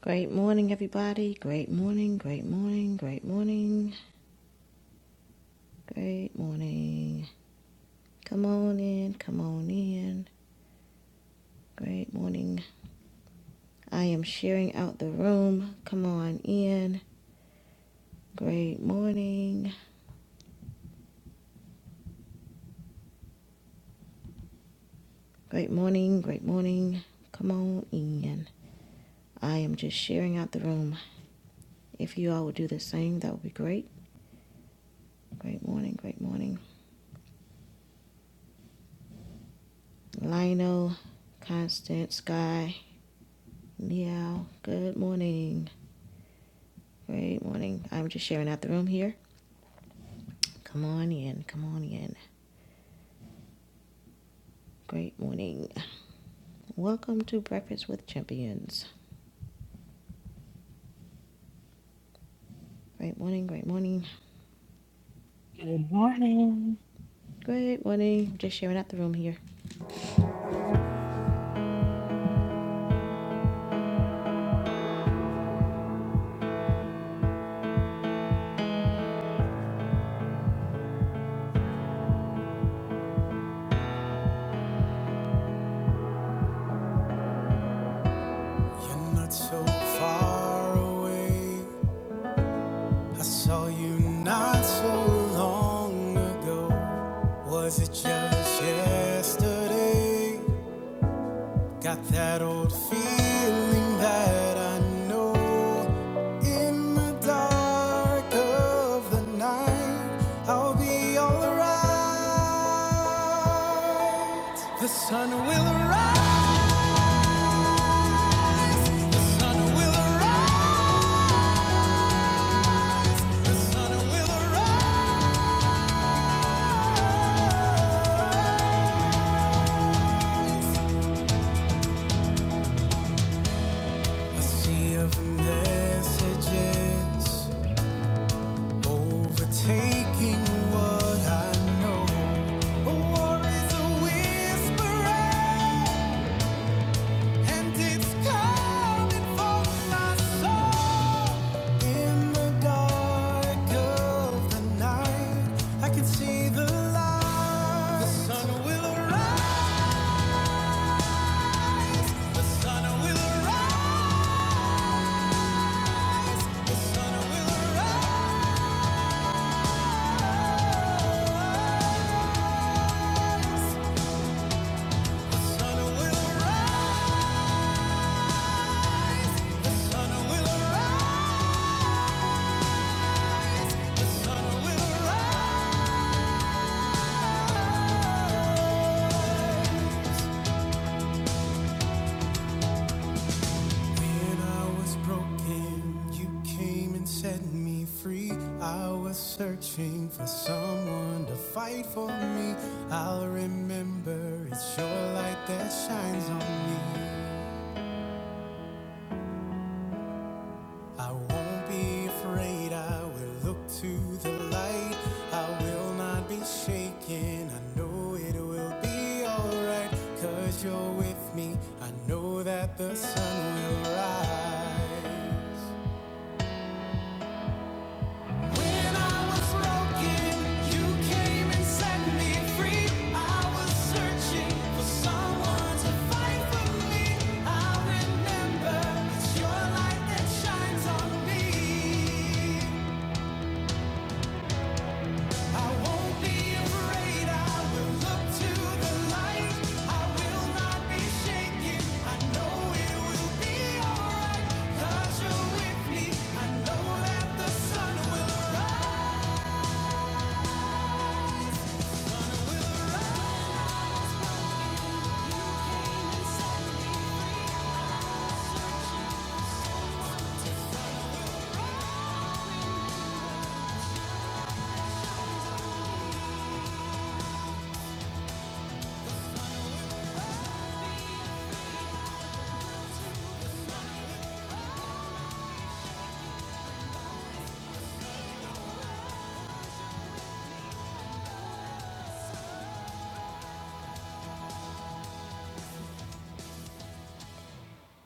Great morning, everybody. Great morning, great morning, great morning, great morning. Come on in, come on in. Great morning. I am sharing out the room. Come on in. Great morning, great morning, great morning. Come on in. I am just sharing out the room. If you all would do the same, that would be great. Great morning, great morning. Lionel, Constance, Sky, Meow, good morning. Great morning. I'm just sharing out the room here. Come on in. Come on in. Great morning. Welcome to Breakfast with Champions. Great morning. Great morning. Good morning. Great morning. Just sharing out the room here. You're not so far away. I saw you not so long ago. Was it just yesterday? Got that old feeling that I know in the dark of the night I'll be alright. The sun will rise. A sea of messages overtaking what I know. A war is a whisper. And it's coming for my soul in the dark of the night. I can see the light. The sun will arise. The sun will arise. The sun will arise. The sun will arise. The sun will arise. When I was broken, you came and set me free. I was searching for someone to fight for me. I'll remember it's your light that shines on me. I won't be afraid, I will look to the light. I will not be shaken, I know it will be alright. Cause you're with me, I know that the sun will rise. You came and set me free. I was searching for someone to fight for me. I remember it's your light that shines on me. I won't be afraid. I will look to the light. I will not be shaken. I know it will be alright. you're with me. I know that the sun will rise.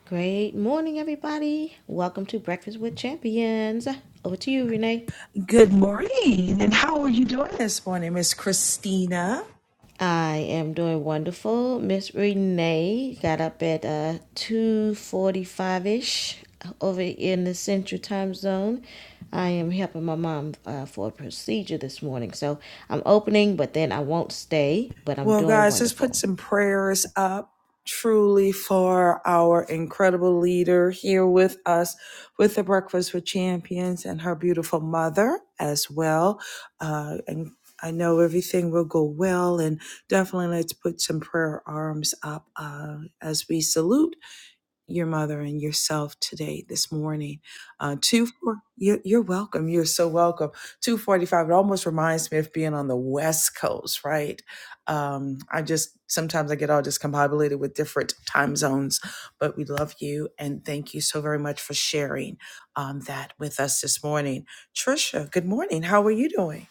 Great morning, everybody. Welcome to Breakfast with Champions. Over to you, Renee. Good morning. And how are you doing this morning, Miss Christina? I am doing wonderful. Miss Renee got up at uh, 2.45ish over in the Central Time Zone. I am helping my mom uh, for a procedure this morning. So I'm opening, but then I won't stay, but I'm Well, doing guys, let's put wonderful. some prayers up truly for our incredible leader here with us with the Breakfast with Champions and her beautiful mother as well. Uh, and I know everything will go well, and definitely let's put some prayer arms up uh, as we salute. your mother and yourself today, this morning. Uh, two, four, you're, you're welcome. You're so welcome. 245, it almost reminds me of being on the West Coast, right? Um, I just, sometimes I get all discombobulated with different time zones, but we love you and thank you so very much for sharing um, that with us this morning. Trisha, good morning. How are you doing?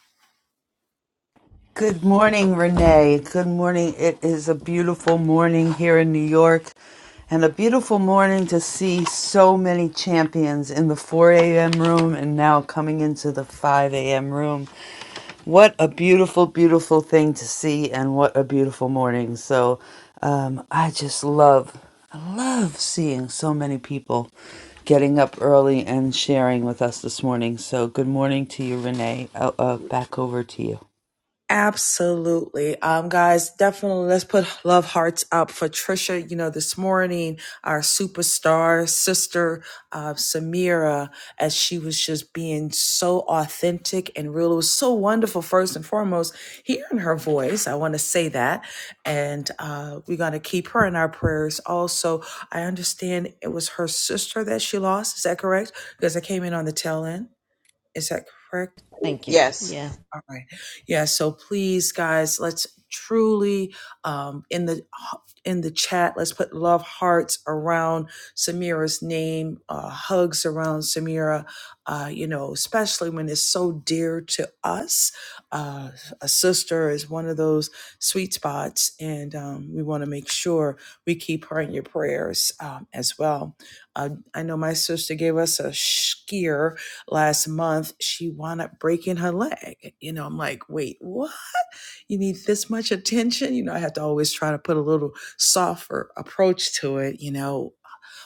Good morning, Renee. Good morning. It is a beautiful morning here in New York and a beautiful morning to see so many champions in the 4 a.m. room and now coming into the 5 a.m. room. What a beautiful, beautiful thing to see and what a beautiful morning. So um, I just love, I love seeing so many people getting up early and sharing with us this morning. So good morning to you, Renee. Uh, uh, back over to you. Absolutely. Um, guys, definitely let's put love hearts up for Trisha. You know, this morning, our superstar sister, uh, Samira, as she was just being so authentic and real. It was so wonderful, first and foremost, hearing her voice. I want to say that. And uh, we're going to keep her in our prayers. Also, I understand it was her sister that she lost. Is that correct? Because I came in on the tail end. Is that correct? Thank you. Yeah. Yes. All right. Yeah. So please, guys, let's truly um, in the in the chat. Let's put love hearts around Samira's name, uh, hugs around Samira. Uh, you know, especially when it's so dear to us. Uh, a sister is one of those sweet spots, and um, we want to make sure we keep her in your prayers um, as well. Uh, I know my sister gave us a skier last month she wound up breaking her leg you know i'm like wait what you need this much attention you know i have to always try to put a little softer approach to it you know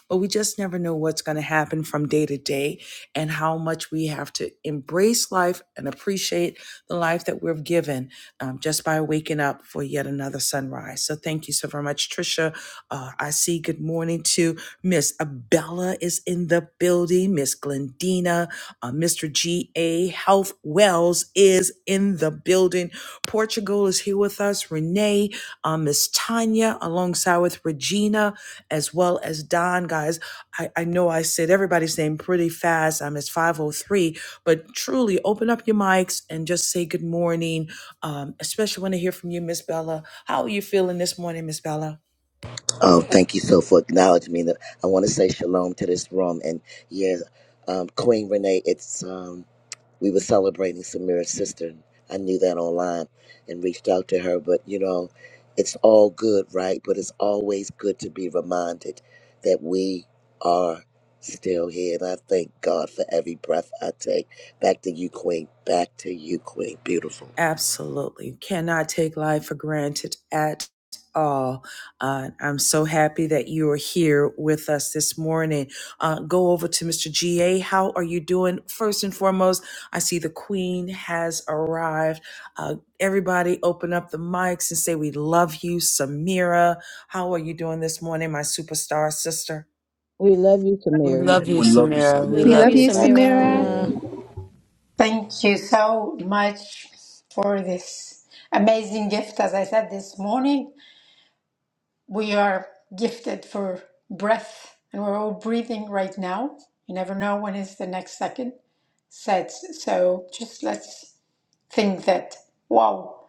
but we just never know what's going to happen from day to day and how much we have to embrace life and appreciate the life that we're given um, just by waking up for yet another sunrise. So thank you so very much, Trisha. Uh, I see good morning to Miss Abella is in the building, Miss Glendina, uh, Mr. G.A. Health Wells is in the building. Portugal is here with us, Renee, uh, Miss Tanya, alongside with Regina as well as Don, guys. I, I know I said everybody's name pretty fast. I'm at 503, but truly open up your mics and just say good morning, um, especially when I hear from you, Miss Bella. How are you feeling this morning, Miss Bella? Oh, thank you so for acknowledging me. I want to say shalom to this room. And yeah, um, Queen Renee, it's um, we were celebrating Samira's sister. I knew that online and reached out to her. But, you know, it's all good, right? But it's always good to be reminded that we are still here. And I thank God for every breath I take. Back to you, Queen. Back to you, Queen. Beautiful. Absolutely. Cannot take life for granted at all. Uh, I'm so happy that you are here with us this morning. Uh, go over to Mr. GA. How are you doing? First and foremost, I see the Queen has arrived. Uh, everybody, open up the mics and say, We love you, Samira. How are you doing this morning, my superstar sister? We love you, We Samaria. love you, We love you, Samira. We We Samira. We love love love you, you. you, Love Samira. Samira. Samira. Thank you so much for this amazing gift. As I said this morning, we are gifted for breath and we're all breathing right now. You never know when is the next second. Said so just let's think that wow,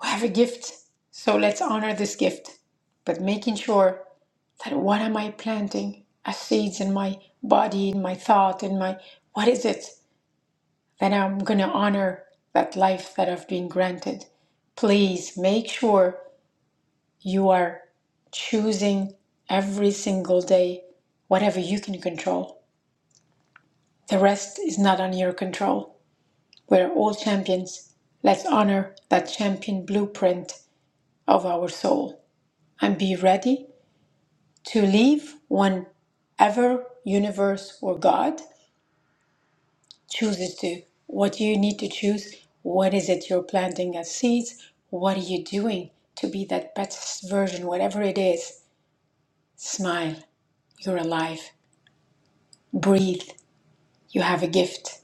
we have a gift. So let's honor this gift. But making sure that what am I planting as seeds in my body, in my thought, in my what is it? That I'm going to honor that life that I've been granted. Please make sure you are choosing every single day whatever you can control. The rest is not on your control. We're all champions. Let's honor that champion blueprint of our soul and be ready to leave whenever universe or God chooses to. What do you need to choose? What is it you're planting as seeds? What are you doing to be that best version, whatever it is? Smile, you're alive. Breathe, you have a gift.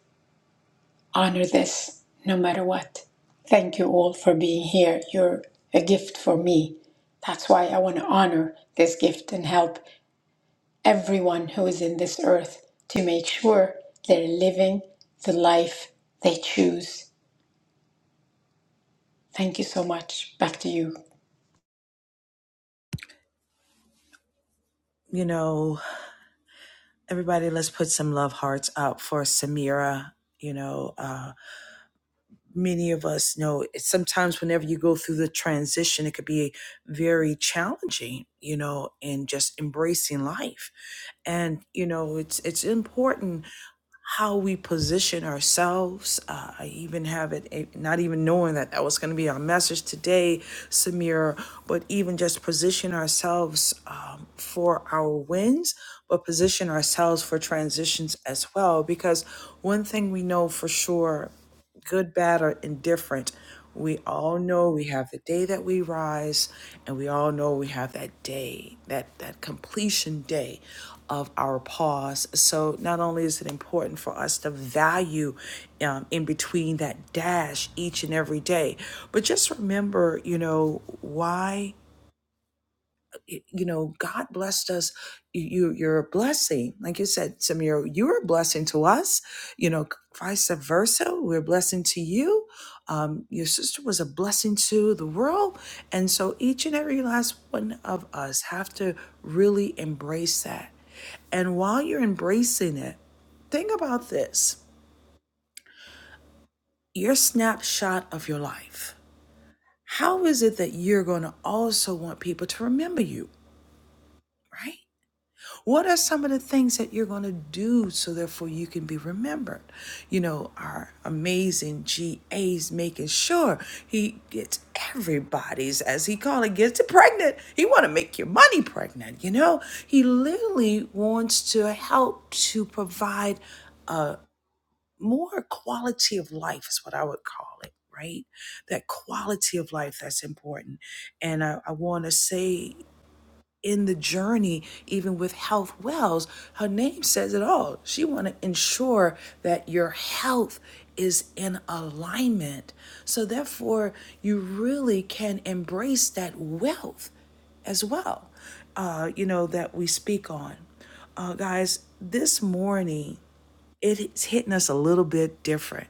Honor this, no matter what. Thank you all for being here. You're a gift for me. That's why I want to honor this gift and help everyone who is in this earth to make sure they're living the life they choose Thank you so much. Back to you. you know, everybody, let's put some love hearts up for Samira. You know, um, many of us know it's sometimes whenever you go through the transition it could be very challenging you know in just embracing life and you know it's it's important how we position ourselves. Uh, I even have it, eh, not even knowing that that was going to be our message today, Samira, but even just position ourselves um, for our wins, but position ourselves for transitions as well. Because one thing we know for sure good, bad, or indifferent, we all know we have the day that we rise, and we all know we have that day, that, that completion day of our pause. So, not only is it important for us to value um, in between that dash each and every day, but just remember, you know, why you know god blessed us you you- you're a blessing like you said samir you're a blessing to us you know vice versa we're a blessing to you um, your sister was a blessing to the world and so each and every last one of us have to really embrace that and while you're embracing it think about this your snapshot of your life how is it that you're going to also want people to remember you right What are some of the things that you're going to do so therefore you can be remembered? You know, our amazing GA's making sure he gets everybody's, as he called it, gets it pregnant. He want to make your money pregnant, you know? He literally wants to help to provide a more quality of life is what I would call it, right? That quality of life that's important. And I, I want to say in the journey, even with health wells, her name says it all. She want to ensure that your health is in alignment. So therefore, you really can embrace that wealth as well, uh, you know, that we speak on. Uh, guys, this morning, it's hitting us a little bit different.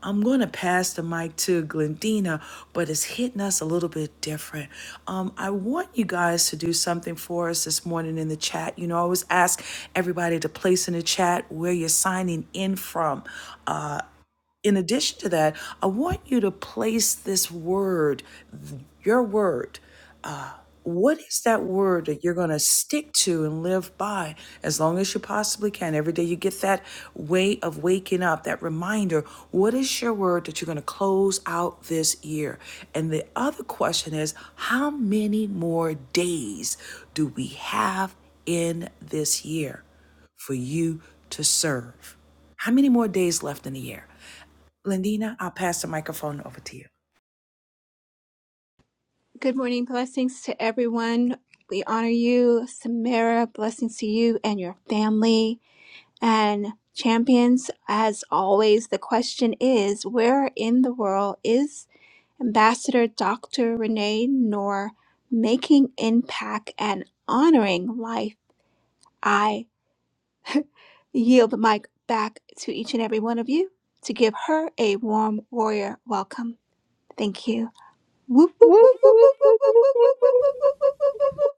I'm going to pass the mic to Glendina, but it's hitting us a little bit different. Um, I want you guys to do something for us this morning in the chat. You know, I always ask everybody to place in the chat where you're signing in from. Uh, in addition to that, I want you to place this word, your word. Uh, what is that word that you're going to stick to and live by as long as you possibly can? Every day you get that way of waking up, that reminder. What is your word that you're going to close out this year? And the other question is how many more days do we have in this year for you to serve? How many more days left in the year? Lindina, I'll pass the microphone over to you. Good morning. Blessings to everyone. We honor you, Samira. Blessings to you and your family. And champions, as always, the question is where in the world is Ambassador Dr. Renee Noor making impact and honoring life? I yield the mic back to each and every one of you to give her a warm warrior welcome. Thank you. Whoop, whoop, whoop, whoop, whoop, whoop, whoop, whoop, whoop, whoop, whoop, whoop, whoop,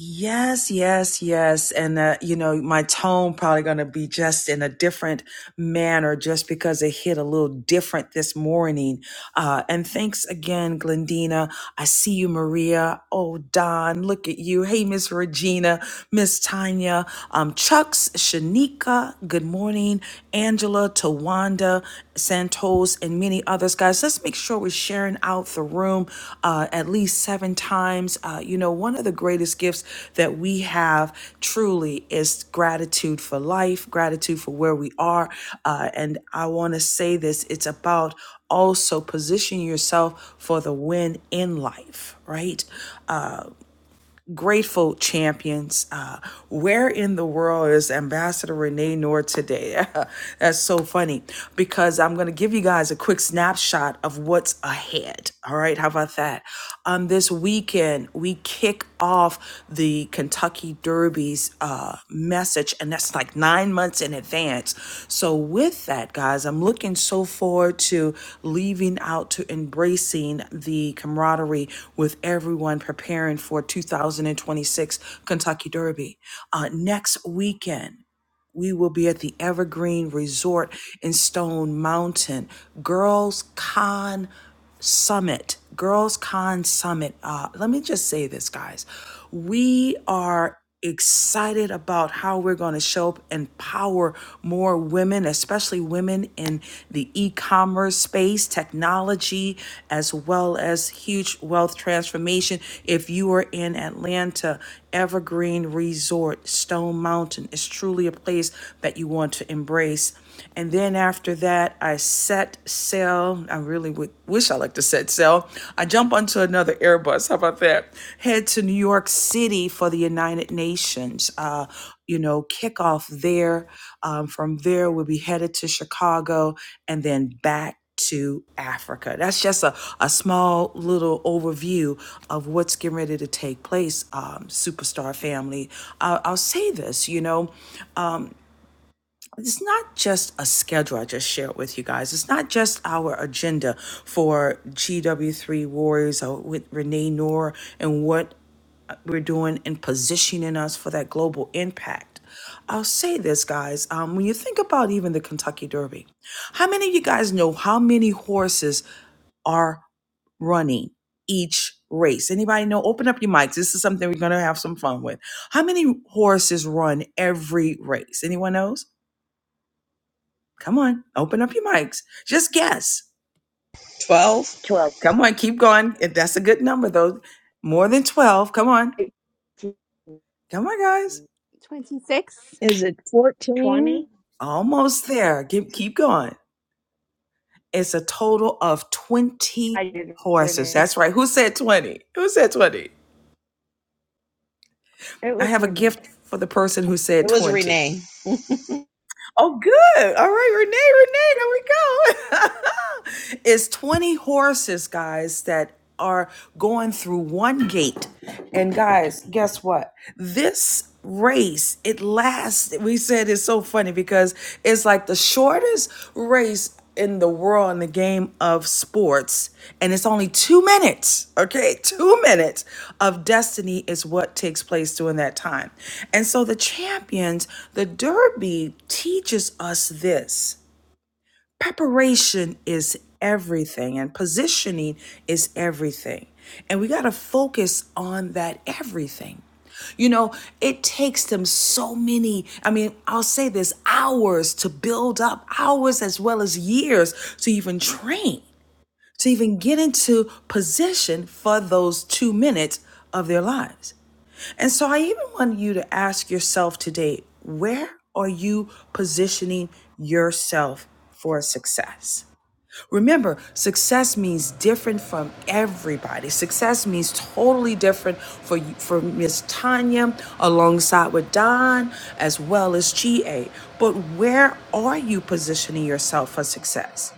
Yes, yes, yes. And, uh, you know, my tone probably going to be just in a different manner just because it hit a little different this morning. Uh, and thanks again, Glendina. I see you, Maria. Oh, Don, look at you. Hey, Miss Regina, Miss Tanya, um, Chucks, Shanika, good morning. Angela, Tawanda. Yolanda Santos, and many others. Guys, let's make sure we're sharing out the room uh, at least seven times. Uh, you know, one of the greatest gifts that we have truly is gratitude for life, gratitude for where we are. Uh, and I want to say this it's about also position yourself for the win in life, right? Uh, grateful champions. Uh, where in the world is Ambassador Renee Noor today? That's so funny because I'm going to give you guys a quick snapshot of what's ahead. All right, how about that? Um, this weekend, we kick off the Kentucky Derby. Kirby's uh, message, and that's like nine months in advance. So, with that, guys, I'm looking so forward to leaving out to embracing the camaraderie with everyone preparing for 2026 Kentucky Derby uh, next weekend. We will be at the Evergreen Resort in Stone Mountain Girls Con Summit. Girls Con Summit. Uh, let me just say this, guys. We are excited about how we're going to show up and empower more women, especially women in the e commerce space, technology, as well as huge wealth transformation. If you are in Atlanta, Evergreen Resort, Stone Mountain is truly a place that you want to embrace. And then after that, I set sail. I really would, wish I like to set sail. I jump onto another Airbus. How about that? Head to New York City for the United Nations. Uh, you know, kick off there. Um, from there, we'll be headed to Chicago and then back to Africa. That's just a, a small little overview of what's getting ready to take place, um, superstar family. Uh, I'll say this, you know it's not just a schedule I just shared with you guys. It's not just our agenda for GW3 Warriors or with Renee Noor and what we're doing and positioning us for that global impact. I'll say this, guys. Um, when you think about even the Kentucky Derby, how many of you guys know how many horses are running each race? Anybody know? Open up your mics. This is something we're going to have some fun with. How many horses run every race? Anyone knows? Come on, open up your mics. Just guess. 12? 12, Come on, keep going. If That's a good number though. More than 12. Come on. eighteen, Come on, guys. whoop, whoop. whoop. 26, Is it 14? twenty. Almost there. Keep keep going. It's a total of 20 I did horses. Renee. That's right. Who said 20? Who said 20? It I was have a Renee. gift for the person who said It was 20. Renee Oh, good. All right, Renee, Renee, there we go. it's 20 horses, guys, that are going through one gate. And guys, guess what? This race, it lasts. We said it's so funny because it's like the shortest race in the world in the game of sports and it's only 2 minutes okay 2 minutes of destiny is what takes place during that time and so the champions the derby teaches us this preparation is everything and positioning is everything and we got to focus on that everything you know it takes them so many i mean i'll say this hours to build up hours as well as years to even train to even get into position for those two minutes of their lives. And so I even want you to ask yourself today where are you positioning yourself for success? Remember, success means different from everybody. Success means totally different for you, for Miss Tanya, alongside with Don, as well as GA. But where are you positioning yourself for success?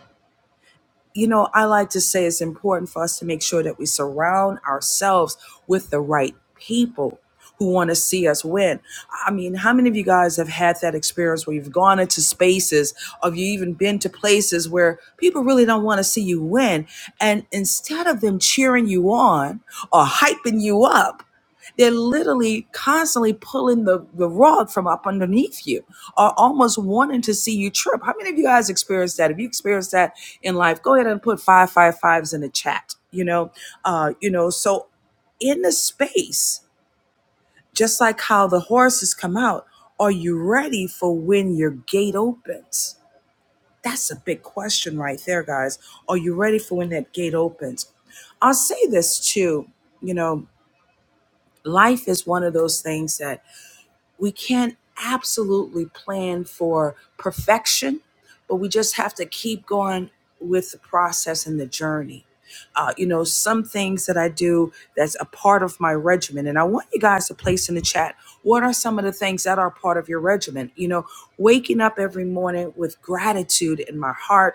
you know, I like to say it's important for us to make sure that we surround ourselves with the right people who want to see us win. I mean, how many of you guys have had that experience where you've gone into spaces or you even been to places where people really don't want to see you win? And instead of them cheering you on or hyping you up, they're literally constantly pulling the, the rug from up underneath you or almost wanting to see you trip. How many of you guys experienced that? If you experienced that in life, go ahead and put five five fives in the chat. You know, uh, you know, so in the space, just like how the horses come out, are you ready for when your gate opens? That's a big question right there, guys. Are you ready for when that gate opens? I'll say this too, you know, life is one of those things that we can't absolutely plan for perfection, but we just have to keep going with the process and the journey. Uh, you know, some things that I do that's a part of my regimen, and I want you guys to place in the chat what are some of the things that are part of your regimen. You know, waking up every morning with gratitude in my heart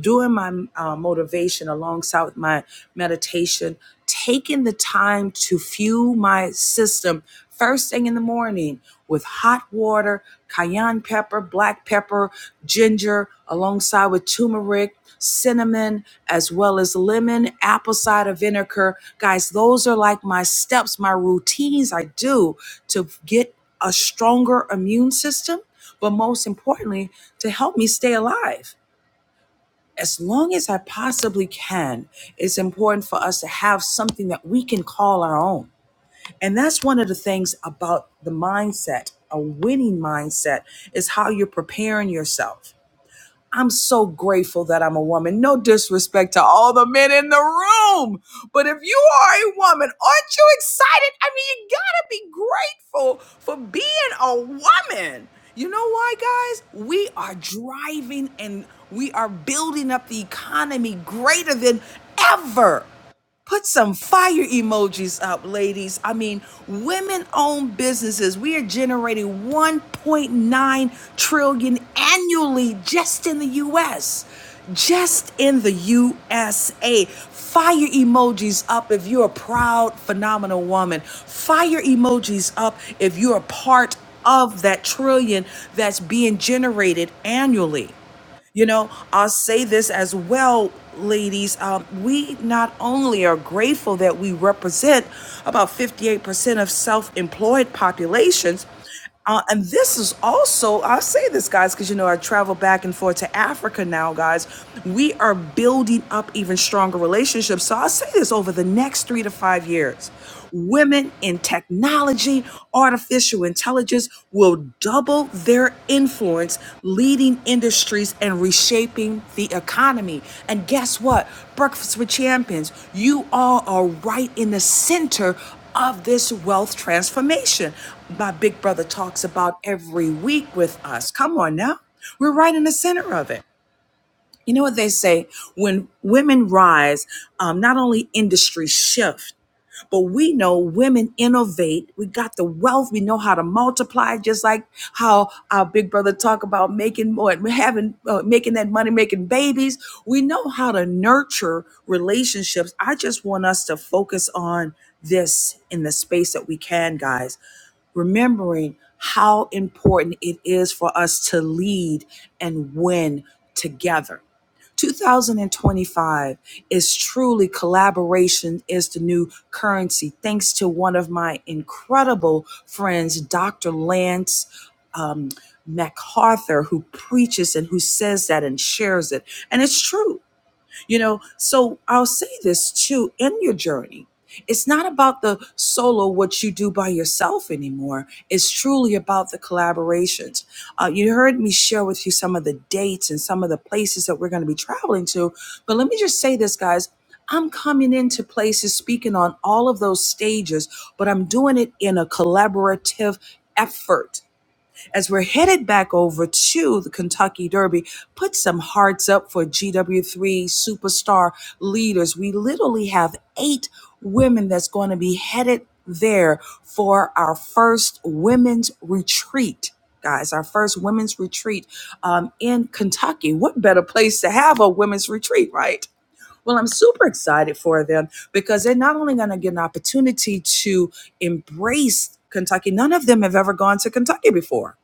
doing my uh, motivation alongside with my meditation, taking the time to fuel my system first thing in the morning with hot water, cayenne pepper, black pepper, ginger, alongside with turmeric, cinnamon, as well as lemon, apple cider vinegar. Guys, those are like my steps, my routines I do to get a stronger immune system, but most importantly, to help me stay alive as long as I possibly can, it's important for us to have something that we can call our own. And that's one of the things about the mindset, a winning mindset, is how you're preparing yourself I'm so grateful that I'm a woman. No disrespect to all the men in the room, but if you are a woman, aren't you excited? I mean, you gotta be grateful for being a woman. You know why, guys? We are driving and we are building up the economy greater than ever. Put some fire emojis up, ladies. I mean, women owned businesses. We are generating 1.9 trillion annually just in the US. Just in the USA. Fire emojis up if you're a proud, phenomenal woman. Fire emojis up if you're a part of that trillion that's being generated annually. You know, I'll say this as well, ladies. Um, we not only are grateful that we represent about 58% of self employed populations, uh, and this is also, I'll say this, guys, because you know, I travel back and forth to Africa now, guys. We are building up even stronger relationships. So I'll say this over the next three to five years. Women in technology, artificial intelligence will double their influence, leading industries and reshaping the economy. And guess what? Breakfast with Champions, you all are right in the center of this wealth transformation. My big brother talks about every week with us. Come on now. We're right in the center of it. You know what they say? When women rise, um, not only industries shift, but we know women innovate. We got the wealth. We know how to multiply, just like how our big brother talk about making more, having, uh, making that money, making babies. We know how to nurture relationships. I just want us to focus on this in the space that we can, guys remembering how important it is for us to lead and win together. 2025 is truly collaboration is the new currency. Thanks to one of my incredible friends, Dr. Lance um, MacArthur, who preaches and who says that and shares it. And it's true. You know, so I'll say this too in your journey. It's not about the solo, what you do by yourself anymore. It's truly about the collaborations. Uh, you heard me share with you some of the dates and some of the places that we're going to be traveling to. But let me just say this, guys. I'm coming into places speaking on all of those stages, but I'm doing it in a collaborative effort. As we're headed back over to the Kentucky Derby, put some hearts up for GW3 superstar leaders. We literally have eight women that's going to be headed there for our first women's retreat. Guys, our first women's retreat um, in Kentucky. What better place to have a women's retreat, right? Well, I'm super excited for them because they're not only going to get an opportunity to embrace Kentucky, none of them have ever gone to Kentucky before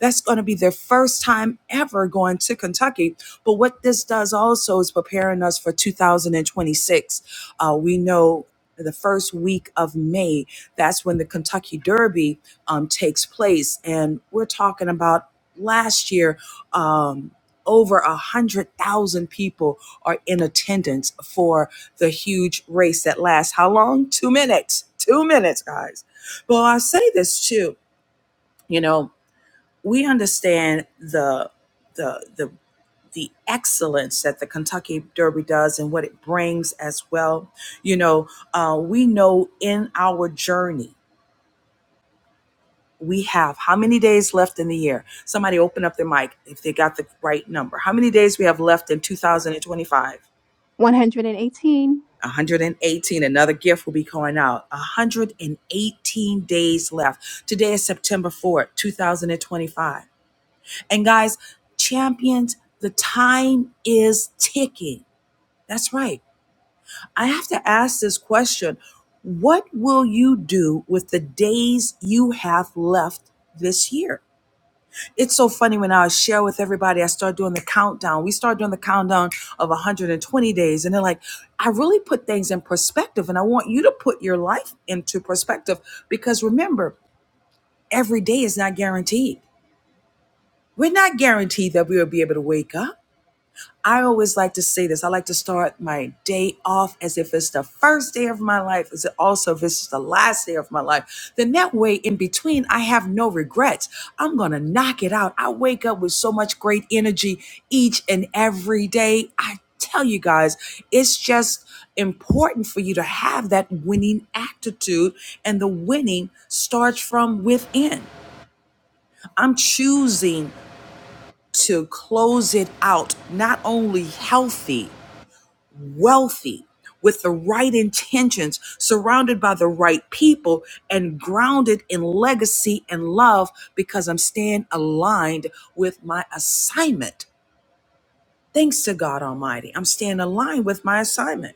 that's going to be their first time ever going to Kentucky. But what this does also is preparing us for 2026. Uh, we know the first week of May, that's when the Kentucky Derby um, takes place. And we're talking about last year, um, over a hundred thousand people are in attendance for the huge race that lasts how long? Two minutes. Two minutes, guys. Well, I say this too. You know, we understand the the the the excellence that the Kentucky Derby does and what it brings as well. You know, uh, we know in our journey we have how many days left in the year. Somebody open up their mic if they got the right number. How many days we have left in 2025? 118. 118. Another gift will be going out. 118 days left. Today is September 4th, 2025. And guys, champions, the time is ticking. That's right. I have to ask this question What will you do with the days you have left this year? It's so funny when I share with everybody, I start doing the countdown. We start doing the countdown of 120 days, and they're like, I really put things in perspective, and I want you to put your life into perspective because remember, every day is not guaranteed. We're not guaranteed that we will be able to wake up. I always like to say this. I like to start my day off as if it's the first day of my life, as it also if it's the last day of my life. Then that way, in between, I have no regrets. I'm gonna knock it out. I wake up with so much great energy each and every day. I tell you guys, it's just important for you to have that winning attitude, and the winning starts from within. I'm choosing to close it out, not only healthy wealthy with the right intentions, surrounded by the right people, and grounded in legacy and love because I'm staying aligned with my assignment. Thanks to God Almighty, I'm staying aligned with my assignment.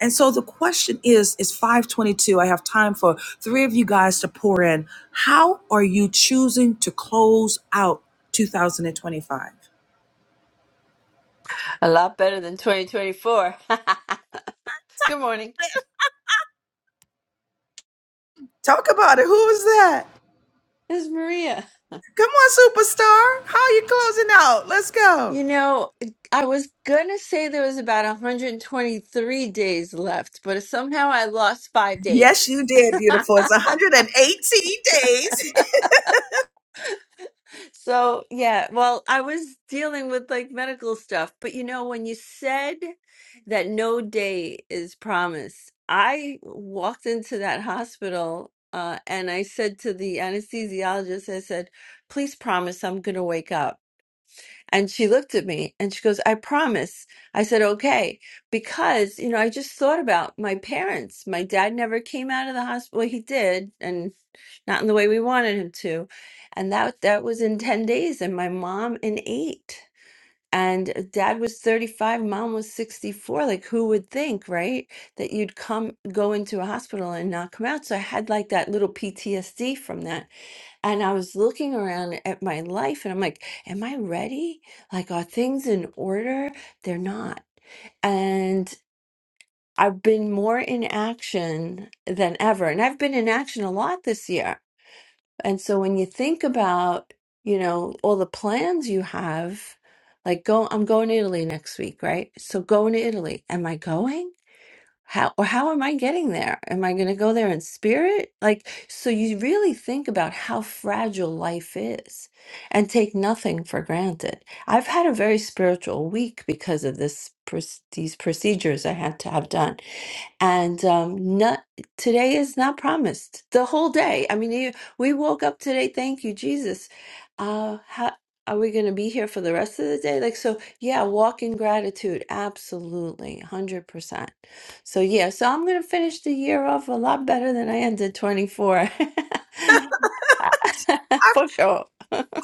And so the question is is 522. I have time for three of you guys to pour in. How are you choosing to close out 2025? A lot better than 2024. Good morning. Talk about it. Who is that? This is Maria. Come on, superstar. How are you closing out? Let's go. You know, I was going to say there was about 123 days left, but somehow I lost five Yes, days. you did, beautiful. It's 118 days. so, yeah, well, I was dealing with like medical stuff, but you know, when you said that no day is promised, I walked into that hospital uh, and I said to the anesthesiologist, I said, please promise I'm going to wake up. And she looked at me and she goes, I promise. I said, okay. Because, you know, I just thought about my parents. My dad never came out of the hospital. Well, he did, and not in the way we wanted him to. And that that was in 10 days, and my mom in eight. And uh, dad was 35, mom was 64. Like, who would think, right? That you'd come go into a hospital and not come out. So I had like that little PTSD from that and I was looking around at my life and I'm like, am I ready? Like, are things in order? They're not. And I've been more in action than ever. And I've been in action a lot this year. And so when you think about, you know, all the plans you have, like go, I'm going to Italy next week, right? So going to Italy. Am I going? how or how am I getting there? Am I going to go there in spirit? Like, so you really think about how fragile life is and take nothing for granted. I've had a very spiritual week because of this proc- these procedures I had to have done and um not today is not promised the whole day i mean you, we woke up today thank you jesus uh how are we going to be here for the rest of the day like so yeah walk in gratitude absolutely 100% so yeah so i'm going to finish the year off a lot better than i ended 24 for sure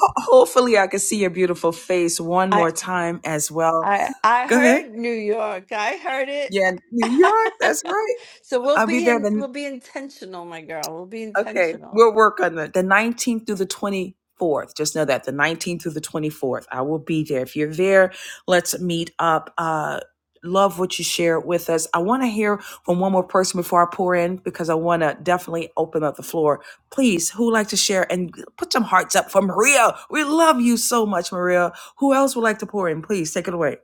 Hopefully, I can see your beautiful face one more time as well. I I Go ahead. heard New York. I heard it. Yeah, New York. That's right. So we'll I'll be be there in the we'll be intentional, my girl. We'll be Okay, intentional. we'll work on the The 19th through the 24th. Just know that the 19th through the 24th. I will be there. If you're there, let's meet up. Uh, love what you shared with us. I want to hear from one more person before I pour in because I want to definitely open up the floor. Please, who would like to share and put some hearts up for Maria? We love you so much, Maria. Who else would like to pour in? Please take it away.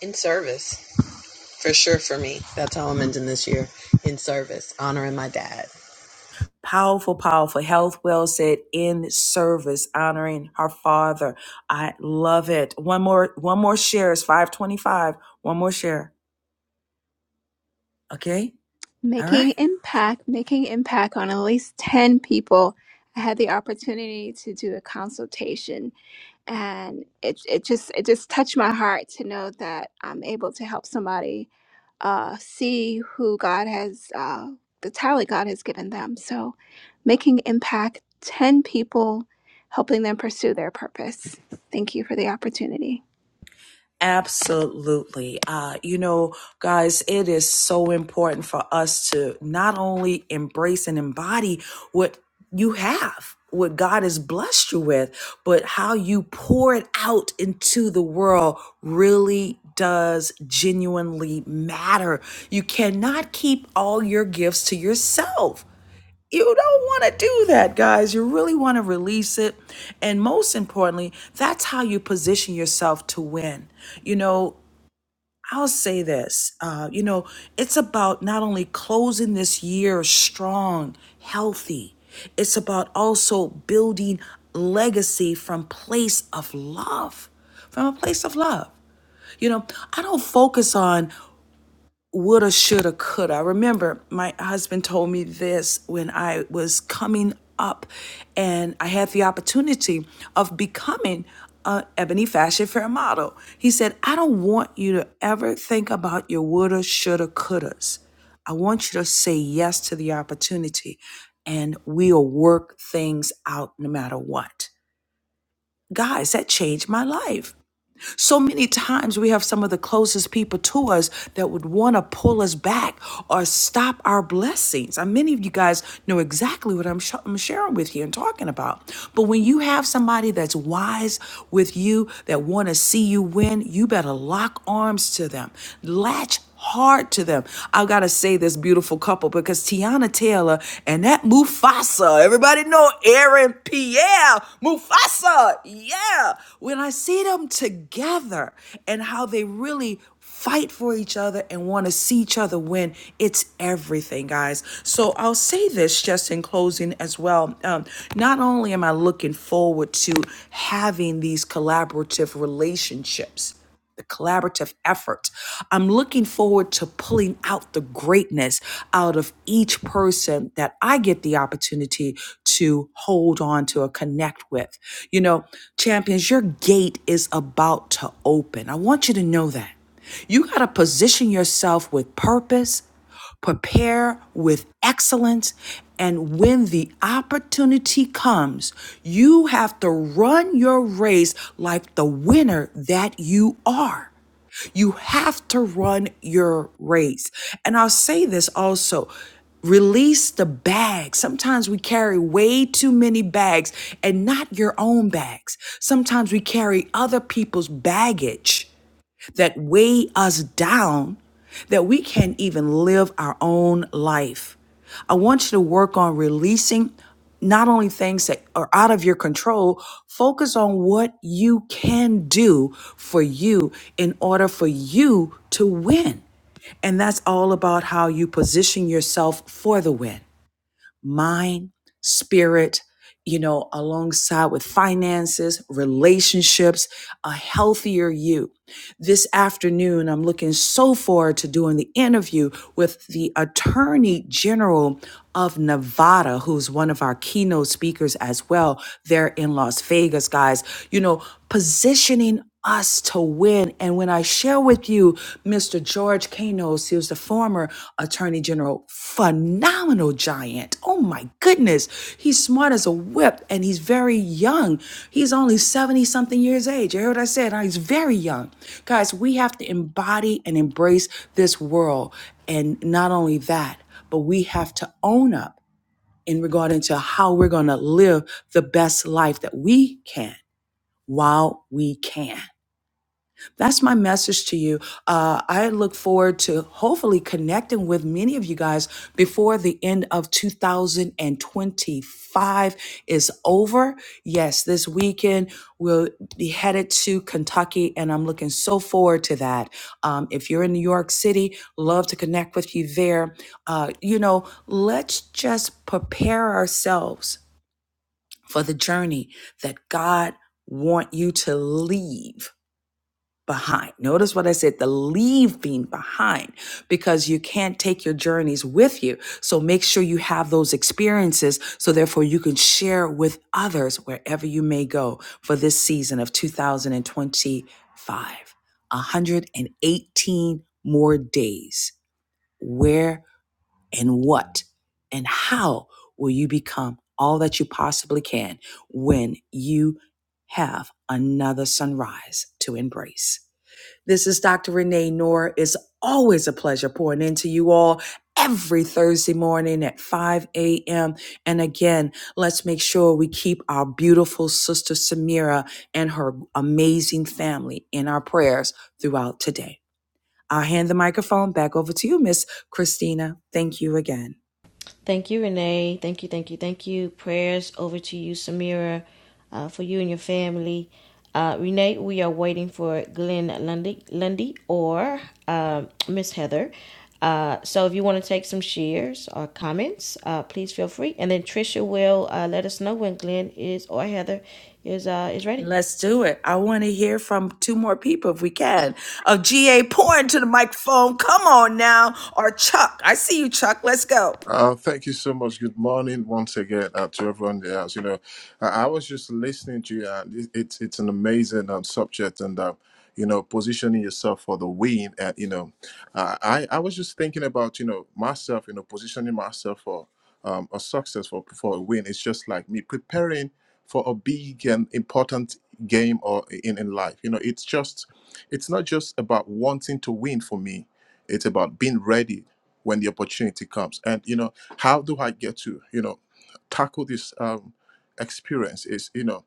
In service. For sure for me. That's how I'm ending this year in service, honoring my dad. Powerful, powerful. Health well said in service, honoring her father. I love it. One more, one more share is 525. One more share. Okay. All Making right. impact, making impact on at least 10 people. I had the opportunity to do a consultation and it it just it just touched my heart to know that I'm able to help somebody uh, see who God has uh, the talent God has given them. So, making impact, ten people, helping them pursue their purpose. Thank you for the opportunity. Absolutely. Uh, you know, guys, it is so important for us to not only embrace and embody what you have, what God has blessed you with, but how you pour it out into the world really does genuinely matter. You cannot keep all your gifts to yourself you don't want to do that, guys. You really want to release it. And most importantly, that's how you position yourself to win. You know, I'll say this uh, you know, it's about not only closing this year strong, healthy, it's about also building legacy from place of love from a place of love. You know, I don't focus on woulda, shoulda, coulda. I remember my husband told me this when I was coming up and I had the opportunity of becoming a ebony fashion fair model. He said, I don't want you to ever think about your woulda, shoulda, couldas. I want you to say yes to the opportunity and we'll work things out no matter what. Guys, that changed my life. So many times we have some of the closest people to us that would want to pull us back or stop our blessings. And many of you guys know exactly what I'm, sh- I'm sharing with you and talking about. But when you have somebody that's wise with you, that want to see you win, you better lock arms to them. Latch hard to them. I've got to say this beautiful couple because Tiana Taylor and that Mufasa, everybody know Aaron Pierre, Mufasa, yeah. When I see them together and how they really fight for each other and want to see each other win. It's everything, guys. So I'll say this just in closing as well. Um, not only am I looking forward to having these collaborative relationships, the collaborative effort. I'm looking forward to pulling out the greatness out of each person that I get the opportunity to hold on to or connect with. You know, champions, your gate is about to open. I want you to know that. You got to position yourself with purpose prepare with excellence. And when the opportunity comes, you have to run your race like the winner that you are. You have to run your race. And I'll say this also release the bag. Sometimes we carry way too many bags and not your own bags. Sometimes we carry other people's baggage that weigh us down that we can't even live our own life. I want you to work on releasing not only things that are out of your control, focus on what you can do for you in order for you to win. And that's all about how you position yourself for the win mind, spirit, you know, alongside with finances, relationships, a healthier you. This afternoon, I'm looking so forward to doing the interview with the Attorney General of Nevada, who's one of our keynote speakers as well. They're in Las Vegas, guys. You know, positioning us to win. And when I share with you, Mr. George Kanos, he was the former attorney general, phenomenal giant. Oh my goodness. He's smart as a whip and he's very young. He's only 70 something years age. You heard what I said? He's very young. Guys, we have to embody and embrace this world. And not only that, but we have to own up in regard to how we're going to live the best life that we can while we can. That's my message to you. Uh, I look forward to hopefully connecting with many of you guys before the end of 2025 is over. Yes, this weekend we'll be headed to Kentucky, and I'm looking so forward to that. Um, if you're in New York City, love to connect with you there. Uh, you know, let's just prepare ourselves for the journey that God want you to leave behind. Notice what I said the leaving behind, because you can't take your journeys with you. So make sure you have those experiences so therefore you can share with others wherever you may go for this season of 2025. 118 more days. Where and what and how will you become all that you possibly can when you have another sunrise to embrace? This is Dr. Renee Noor. It's always a pleasure pouring into you all every Thursday morning at 5 a.m. And again, let's make sure we keep our beautiful sister Samira and her amazing family in our prayers throughout today. I'll hand the microphone back over to you, Miss Christina. Thank you again. Thank you, Renee. Thank you, thank you, thank you. Prayers over to you, Samira, uh, for you and your family. Uh, Renee, we are waiting for Glenn Lundy, Lundy or um Miss Heather. Uh, so if you want to take some shares or comments, uh, please feel free. And then Trisha will uh, let us know when Glenn is or Heather is uh, is ready. Let's do it. I want to hear from two more people if we can. Of GA pouring to the microphone. Come on now. Or Chuck. I see you, Chuck. Let's go. Uh, thank you so much. Good morning once again uh, to everyone in the house. You know, I, I was just listening to you, and it, it's it's an amazing um, subject, and uh, you know, positioning yourself for the win. And you know, uh, I I was just thinking about you know myself, you know, positioning myself for um, a success for for a win. It's just like me preparing for a big and important game or in in life. You know, it's just it's not just about wanting to win for me. It's about being ready when the opportunity comes. And you know, how do I get to you know tackle this um, experience? Is you know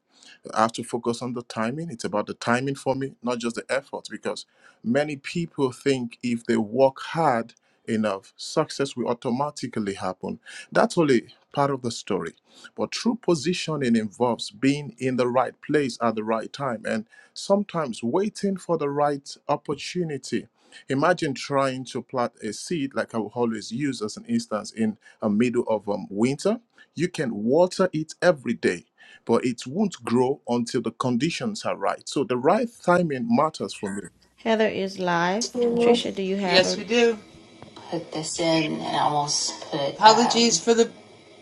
I have to focus on the timing. It's about the timing for me, not just the effort, because many people think if they work hard enough, success will automatically happen. That's only part of the story. But true positioning involves being in the right place at the right time and sometimes waiting for the right opportunity. Imagine trying to plant a seed, like I will always use as an instance, in a middle of um, winter. You can water it every day but it won't grow until the conditions are right. So the right timing matters for me. Heather is live. Trisha, do you have Yes, we a do. put this in and almost put Apologies um, for the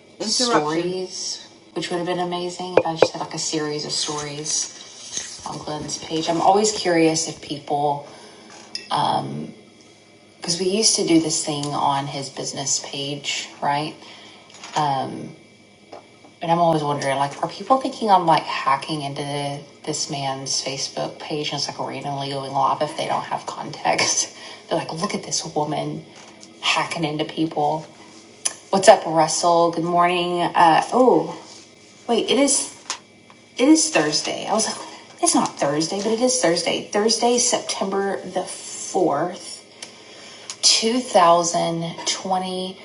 interruption. stories, which would have been amazing if I just had like a series of stories on Glenn's page. I'm always curious if people, um, because we used to do this thing on his business page, right? Um. And I'm always wondering, like, are people thinking I'm like hacking into the, this man's Facebook page and it's like randomly going live if they don't have context? They're like, look at this woman hacking into people. What's up, Russell? Good morning. Uh, oh, wait, it is it is Thursday. I was like, it's not Thursday, but it is Thursday. Thursday, September the fourth, two thousand twenty.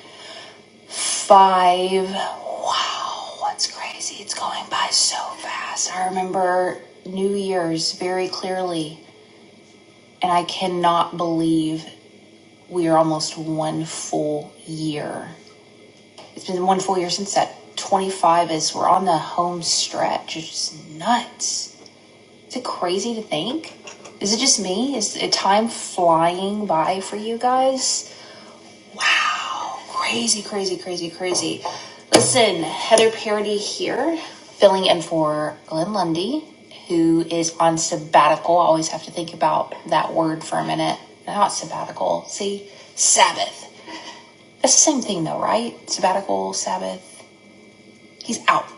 five. Wow, what's crazy? It's going by so fast. I remember New Year's very clearly, and I cannot believe we are almost one full year. It's been one full year since that 25 is we're on the home stretch. It's just nuts. Is it crazy to think? Is it just me? Is it time flying by for you guys? Wow. Crazy, crazy, crazy, crazy. Listen, Heather Parody here, filling in for Glenn Lundy, who is on sabbatical. I always have to think about that word for a minute. Not sabbatical. See, Sabbath. That's the same thing, though, right? Sabbatical, Sabbath. He's out.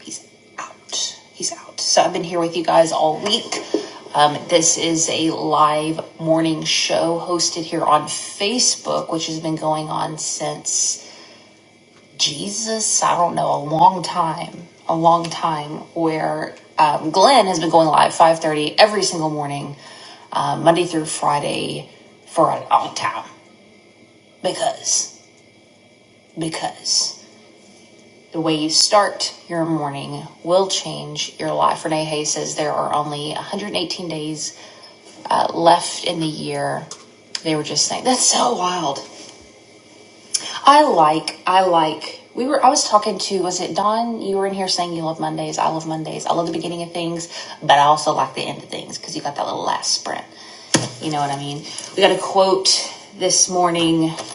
He's out. He's out. So I've been here with you guys all week. Um, this is a live morning show hosted here on Facebook, which has been going on since Jesus, I don't know, a long time, a long time where um, Glenn has been going live 5.30 every single morning, uh, Monday through Friday for a long time because, because the way you start your morning will change your life. Renee Hayes says there are only 118 days uh, left in the year. They were just saying, that's so wild. I like, I like. We were. I was talking to. Was it Don? You were in here saying you love Mondays. I love Mondays. I love the beginning of things, but I also like the end of things because you got that little last sprint. You know what I mean? We got a quote this morning. I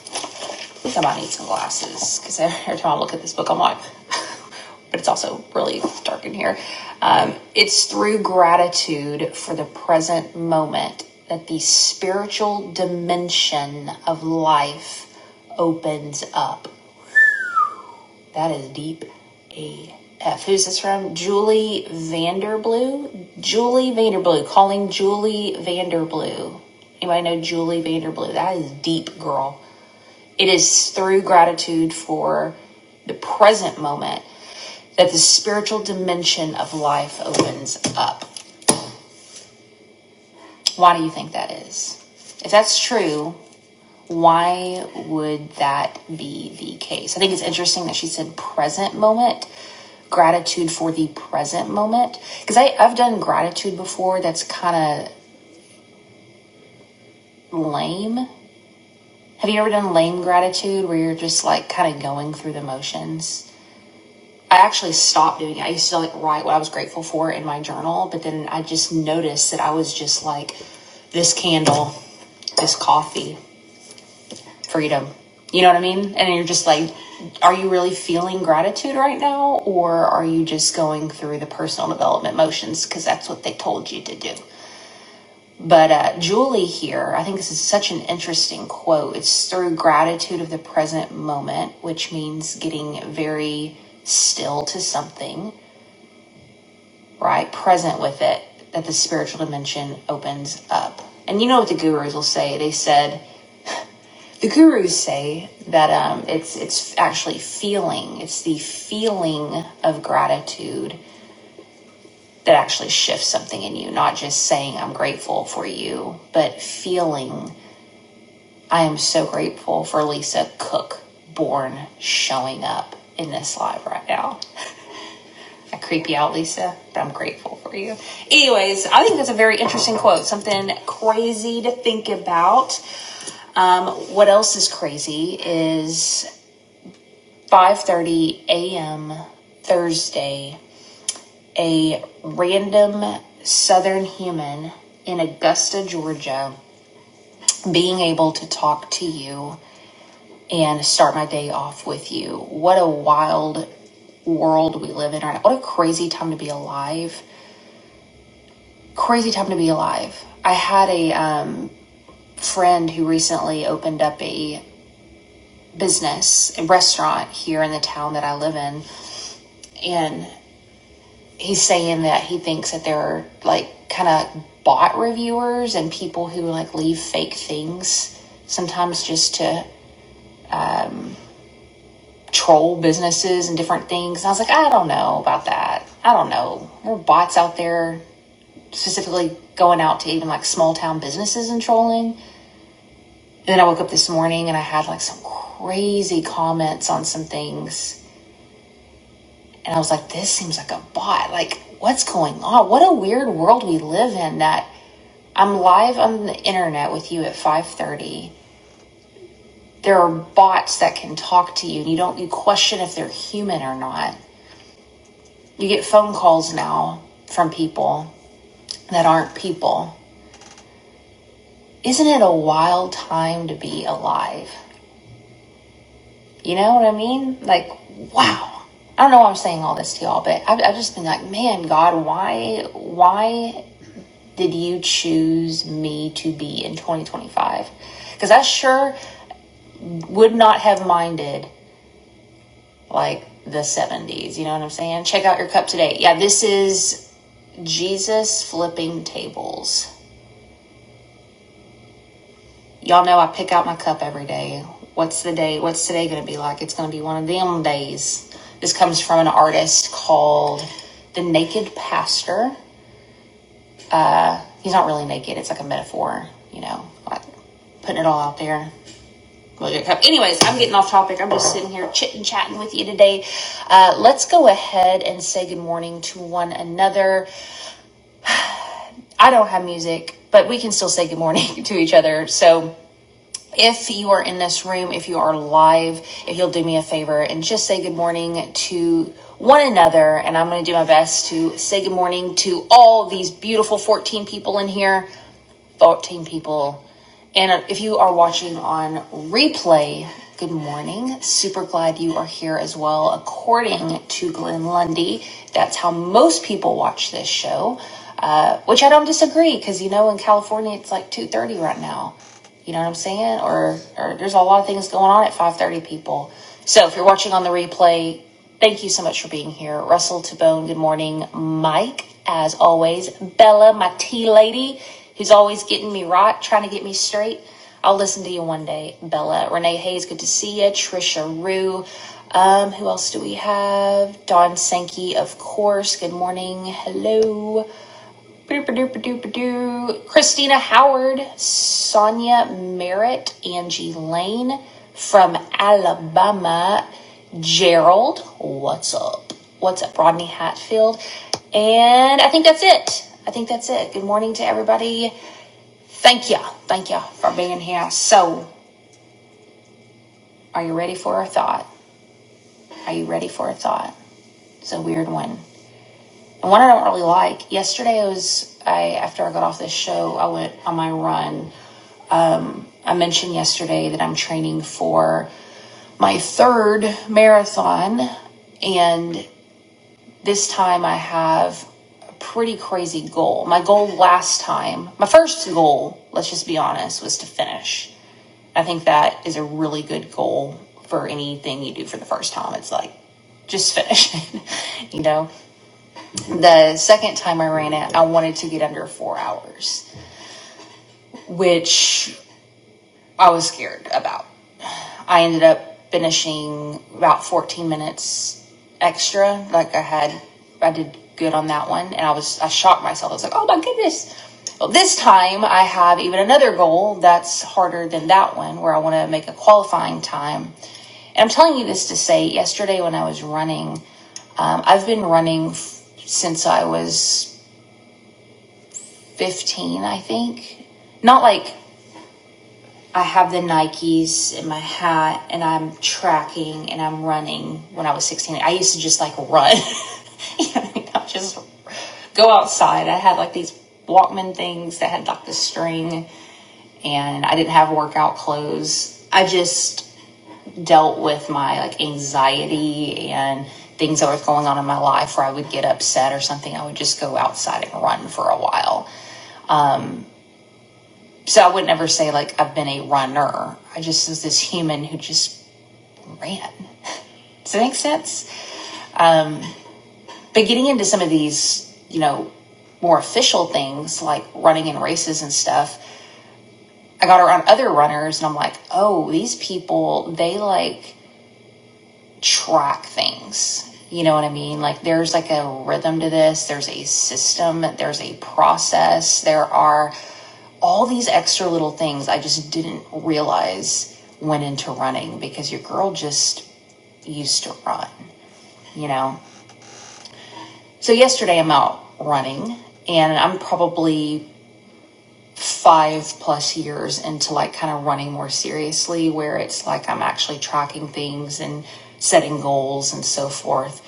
think I might need some glasses because every time I look at this book, I'm like, but it's also really dark in here. Um, it's through gratitude for the present moment that the spiritual dimension of life opens up. That is deep AF. Who's this from? Julie Vanderblue? Julie Vanderblue. Calling Julie Vanderblue. Anybody know Julie Vanderblue? That is deep, girl. It is through gratitude for the present moment that the spiritual dimension of life opens up. Why do you think that is? If that's true, Why would that be the case? I think it's interesting that she said present moment, gratitude for the present moment. Because I've done gratitude before that's kind of lame. Have you ever done lame gratitude where you're just like kind of going through the motions? I actually stopped doing it. I used to like write what I was grateful for in my journal, but then I just noticed that I was just like this candle, this coffee. freedom. You know what I mean? And you're just like, are you really feeling gratitude right now? Or are you just going through the personal development motions because that's what they told you to do? But uh, Julie here, I think this is such an interesting quote. It's through gratitude of the present moment, which means getting very still to something, right? Present with it, that the spiritual dimension opens up. And you know what the gurus will say? They said, The gurus say that um, it's it's actually feeling. It's the feeling of gratitude that actually shifts something in you. Not just saying I'm grateful for you, but feeling I am so grateful for Lisa Cook born showing up in this live right now. I creep you out, Lisa, but I'm grateful for you. Anyways, I think that's a very interesting quote. Something crazy to think about. Um, what else is crazy is 5:30 a.m. Thursday, a random southern human in Augusta, Georgia, being able to talk to you and start my day off with you. What a wild world we live in right now. What a crazy time to be alive. Crazy time to be alive. I had a um, friend who recently opened up a business, a restaurant here in the town that I live in. and. he's saying that he thinks that there are like kind of bot reviewers and people who like leave fake things sometimes just to um, troll businesses and different things. And I was like, I don't know about that. I don't know. There are bots out there specifically going out to even like small town businesses and trolling. And then I woke up this morning and I had like some crazy comments on some things. And I was like, this seems like a bot. Like, what's going on? What a weird world we live in that I'm live on the internet with you at 5:30. There are bots that can talk to you. and You don't you question if they're human or not. You get phone calls now from people that aren't people. Isn't it a wild time to be alive? You know what I mean? Like, wow. I don't know why I'm saying all this to y'all, but I've, I've just been like, man, God, why, why did you choose me to be in 2025? Because I sure would not have minded like the 70s. You know what I'm saying? Check out your cup today. Yeah, this is Jesus flipping tables. Y'all know I pick out my cup every day. What's the day? What's today going to be like? It's going to be one of them days. This comes from an artist called The Naked Pastor. He's not really naked, it's like a metaphor, you know, like putting it all out there. Look at your cup. Anyways, I'm getting off topic. I'm just sitting here chit and chatting with you today. Uh, let's go ahead and say good morning to one another. I don't have music, but we can still say good morning to each other. So if you are in this room, if you are live, if you'll do me a favor and just say good morning to one another, and I'm going to do my best to say good morning to all these beautiful 14 people in here. 14 people. And if you are watching on replay, good morning. Super glad you are here as well. According to Glenn Lundy, that's how most people watch this show, uh, which I don't disagree because you know in California it's like 2:30 right now. You know what I'm saying? Or, or there's a lot of things going on at 5:30 people. So if you're watching on the replay, Thank you so much for being here. Russell Tabone, good morning. Mike, as always. Bella, my tea lady, who's always getting me right, trying to get me straight. I'll listen to you one day, Bella. Renee Hayes, good to see you. Trisha Rue. Um, who else do we have? Don Sankey, of course. Good morning. Hello ba do ba do Christina Howard, Sonia Merritt, Angie Lane from Alabama, Gerald, what's up? What's up, Rodney Hatfield? And I think that's it. I think that's it. Good morning to everybody. Thank you. Thank you for being here. So, are you ready for a thought? Are you ready for a thought? It's a weird one. One I don't really like. Yesterday I was I after I got off this show, I went on my run. Um, I mentioned yesterday that I'm training for my third marathon and this time I have a pretty crazy goal. My goal last time, my first goal, let's just be honest, was to finish. I think that is a really good goal for anything you do for the first time. It's like just finish it, you know. The second time I ran it, I wanted to get under four hours, which I was scared about. I ended up finishing about 14 minutes extra. Like I had, I did good on that one, and I was, I shocked myself. I was like, oh my goodness. Well, this time I have even another goal that's harder than that one, where I want to make a qualifying time. And I'm telling you this to say, yesterday when I was running, um, I've been running f- since I was 15, I think. Not like I have the Nikes in my hat and I'm tracking and I'm running when I was 16. I used to just like run. you know, what I mean? I'd just go outside. I had like these Walkman things that had like the string and I didn't have workout clothes. I just dealt with my like anxiety and things that were going on in my life where I would get upset or something. I would just go outside and run for a while Um, So I would never say like I've been a runner. I just was this human who just ran. Does that make sense? Um, but getting into some of these, you know, more official things like running in races and stuff, I got around other runners and I'm like, oh, these people, they like track things. You know what I mean? Like there's like a rhythm to this, there's a system, there's a process, there are all these extra little things I just didn't realize went into running because your girl just used to run, you know? So yesterday I'm out running and I'm probably five plus years into like kind of running more seriously where it's like I'm actually tracking things and setting goals and so forth.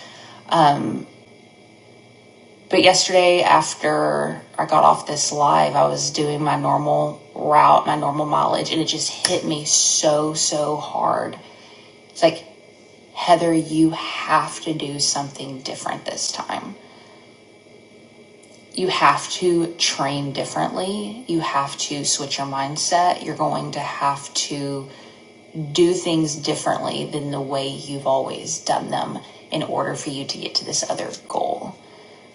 But yesterday, after I got off this live, I was doing my normal route, my normal mileage, and it just hit me so, so hard. It's like, Heather, you have to do something different this time you have to train differently. You have to switch your mindset. You're going to have to do things differently than the way you've always done them in order for you to get to this other goal.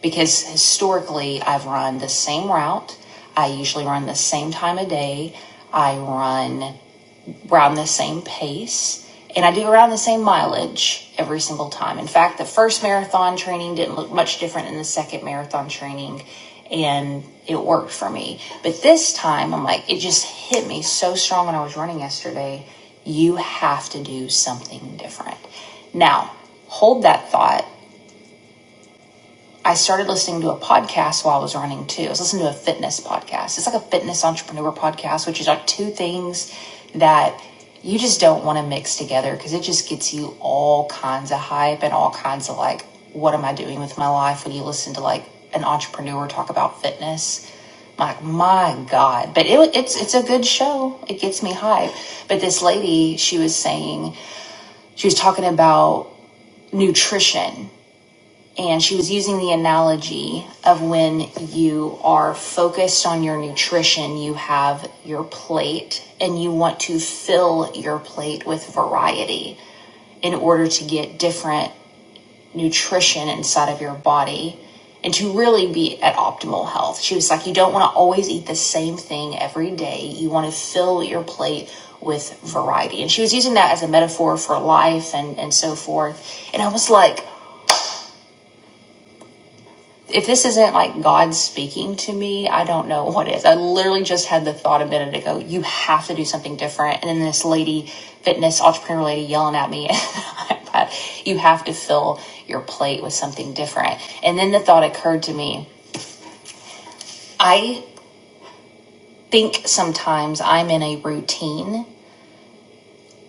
Because historically, I've run the same route. I usually run the same time of day. I run Around the same pace and I do around the same mileage every single time. In fact, the first marathon training didn't look much different than the second marathon training and it worked for me. But this time I'm like, it just hit me so strong when I was running yesterday. You have to do something different. Now, hold that thought I started listening to a podcast while I was running too. I was listening to a fitness podcast. It's like a fitness entrepreneur podcast, which is like two things that you just don't want to mix together because it just gets you all kinds of hype and all kinds of like, what am I doing with my life when you listen to like an entrepreneur talk about fitness? I'm like, my God. But it, it's it's a good show. It gets me hype. But this lady, she was saying, she was talking about nutrition and she was using the analogy of when you are focused on your nutrition, you have your plate and you want to fill your plate with variety in order to get different nutrition inside of your body and to really be at optimal health. She was like, You don't want to always eat the same thing every day. You want to fill your plate with variety. And she was using that as a metaphor for life and, and so forth. And I was like, If this isn't like God speaking to me, I don't know what is. I literally just had the thought a minute ago, you have to do something different. And then this lady, fitness entrepreneur lady, yelling at me, but you have to fill your plate with something different. And then the thought occurred to me, I think sometimes I'm in a routine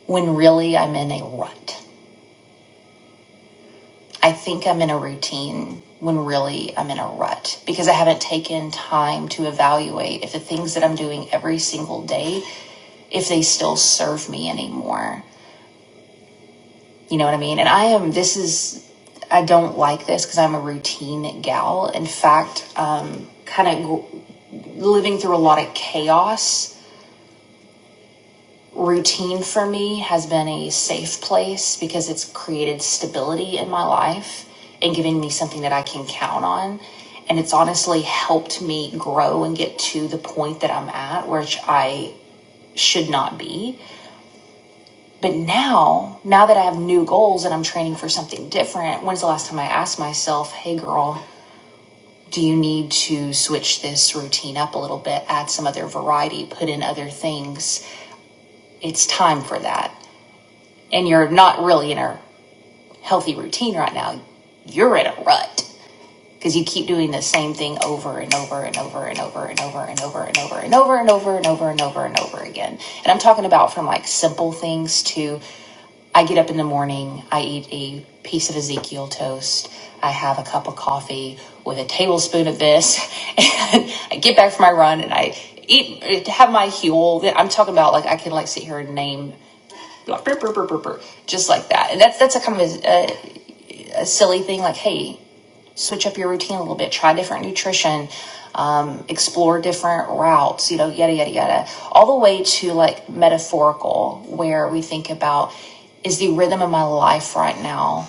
when really I'm in a rut. I think I'm in a routine when really I'm in a rut because I haven't taken time to evaluate if the things that I'm doing every single day if they still serve me anymore. You know what I mean? And I am this is I don't like this because I'm a routine gal. In fact, um kind of living through a lot of chaos routine for me has been a safe place because it's created stability in my life and giving me something that I can count on. And it's honestly helped me grow and get to the point that I'm at, which I should not be. But now, now that I have new goals and I'm training for something different, when's the last time I asked myself, hey girl, do you need to switch this routine up a little bit, add some other variety, put in other things? It's time for that. and you're not really in a healthy routine right now, you're in a rut because you keep doing the same thing over and over and over and over and over and over and over and over and over and over and over and over again. And I'm talking about from like simple things to I get up in the morning, I eat a piece of Ezekiel toast, I have a cup of coffee with a tablespoon of this, and I get back from my run and I eat have my huel. I'm talking about like I can like sit here and name like, just like that. And that's that's a kind of a, a, a silly thing. Like, hey, switch up your routine a little bit. Try different nutrition. Um, explore different routes. You know, yada yada yada. All the way to like metaphorical, where we think about is the rhythm of my life right now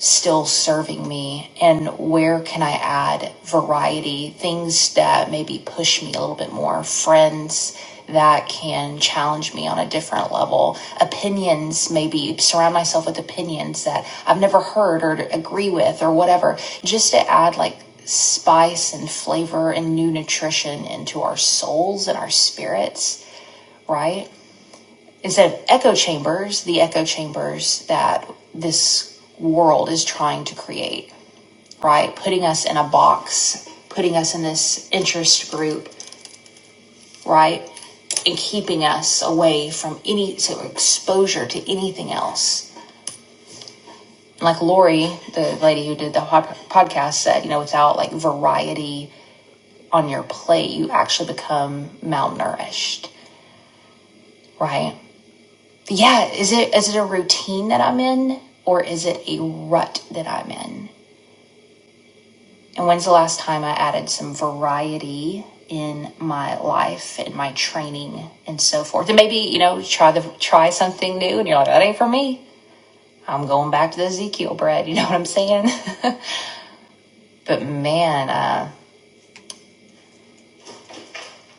still serving me and where can I add variety, things that maybe push me a little bit more, friends that can challenge me on a different level, opinions, maybe surround myself with opinions that I've never heard or agree with or whatever, just to add like spice and flavor and new nutrition into our souls and our spirits, right? instead of echo chambers, the echo chambers that this world is trying to create, right? Putting us in a box, putting us in this interest group, right? And keeping us away from any sort of exposure to anything else. Like Lori, the lady who did the podcast, said, you know, without like variety on your plate, you actually become malnourished, right? yeah is it is it a routine that i'm in or is it a rut that i'm in and when's the last time i added some variety in my life in my training and so forth and maybe you know try the try something new and you're like that ain't for me i'm going back to the ezekiel bread you know what i'm saying but man uh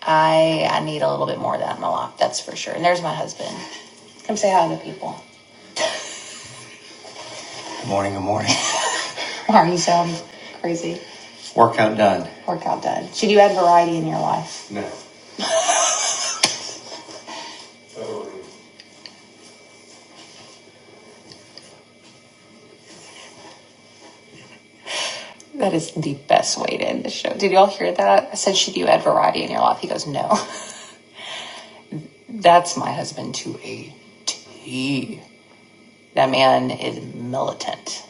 i i need a little bit more of that in my life that's for sure and there's my husband come say hi to the people Good morning, good morning. Arms sound crazy. Workout done. Workout done. Should you add variety in your life? No. That is the best way to end the show. Did y'all hear that? I said, Should you add variety in your life? He goes, No. That's my husband to a T. That man is militant.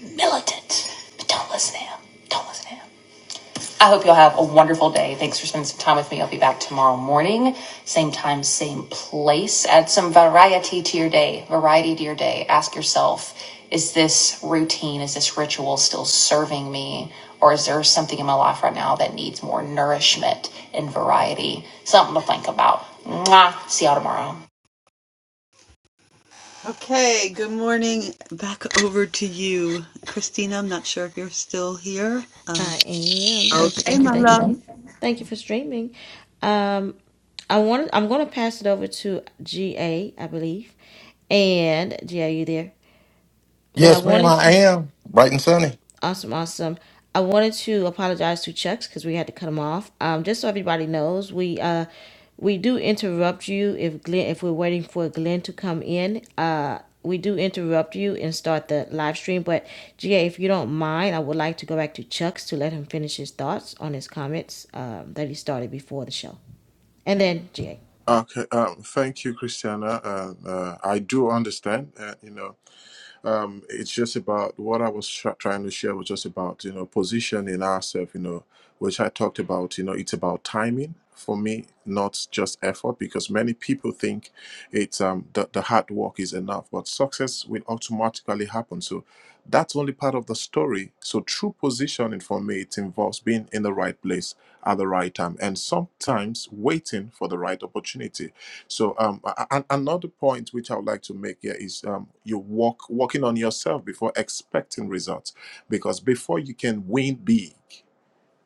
Militant. But don't listen to him. Don't listen to him. I hope you'll have a wonderful day. Thanks for spending some time with me. I'll be back tomorrow morning, same time, same place. Add some variety to your day, variety to your day. Ask yourself, is this routine, is this ritual still serving me? Or is there something in my life right now that needs more nourishment and variety? Something to think about. Mwah. See y'all tomorrow. Okay, good morning. Back over to you, Christina. I'm not sure if you're still here. Um, I am. Thank you, Okay, thank you, my thank you. love. Thank you for streaming. Um I want I'm going to pass it over to G A. I believe. And GA, you there? But I Yes, ma'am, wanted I to am. Bright and sunny. Awesome, awesome. I wanted to apologize to Chucks because we had to cut him off. Um, just so everybody knows, we uh, we do interrupt you if Glenn, if we're waiting for Glenn to come in. Uh, we do interrupt you and start the live stream. But Ga, if you don't mind, I would like to go back to Chucks to let him finish his thoughts on his comments um, that he started before the show, and then Ga. Okay, um, thank you, Christiana. Uh, uh, I do understand. Uh, you know. um, it's just about what I was tr- trying to share was just about you know positioning ourselves, you know, which I talked about. You know, it's about timing for me, not just effort, because many people think it's um the, the hard work is enough, but success will automatically happen. So that's only part of the story. So true positioning for me, it involves being in the right place at the right time, and sometimes waiting for the right opportunity so, um, a- a- another point which I would like to make here is um, you work working on yourself before expecting results, because before you can win big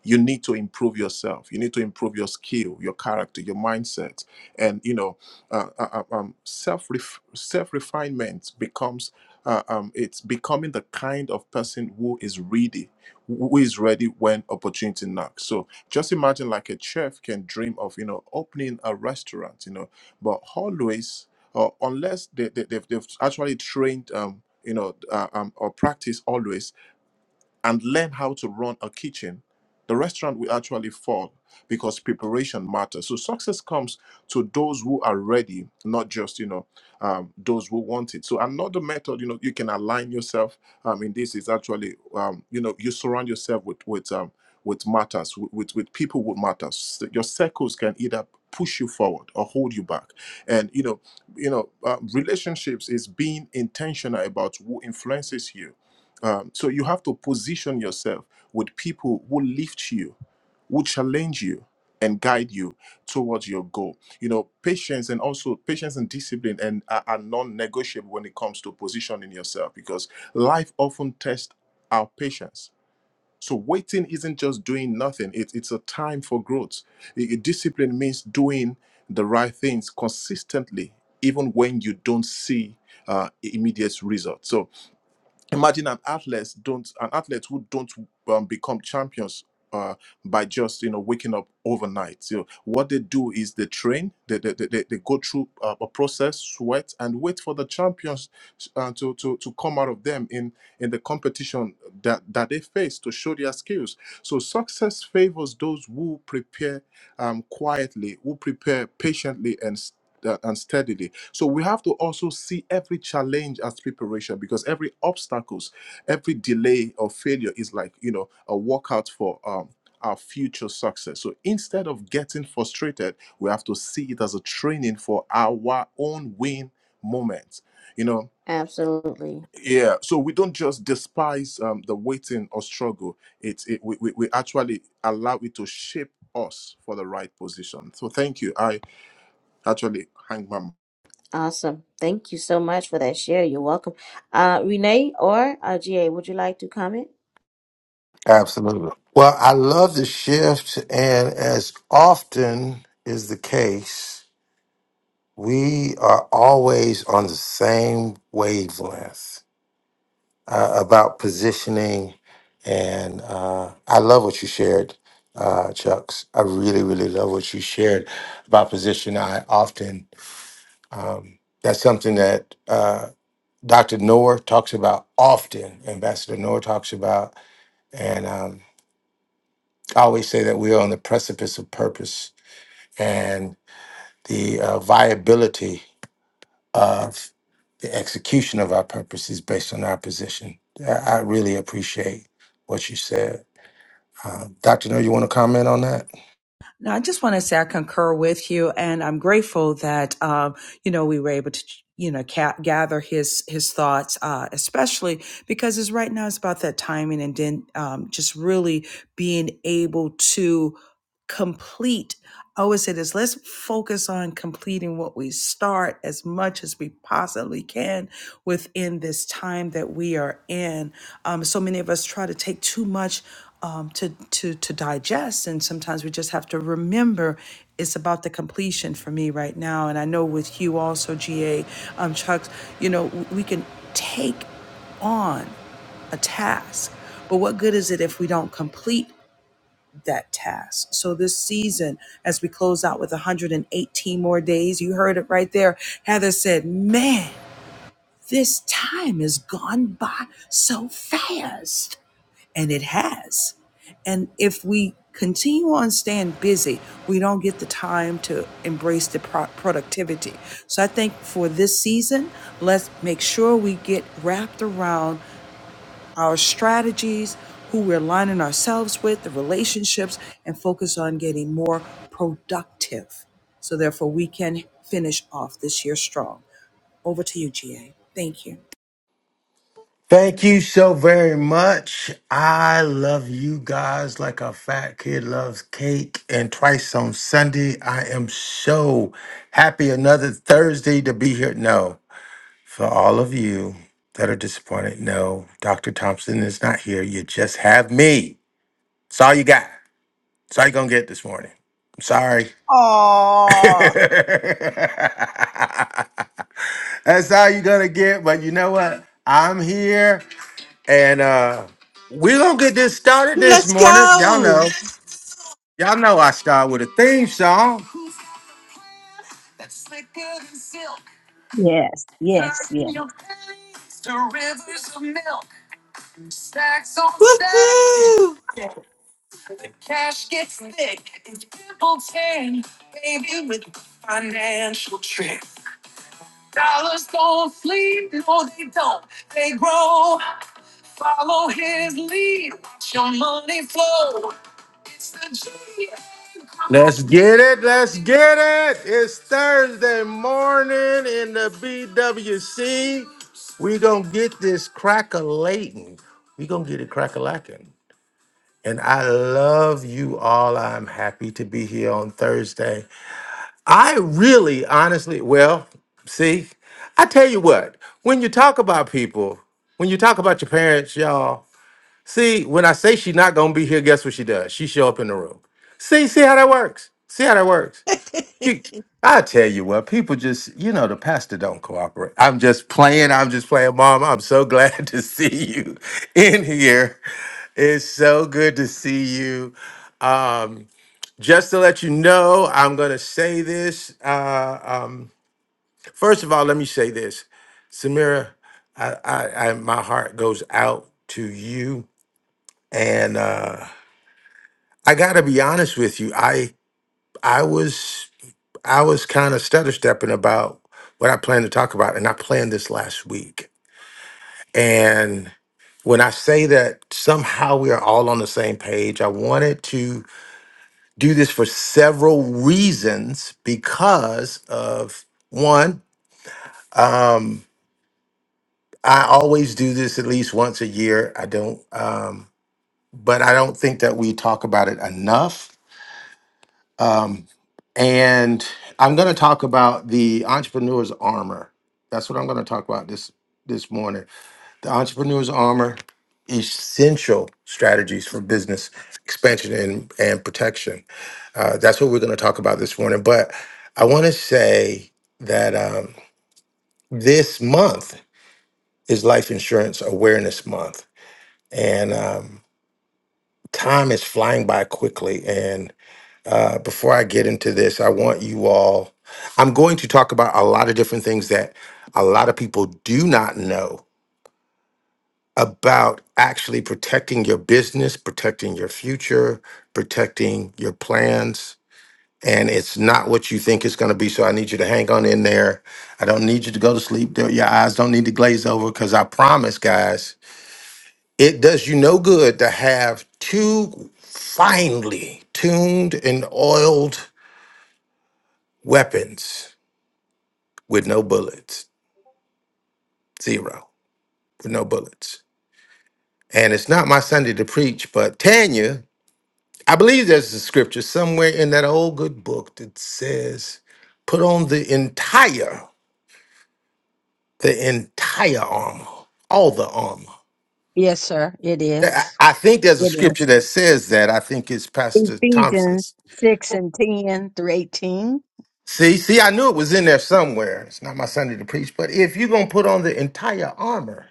you need to improve yourself you need to improve your skill your character your mindset and you know uh, uh, uh, um, self self refinement becomes uh, um, it's becoming the kind of person who is ready who is ready when opportunity knocks so just imagine like a chef can dream of you know opening a restaurant you know but always or unless they, they, they've, they've actually trained um, you know uh, um, or practice always and learn how to run a kitchen, the restaurant will actually fall because preparation matters. So success comes to those who are ready, not just you know um, those who want it. So another method, you know, you can align yourself. Um, in this is actually um, you know you surround yourself with with um, with matters with, with with people who matters. So Your circles can either push you forward or hold you back. And you know you know uh, relationships is being intentional about who influences you um, so you have to position yourself with people who lift you, who challenge you, and guide you towards your goal. You know, patience and also patience and discipline and are, are non-negotiable when it comes to positioning yourself because life often tests our patience. So waiting isn't just doing nothing; it, it's a time for growth. I- I- discipline means doing the right things consistently, even when you don't see uh, immediate results. So imagine an athlete don't an athlete who don't um, become champions uh, by just you know waking up overnight so what they do is they train they they, they, they they go through uh, a process sweat and wait for the champions uh, to, to to come out of them in in the competition that that they face to show their skills so success favors those who prepare um, quietly who prepare patiently and uh, and steadily. So we have to also see every challenge as preparation because every obstacles, every delay or failure is like you know a workout for um, our future success. So instead of getting frustrated, we have to see it as a training for our own win moment. You know. Absolutely. Yeah, so we don't just despise um, the waiting or struggle. It, it we, we we actually allow it to shape us for the right position. So thank you. I actually hang my Awesome. Thank you so much for that share. You're welcome. Uh, Renee or uh, GA, would you like to comment? Absolutely. Well, I love the shift, and as often is the case, we are always on the same wavelength uh, about positioning. And uh, I love what you shared, uh, Chucks. I really, really love what you shared about position. I often, um, that's something that uh, Dr. Noor talks about often, Ambassador Noor talks about. and. um, I always say that we are on the precipice of purpose and the uh, viability of the execution of our purpose is based on our position. I, I really appreciate what you said. Uh, Dr. No, you want to comment on that? Now, I just want to say I concur with you, and I'm grateful that um, you know we were able to you know ca- gather his his thoughts, uh, especially because it's right now it's about that timing and then um, just really being able to complete. I always say this: let's focus on completing what we start as much as we possibly can within this time that we are in. Um, so many of us try to take too much um, to to to digest, and sometimes we just have to remember it's about the completion for me right now. And I know with you also, GA, um, Chucks, you know, w- we can take on a task, but what good is it if we don't complete that task? So this season, as we close out with 118 more days, you heard it right there. Heather said, "Man." This time has gone by so fast and it has. And if we continue on staying busy, we don't get the time to embrace the pro- productivity. So I think for this season, let's make sure we get wrapped around our strategies, who we're aligning ourselves with, the relationships, and focus on getting more productive. So therefore, we can finish off this year strong. Over to you, GA. Thank you. Thank you so very much. I love you guys like a fat kid loves cake. And twice on Sunday, I am so happy another Thursday to be here. No. For all of you that are disappointed, no, Dr. Thompson is not here. You just have me. It's all you got. It's all you're going to get this morning. I'm sorry. Aww. That's all you're going to get. But you know what? I'm here and uh we're going to get this started this let's morning. Y'all go. know. Y'all know I start with a theme song. Yes, yes, yes. Stacks on stacks. Woohoo! Cash gets thick. People can pay with financial tricks. Dollars don't sleep. No, they don't. They grow. Follow his lead. Watch your money flow. It's the G. Let's get it. Let's get it. It's Thursday morning in the BWC. we going to get this crack a latin we going to get it crack a lacking. And I love you all. I'm happy to be here on Thursday. I really, honestly, well, see, I tell you what, when you talk about people, when you talk about your parents, y'all, see, when I say she's not gonna be here, guess what she does? She show up in the room. See, see how that works. See how that works. You- I tell you what, people just, you know, the pastor don't cooperate. I'm just playing. I'm just playing, Mom. I'm so glad to see you in here. It's so good to see you. Um, just to let you know, I'm going to say this. Uh, um, first of all, let me say this, Samira. I, I, I my heart goes out to you, and uh, I got to be honest with you. I I was I was kind of stutter stepping about what I plan to talk about, and I planned this last week. And when I say that somehow we are all on the same page, I wanted to do this for several reasons because of one um i always do this at least once a year i don't um but i don't think that we talk about it enough um and i'm going to talk about the entrepreneur's armor that's what i'm going to talk about this this morning The Entrepreneur's Armor Essential Strategies for Business Expansion and, and Protection. Uh, that's what we're going to talk about this morning. But I want to say that um, this month is Life Insurance Awareness Month. And um, time is flying by quickly. And uh, before I get into this, I want you all, I'm going to talk about a lot of different things that a lot of people do not know about actually protecting your business, protecting your future, protecting your plans. And it's not what you think it's going to be. So I need you to hang on in there. I don't need you to go to sleep. Don't- Your eyes don't need to glaze over because I promise, guys, it does you no good to have two finely tuned and oiled weapons with no bullets. Zero, with no bullets. And it's not my Sunday to preach, but Tanya. I believe there's a scripture somewhere in that old good book that says, put on the entire, the entire armor, all the armor. Yes, sir, it That- is. I I think there's a It scripture is. that says that. I think it's Pastor Ephesians Thompson's. 6 and 10 through 18. See, see, I knew it was in there somewhere. It's not my Sunday to preach, but if you're gonna put on the entire armor,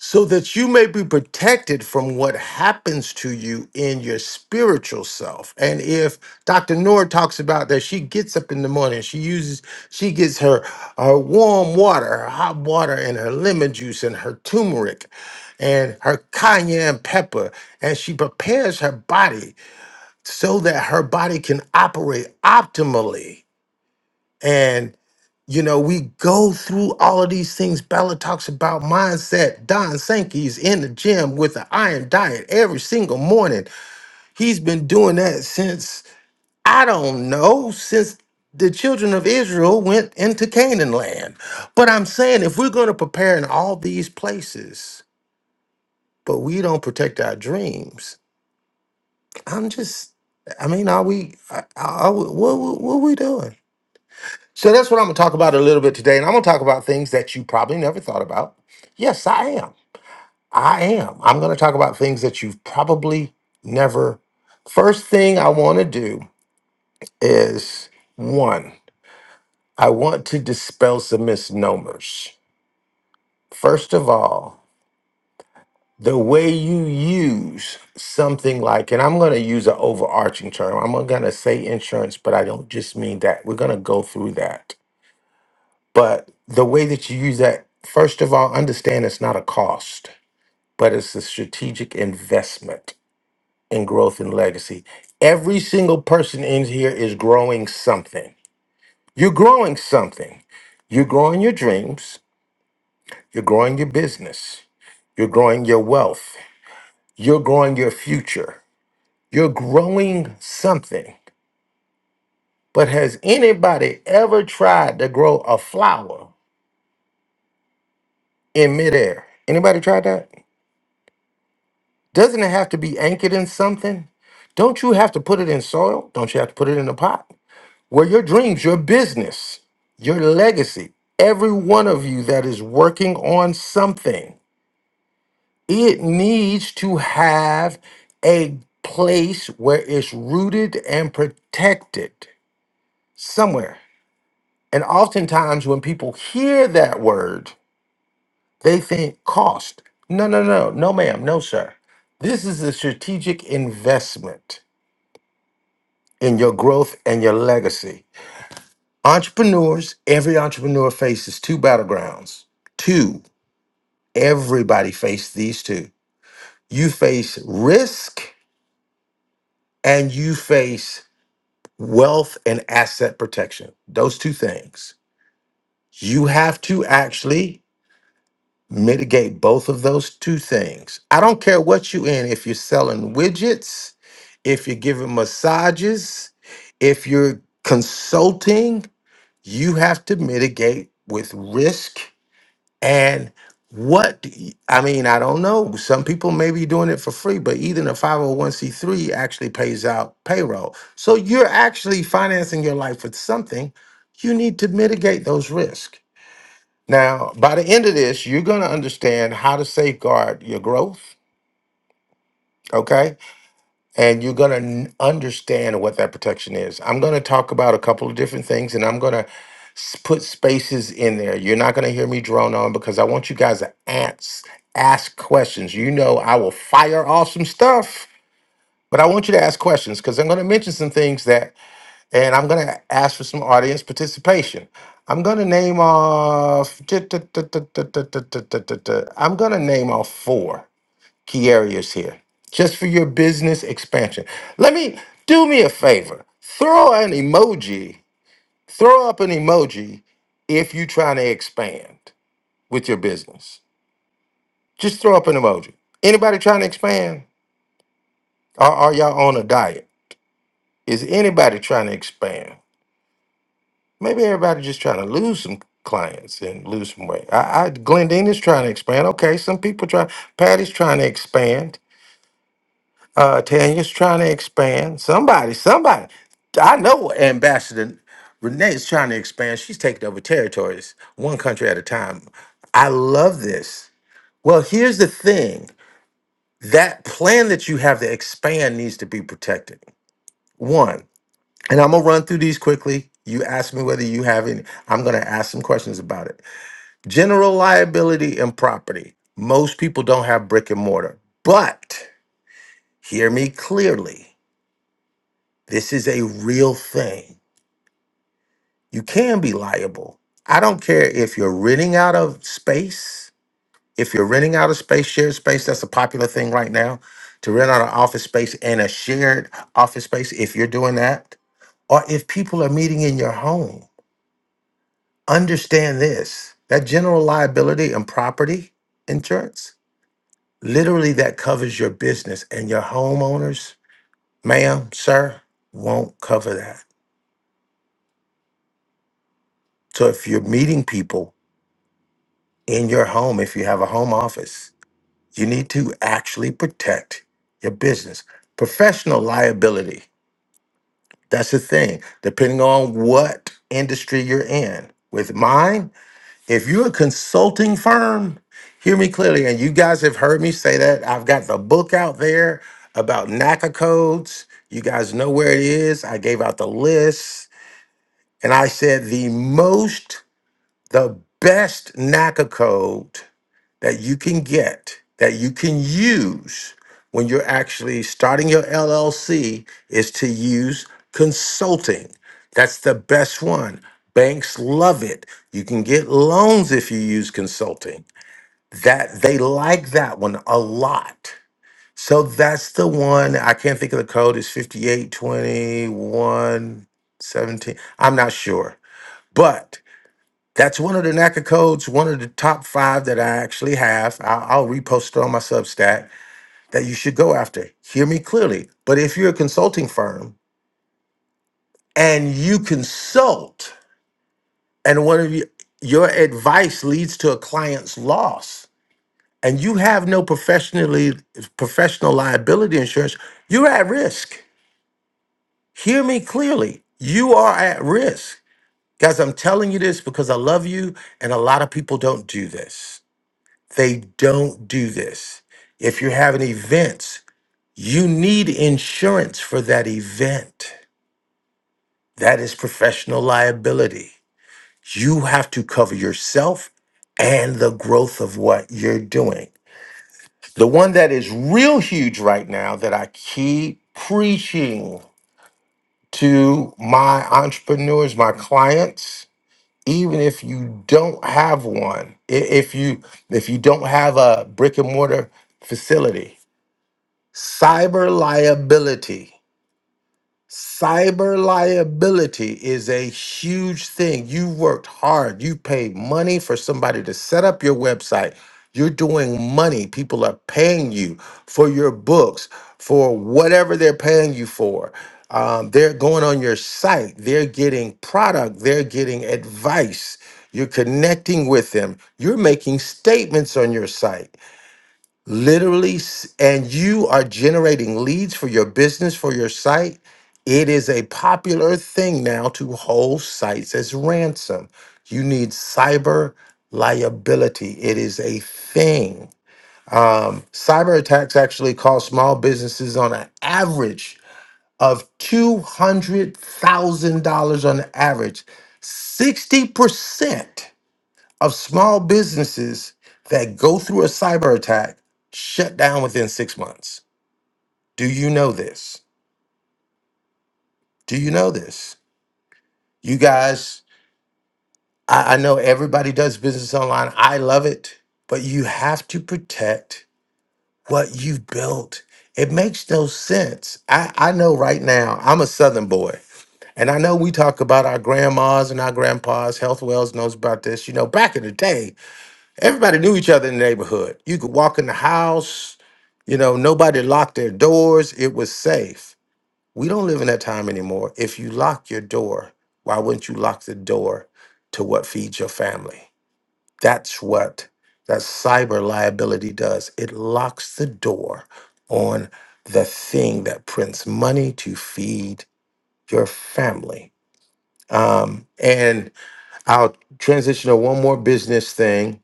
so that you may be protected from what happens to you in your spiritual self. And if Dr. Noor talks about that, she gets up in the morning, she uses, she gets her, her warm water, her hot water, and her lemon juice and her turmeric and her cayenne pepper, and she prepares her body so that her body can operate optimally and you know, we go through all of these things. Bella talks about mindset. Don Sankey's in the gym with the iron diet every single morning. He's been doing that since, I don't know, since the children of Israel went into Canaan land. But I'm saying if we're going to prepare in all these places, but we don't protect our dreams, I'm just, I mean, are we, are, are, we- what, what, what are we doing? So that's what I'm going to talk about a little bit today. And I'm going to talk about things that you probably never thought about. Yes, I am. I am. I'm going to talk about things that you've probably never. First thing I want to do is one, I want to dispel some misnomers. First of all, the way you use something like, and I'm going to use an overarching term, I'm going to say insurance, but I don't just mean that. We're going to go through that But the way that you use that, first of all, understand it's not a cost, but it's a strategic investment in growth and legacy. Every single person in here is growing something. You're growing something. You're growing your dreams. You're growing your business. You're growing your wealth. You're growing your future. You're growing something. But has anybody ever tried to grow a flower in midair? Anybody tried that? Doesn't it have to be anchored in something? Don't you have to put it in soil? Don't you have to put it in a pot? Where your dreams, your business, your legacy, every one of you that is working on something, it needs to have a place where it's rooted and protected somewhere. And oftentimes when people hear that word, they think cost. No, no, no, no, ma'am, no, sir. This is a strategic investment in your growth and your legacy. Entrepreneurs, every entrepreneur faces two battlegrounds. Two, everybody faces these two. You face risk and you face wealth and asset protection. Those two things. You have to actually mitigate both of those two things. I don't care what you in, if you're selling widgets, if you're giving massages, if you're consulting, you have to mitigate with risk and what do you- I mean, I don't know. Some people may be doing it for free, but even a 501c3 actually pays out payroll. So you're actually financing your life with something. You need to mitigate those risks. Now, by the end of this, you're going to understand how to safeguard your growth. Okay and you're going to understand what that protection is. I'm going to talk about a couple of different things and I'm going to put spaces in there. You're not going to hear me drone on because I want you guys to ask, ask questions. You know, I will fire off some stuff, but I want you to ask questions because I'm going to mention some things that, and I'm going to ask for some audience participation. I'm going to name off, I'm going to name off four key areas here just for your business expansion. Let me do me a favor. Throw an emoji, throw up an emoji if you're trying to expand with your business. Just throw up an emoji. Anybody trying to expand? Or are y'all on a diet? Is anybody trying to expand? Maybe everybody just trying to lose some clients and lose some weight. I, I Glendean trying to expand. Okay, some people try. Patty's trying to expand. Uh, Tanya's trying to expand. Somebody, somebody. I know Ambassador Renee is trying to expand. She's taking over territories, one country at a time. I love this. Well, here's the thing that plan that you have to expand needs to be protected. One, and I'm going to run through these quickly. You ask me whether you have any, I'm going to ask some questions about it. General liability and property. Most people don't have brick and mortar, but hear me clearly This is a real thing. You can be liable. I don't care if you're renting out of space, if you're renting out of space, shared space, that's a popular thing right now to rent out an office space and a shared office space, if you're doing that, or if people are meeting in your home. Understand this that general liability and property insurance literally that covers your business and your homeowners, ma'am, sir, won't cover that. So if you're meeting people, in your home if you have a home office. You need to actually protect your business. Professional liability, that's the thing, depending on what industry you're in. With mine, if you're a consulting firm, hear me clearly, and you guys have heard me say that. I've got the book out there about NACA codes. You guys know where it is. I gave out the list, and I said the most the best NACA code that you can get, that you can use when you're actually starting your LLC is to use consulting. That's the best one. Banks love it. You can get loans if you use consulting. That they like that one a lot. So that's the one. I can't think of the code. It's 582117. I'm not sure. But that's one of the NACA codes, one of the top five that I actually have. I'll, I'll repost it on my Substack that you should go after. Hear me clearly. But if you're a consulting firm and you consult and one of you, your advice leads to a client's loss and you have no professionally professional liability insurance, you're at risk. Hear me clearly. You are at risk. Guys, I'm telling you this because I love you and a lot of people don't do this. They don't do this. If you're having events, you need insurance for that event. That is professional liability. You have to cover yourself and the growth of what you're doing. The one that is real huge right now that I keep preaching to my entrepreneurs, my clients, even if you don't have one, i- if you if you don't have a brick and mortar facility, Cyber liability. Cyber liability is a huge thing. You worked hard. You paid money for somebody to set up your website. You're doing money. People are paying you for your books, for whatever they're paying you for. Um, they're going on your site. They're getting product. They're getting advice. You're connecting with them. You're making statements on your site literally s- and you are generating leads for your business for your site it is a popular thing now to hold sites as ransom you need cyber liability it is a thing um, cyber attacks actually cost small businesses on an average of $200000 on average 60% of small businesses that go through a cyber attack shut down within six months. Do you know this? Do you know this? You guys, I, I know everybody does business online. I love it, but you have to protect what you built. It makes no sense. I, I know right now, I'm a Southern boy. And I know we talk about our grandmas and our grandpas. Health Wells knows about this. You know, back in the day, Everybody knew each other in the neighborhood. You could walk in the house, you know, nobody locked their doors. It was safe. We don't live in that time anymore. If you lock your door, why wouldn't you lock the door to what feeds your family? That's what that cyber liability does. It locks the door on the thing that prints money to feed your family. Um, and I'll transition to one more business thing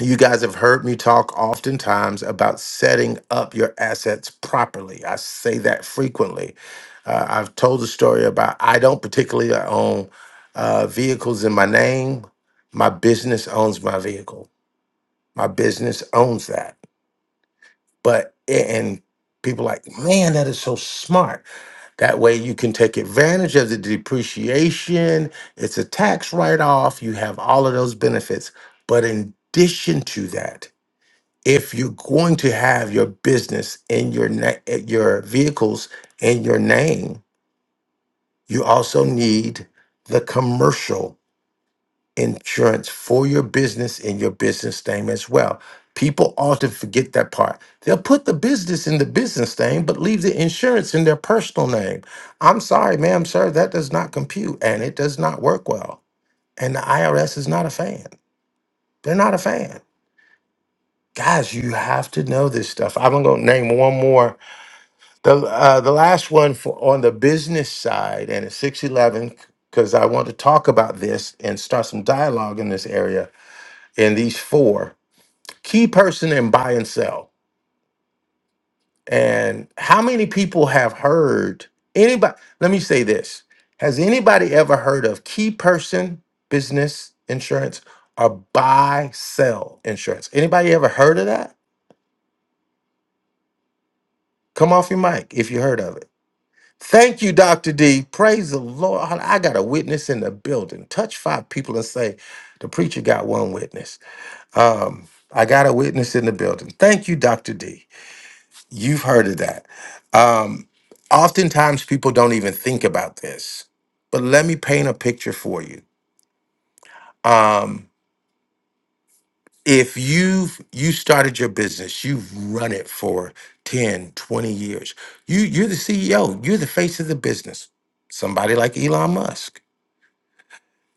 you guys have heard me talk oftentimes about setting up your assets properly. I say that frequently. Uh, I've told the story about I don't particularly own uh, vehicles in my name. My business owns my vehicle. My business owns that. But and people like, man, that is so smart. That way you can take advantage of the depreciation. It's a tax write-off. You have all of those benefits. But in addition to that if you're going to have your business in your na- eh, your vehicles in your name, you also need the commercial insurance for your business in your business name as well. People often forget that part. They'll put the business in the business name, but leave the insurance in their personal name. I'm sorry, ma'am, sir, that does not compute and it does not work well. And the IRS is not a fan. They're not a fan. Guys, you have to know this stuff. I'm gonna go name one more The uh, the last one for on the business side and it's six eleven because I want to talk about this and start some dialogue in this area. In these four key person and buy and sell, and how many people have heard anybody? Let me say this: Has anybody ever heard of key person business insurance or buy sell insurance? Anybody ever heard of that? Come off your mic if you heard of it. Thank you, Dr. D. Praise the Lord. I got a witness in the building. Touch five people and say, the preacher got one witness. Um, I got a witness in the building. Thank you, Dr. D. You've heard of that. Um, oftentimes people don't even think about this, but let me paint a picture for you. Um, if you've you started your business, you've run it for 10, 20 years. You you're the CEO, you're the face of the business. Somebody like Elon Musk.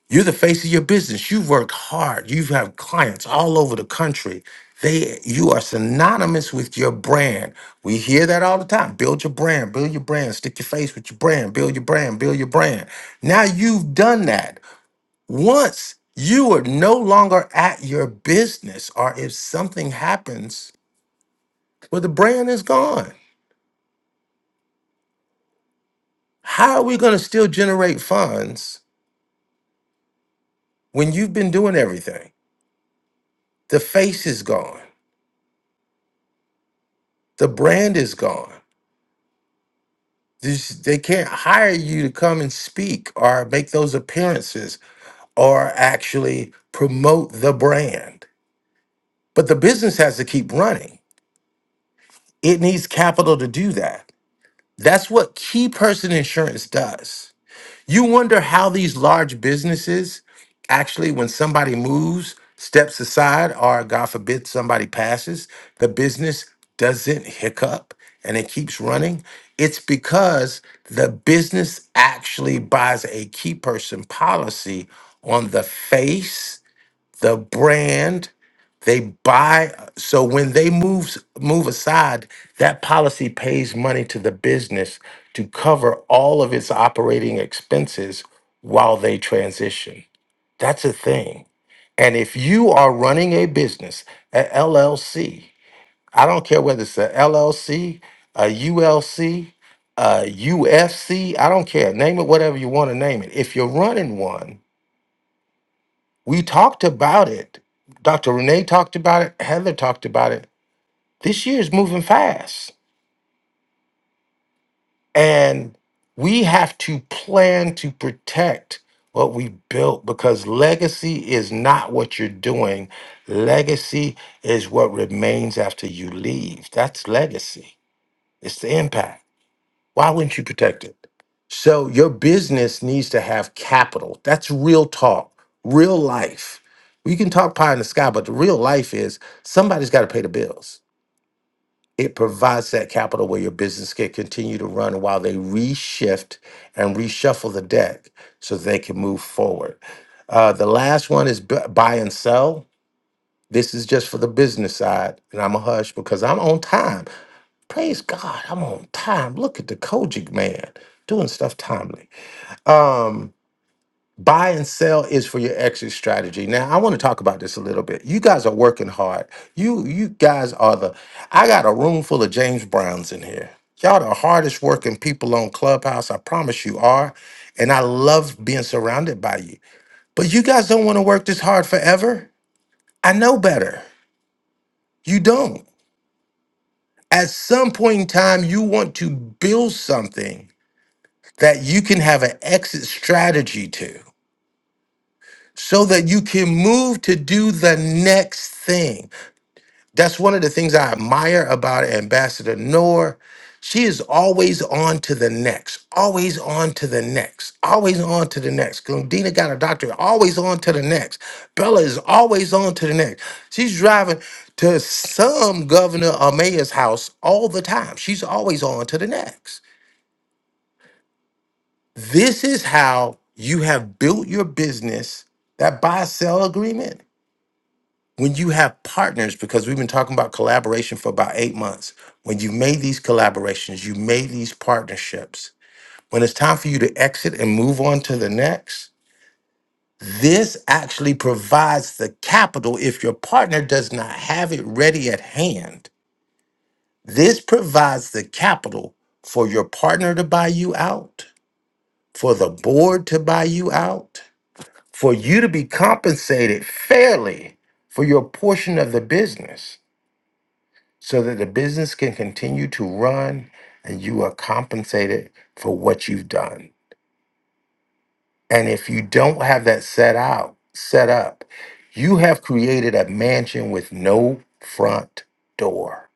You're the face of your business. You've worked hard. You have clients all over the country. They you are synonymous with your brand. We hear that all the time. Build your brand, build your brand, stick your face with your brand, build your brand, build your brand. Now you've done that. Once you are no longer at your business, or if something happens, well, the brand is gone. How are we going to still generate funds when you've been doing everything? The face is gone. The brand is gone. This, they can't hire you to come and speak or make those appearances or actually promote the brand. But the business has to keep running. It needs capital to do that. That's what key person insurance does. You wonder how these large businesses actually, when somebody moves, steps aside, or God forbid somebody passes, the business doesn't hiccup and it keeps running. It's because the business actually buys a key person policy on the face, the brand, they buy so when they move move aside, that policy pays money to the business to cover all of its operating expenses while they transition. That's a thing. And if you are running a business, a LLC, I don't care whether it's a LLC, a ULC, a UFC, I don't care. Name it whatever you want to name it. If you're running one, we talked about it. Dr. Renee talked about it. Heather talked about it this year is moving fast. And we have to plan to protect what we built because legacy is not what you're doing. Legacy is what remains after you leave. That's legacy, it's the impact. Why wouldn't you protect it? So your business needs to have capital. That's real talk, real life. We can talk pie in the sky, but the real life is somebody's got to pay the bills. it provides that capital where your business can continue to run while they reshift and reshuffle the deck so they can move forward. Uh, the last one is bu- buy and sell. This is just for the business side, and I'm a hush because I'm on time. Praise God, I'm on time. Look at the Kojic man doing stuff timely. Um, Buy and sell is for your exit strategy. Now, I want to talk about this a little bit. You guys are working hard. You you guys are the I got a room full of James Browns in here. Y'all the hardest working people on Clubhouse, I promise you are. And I love being surrounded by you. But you guys don't want to work this hard forever. I know better. You don't. At some point in time, you want to build something that you can have an exit strategy to. so that you can move to do the next thing. That's one of the things I admire about Ambassador Noor. She is always on to the next, always on to the next, always on to the next. Glendina got a doctorate, always on to the next. Bella is always on to the next. She's driving to some governor or mayor's house all the time. She's always on to the next. This is how you have built your business, that buy sell agreement when you have partners, because we've been talking about collaboration for about eight months, when you made these collaborations, you made these partnerships, when it's time for you to exit and move on to the next, this actually provides the capital if your partner does not have it ready at hand. This provides the capital for your partner to buy you out, for the board to buy you out, for you to be compensated fairly for your portion of the business. so that the business can continue to run and you are compensated for what you've done. And if you don't have that set out, set up, you have created a mansion with no front door.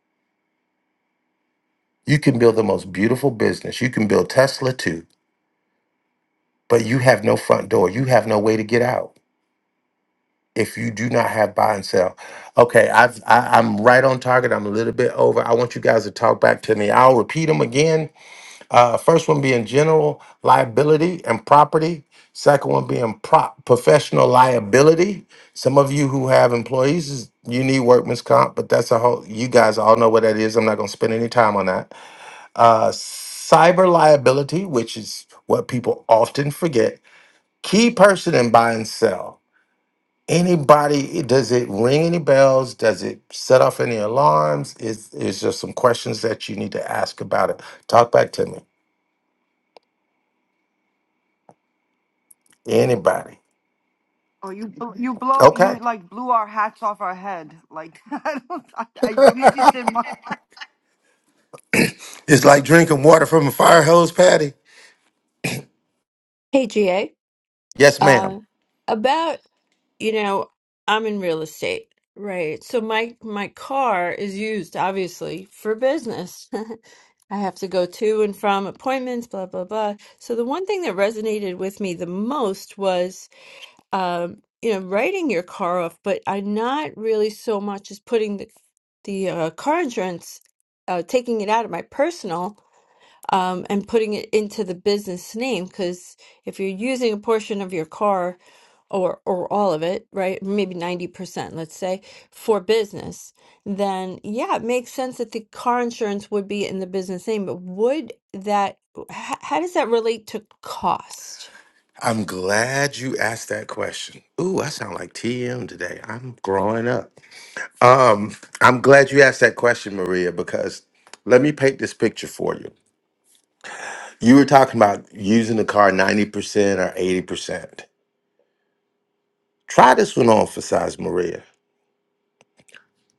You can build the most beautiful business. You can build Tesla too, but you have no front door. You have no way to get out if you do not have buy and sell. Okay, I've, I, I'm right on target. I'm a little bit over. I want you guys to talk back to me. I'll repeat them again Uh, first one being general liability and property. Second one being pro- professional liability. Some of you who have employees, is- you need workman's comp, but that's a whole, you guys all know what that is. I'm not going to spend any time on that. Uh, cyber liability, which is what people often forget. Key person in buy and sell. Anybody, does it ring any bells? Does it set off any alarms? Is, is there some questions that you need to ask about it? Talk back to me. Anybody. Oh, you bl- Mhm. you blow Okay. you like blew our hats off our head. Like I don't. I, I- at least you did mine. It's like drinking water from a fire hose, Patty. Hey GA. Yes, ma'am. Uh about, you know, I'm in real estate, right? So my my car is used obviously for business. I have to go to and from appointments, blah blah blah. So the one thing that resonated with me the most was um, you know, writing your car off, but I'm not really so much as putting the the uh, car insurance, uh, taking it out of my personal um, and putting it into the business name. Because if you're using a portion of your car or or all of it, right, maybe 90%, let's say, for business, then yeah, it makes sense that the car insurance would be in the business name. But would that, h- how does that relate to cost? I'm glad you asked that question. Ooh, I sound like TM today. I'm growing up. Um, I'm glad you asked that question, Maria, because let me paint this picture for you. You were talking about using the car 90% or 80%. Try this one on for size, Maria.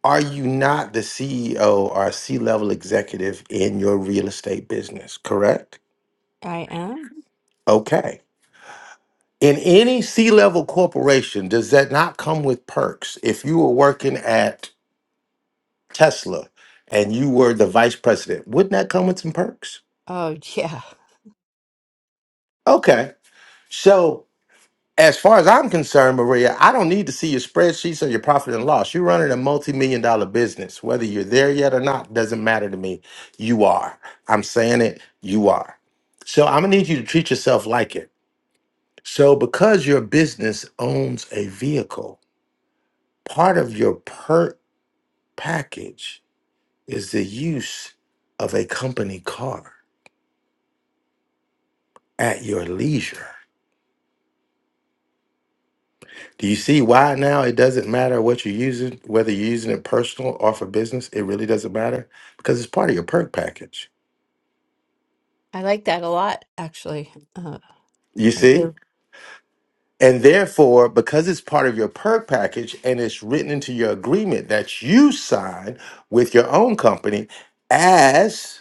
Are you not the CEO or C level executive in your real estate business, correct? I am. Okay. In any C level corporation, does that not come with perks? If you were working at Tesla and you were the vice president, wouldn't that come with some perks? Oh, yeah. Okay. So, as far as I'm concerned, Maria, I don't need to see your spreadsheets or your profit and loss. You're running a multi million dollar business. Whether you're there yet or not doesn't matter to me. You are. I'm saying it, you are. So, I'm going to need you to treat yourself like it. So, because your business owns a vehicle, part of your perk package is the use of a company car at your leisure. Do you see why now it doesn't matter what you're using, whether you're using it personal or for business? It really doesn't matter because it's part of your perk package. I like that a lot, actually. Uh, You I see? do. And therefore, because it's part of your perk package and it's written into your agreement that you sign with your own company as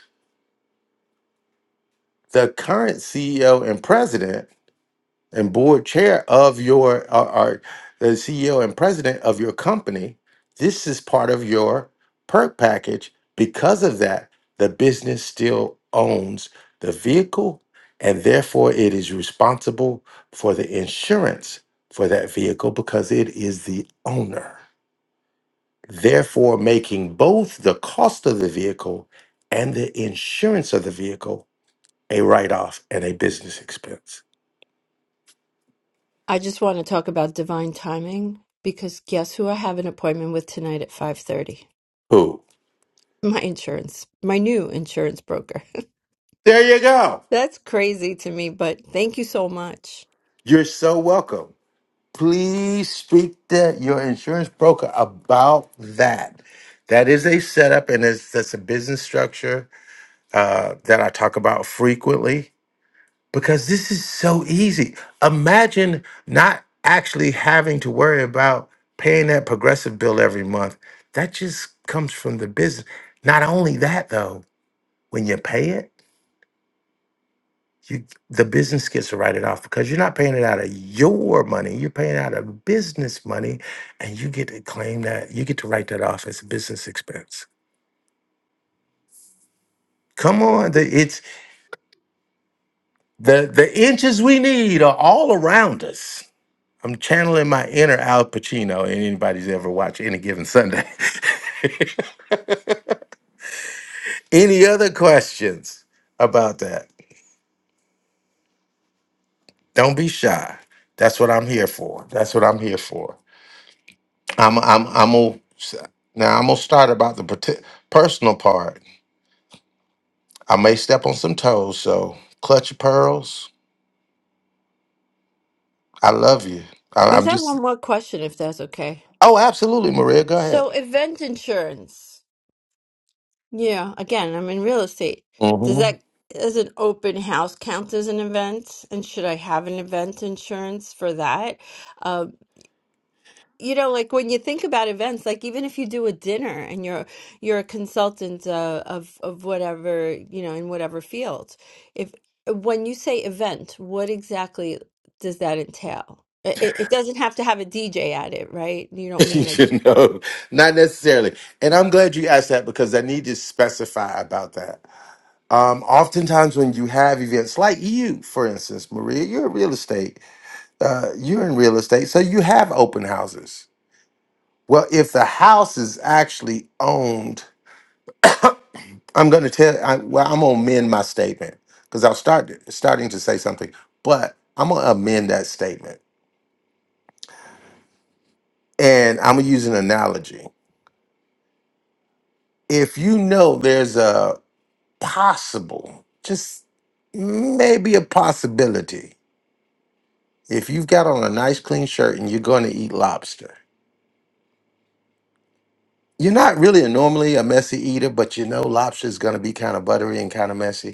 the current CEO and president, and board chair of your are, are the CEO and president of your company, this is part of your perk package. Because of that, the business still owns the vehicle and therefore it is responsible for the insurance for that vehicle because it is the owner. Therefore, making both the cost of the vehicle and the insurance of the vehicle a write off and a business expense. I just want to talk about divine timing because guess who I have an appointment with tonight at 5:30? Who? My insurance, my new insurance broker. There you go. That's crazy to me, but thank you so much. You're so welcome. Please speak to your insurance broker about that. That is a setup and it's, that's a business structure uh, that I talk about frequently because this is so easy. Imagine not actually having to worry about paying that progressive bill every month. That just comes from the business. Not only that, though, when you pay it, you the business gets to write it off because you're not paying it out of your money you're paying out of business money and you get to claim that you get to write that off as a business expense come on the, it's the the inches we need are all around us i'm channeling my inner al pacino and anybody's ever watched any given sunday any other questions about that don't be shy that's what i'm here for that's what i'm here for I'm I'm I'm gonna now I'm gonna start about the parti- personal part. I may step on some toes, so clutch your pearls. I love you. I, I I'm just have just one more question, if that's okay. oh, absolutely, Maria. Go ahead. So, event insurance. Yeah, again, I'm in real estate. Does hmm that does an open house count as an event? And should I have an event insurance for that? Uh, you know like when you think about events like even if you do a dinner and you're you're a consultant uh, of of whatever you know in whatever field if when you say event what exactly does that entail it, it it doesn't have to have a DJ at it right you don't mean it you know, not necessarily. And I'm glad you asked that because I need to specify about that. Um, oftentimes when you have events like you, for instance, Maria, you're in real estate. Uh, you're in real estate, so you have open houses. Well, if the house is actually owned I'm going to tell. I, well, I'm going to amend my statement because I was start, starting to say something, but I'm going to amend that statement, and I'm going to use an analogy. If you know there's a possible, just maybe a possibility, if you've got on a nice clean shirt and you're going to eat lobster, you're not really a normally a messy eater, but you know lobster is going to be kind of buttery and kind of messy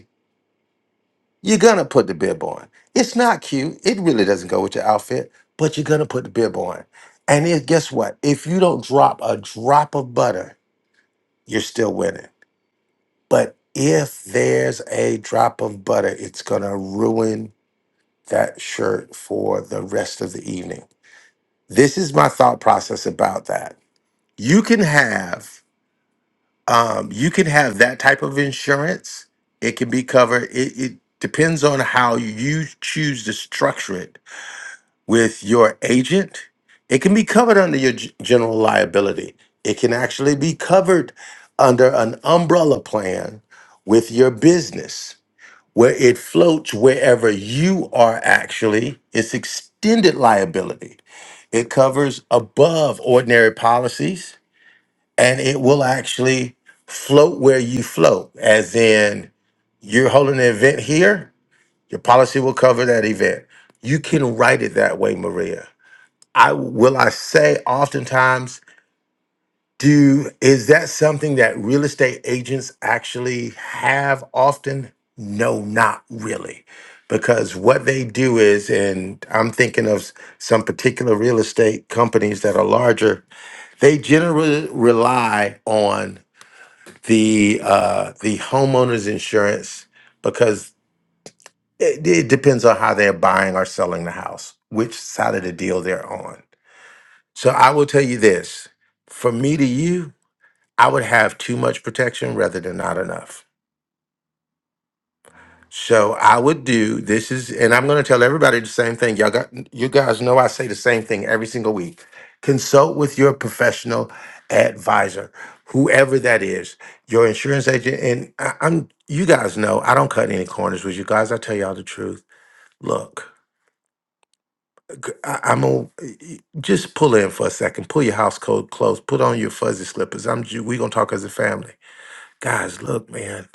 You're gonna put the bib on. It's not cute. It really doesn't go with your outfit, but you're gonna put the bib on. And it, guess what? If you don't drop a drop of butter, you're still winning. But if there's a drop of butter, it's gonna ruin that shirt for the rest of the evening. This is my thought process about that. You can have um, you can have that type of insurance. It can be covered. It, it depends on how you choose to structure it with your agent, it can be covered under your g- general liability. It can actually be covered under an umbrella plan with your business where it floats wherever you are actually. It's extended liability. It covers above ordinary policies and it will actually float where you float, as in you're holding an event here, your policy will cover that event. You can write it that way, Maria I will I say oftentimes do is that something that real estate agents actually have often? No, not really. Because what they do is, and I'm thinking of s- some particular real estate companies that are larger, they generally rely on the uh, the homeowners insurance because it, it depends on how they're buying or selling the house, which side of the deal they're on. So I will tell you this from me to you, I would have too much protection rather than not enough. So I would do this is, and I'm going to tell everybody the same thing. Y'all got, you guys know I say the same thing every single week. Consult with your professional advisor, whoever that is, your insurance agent. And I, I'm, you guys know I don't cut any corners with you guys. I tell y'all the truth. Look, I, I'm a, just pull in for a second. Pull your house coat close. Put on your fuzzy slippers. I'm. ju- We gonna talk as a family, guys. Look, man.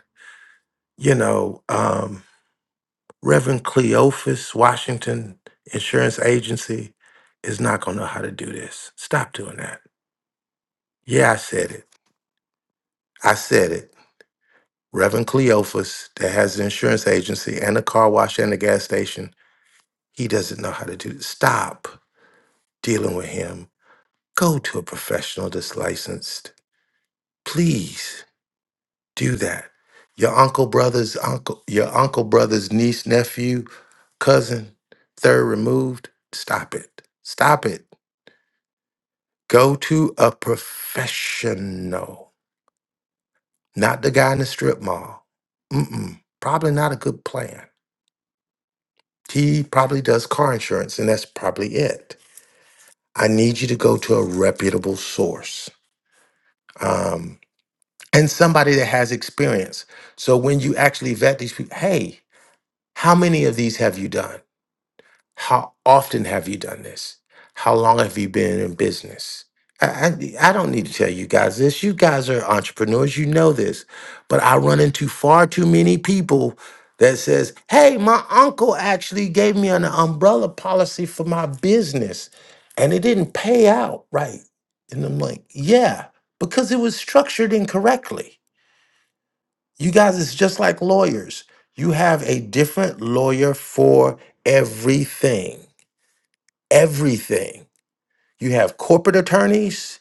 You know, um, Reverend Cleophas Washington Insurance Agency is not gonna know how to do this. Stop doing that. Yeah, I said it. I said it. Reverend Cleophas, that has an insurance agency and a car wash and a gas station, he doesn't know how to do. Stop dealing with him. Go to a professional that's licensed please do that. Your uncle, brother's uncle, your uncle, brother's niece, nephew, cousin, third removed. Stop it. Stop it. Go to a professional, not the guy in the strip mall. Mm-mm. Probably not a good plan. He probably does car insurance, and that's probably it. I need you to go to a reputable source um, and somebody that has experience. So when you actually vet these people, hey, How many of these have you done? How often have you done this? How long have you been in business? I, I, I don't need to tell you guys this. You guys are entrepreneurs. You know this. But I run into far too many people that says, hey, my uncle actually gave me an umbrella policy for my business and it didn't pay out right. And I'm like, yeah, because it was structured incorrectly. You guys, it's just like lawyers. You have a different lawyer for everything. Everything. You have corporate attorneys,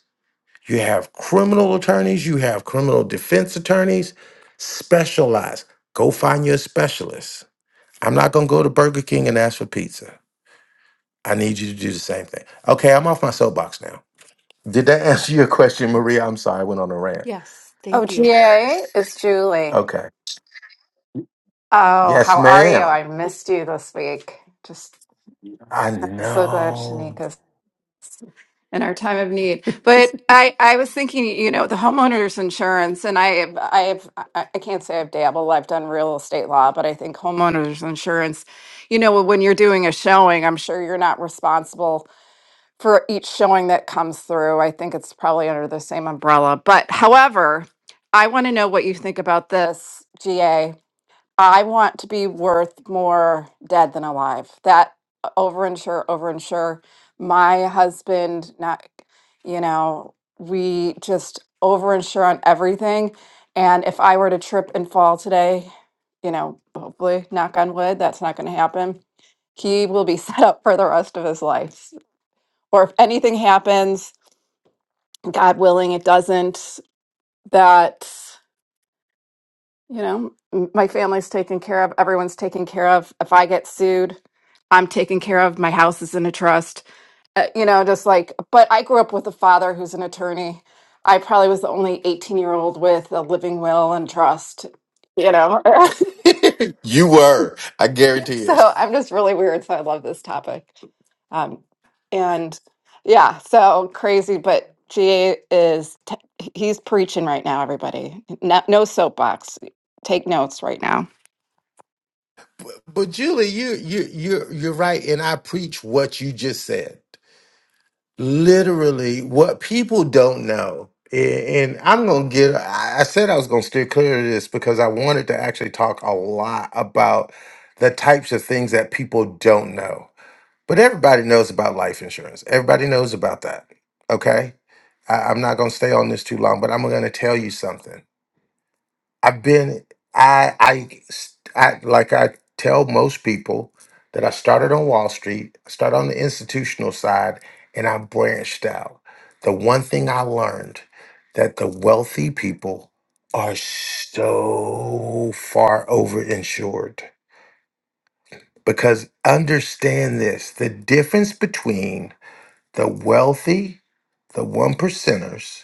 you have criminal attorneys, you have criminal defense attorneys. Specialize. Go find your specialist. I'm not going to go to Burger King and ask for pizza. I need you to do the same thing. Okay, I'm off my soapbox now. Did that answer your question, Maria? I'm sorry, I went on a rant. yes Oh, thank you GA, it's Julie. Okay. Oh, Yes, how are you? ma'am. I missed you this week. Just I I'm so glad know. Shanika's in our time of need. But I, I was thinking, you know, the homeowners insurance, and I, I've, I I can't say I've dabbled. I've done real estate law, but I think homeowners insurance, you know, when you're doing a showing, I'm sure you're not responsible for each showing that comes through. I think it's probably under the same umbrella. But however, I want to know what you think about this, GA. I want to be worth more dead than alive. That uh, overinsure, overinsure. My husband, not, you know, we just overinsure on everything. And if I were to trip and fall today, you know, hopefully, knock on wood, that's not going to happen. He will be set up for the rest of his life. Or if anything happens, God willing, it doesn't. That You know, m- my family's taken care of, everyone's taken care of. If I get sued, I'm taken care of. My house is in a trust. Uh, you know, just like, but I grew up with a father who's an attorney. I probably was the only 18 year old with a living will and trust, you know. you were. I guarantee it. so I'm just really weird. So I love this topic. Um, and yeah, so crazy, but GA is, t- he's preaching right now, everybody. No, no soapbox. Take notes right now. But but Julie, you you you you're right, and I preach what you just said. Literally, what people don't know, and, and I'm gonna get. I I said I was gonna steer clear of this because I wanted to actually talk a lot about the types of things that people don't know. But everybody knows about life insurance. Everybody knows about that. Okay, I, I'm not gonna stay on this too long, but I'm gonna tell you something. I've been I I I like I tell most people that I started on Wall Street, I started on the institutional side, and I branched out. The one thing I learned that the wealthy people are so far overinsured because understand this the difference between the wealthy, the one percenters,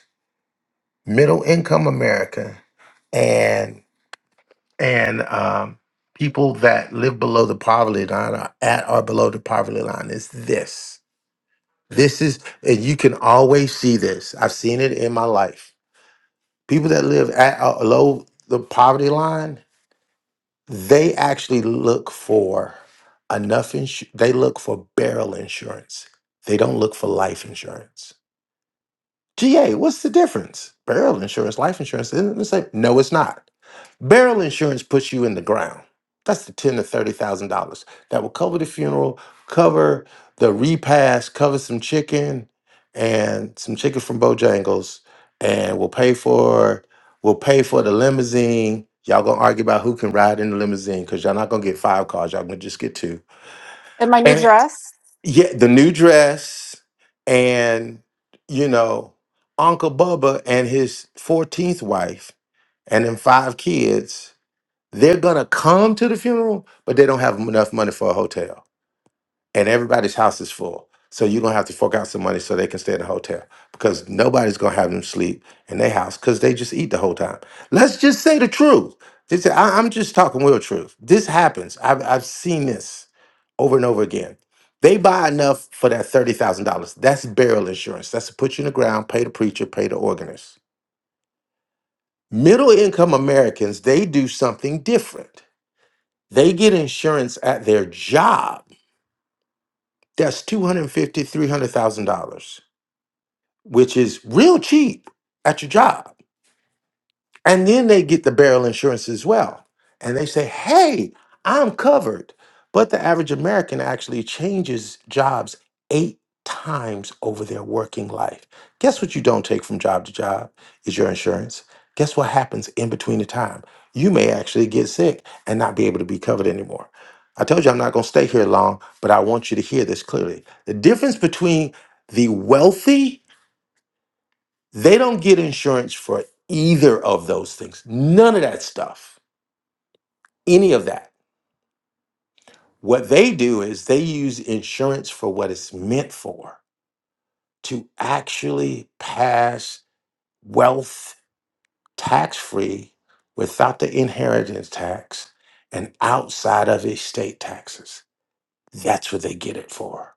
middle income America, and and um, people that live below the poverty line are at or below the poverty line is this. This is, and you can always see this. I've seen it in my life. People that live at or below the poverty line, they actually look for enough insurance. They look for barrel insurance. They don't look for life insurance. GA, what's the difference? Barrel insurance, life insurance, isn't it the same? No, it's not Barrel insurance puts you in the ground. That's the ten to thirty thousand dollars that will cover the funeral, cover the repast, cover some chicken and some chicken from Bojangles, and we'll pay for we'll pay for the limousine. Y'all gonna argue about who can ride in the limousine because y'all not gonna get five cars. Y'all gonna just get two. And my new And dress? yeah, the new dress and you know Uncle Bubba and his fourteenth wife and then five kids they're gonna come to the funeral, but they don't have enough money for a hotel, and everybody's house is full. So you're gonna have to fork out some money so they can stay in the hotel because nobody's gonna have them sleep in their house because they just eat the whole time. Let's just say the truth. This, I, am just talking real truth. This happens. I've I've seen this over and over again. They buy enough for that thirty thousand dollars. That's burial insurance. That's to put you in the ground, pay the preacher, pay the organist. Middle income Americans, they do something different they get insurance at their job. That's two hundred fifty, three hundred thousand dollars which is real cheap at your job. And then they get the barrel insurance as well. And they say, hey, I'm covered. But the average American actually changes jobs eight times over their working life. Guess what you don't take from job to job is your insurance. Guess what happens in between the time? You may actually get sick and not be able to be covered anymore. I told you I'm not going to stay here long, but I want you to hear this clearly. The difference between the wealthy they don't get insurance for either of those things. None of that stuff. Any of that. What they do is they use insurance for what it's meant for to actually pass wealth tax free without the inheritance tax and outside of estate taxes. That's what they get it for.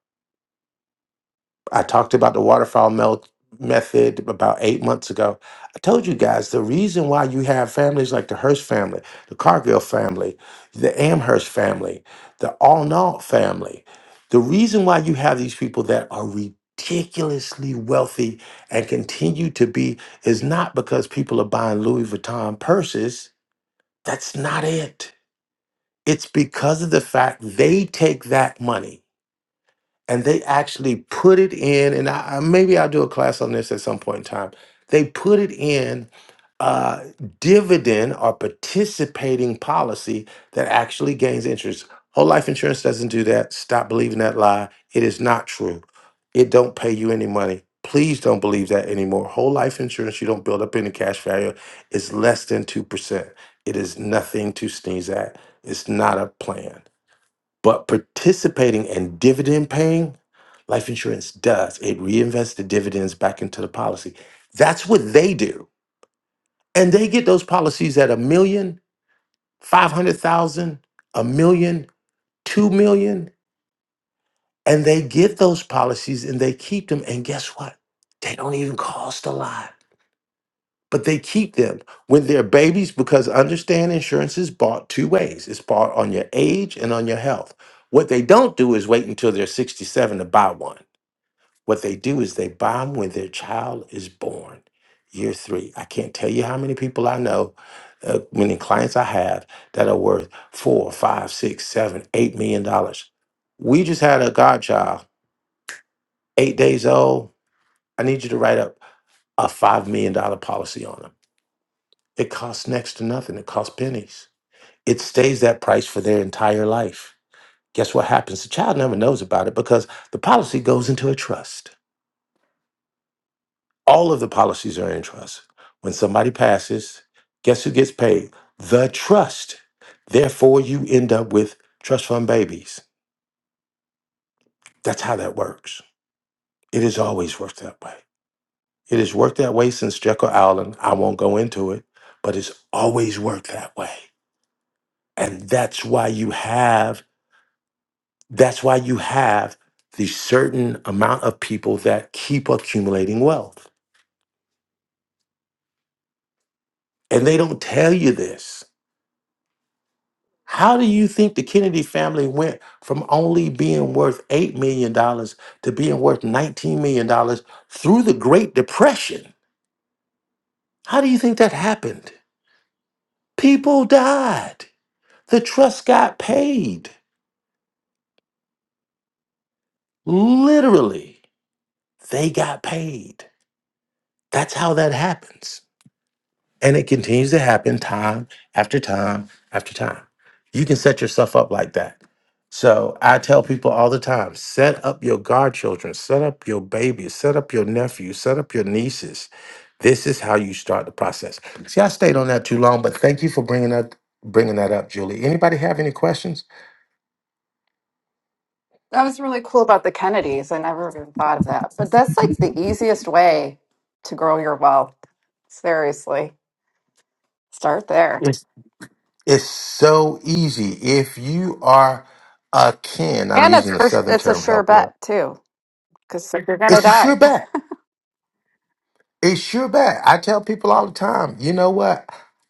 I talked about the waterfowl melt method about eight months ago. I told you guys the reason why you have families like the Hearst family, the Cargill family, the Amherst family, the Allnault family, the reason why you have these people that are ridiculously wealthy and continue to be is not because people are buying Louis Vuitton purses. That's not it. It's because of the fact they take that money and they actually put it in and I, I- maybe i'll do a class on this at some point in time they put it in uh, dividend or participating policy that actually gains interest whole life insurance doesn't do that stop believing that lie it is not true it don't pay you any money please don't believe that anymore whole life insurance you don't build up any cash value It's less than 2% it is nothing to sneeze at it's not a plan but participating and dividend paying, life insurance does. It reinvests the dividends back into the policy. That's what they do. And they get those policies at a million, five hundred thousand, a million, two million, And they get those policies and they keep them. And guess what? They don't even cost a lot, but they keep them when they're babies because understand insurance is bought two ways it's bought on your age and on your health. What they don't do is wait until they're 67 to buy one What they do is they bomb when their child is born, year three. I can't tell you how many people I know, uh, many clients I have that are worth four, five, six, seven, eight million dollars. We just had a godchild, eight days old. I need you to write up a five million dollar policy on them. It costs next to nothing. It costs pennies. It stays that price for their entire life. Guess what happens? The child never knows about it because the policy goes into a trust All of the policies are in trust. When somebody passes, guess who gets paid? The trust. Therefore, you end up with trust fund babies. That's how that works. It has always worked that way. It has worked that way since Jekyll Island. I won't go into it, but it's always worked that way. And that's why you have that's why you have the certain amount of people that keep accumulating wealth. And they don't tell you this. How do you think the Kennedy family went from only being worth $8 million dollars to being worth $19 million dollars through the Great Depression? How do you think that happened? People died. The trust got paid. Literally, they got paid. That's how that happens. And it continues to happen time after time after time. You can set yourself up like that. So I tell people all the time set up your godchildren, set up your babies, set up your nephews, set up your nieces. This is how you start the process. See, I stayed on that too long, but thank you for bringing up bringing that up, Julie. Anybody have any questions? That was really cool about the Kennedys. I never even thought of that. But that's like the easiest way to grow your wealth. Seriously. Start there. It's, it's so easy. If you are a kin, I'm And it's using a for, Southern it's a term, sure help well. bet too, because you're gonna It's a sure die. bet It's sure bad. I tell people all the time, you know what?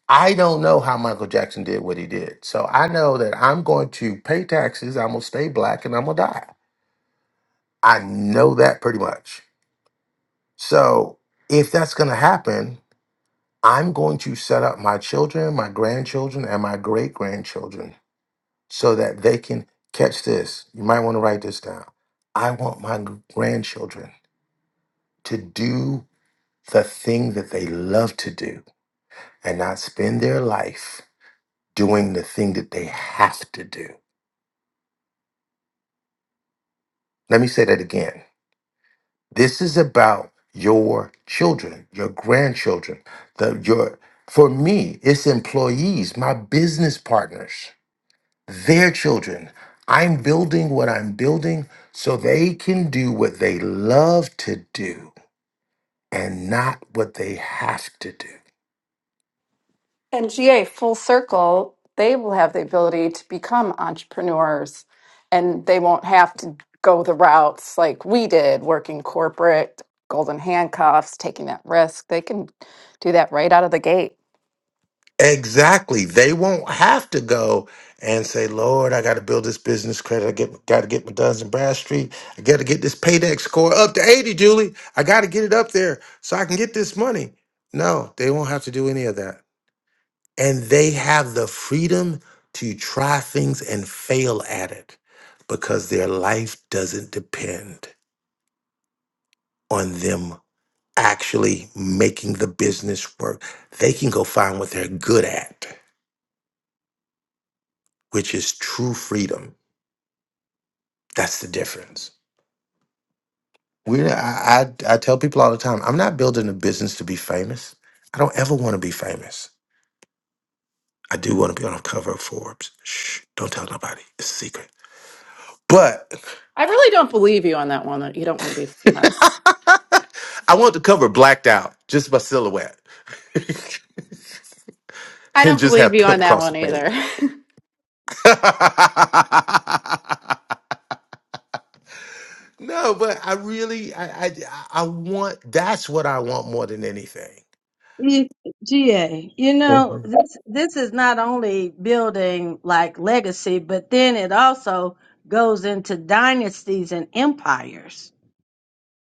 I don't know how Michael Jackson did what he did. So I know that I'm going to pay taxes, I'm going to stay black, and I'm going to die. I know that pretty much. So if that's going to happen, I'm going to set up my children, my grandchildren, and my great grandchildren so that they can catch this. You might want to write this down. I want my g- grandchildren to do the thing that they love to do and not spend their life doing the thing that they have to do. Let me say that again. This is about your children, your grandchildren, the your for me, it's employees, my business partners, their children. I'm building what I'm building so they can do what they love to do and not what they have to do. And GA full circle, they will have the ability to become entrepreneurs and they won't have to go the routes like we did, working corporate, golden handcuffs, taking that risk. They can do that right out of the gate. Exactly. They won't have to go and say, Lord, I got to build this business credit. I get, got to get my Duns and Bradstreet. I got to get this paydex score up to 80, Julie. I got to get it up there so I can get this money. No, they won't have to do any of that. And they have the freedom to try things and fail at it because their life doesn't depend on them actually making the business work. They can go find what they're good at, which is true freedom That's the difference. We, I, I, I tell people all the time, I'm not building a business to be famous. I don't ever want to be famous. I do want to be on the cover of Forbes. Shh, don't tell nobody. It's a secret. But I really don't believe you on that one. that You don't want to be famous. I want the cover blacked out, just my silhouette, and I don't just believe have you on pimp that cross the one page. either. no, but I really, I, I, I want. That's what I want more than anything. E- GA, you know, this this is not only building like legacy, but then it also goes into dynasties and empires.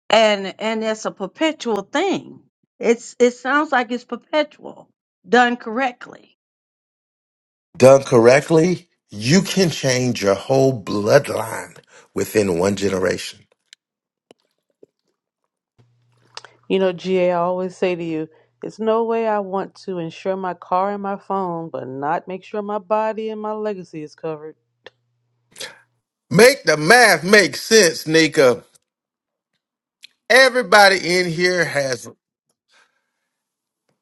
And and it's a perpetual thing. It's it sounds like it's perpetual, done correctly. done correctly, you can change your whole bloodline within one generation. You know, GA, I always say to you, it's no way I want to insure my car and my phone, but not make sure my body and my legacy is covered. Make the math make sense, Nika. Everybody in here has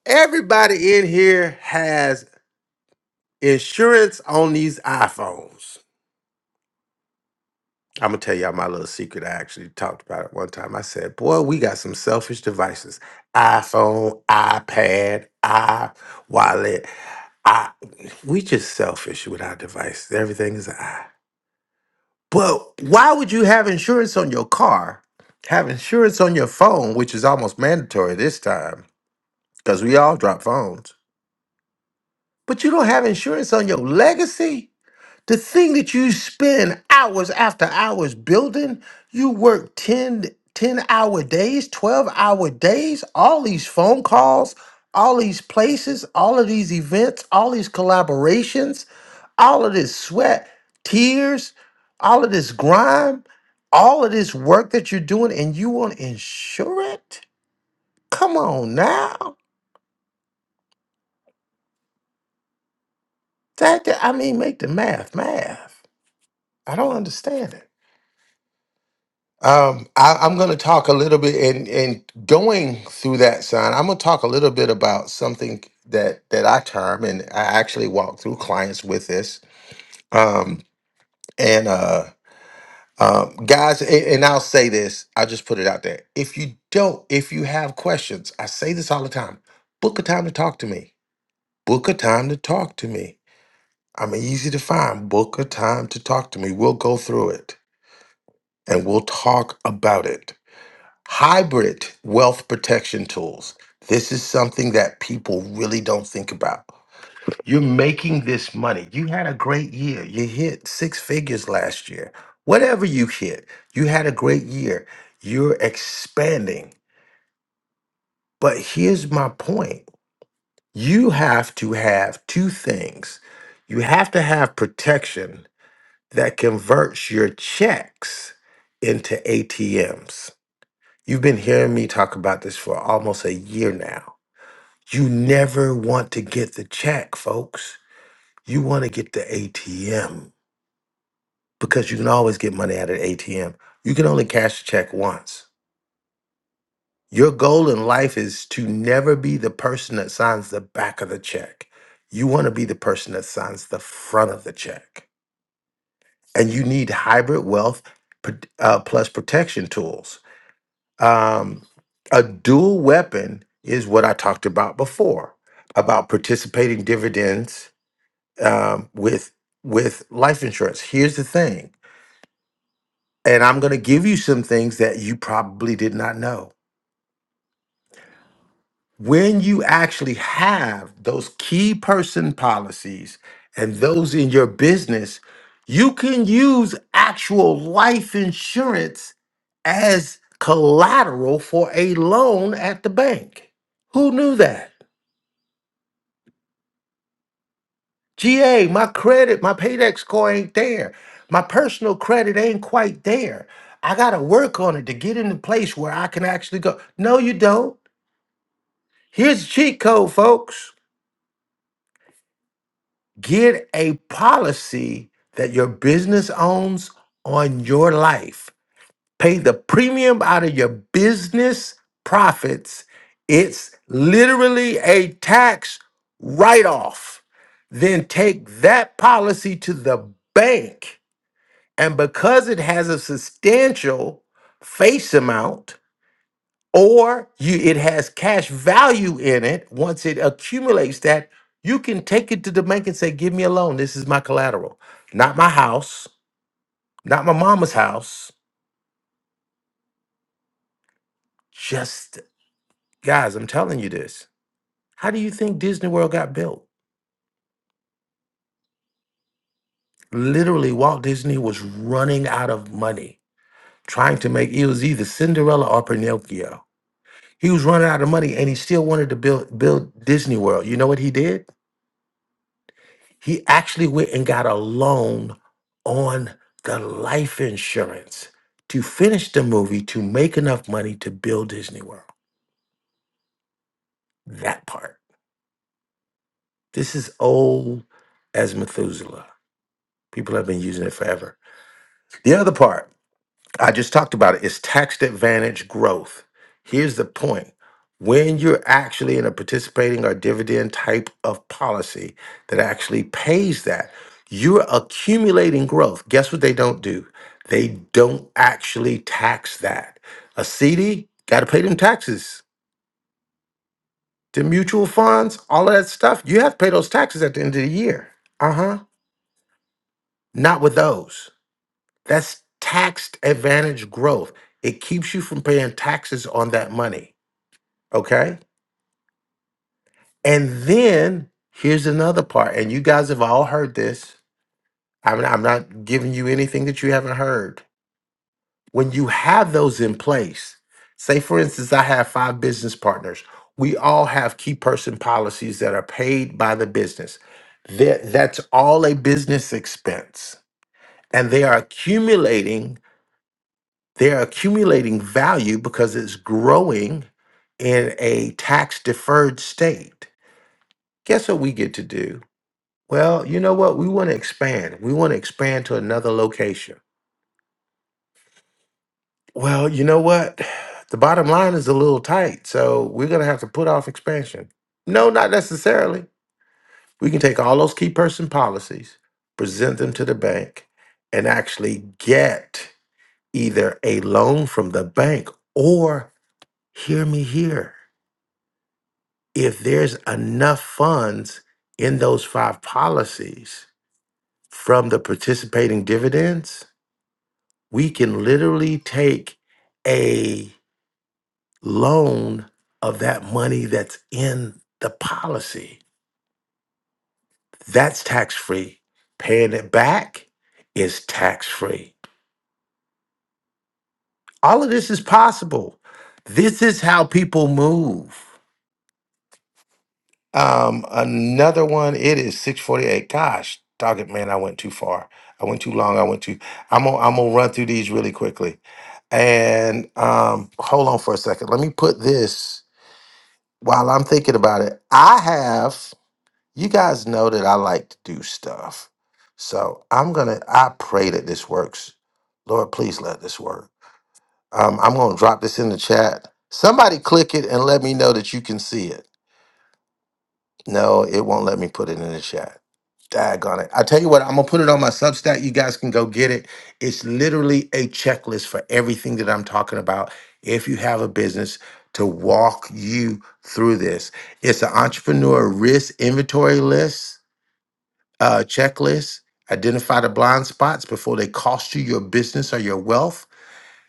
everybody in here has insurance on these iPhones. I'm gonna tell y'all my little secret. I actually talked about it one time. I said, "Boy, we got some selfish devices: iPhone, iPad, i wallet. I we just selfish with our devices. Everything is an i." But why would you have insurance on your car? Have insurance on your phone, which is almost mandatory this time, because we all drop phones. But you don't have insurance on your legacy? The thing that you spend hours after hours building, you work ten, ten hour days, 12 hour days, all these phone calls, all these places, all of these events, all these collaborations all of this sweat, tears, all of this grime, all of this work that you're doing, and you want to insure it? Come on now. That, that- I mean, make the math math. I don't understand it. Um, I, I'm going to talk a little bit, and and going through that sign, I'm going to talk a little bit about something that that I term, and I actually walk through clients with this. Um, and uh, Um, guys, a- and I'll say this, I'll just put it out there. If you don't, if you have questions, I say this all the time book a time to talk to me. Book a time to talk to me. I'm easy to find. Book a time to talk to me. We'll go through it and we'll talk about it. Hybrid wealth protection tools. This is something that people really don't think about. You're making this money. You had a great year. You hit six figures last year. Whatever you hit, you had a great year. You're expanding. But here's my point you have to have two things you have to have protection that converts your checks into ATMs. You've been hearing me talk about this for almost a year now. You never want to get the check, folks. You want to get the ATM because you can always get money out of the ATM. You can only cash a check once. Your goal in life is to never be the person that signs the back of the check. You want to be the person that signs the front of the check. And you need hybrid wealth pr- uh, plus protection tools. Um, a dual weapon is what I talked about before about participating dividends um, with with life insurance. Here's the thing And I'm going to give you some things that you probably did not know. When you actually have those key person policies and those in your business, you can use actual life insurance as collateral for a loan at the bank. Who knew that? GA, my credit, my paydex score ain't there. My personal credit ain't quite there. I got to work on it to get in the place where I can actually go. No, you don't. Here's the cheat code, folks. Get a policy that your business owns on your life. Pay the premium out of your business profits. It's literally a tax write off. Then take that policy to the bank. And because it has a substantial face amount, or you it has cash value in it once it accumulates that you can take it to the bank and say give me a loan this is my collateral not my house not my mama's house just guys i'm telling you this how do you think disney world got built literally walt disney was running out of money trying to make it was either cinderella or pinocchio he was running out of money and he still wanted to build build disney world you know what he did He actually went and got a loan on the life insurance to finish the movie to make enough money to build Disney World. That part. This is old as Methuselah. People have been using it forever. The other part I just talked about it. It's taxed advantage growth. Here's the point. When you're actually in a participating or dividend type of policy that actually pays that, you're accumulating growth. Guess what they don't do? They don't actually tax that. A CD, got to pay them taxes. The mutual funds, all of that stuff, you have to pay those taxes at the end of the year. Uh huh. Not with those. That's taxed advantage growth. It keeps you from paying taxes on that money. Okay. And then here's another part. And you guys have all heard this. I'm not, I'm not giving you anything that you haven't heard. When you have those in place, say for instance, I have five business partners. We all have key person policies that are paid by the business. That, that's all a business expense. And they are accumulating They're accumulating value because it's growing in a tax deferred state. Guess what we get to do? Well, you know what? We want to expand. We want to expand to another location. Well, you know what? The bottom line is a little tight, so we're going to have to put off expansion. No, not necessarily. We can take all those key person policies, present them to the bank, and actually get either a loan from the bank or hear me here. if there's enough funds in those five policies from the participating dividends, we can literally take a loan of that money that's in the policy. That's tax free. Paying it back is tax free. All of this is possible. This is how people move. Um, another one. It is six forty eight. Gosh, dog it, man! I went too far. I went too long. I went too. I'm gonna I'm gonna run through these really quickly. And um, hold on for a second. Let me put this while I'm thinking about it. I have. You guys know that I like to do stuff, so I'm gonna. I pray that this works. Lord, please let this work. Um, I'm gonna drop this in the chat. Somebody click it and let me know that you can see it. No, it won't let me put it in the chat. Daggone it. I tell you what, I'm gonna put it on my Substack. You guys can go get it. It's literally a checklist for everything that I'm talking about. If you have a business to walk you through this, it's an entrepreneur risk inventory list, uh, checklist. Identify the blind spots before they cost you your business or your wealth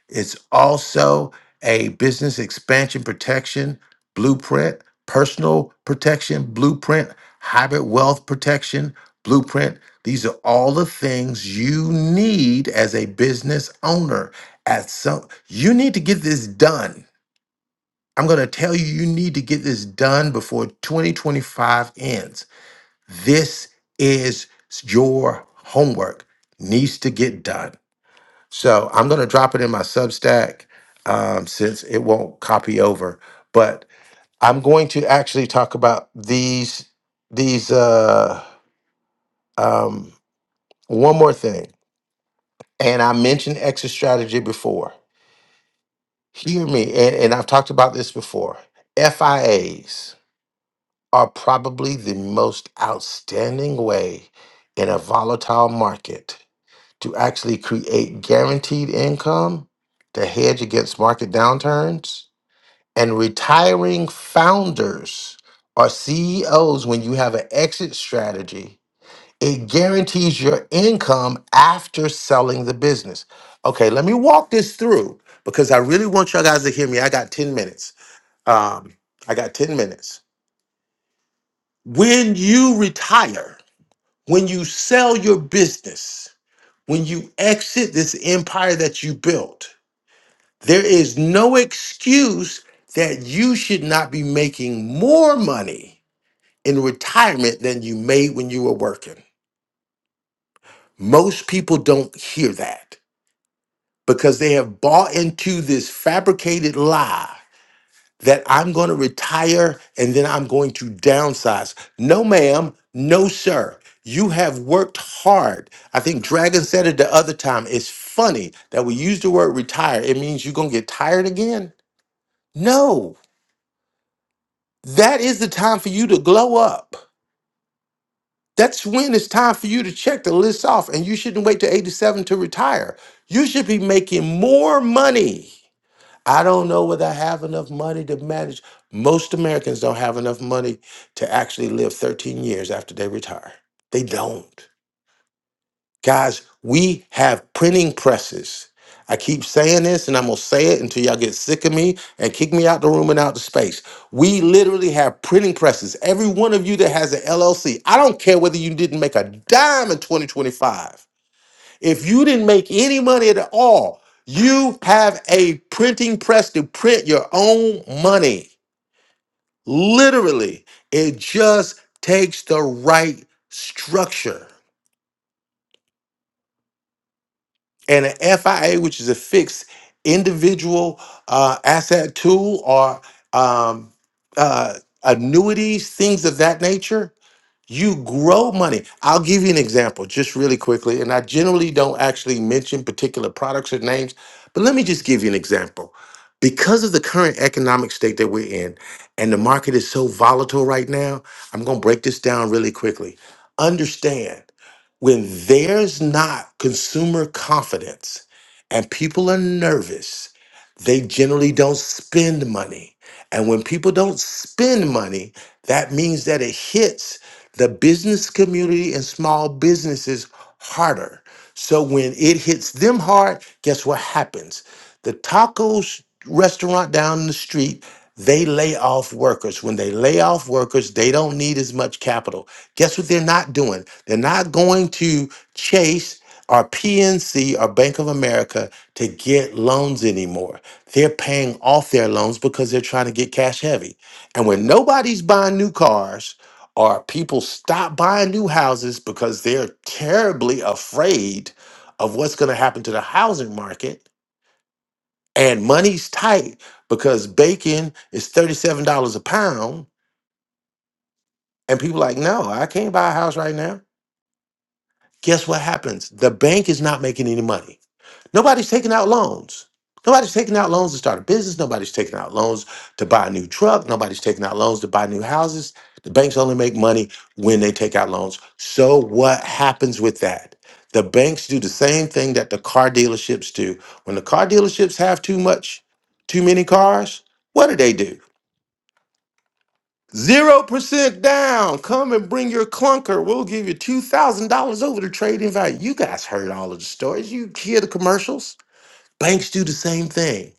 it's also a business expansion protection blueprint, personal protection blueprint, hybrid wealth protection blueprint. These are all the things you need as a business owner. At some, you need to get this done. I'm going to tell you, you need to get this done before 2025 ends. This is your homework, needs to get done. So I'm going to drop it in my Substack um, since it won't copy over. But I'm going to actually talk about these these uh, um, one more thing. And I mentioned exit strategy before. Hear me, and, and I've talked about this before. FIAs are probably the most outstanding way in a volatile market to actually create guaranteed income to hedge against market downturns and retiring founders or CEOs, when you have an exit strategy, it guarantees your income after selling the business. Okay, let me walk this through because I really want y'all guys to hear me. I got 10 minutes. Um, I got 10 minutes. When you retire, when you sell your business, when you exit this empire that you built, there is no excuse that you should not be making more money in retirement than you made when you were working. Most people don't hear that because they have bought into this fabricated lie that I'm going to retire and then I'm going to downsize. No, ma'am. No, sir. You have worked hard. I think Dragon said it the other time. It's funny that we use the word retire. It means you're going to get tired again. No, that is the time for you to glow up. That's when it's time for you to check the list off, and you shouldn't wait to 87 to retire. You should be making more money. I don't know whether I have enough money to manage. Most Americans don't have enough money to actually live 13 years after they retire. They don't. Guys, we have printing presses. I keep saying this and I'm going to say it until y'all get sick of me and kick me out the room and out the space. We literally have printing presses. Every one of you that has an LLC, I don't care whether you didn't make a dime in 2025. If you didn't make any money at all, you have a printing press to print your own money. Literally, it just takes the right structure. and an FIA, which is a fixed individual uh, asset tool or um, uh, annuities, things of that nature you grow money. I'll give you an example just really quickly. And I generally don't actually mention particular products or names, but let me just give you an example. Because of the current economic state that we're in and the market is so volatile right now, I'm going to break this down really quickly. Understand when there's not consumer confidence and people are nervous, they generally don't spend money. And when people don't spend money, that means that it hits the business community and small businesses harder. So when it hits them hard, guess what happens? The tacos restaurant down the street, they lay off workers. When they lay off workers, they don't need as much capital. Guess what they're not doing? They're not going to Chase or PNC or Bank of America to get loans anymore. They're paying off their loans because they're trying to get cash heavy. And when nobody's buying new cars, or people stop buying new houses because they're terribly afraid of what's going to happen to the housing market and money's tight because bacon is $37 a pound and people like no i can't buy a house right now guess what happens the bank is not making any money Nobody's taking out loans. Nobody's taking out loans to start a business. Nobody's taking out loans to buy a new truck. Nobody's taking out loans to buy new houses. The banks only make money when they take out loans. So, what happens with that? The banks do the same thing that the car dealerships do. When the car dealerships have too much, too many cars, what do they do? 0% down. Come and bring your clunker. We'll give you $2,000 over the trading value. You guys heard all of the stories. You hear the commercials Banks do the same thing.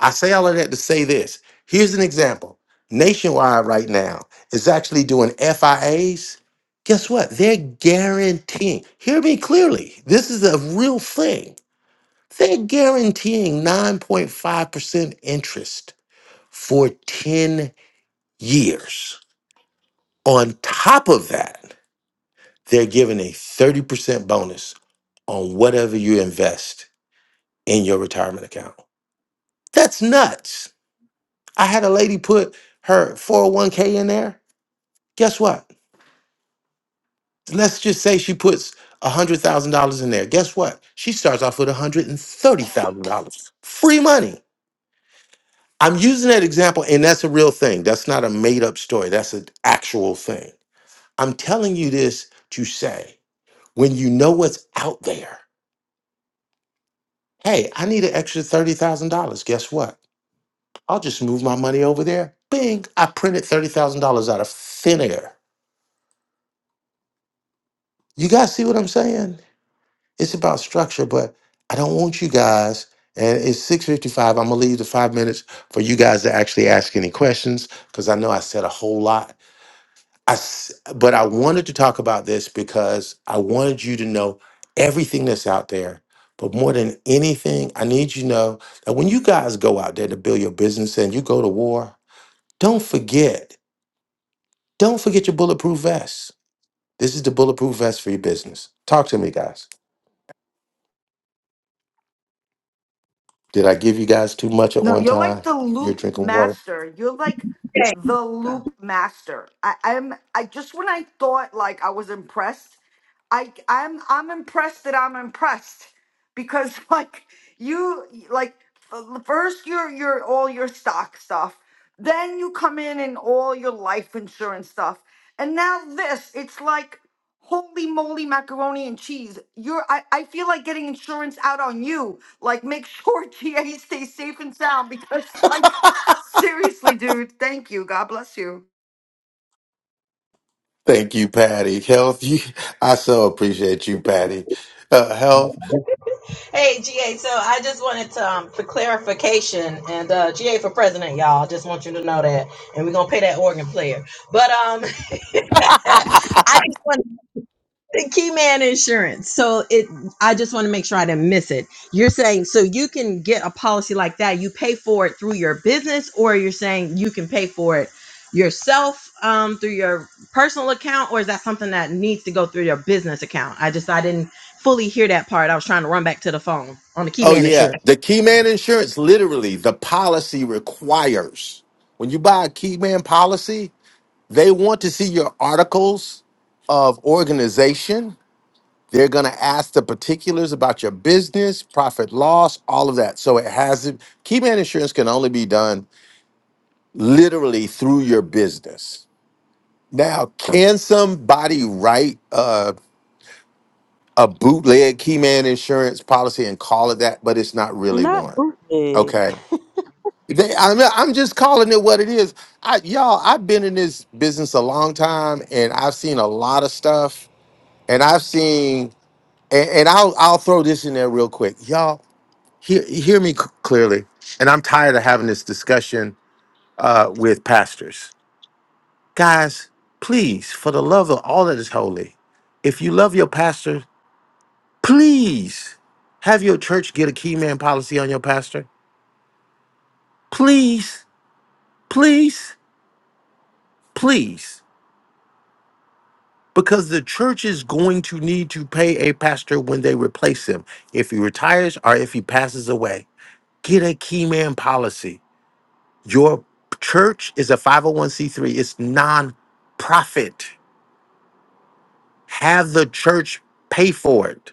I say all of that to say this. Here's an example. Nationwide right now is actually doing FIAs. Guess what? They're guaranteeing. Hear me clearly. This is a real thing. They're guaranteeing 9.5% interest for 10 years. On top of that, they're giving a 30% bonus on whatever you invest in your retirement account. That's nuts. I had a lady put her 401k in there. Guess what? Let's just say she puts $100,000 in there. Guess what? She starts off with $130,000. Free money. I'm using that example, and that's a real thing. That's not a made up story. That's an actual thing. I'm telling you this to say when you know what's out there, hey, I need an extra $30,000. Guess what? I'll just move my money over there. Bing, I printed $30,000 out of thin air. You guys see what I'm saying? It's about structure, but I don't want you guys. And it's 6:55. I'm gonna leave the five minutes for you guys to actually ask any questions because I know I said a whole lot. I s- but I wanted to talk about this because I wanted you to know everything that's out there. But more than anything, I need you to know that when you guys go out there to build your business and you go to war, don't forget, don't forget your bulletproof vest. This is the bulletproof vest for your business. Talk to me, guys. Did I give you guys too much at No, one you're like time? the You're loop drinking water. master. You're like Hey, the loop master. I, I'm I just when I thought like I was impressed, I I'm I'm impressed that I'm impressed because like you like f- first your your all your stock stuff, then you come in and all your life insurance stuff, and now this. It's like holy moly macaroni and cheese. You're I I feel like getting insurance out on you like, make sure GA stays safe and sound because, like, seriously, dude, thank you. God bless you. Thank you, Patty. Health, you, I so appreciate you, Patty. Uh, health. hey, GA. So I just wanted to, um, for clarification and uh, GA for president, y'all. I Just want you to know that, and we're gonna pay that organ player. But um, I just want. the key man insurance. So it I just want to make sure I didn't miss it. You're saying so you can get a policy like that, you pay for it through your business, or you're saying you can pay for it yourself um through your personal account, or is that something that needs to go through your business account? I just I didn't fully hear that part. I was trying to run back to the phone on the key Oh, man insurance. yeah. The key man insurance, literally, the policy requires when you buy a key man policy, they want to see your articles of organization. They're going to ask the particulars about your business, profit loss, all of that. So it has key man insurance can only be done literally through your business. Now, can somebody write uh, a bootleg Keyman insurance policy and call it that, but it's not really Not one? bootleg. Okay. They, I'm, I'm just calling it what it is. I, y'all, I've been in this business a long time and I've seen a lot of stuff. And I've seen, and, and I'll, I'll throw this in there real quick. Y'all, hear, hear me c- clearly. And I'm tired of having this discussion uh, with pastors. Guys, please, for the love of all that is holy, if you love your pastor, Please have your church get a key man policy on your pastor. Please, please, please. Because the church is going to need to pay a pastor when they replace him. If he retires or if he passes away, get a key man policy. Your church is a 501c3, it's non profit. Have the church pay for it.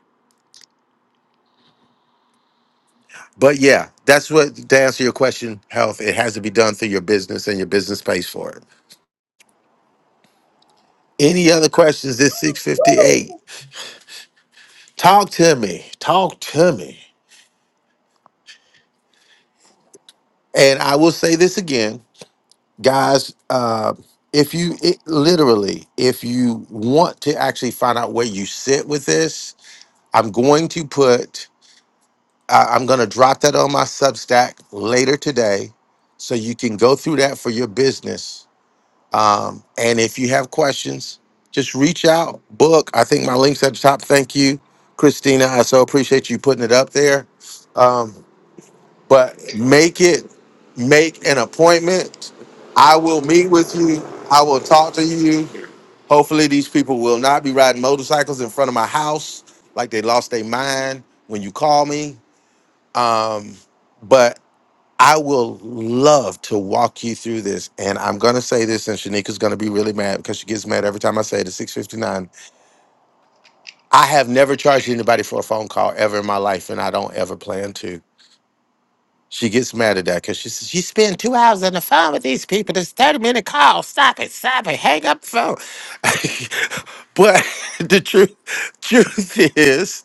But yeah, that's what to answer your question, health, it has to be done through your business and your business pays for it. Any other questions? This 658. Talk to me. Talk to me. And I will say this again, guys. Uh, if you it, literally, if you want to actually find out where you sit with this, I'm going to put, I I'm going to drop that on my Substack later today. So you can go through that for your business Um, and if you have questions, just reach out, book. I think my link's at the top. Thank you, Christina. I so appreciate you putting it up there. Um, but make it, make an appointment. I will meet with you. I will talk to you. Hopefully, these people will not be riding motorcycles in front of my house like they lost their mind when you call me. Um, but I will love to walk you through this. And I'm going to say this, and Shanika's going to be really mad because she gets mad every time I say it at 659. I have never charged anybody for a phone call ever in my life, and I don't ever plan to. She gets mad at that because she says, You spend two hours on the phone with these people. This 30 minute call. Stop it. Stop it. Hang up the phone. but the truth, truth is,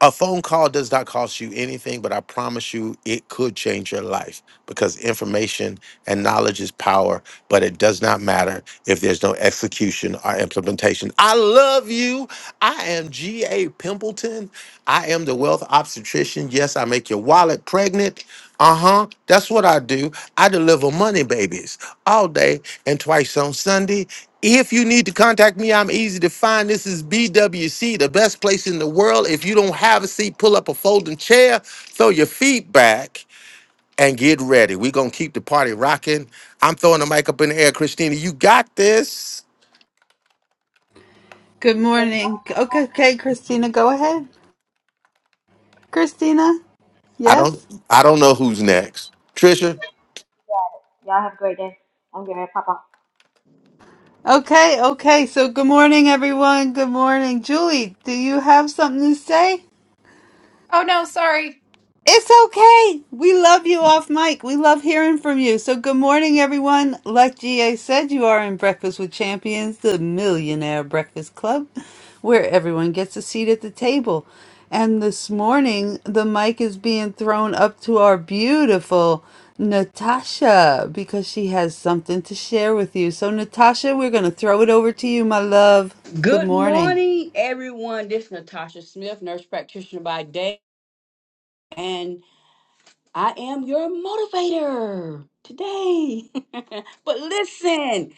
A phone call does not cost you anything, but I promise you it could change your life because information and knowledge is power, but it does not matter if there's no execution or implementation. I love you. I am G.A. Pimpleton. I am the wealth obstetrician. Yes, I make your wallet pregnant. Uh-huh. That's what I do. I deliver money babies all day and twice on Sunday. If you need to contact me, I'm easy to find. This is BWC, the best place in the world. If you don't have a seat, pull up a folding chair, throw your feet back, and get ready. We're gonna keep the party rocking. I'm throwing the mic up in the air. Christina, you got this. Good morning. Okay, okay, Christina, go ahead. Christina, I don't yes? I don't know who's next. Trisha? Y'all have a great day. I'm going to pop off. Okay, okay. So, good morning, everyone. Good morning. Julie, do you have something to say? Oh no, sorry. It's okay. We love you off mic. We love hearing from you. So, good morning, everyone. Like GA said, you are in Breakfast with Champions, the Millionaire Breakfast Club, where everyone gets a seat at the table. And this morning, the mic is being thrown up to our beautiful Natasha because she has something to share with you. So, Natasha, we're going to throw it over to you, my love. Good Good morning. morning, everyone. This is Natasha Smith, nurse practitioner by day, and I am your motivator today. but listen,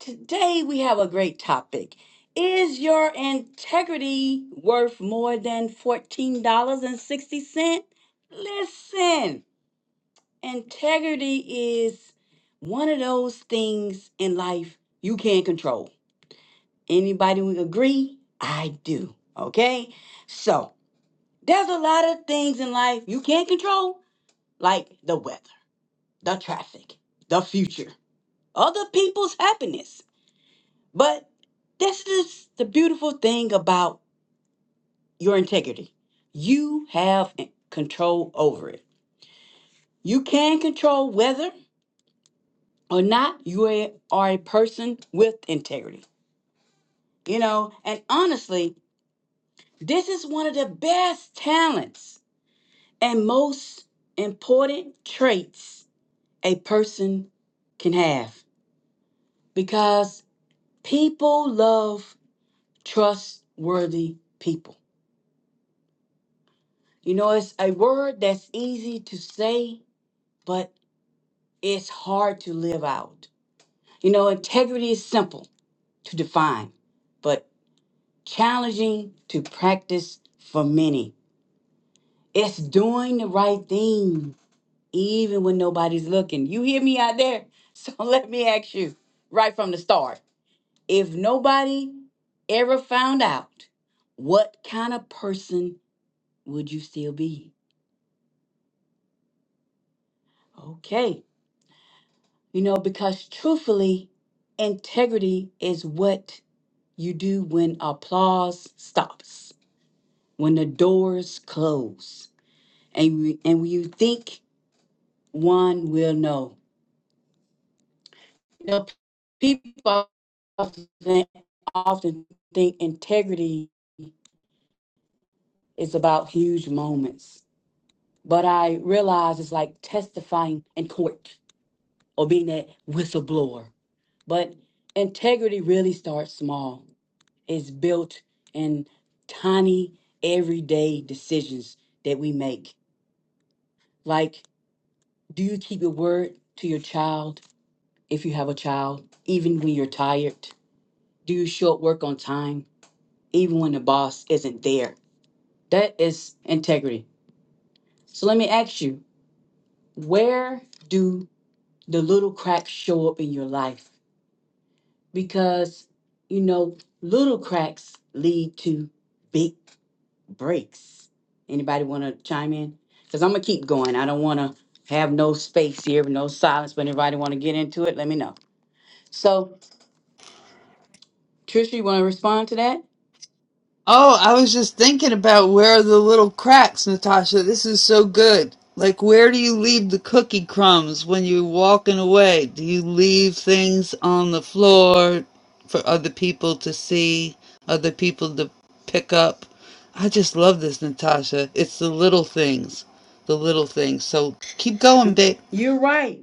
today we have a great topic. Is your integrity worth more than $14.60? Listen, integrity is one of those things in life you can't control Anybody we agree? I do. Okay? So there's a lot of things in life you can't control, like the weather, the traffic, the future, other people's happiness. But this is the beautiful thing about your integrity. You have control over it. You can control whether or not you a- are a person with integrity. You know, and honestly, this is one of the best talents and most important traits a person can have because people love trustworthy people. You know, it's a word that's easy to say, but it's hard to live out. You know, integrity is simple to define, but challenging to practice for many. It's doing the right thing even when nobody's looking. You hear me out there? So let me ask you right from the start if nobody ever found out, what kind of person would you still be? Okay. You know, because truthfully, integrity is what you do when applause stops, when the doors close, and, we, and when you think one will know. You know, people often, often think integrity is about huge moments, but I realize it's like testifying in court or being that whistleblower. But integrity really starts small. It's built in tiny, everyday decisions that we make. Like, do you keep your word to your child if you have a child, even when you're tired? Do you show up work on time? even when the boss isn't there. That is integrity. So let me ask you, where do the little cracks show up in your life? Because, you know, little cracks lead to big breaks. Anybody want to chime in? Because I'm going to keep going. I don't want to have no space here, no silence. But anybody want to get into it, let me know. So, Trisha, you want to respond to that? Oh, I was just thinking about where are the little cracks, Natasha. This is so good. Like, where do you leave the cookie crumbs when you're walking away? Do you leave things on the floor for other people to see, other people to pick up? I just love this, Natasha. It's the little things, the little things. So keep going, babe. You're right.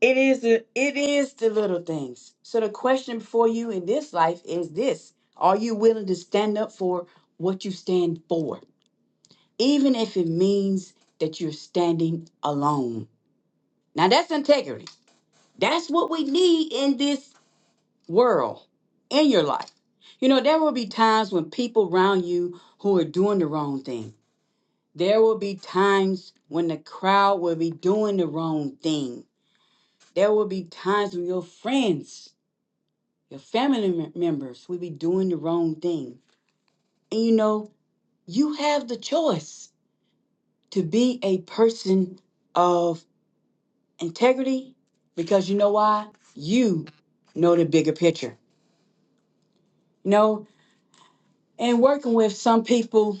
It is the it is the little things. So the question for you in this life is this: Are you willing to stand up for what you stand for, even if it means that you're standing alone? Now that's integrity. That's what we need in this world, in your life. You know, there will be times when people around you who are doing the wrong thing. There will be times when the crowd will be doing the wrong thing. There will be times when your friends your family mem- members will be doing the wrong thing. And you know, you have the choice to be a person of integrity because you know why? You know the bigger picture. You know, and working with some people,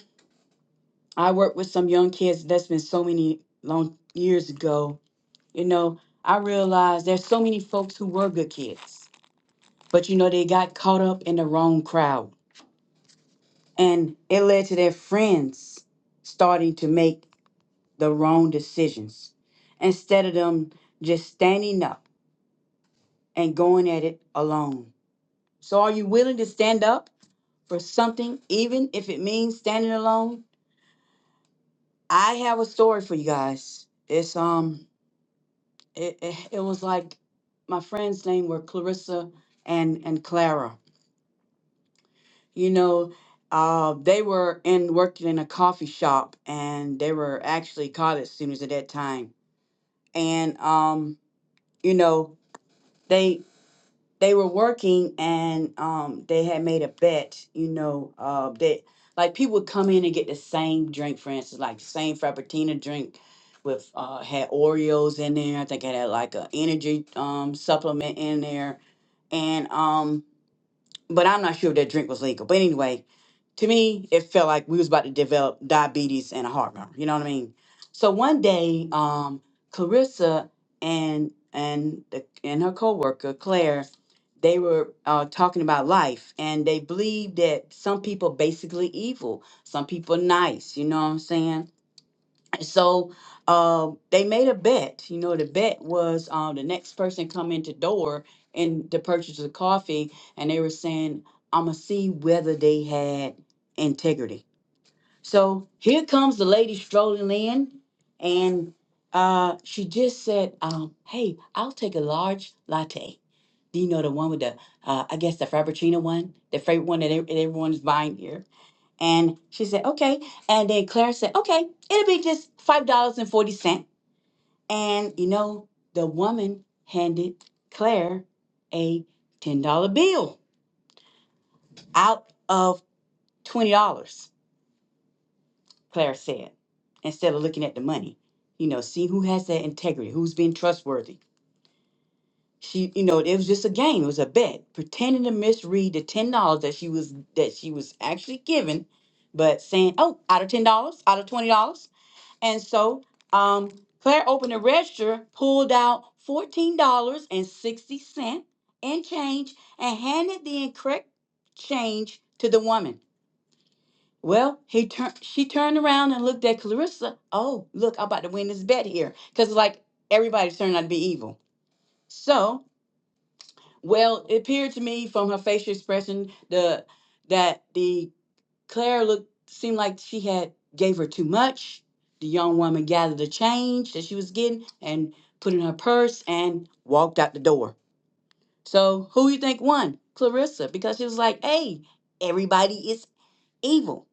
I worked with some young kids that's been so many long years ago. You know, I realized there's so many folks who were good kids, but you know, they got caught up in the wrong crowd. And it led to their friends starting to make the wrong decisions instead of them just standing up and going at it alone. So, are you willing to stand up for something, even if it means standing alone? I have a story for you guys. It's um, it it, it was like my friend's name were Clarissa and and Clara. You know, uh, they were in working in a coffee shop, and they were actually college students at that time. And um, you know, they they were working and um they had made a bet, you know, uh that like people would come in and get the same drink, for instance, like the same Frappuccino drink with uh had Oreos in there. I think it had like an energy um supplement in there. And um but I'm not sure if that drink was legal. But anyway, to me, it felt like we was about to develop diabetes and a heart murmur. You know what I mean? So one day, um, Clarissa and and the, and her coworker Claire, they were uh, talking about life, and they believed that some people basically evil, some people nice. You know what I'm saying? so um, they made a bet. You know, the bet was um, the next person come into door and to purchase the coffee, and they were saying, "I'ma see whether they had integrity." So here comes the lady strolling in, and uh, she just said, um, "Hey, I'll take a large latte." Do you know the one with the, uh, I guess the Frappuccino one, the favorite one that ev- everyone is buying here? And she said, okay. And then Claire said, okay, it'll be just $5.40. And forty cents. And, you know, the woman handed Claire a $10 bill out of $20, Claire said, instead of looking at the money. You know, see who has that integrity, who's being trustworthy. She, you know, it was just a game. It was a bet, pretending to misread the ten dollars that she was that she was actually given, but saying, "Oh, out of ten dollars, out of $20." And so um, Claire opened the register, pulled out $14.60 in change, and handed the incorrect change to the woman. Well, he turned she turned around and looked at Clarissa. Oh, look, I'm about to win this bet here. Because like everybody's turning out to be evil. So, well, it appeared to me from her facial expression the that the Claire looked seemed like she had gave her too much. The young woman gathered the change that she was getting and put in her purse and walked out the door. So who you think won? Clarissa, because she was like, "Hey, everybody is evil.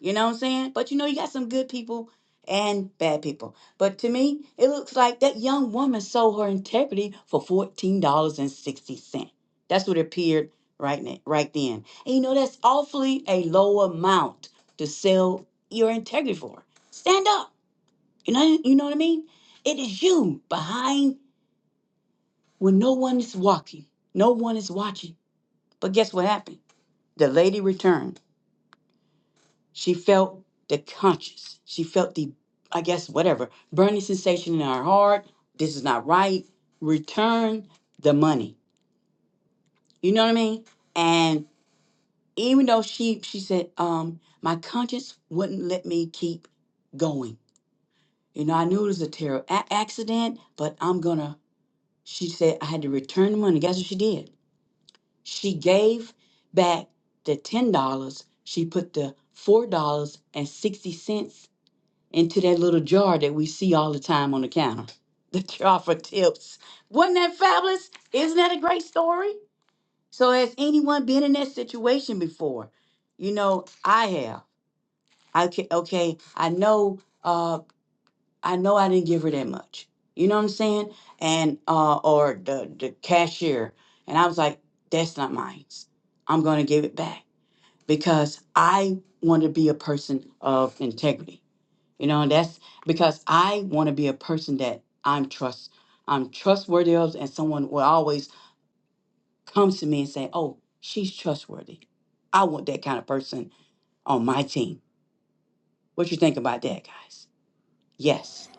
You know what I'm saying? But you know, you got some good people and bad people. But to me, it looks like that young woman sold her integrity for $14.60. That's what it appeared right now, right then. And you know, that's awfully a low amount to sell your integrity for. Stand up. You know, you know what I mean? It is you behind when no one is walking, no one is watching. But guess what happened? The lady returned She felt the conscience. She felt the, I guess, whatever, burning sensation in her heart. This is not right. Return the money. You know what I mean? And even though she she said, um, my conscience wouldn't let me keep going. You know, I knew it was a terrible a- accident, but I'm gonna. She said I had to return the money. Guess what she did? She gave back the ten dollars. She put the four dollars and sixty cents into that little jar that we see all the time on the counter. The jar for tips. Wasn't that fabulous? Isn't that a great story? So has anyone been in that situation before? You know, I have. I ca- okay, I know uh I know I didn't give her that much. You know what I'm saying? And uh or the the cashier and I was like, that's not mine. I'm going to give it back because I want to be a person of integrity. You know, and that's because I want to be a person that I'm trust I'm trustworthy of and someone will always come to me and say, Oh, she's trustworthy. I want that kind of person on my team. What you think about that, guys? Yes.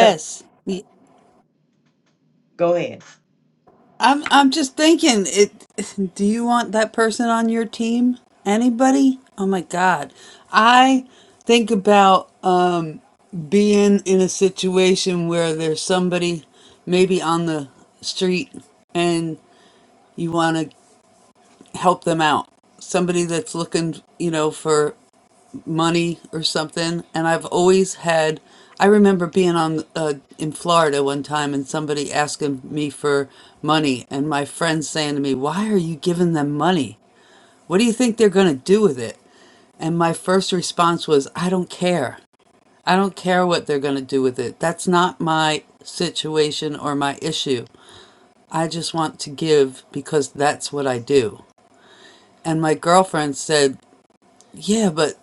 So go ahead. I'm I'm just thinking it do you want that person on your team? Anybody? Oh my god. I think about um being in a situation where there's somebody maybe on the street and you want to help them out. Somebody that's looking, you know, for money or something. And I've always had, I remember being on uh, in Florida one time and somebody asking me for money, and my friend saying to me, "Why are you giving them money? What do you think they're going to do with it?" And my first response was, I don't care. I don't care what they're going to do with it. That's not my situation or my issue. I just want to give because that's what I do. And my girlfriend said, yeah, but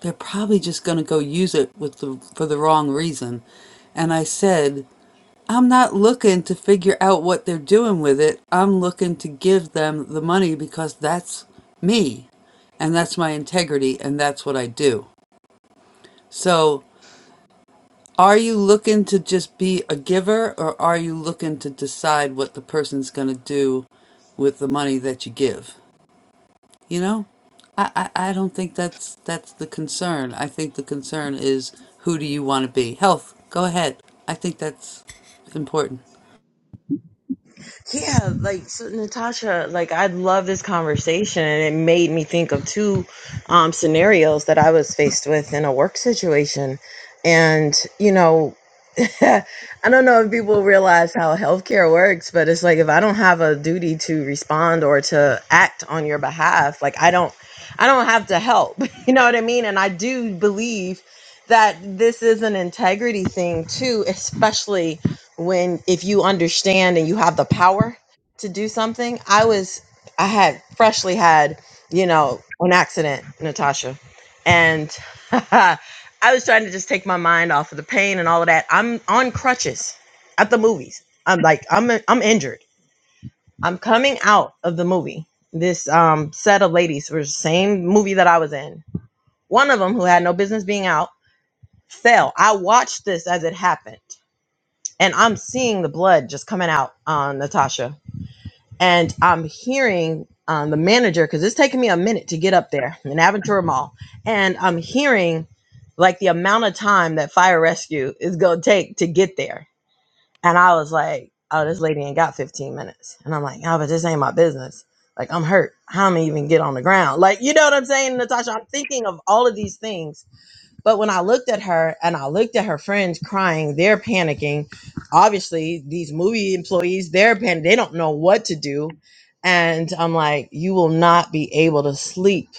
they're probably just going to go use it with the for the wrong reason. And I said, I'm not looking to figure out what they're doing with it. I'm looking to give them the money because that's me and that's my integrity and that's what I do. So, are you looking to just be a giver or are you looking to decide what the person's going to do with the money that you give? You know, I, I, I don't think that's that's the concern. I think the concern is who do you want to be? Health, go ahead. I think that's important. Yeah, like so Natasha, like I love this conversation and it made me think of two um scenarios that I was faced with in a work situation. And, you know, I don't know if people realize how healthcare works, but it's like if I don't have a duty to respond or to act on your behalf, like I don't I don't have to help. You know what I mean? And I do believe that this is an integrity thing too, especially when if you understand and you have the power to do something. I was I had freshly had, you know, an accident, Natasha. And I was trying to just take my mind off of the pain and all of that. I'm on crutches at the movies. I'm like I'm I'm injured. I'm coming out of the movie. This um set of ladies were the same movie that I was in. One of them who had no business being out fell. I watched this as it happened. And I'm seeing the blood just coming out on Natasha and I'm hearing um, the manager because it's taking me a minute to get up there in Aventura Mall, and I'm hearing like the amount of time that fire rescue is gonna take to get there, and I was like, "Oh, this lady ain't got 15 minutes," and I'm like, "Oh, but this ain't my business. Like, I'm hurt. How am I even get on the ground? Like, you know what I'm saying, Natasha? I'm thinking of all of these things but when I looked at her and I looked at her friends crying, they're panicking. Obviously, these movie employees, they're pan they don't know what to do. And I'm like, you will not be able to sleep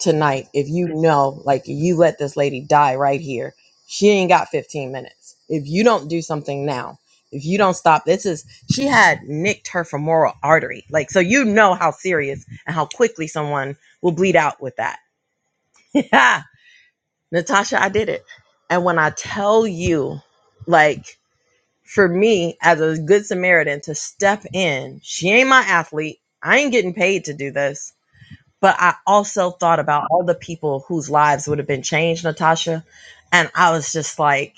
tonight if you know, like, you let this lady die right here. She ain't got 15 minutes. If you don't do something now, if you don't stop, this is she had nicked her femoral artery. Like, so you know how serious and how quickly someone will bleed out with that. Natasha, I did it. And when I tell you, like, for me as a good Samaritan to step in, she ain't my athlete. I ain't getting paid to do this. But I also thought about all the people whose lives would have been changed, Natasha. And I was just like,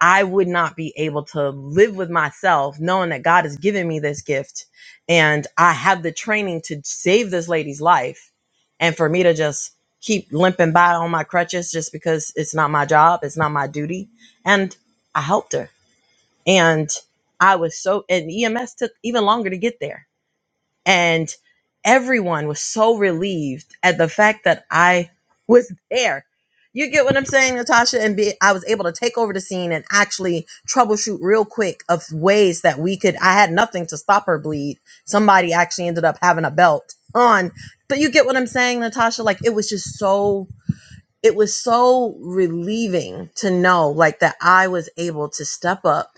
I would not be able to live with myself knowing that God has given me this gift and I have the training to save this lady's life. And for me to just keep limping by on my crutches just because it's not my job, it's not my duty. And I helped her. And I was so, and EMS took even longer to get there and everyone was so relieved at the fact that I was there. You get what I'm saying, Natasha? And be, I was able to take over the scene and actually troubleshoot real quick of ways that we could. I had nothing to stop her bleed. Somebody actually ended up having a belt on, but you get what I'm saying, Natasha? Like it was just so. It was so relieving to know, like that I was able to step up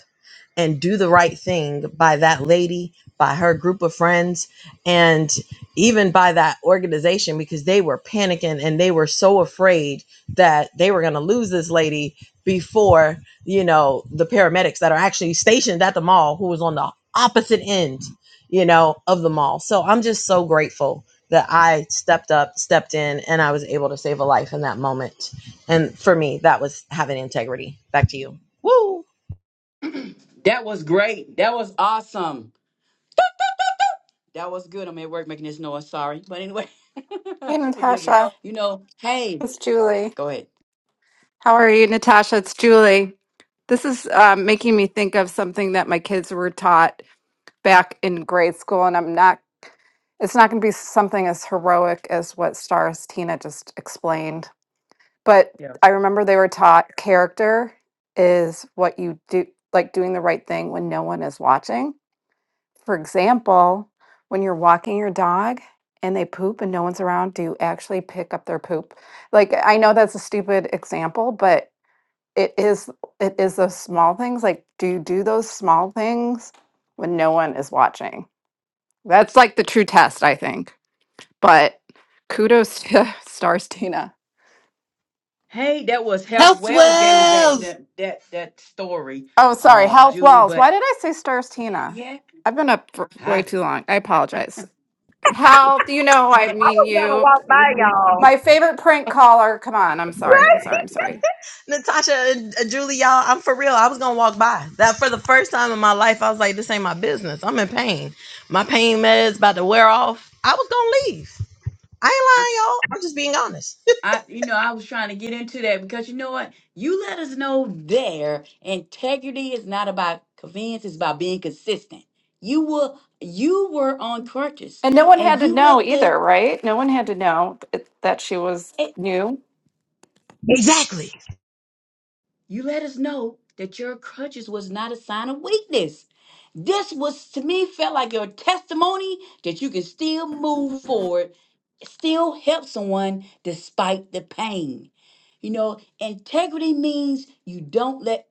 and do the right thing by that lady, by her group of friends, and even by that organization because they were panicking and they were so afraid that they were going to lose this lady before, you know, the paramedics that are actually stationed at the mall who was on the opposite end, you know, of the mall. So I'm just so grateful that I stepped up, stepped in, and I was able to save a life in that moment. And for me, that was having integrity. Back to you. Woo! That was great. That was awesome. That was good. I'm at work making this noise. Sorry. But anyway, Hey forgive me. Natasha, You know, hey, it's Julie. go ahead. How are you, Natasha? It's Julie. This is um, making me think of something that my kids were taught back in grade school, and I'm not. It's not going to be something as heroic as what Stars Tina just explained, but I remember they were taught character is what you do, like doing the right thing when no one is watching For example, when you're walking your dog and they poop and no one's around, do you actually pick up their poop? Like I know that's a stupid example, but it is it is those small things. Like do you do those small things when no one is watching? That's like the true test, I think. But kudos to Stars Tina. Hey, that was Health Health Wells gave us that Wells! that that, that story, Oh, sorry, um, Health Julie. Wells. Why But did I say Stars Tina? yeah, I've been up for way I, too long. I apologize. Health, you know I I, mean was gonna you. walk by y'all. My favorite prank caller. Come on. I'm sorry. I'm sorry. I'm sorry. Natasha, and uh, Julie, y'all, I'm for real. I was gonna walk by that for the first time in my life. I was like, this ain't my business. I'm in pain. My pain meds about to wear off. I was gonna leave. I I, ain't lying, y'all. I'm just being honest. I- you know, I was trying to get into that because you know what? You let us know there. Integrity is not about convenience; it's about being consistent. You were you were on crutches, And no one and had to you know let either, that. right? No one had to know th- that she was new. Exactly. You let us know that your crutches was not a sign of weakness. This was to me felt like your testimony that you can still move forward, still help someone despite the pain. You know, integrity means you don't let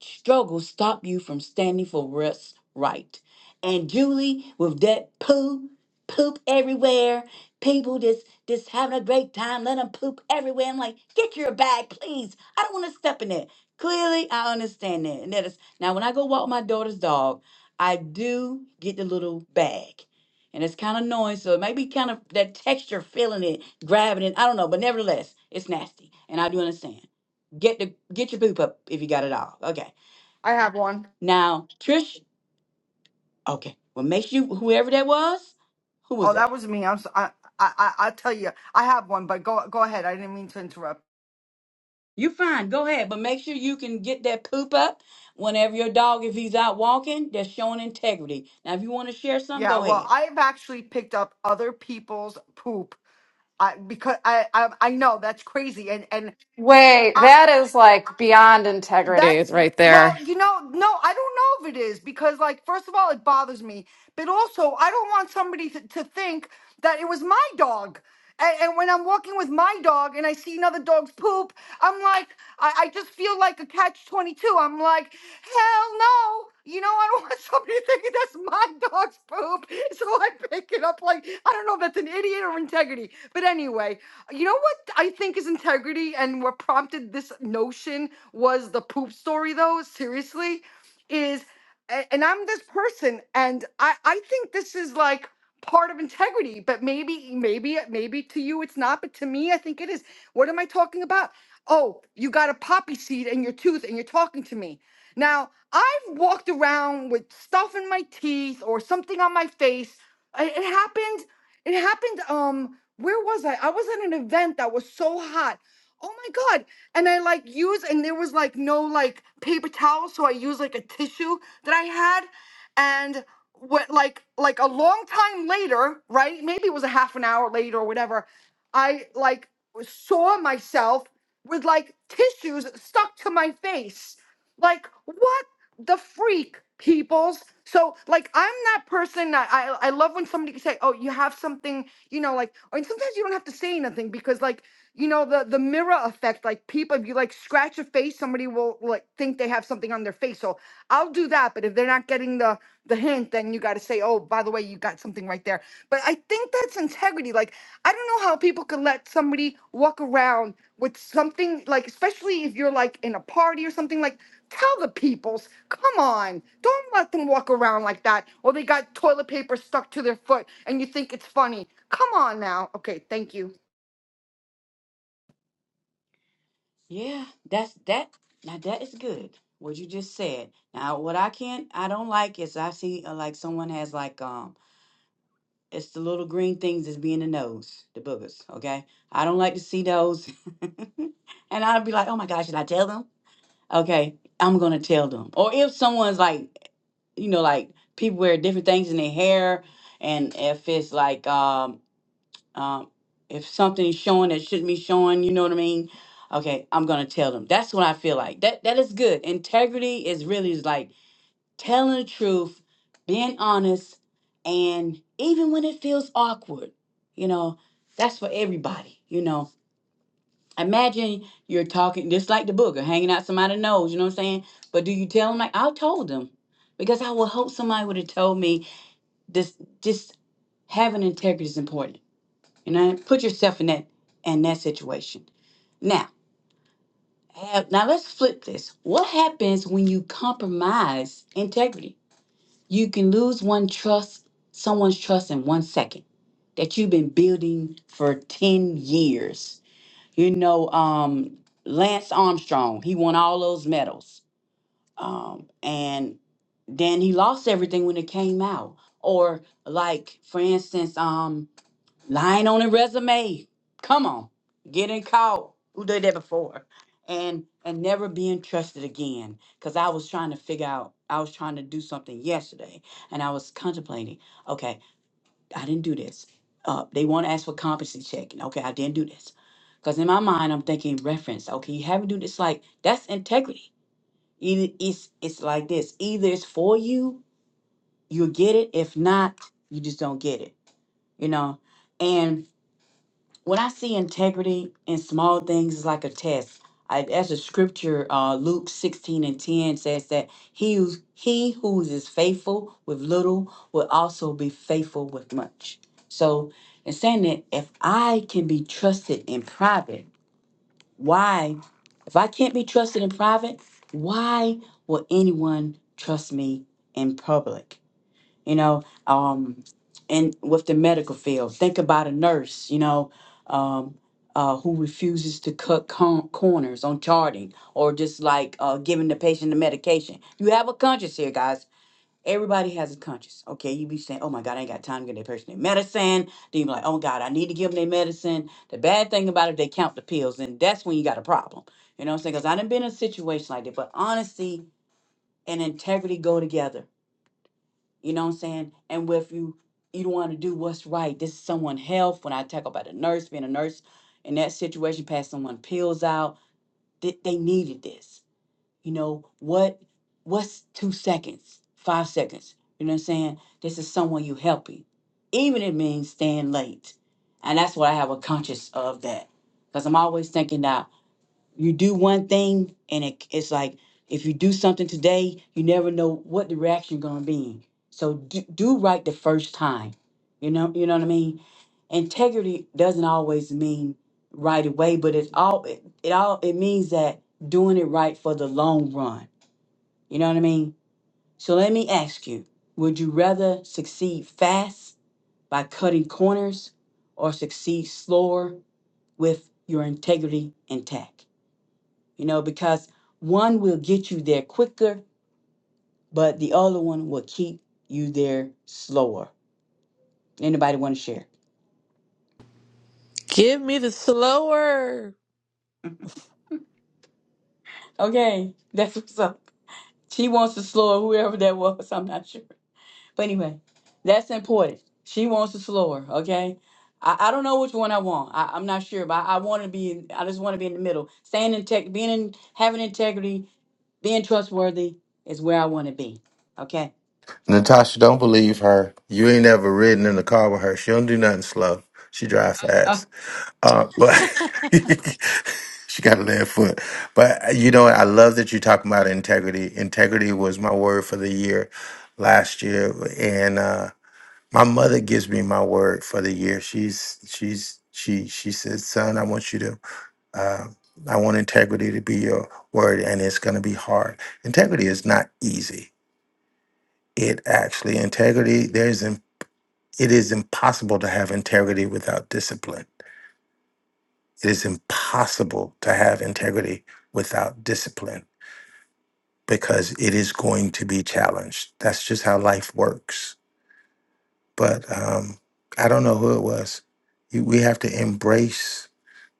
struggle stop you from standing for what's right. And Julie, with that poo, poop everywhere, people just just having a great time, let them poop everywhere. I'm like, get your bag, please. I don't want to step in it. Clearly, I understand that. And that is now when I go walk my daughter's dog, I do get the little bag. And it's kind of annoying, so it may be kind of that texture feeling it, grabbing it. I don't know, but nevertheless, it's nasty, and I do understand. Get the get your poop up if you got it all. Okay. I have one. Now, Trish, okay. Well, make sure you, whoever that was, who was Oh, that? that was me. I'm. So, I, I. I. will tell you. I have one, but go. Go ahead. I didn't mean to interrupt. You fine. Go ahead, but make sure you can get that poop up whenever your dog, if he's out walking, that's showing integrity. Now, if you want to share something, Yeah. go Well, ahead. I've actually picked up other people's poop. I because I. I. I know that's crazy, and and Wait, I. that is like beyond integrity That's right well, there. you know, no, I don't know if it is because, like, first of all, it bothers me, but also I don't want somebody to, to think that it was my dog. And, and when I'm walking with my dog and I see another dog's poop, I'm like, I, I just feel like a catch 22. I'm like, hell no, you know, I don't want somebody thinking that's my dog's poop. So I pick it up like, I don't know if that's an idiot or integrity, but anyway, you know what I think is integrity and what prompted this notion was the poop story though, seriously, is a- and I'm this person and I I think this is like part of integrity, but maybe maybe maybe to you it's not, but to me I think it is. What am I talking about? Oh, you got a poppy seed in your tooth and you're talking to me. Now, I've walked around with stuff in my teeth or something on my face. I- It happened. It happened. Um, where was I? I was at an event that was so hot. Oh my God and I like used and there was like no like paper towel, so I used like a tissue that I had, and what like like a long time later, right? Maybe it was a half an hour later or whatever. I like saw myself with like tissues stuck to my face. Like what the freak peoples so like i'm that person that i i love when somebody can say oh you have something you know like and sometimes you don't have to say anything because like you know the the mirror effect like people if you like scratch a face somebody will like think they have something on their face so i'll do that but if they're not getting the the hint then you got to say oh by the way way you got something right there. But I think that's integrity. Like, I don't know how people can let somebody walk around with something, like, especially if you're like in a party or something, like, tell the peoples, come on, don't let them walk around like that. Or they got toilet paper stuck to their foot and you think it's funny. Come on now. Okay, thank you. Yeah, that's that. Now that is good. What you just said. Now, what I can't, I don't like is I see uh, like someone has like um, it's the little green things that's being the nose, the boogers. Okay, I don't like to see those. and I'd be like, oh my gosh, should I tell them? Okay, I'm gonna tell them. Or if someone's like, you know, like people wear different things in their hair, and if it's like, um, um, if something is showing that shouldn't be showing, you know what I mean? Okay, I'm gonna tell them. That's what I feel like. That that is good. Integrity is really is like telling the truth, being honest, and even when it feels awkward, you know, that's for everybody, you know. Imagine you're talking just like the booger, hanging out somebody's nose, you know what I'm saying? But do you tell them like I told them? Because I would hope somebody would have told me this just having integrity is important. You know, put yourself in that in that situation. Now, have, now let's flip this. What happens when you compromise integrity? You can lose one trust, someone's trust in one second that you've been building for 10 years. You know, um, Lance Armstrong, he won all those medals. Um, and then he lost everything when it came out. Or like, for instance, um, lying on a resume. Come on, getting caught. Who did that before? And and never being trusted again. Cause I was trying to figure out, I was trying to do something yesterday and I was contemplating, okay, I didn't do this. Uh, they want to ask for competency checking. Okay, I didn't do this. Because in my mind, I'm thinking reference. Okay, you haven't do this. Like that's integrity. Either it's it's like this. Either it's for you, you will get it. If not, you just don't get it. You know. And when I see integrity in small things it's like a test. I, as the scripture, uh, Luke 16 and 10 says that he who's, he who is faithful with little will also be faithful with much. So in saying that, if I can be trusted in private, why, if I can't be trusted in private, why will anyone trust me in public? you know um and with the medical field think about a nurse you know um uh, who refuses to cut con- corners on charting or just like uh, giving the patient the medication you have a conscience here guys everybody has a conscience okay you be saying oh my god i ain't got time to give that person their medicine then you be like oh god i need to give them their medicine the bad thing about it they count the pills and that's when you got a problem you know what i'm saying because i done been in a situation like that but honesty and integrity go together you know what I'm saying? And well, if you you don't want to do what's right, this is someone' health. When I talk about a nurse, being a nurse in that situation, pass someone pills out, they, they needed this. You know what? What's two seconds, five seconds? You know what I'm saying? This is someone you helping, even it means staying late, and that's what I have a conscious of that, because I'm always thinking that you do one thing and it, it's like if you do something today you never know what the reaction going to be so do, do right the first time you know you know what i mean integrity doesn't always mean right away but it's all it, it all it means that doing it right for the long run you know what i mean so let me ask you would you rather succeed fast by cutting corners or succeed slower with your integrity intact you know, because one will get you there quicker, but the other one will keep you there slower. Anybody want to share? Give me the slower. Okay, that's what's up. She wants to slow her, whoever that was. I'm not sure, but anyway, that's important. She wants to slow her. Okay, I, I don't know which one I want. I, I'm not sure, but I, I want to be. In, I just want to be in the middle. Staying in tech, being in, having integrity, being trustworthy is where I want to be. Okay. Natasha, don't believe her. You ain't ever ridden in the car with her. She don't do nothing slow. She drives fast. Oh Uh, but she got a left foot. But uh, you know, I love that you're talking about integrity. Integrity was my word for the year last year, and uh, my mother gives me my word for the year. She's she's she she says, "Son, I want you to." Uh, I want integrity to be your word, and it's going to be hard. Integrity is not easy. It actually integrity there's im- it is impossible to have integrity without discipline It is impossible to have integrity without discipline because it is going to be challenged. That's just how life works. But um, I don't know who it was. You, we have to embrace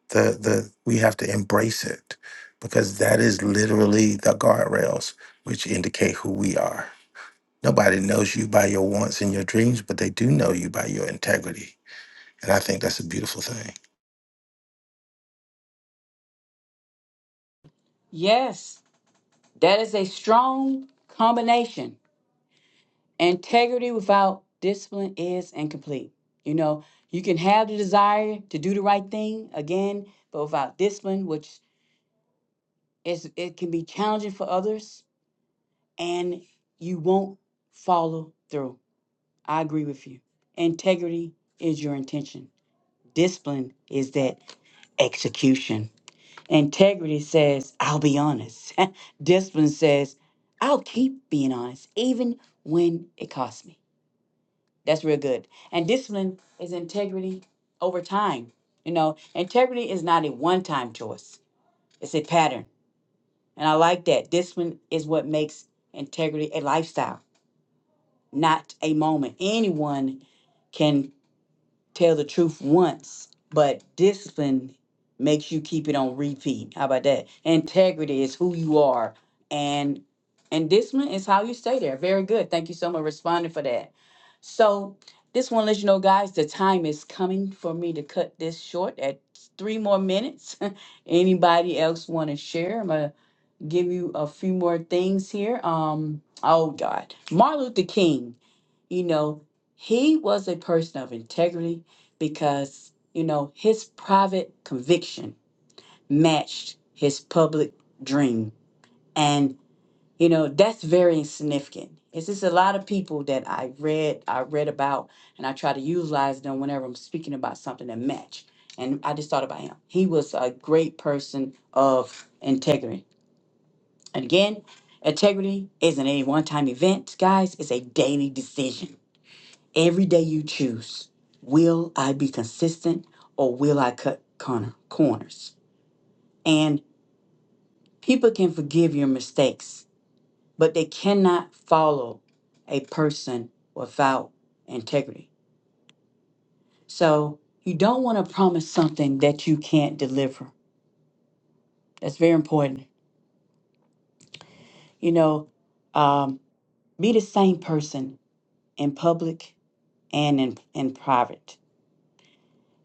the the. We have to embrace it because that is literally the guardrails which indicate who we are. Nobody knows you by your wants and your dreams, but they do know you by your integrity. And I think that's a beautiful thing. yes, that is a strong combination Integrity without discipline is incomplete. You know, you can have the desire to do the right thing again, but without discipline, which is it can be challenging for others and you won't follow through. I agree with you. Integrity is your intention. Discipline is that execution. Integrity says, I'll be honest. discipline says, I'll keep being honest, even when it costs me. That's real good. And discipline is integrity over time. You know, integrity is not a one time choice, it's a pattern. And I like that. Discipline is what makes integrity a lifestyle, not a moment. Anyone can tell the truth once, but discipline makes you keep it on repeat. How about that? Integrity is who you are, and and discipline is how you stay there. Very good. Thank you so much for responding for that. So this one lets you know, guys, the time is coming for me to cut this short at three more minutes. Anybody else want to share? I'm gonna give you a few more things here. Um. Oh God, Martin Luther King you know, he was a person of integrity because, you know, his private conviction matched his public dream. And, you know, that's very significant. It's just a lot of people that I read, I read about, and I try to utilize them whenever I'm speaking about something that match. And I just thought about him. He was a great person of integrity. And again, integrity isn't a one-time event, guys. It's a daily decision Every day you choose will I be consistent or will I cut corner, corners? And people can forgive your mistakes, but they cannot follow a person without integrity. So you don't want to promise something that you can't deliver. That's very important. You know, um, be the same person in public and in, in private,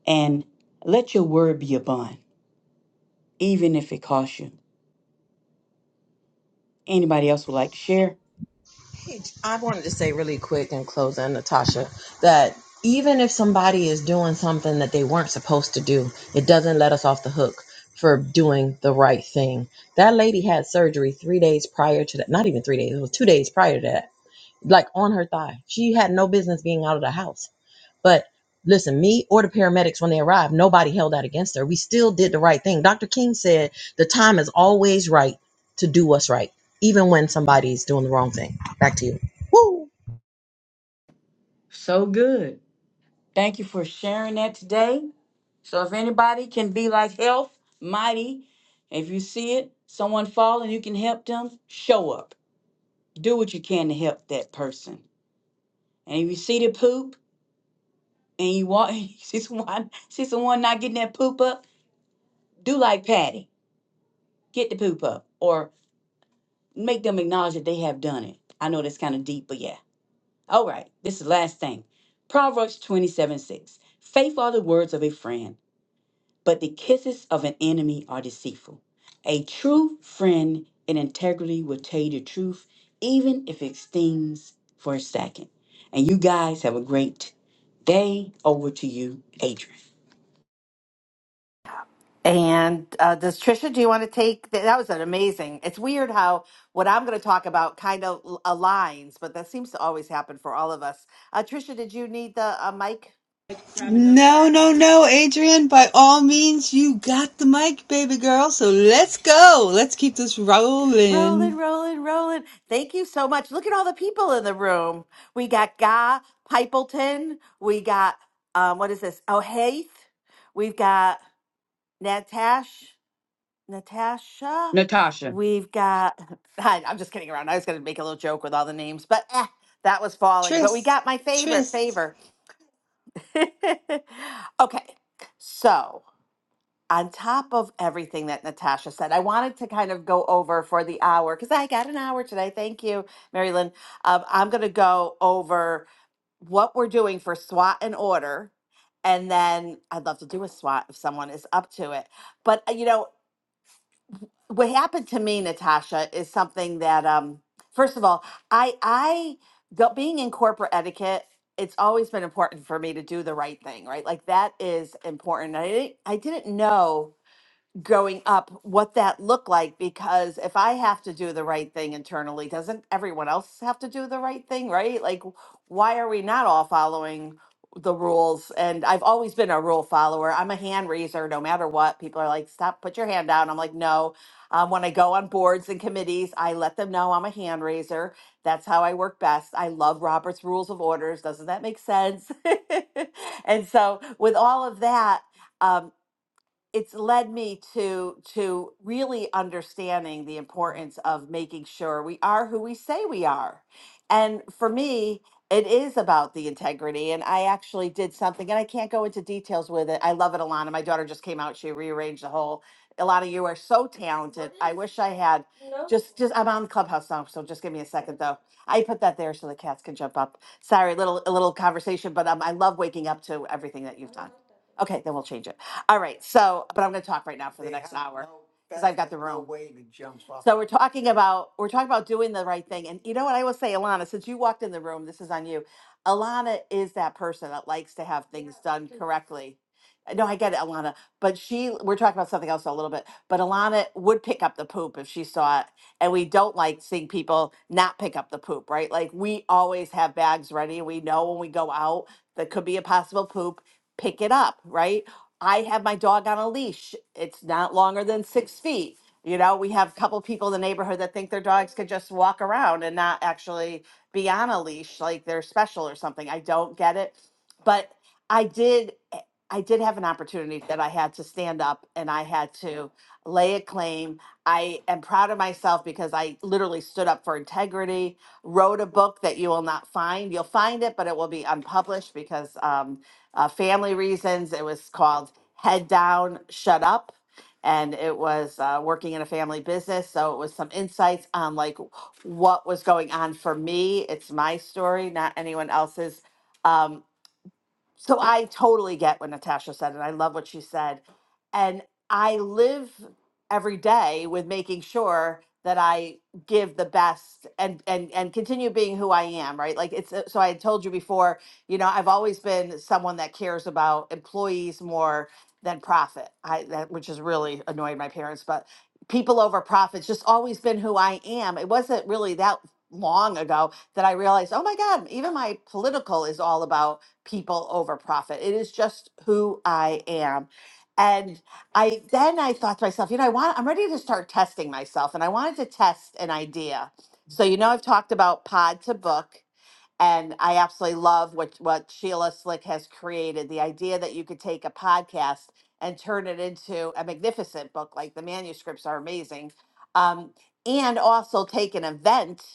and let your word be a bond, even if it costs you. Anybody else would like to share? I wanted to say really quick in closing, Natasha, that even if somebody is doing something that they weren't supposed to do, it doesn't let us off the hook for doing the right thing. That lady had surgery three days prior to that, not even three days, it was two days prior to that. like on her thigh. She had no business being out of the house. But listen, me or the paramedics when they arrived, nobody held that against her. We still did the right thing. Dr. King said the time is always right to do what's right, even when somebody's doing the wrong thing. Back to you. Woo! So good. Thank you for sharing that today. So if anybody can be like health, mighty, if you see it, someone fall and you can help them, show up. Do what you can to help that person. And if you see the poop and you want you see someone see someone not getting that poop up, do like Patty. Get the poop up. Or make them acknowledge that they have done it. I know that's kind of deep, but yeah. All right. This is the last thing. Proverbs 27 6. Faithful are the words of a friend But the kisses of an enemy are deceitful. A true friend in integrity will tell you the truth, even if it stings for a second. And you guys have a great day. Over to you, Adrian. And uh, does Trisha? Do you want to take that? That was an amazing. It's weird how what I'm going to talk about kind of l- aligns, but that seems to always happen for all of us. Uh, Trisha, did you need the uh, mic? No, no, no, Adrian. By all means, you got the mic, baby girl. So let's go. Let's keep this Rolling, rolling. rolling, rolling. Thank you so much. Look at all the people in the room. We got Guy Pipleton. We got um, what is this? Oh, Haith. We've got Natash. Natasha. Natasha. We've got, I, I'm just kidding around. I was going to make a little joke with all the names, but eh, that was falling. But we Tris, got my favorite Tris. favor. okay. So, on top of everything that Natasha said, I wanted to kind of go over for the hour because I got an hour today. Thank you, Mary Lynn. Um, I'm going to go over what we're doing for SWAT and order. And then I'd love to do a SWAT if someone is up to it. But, uh, you know, what happened to me, Natasha, is something that um first of all, I I go- being in corporate etiquette, it's always been important for me to do the right thing, right? Like that is important. I didn't I didn't know growing up what that looked like because if I have to do the right thing internally, doesn't everyone else have to do the right thing, right? Like, why are we not all following the rules? And I've always been a rule follower. I'm a hand raiser no matter what. People are like, stop, put your hand down. I'm like, no. Um, when I go on boards and committees, I let them know I'm a hand raiser. That's how I work best. I love Robert's Rules of Orders. Doesn't that make sense? and so, with all of that, um, it's led me to to really understanding the importance of making sure we are who we say we are and for me it is about the integrity and i actually did something and i can't go into details with it i love it alana my daughter just came out she rearranged the whole alana you are so talented i wish i had just just i'm on clubhouse now so just give me a second though i put that there so the cats can jump up sorry little a little conversation but um, i love waking up to everything that you've done okay then we'll change it all right. So, but I'm going to talk right now for the next hour because I've got the room. So we're talking about we're talking about doing the right thing. And you know what I will say, Alana, since you walked in the room, this is on you. Alana is that person that likes to have things done correctly. Uh, No, I get it, Alana. But she we're talking about something else a little bit. But Alana would pick up the poop if she saw it. And we don't like seeing people not pick up the poop, right? Like we always have bags ready. We know when we go out that could be a possible poop, pick it up, right? I have my dog on a leash. It's not longer than six feet. You know, we have a couple people in the neighborhood that think their dogs could just walk around and not actually be on a leash, like they're special or something. I don't get it. But I did eh, I did have an opportunity that I had to stand up and I had to lay a claim. I am proud of myself because I literally stood up for integrity, wrote a book that you will not find. You'll find it, but it will be unpublished because um, uh, family reasons. It was called head down, shut up. And it was uh, working in a family business. So it was some insights on like what was going on for me. It's my story, not anyone else's. Um, so I totally get what Natasha said, and I love what she said. And I live every day with making sure that I give the best and and and continue being who I am, right? Like it's so I had told you before, you know, I've always been someone that cares about employees more than profit. I that which has really annoyed my parents, but people over profits just always been who I am. It wasn't really that long ago that I realized, oh my God, even my political is all about people over profit. It is just who I am. And I then I thought to myself, you know, I want I'm ready to start testing myself and I wanted to test an idea. So you know I've talked about pod to book and I absolutely love what what Sheila Slick has created, the idea that you could take a podcast and turn it into a magnificent book like the manuscripts are amazing. Um, and also take an event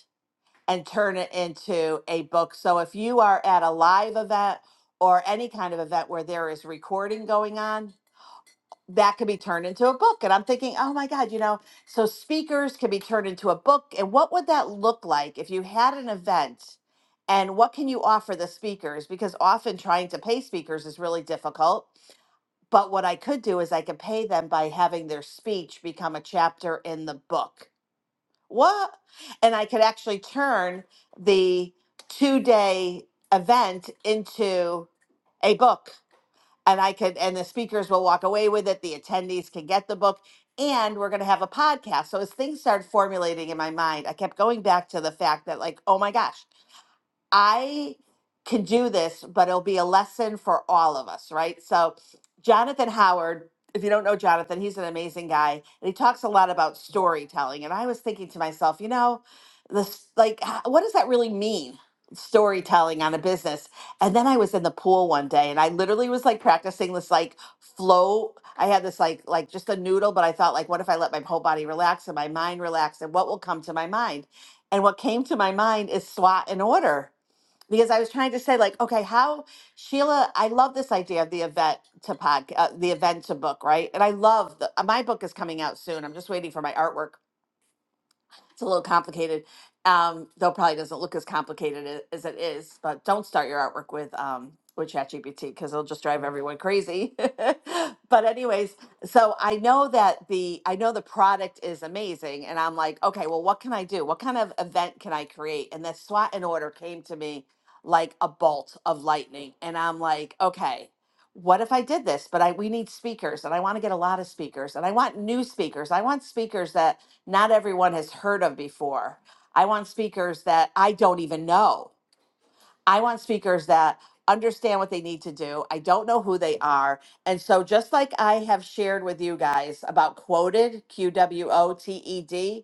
and turn it into a book. So if you are at a live event or any kind of event where there is recording going on, that could be turned into a book. And I'm thinking, oh my God, you know, so speakers can be turned into a book. And what would that look like if you had an event? And what can you offer the speakers? Because often trying to pay speakers is really difficult. But what I could do is I could pay them by having their speech become a chapter in the book what? And I could actually turn the two day event into a book. And I could, and the speakers will walk away with it. The attendees can get the book. And we're going to have a podcast. So as things started formulating in my mind, I kept going back to the fact that, like, oh my gosh, I can do this, but it'll be a lesson for all of us, right? So, Jonathan Howard, if you don't know Jonathan, he's an amazing guy, and he talks a lot about storytelling. And I was thinking to myself, you know, this like, h- what does that really mean? Storytelling on a business. And then I was in the pool one day, and I literally was like practicing this like flow. I had this like like just a noodle, but I thought like, what if I let my whole body relax and my mind relax, and what will come to my mind? And what came to my mind is SWOT and order because I was trying to say like, okay, how Sheila, I love this idea of the event to pod, uh, the event to book, right? And I love the, uh, my book is coming out soon. I'm just waiting for my artwork it's a little complicated. Um, though it probably doesn't look as complicated a- as it is, but don't start your artwork with um with ChatGPT because it'll just drive everyone crazy. but anyways, so I know that the I know the product is amazing, and I'm like, okay, well, what can I do? What kind of event can I create? And the SWAT and order came to me like a bolt of lightning, and I'm like, okay, what if I did this? But I we need speakers and I want to get a lot of speakers and I want new speakers. I want speakers that not everyone has heard of before. I want speakers that I don't even know. I want speakers that understand what they need to do. I don't know who they are. And so just like I have shared with you guys about quoted, Q W O T E D,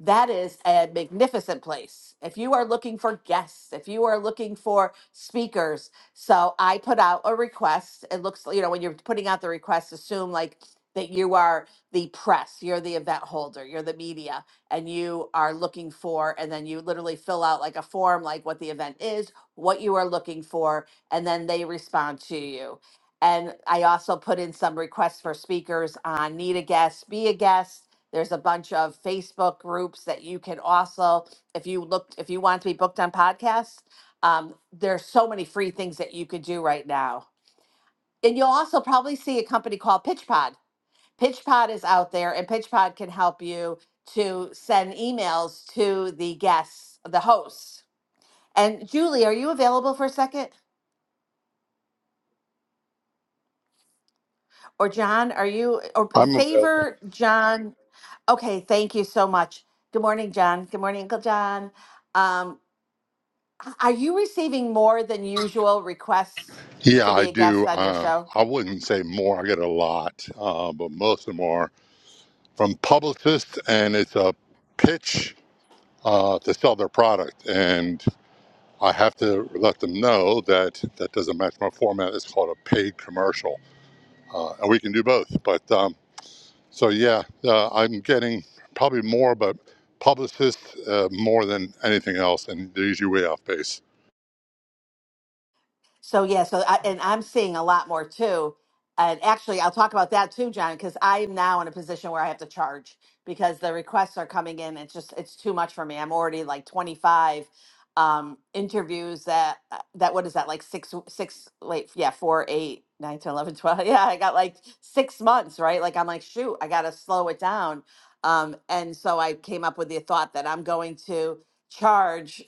that is a magnificent place. If you are looking for guests, if you are looking for speakers, so I put out a request. It looks, you know, when you're putting out the request, assume like that you are the press, you're the event holder, you're the media, and you are looking for, and then you literally fill out like a form, like what the event is, what you are looking for, and then they respond to you. And I also put in some requests for speakers on need a guest, be a guest there's a bunch of Facebook groups that you can also, if you looked, if you want to be booked on podcasts, um, there's so many free things that you could do right now. And you'll also probably see a company called PitchPod. PitchPod is out there, and PitchPod can help you to send emails to the guests, the hosts. And Julie, are you available for a second? Or John, are you, or I'm available. favor John? Okay, thank you so much. Good morning, John. Good morning, Uncle John. Um, Are you receiving more than usual requests Yeah, to be I a guest do. on your Uh, show? I wouldn't say more. I get a lot, uh, but most of them are from publicists, and it's a pitch uh, to sell their product. And I have to let them know that that doesn't match my format. It's called a paid commercial, uh, and we can do both. But um, so yeah, uh, I'm getting probably more, but publicists uh, more than anything else, and they're usually way off base. So yeah, so I, and I'm seeing a lot more too. And actually, I'll talk about that too, John, because I am now in a position where I have to charge because the requests are coming in. It's just it's too much for me. I'm already like 25 um, interviews that uh, that what is that like six six wait yeah four eight nine ten eleven twelve yeah I got like six months right like I'm like shoot I gotta slow it down um, and so I came up with the thought that I'm going to charge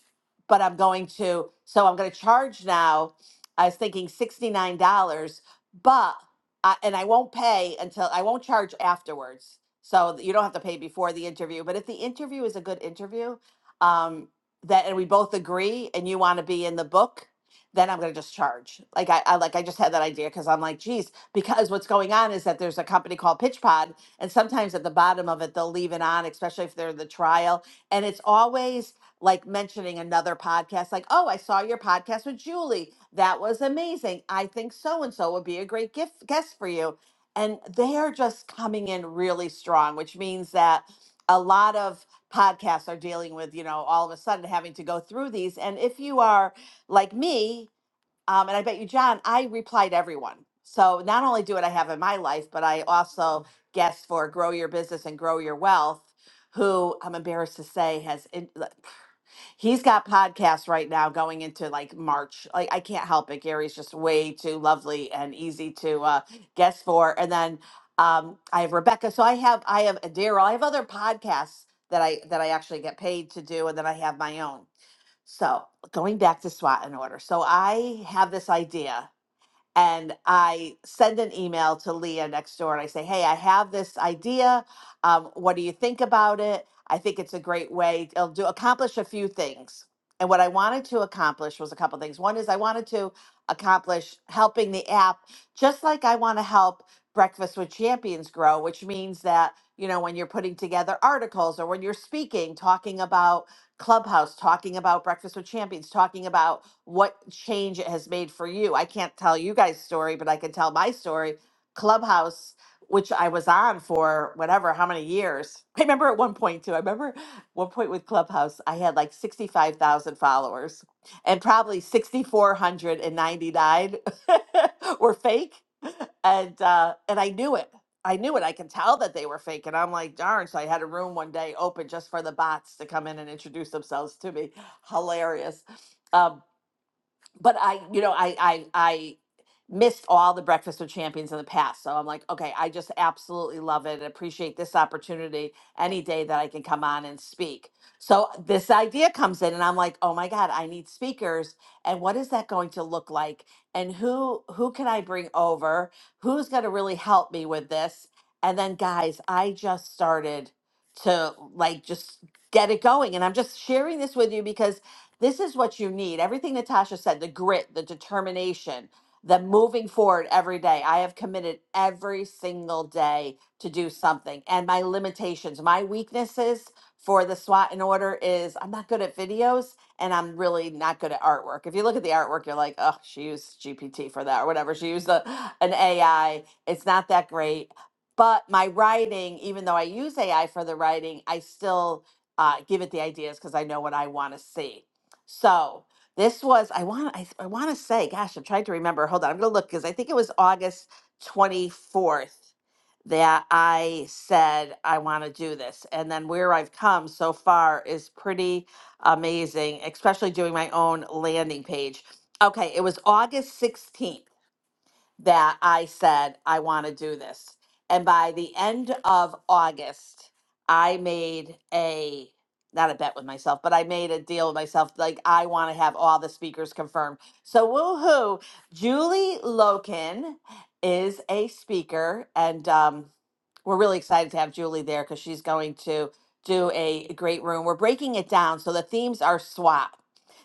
but I'm going to so I'm going to charge now I was thinking sixty-nine dollars, but I, and I won't pay until I won't charge afterwards. So that you don't have to pay before the interview. But if the interview is a good interview, um, that and we both agree, and you want to be in the book, then I'm gonna just charge. Like I, I like I just had that idea because I'm like, geez, because what's going on is that there's a company called PitchPod, and sometimes at the bottom of it they'll leave it on, especially if they're in the trial, and it's always like mentioning another podcast, like, oh, I saw your podcast with Julie. That was amazing. I think so and so would be a great gift guest for you. And they are just coming in really strong, which means that a lot of podcasts are dealing with, you know, all of a sudden having to go through these. And if you are like me, um, and I bet you, John, I replied everyone. So not only do what I have in my life, but I also guest for Grow Your Business and Grow Your Wealth, who I'm embarrassed to say has in, he's got podcasts right now going into like March. Like I can't help it. Gary's just way too lovely and easy to uh, guest for. And then um, I have Rebecca. So I have I have Daryl. I have other podcasts that I that I actually get paid to do, and then I have my own. So going back to SWAT in order. So I have this idea and I send an email to Leah next door and I say, hey, I have this idea. Um, what do you think about it? I think it's a great way. It'll do accomplish a few things. And what I wanted to accomplish was a couple things. One is I wanted to accomplish helping the app, just like I want to help Breakfast with Champions grow, which means that, you know, when you're putting together articles or when you're speaking, talking about Clubhouse talking about Breakfast with Champions, talking about what change it has made for you. I can't tell you guys' story, but I can tell my story. Clubhouse, which I was on for whatever, how many years. I remember at one point too. I remember one point with Clubhouse, I had like 65,000 followers and probably 6,499 were fake. And uh, and I knew it. I knew it. I can tell that they were fake. And I'm like, darn. So I had a room one day open just for the bots to come in and introduce themselves to me. Hilarious. Um, but I, you know, I, I, I missed all the Breakfast with Champions in the past. So I'm like, okay, I just absolutely love it and appreciate this opportunity any day that I can come on and speak. So this idea comes in and I'm like, oh my God, I need speakers. And what is that going to look like? And who, who can I bring over? Who's going to really help me with this? And then guys, I just started to like, just get it going. And I'm just sharing this with you because this is what you need. Everything Natasha said, the grit, the determination, the moving forward every day. I have committed every single day to do something. And my limitations, my weaknesses for the SWAT and order is I'm not good at videos and I'm really not good at artwork. If you look at the artwork, you're like, oh, she used GPT for that or whatever. She used a, an AI. It's not that great. But my writing, even though I use AI for the writing, I still uh, give it the ideas because I know what I want to see. So this was I want I, I want to say, gosh, I'm trying to remember. Hold on, I'm gonna look because I think it was August 24th that I said I want to do this, and then where I've come so far is pretty amazing, especially doing my own landing page. Okay, it was August 16th that I said, I want to do this. And by the end of August, I made a not a bet with myself, but I made a deal with myself. Like, I want to have all the speakers confirmed. So, woohoo! Julie Loken is a speaker, and um, we're really excited to have Julie there because she's going to do a great room. We're breaking it down. So, the themes are SWAT.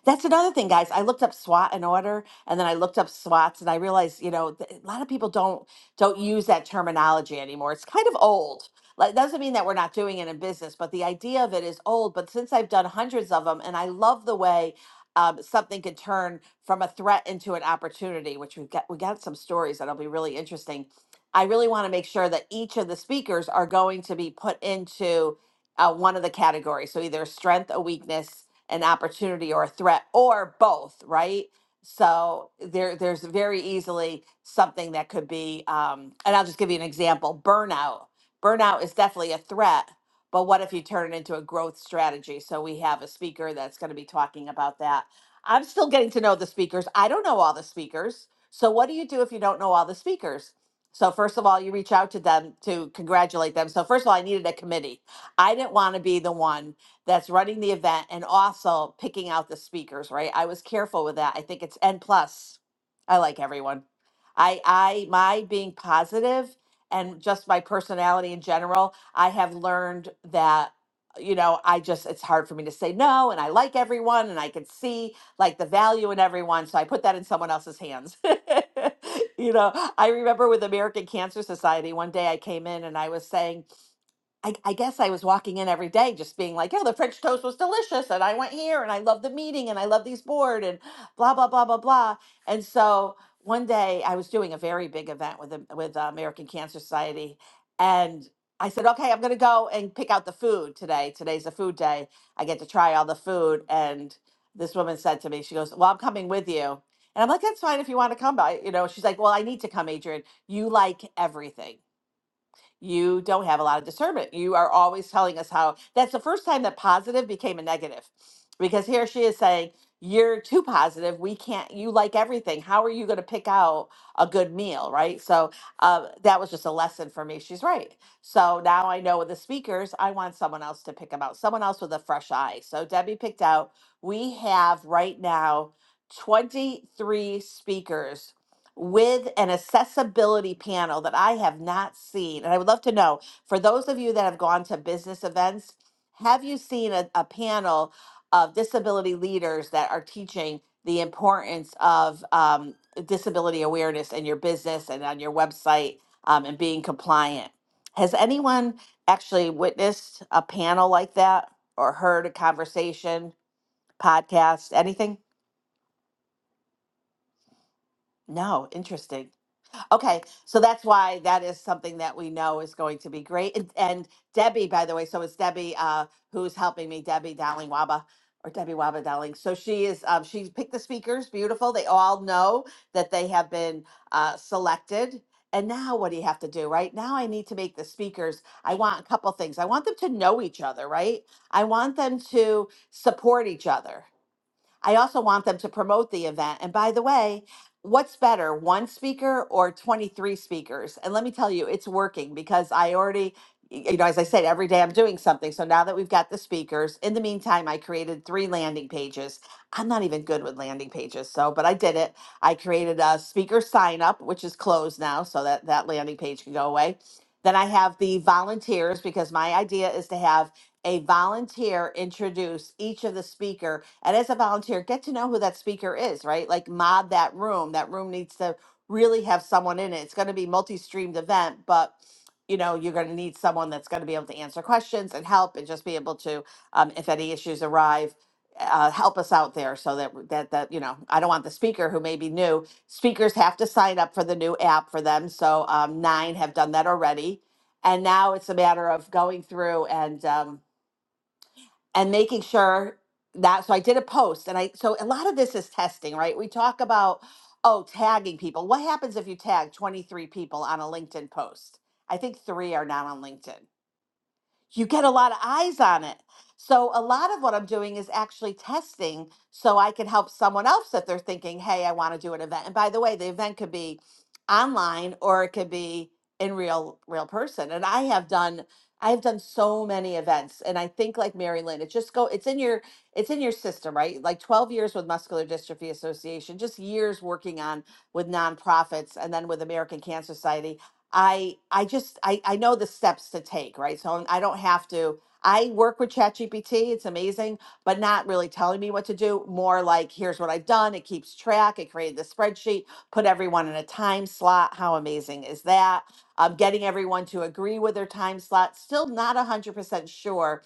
That's another thing, guys. I looked up SWAT in order and then I looked up SWATs and I realized, you know, th- a lot of people don't don't use that terminology anymore. It's kind of old. Like, It doesn't mean that we're not doing it in business, but the idea of it is old. But since I've done hundreds of them, and I love the way um, something could turn from a threat into an opportunity, which we've got we got some stories that'll be really interesting. I really want to make sure that each of the speakers are going to be put into uh, one of the categories. So either a strength, a weakness, an opportunity, or a threat, or both, right? So there, there's very easily something that could be, um, and I'll just give you an example: burnout. Burnout is definitely a threat, but what if you turn it into a growth strategy? So we have a speaker that's going to be talking about that. I'm still getting to know the speakers. I don't know all the speakers. So what do you do if you don't know all the speakers? So first of all, you reach out to them to congratulate them. So first of all, I needed a committee. I didn't want to be the one that's running the event and also picking out the speakers, right? I was careful with that. I think it's N plus. I like everyone. I I my being positive and just my personality in general, I have learned that you know, I just it's hard for me to say no and I like everyone and I can see like the value in everyone, so I put that in someone else's hands. you know, I remember with American Cancer Society one day I came in and I was saying I, I guess I was walking in every day just being like, yeah, the French toast was delicious. And I went here and I love the meeting and I love these board and blah, blah, blah, blah, blah. And so one day I was doing a very big event with, the- with the American Cancer Society. And I said, okay, I'm going to go and pick out the food today. Today's a food day. I get to try all the food. And this woman said to me, she goes, well, I'm coming with you. And I'm like, that's fine if you want to come by. You know, she's like, well, I need to come, Adrian. You like everything you don't have a lot of discernment. You are always telling us how that's the first time that positive became a negative because here she is saying, You're too positive. We can't, you like everything. How are you going to pick out a good meal? Right. So uh, that was just a lesson for me. She's right. So now I know with the speakers, I want someone else to pick them out, someone else with a fresh eye. So Debbie picked out, we have right now 23 speakers with an accessibility panel that I have not seen. And I would love to know for those of you that have gone to business events, have you seen a, a panel of disability leaders that are teaching the importance of um, disability awareness in your business and on your website um, and being compliant? Has anyone actually witnessed a panel like that or heard a conversation, podcast, anything? No, interesting. Okay, so that's why that is something that we know is going to be great. And, and Debbie, by the way, so it's Debbie uh, who's helping me, Debbie Dowling Waba or Debbie Waba Dowling. So she is, um, she picked the speakers, beautiful. They all know that they have been uh, selected. And now what do you have to do, right? Now I need to make the speakers. I want a couple things. I want them to know each other, right? I want them to support each other. I also want them to promote the event. And by the way, what's better, one speaker or 23 speakers? And let me tell you, it's working because I already, y- you know, as I said, every day I'm doing something. So now that we've got the speakers, in the meantime, I created three landing pages. I'm not even good with landing pages. So, but I did it. I created a speaker sign up, which is closed now. So that that landing page can go away. Then I have the volunteers because my idea is to have a volunteer introduce each of the speaker and as a volunteer get to know who that speaker is right like mod that room that room needs to really have someone in it it's going to be multi-streamed event but you know you're going to need someone that's going to be able to answer questions and help and just be able to um, if any issues arrive uh, help us out there so that that that you know i don't want the speaker who may be new speakers have to sign up for the new app for them so um, nine have done that already and now it's a matter of going through and um, and making sure that so I did a post and I so a lot of this is testing, right? We talk about oh, tagging people. What happens if you tag 23 people on a LinkedIn post? I think 3 are not on LinkedIn you get a lot of eyes on it. So a lot of what I'm doing is actually testing so I can help someone else if they're thinking, hey, I want to do an event. And by the way, the event could be online or it could be in real real person. And I have done I have done so many events. And I think like Mary Lynn, it just go it's in your it's in your system, right? Like 12 years with Muscular Dystrophy Association, just years working on with nonprofits and then with American Cancer Society I I just I I know the steps to take, right? So I'm- I don't have to. I work with ChatGPT, it's amazing, but not really telling me what to do. More like, here's what I've done. It keeps track. It created the spreadsheet, put everyone in a time slot. How amazing is that? Um, getting everyone to agree with their time slot. Still not 100% sure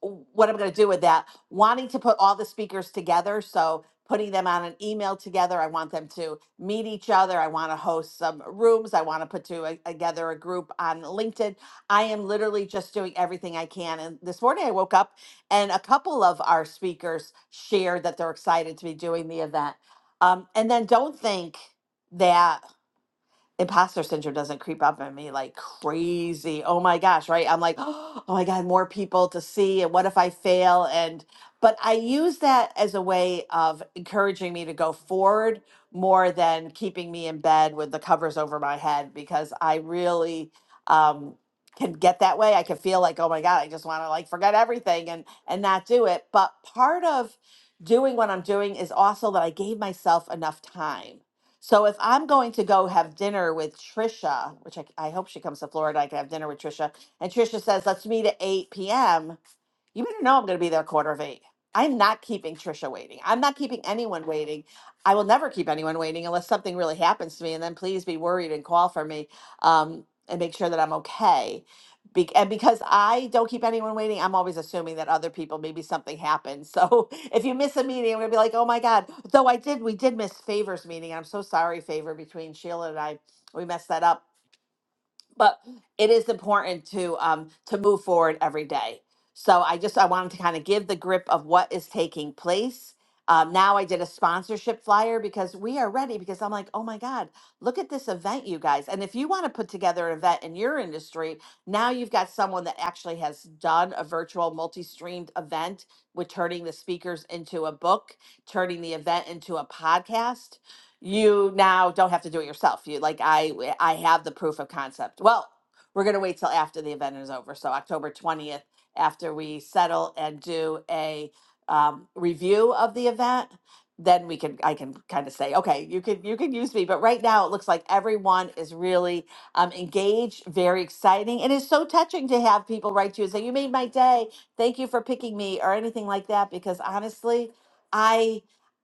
what I'm going to do with that, wanting to put all the speakers together. So putting them on an email together. I want them to meet each other. I want to host some rooms. I want to put to- a- together a group on LinkedIn. I am literally just doing everything I can. And this morning I woke up and a couple of our speakers shared that they're excited to be doing the event. Um, and then don't think that imposter syndrome doesn't creep up on me like crazy. Oh my gosh, right? I'm like, oh my God, more people to see. And what if I fail? And, but I use that as a way of encouraging me to go forward more than keeping me in bed with the covers over my head because I really, um, can get that way. I can feel like, oh my God, I just want to like forget everything and and not do it. But part of doing what I'm doing is also that I gave myself enough time so if I'm going to go have dinner with Trisha, which I, I hope she comes to Florida, I can have dinner with Trisha, and Trisha says, let's meet at 8 p.m. You better know I'm going to be there quarter of eight. I'm not keeping Trisha waiting. I'm not keeping anyone waiting. I will never keep anyone waiting unless something really happens to me. And then please be worried and call for me um, and make sure that I'm okay. Be- and because I don't keep anyone waiting, I'm always assuming that other people, maybe something happened. So if you miss a meeting, I'm going to be like, oh my God. Though I did, we did miss Favor's meeting. I'm so sorry, Favor, between Sheila and I. We messed that up but it is important to um to move forward every day so i just i wanted to kind of give the grip of what is taking place um, now i did a sponsorship flyer because we are ready because i'm like oh my god look at this event you guys and if you want to put together an event in your industry now you've got someone that actually has done a virtual multi-streamed event with turning the speakers into a book turning the event into a podcast you now don't have to do it yourself. You like I I have the proof of concept. Well, we're gonna wait till after the event is over. So October twentieth, after we settle and do a um, review of the event, then we can I can kind of say, okay, you can you can use me. But right now it looks like everyone is really um, engaged, very exciting, and it's so touching to have people write to you and say, you made my day. Thank you for picking me or anything like that. Because honestly, I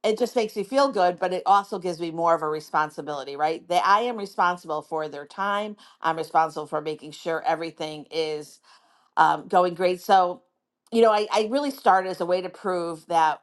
it just makes me feel good, but it also gives me more of a responsibility, right? That I am responsible for their time. I'm responsible for making sure everything is um, going great. So, you know, I, I really started as a way to prove that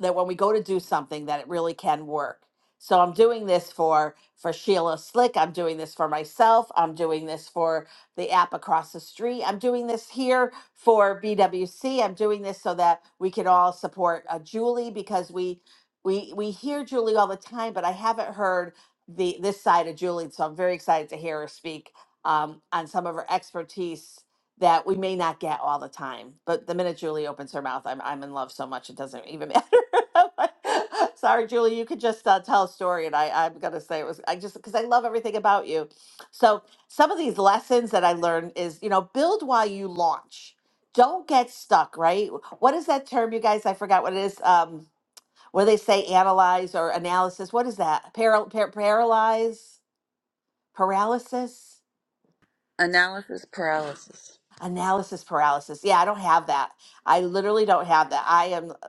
that when we go to do something that it really can work so i'm doing this for for sheila slick i'm doing this for myself i'm doing this for the app across the street i'm doing this here for bwc i'm doing this so that we can all support uh, julie because we we we hear julie all the time but i haven't heard the this side of julie so i'm very excited to hear her speak um, on some of her expertise that we may not get all the time. But the minute Julie opens her mouth, I'm I'm in love so much it doesn't even matter. I'm like, Sorry, Julie, you could just uh, tell a story, and I I'm gonna say it was I just because I love everything about you. So some of these lessons that I learned is you know build while you launch. Don't get stuck. Right? What is that term, you guys? I forgot what it is. Um, what do they say? Analyze or analysis? What is that? Paral- par- paralyze? Paralysis? Analysis paralysis. Analysis paralysis. Yeah, I don't have that. I literally don't have that. I am, uh,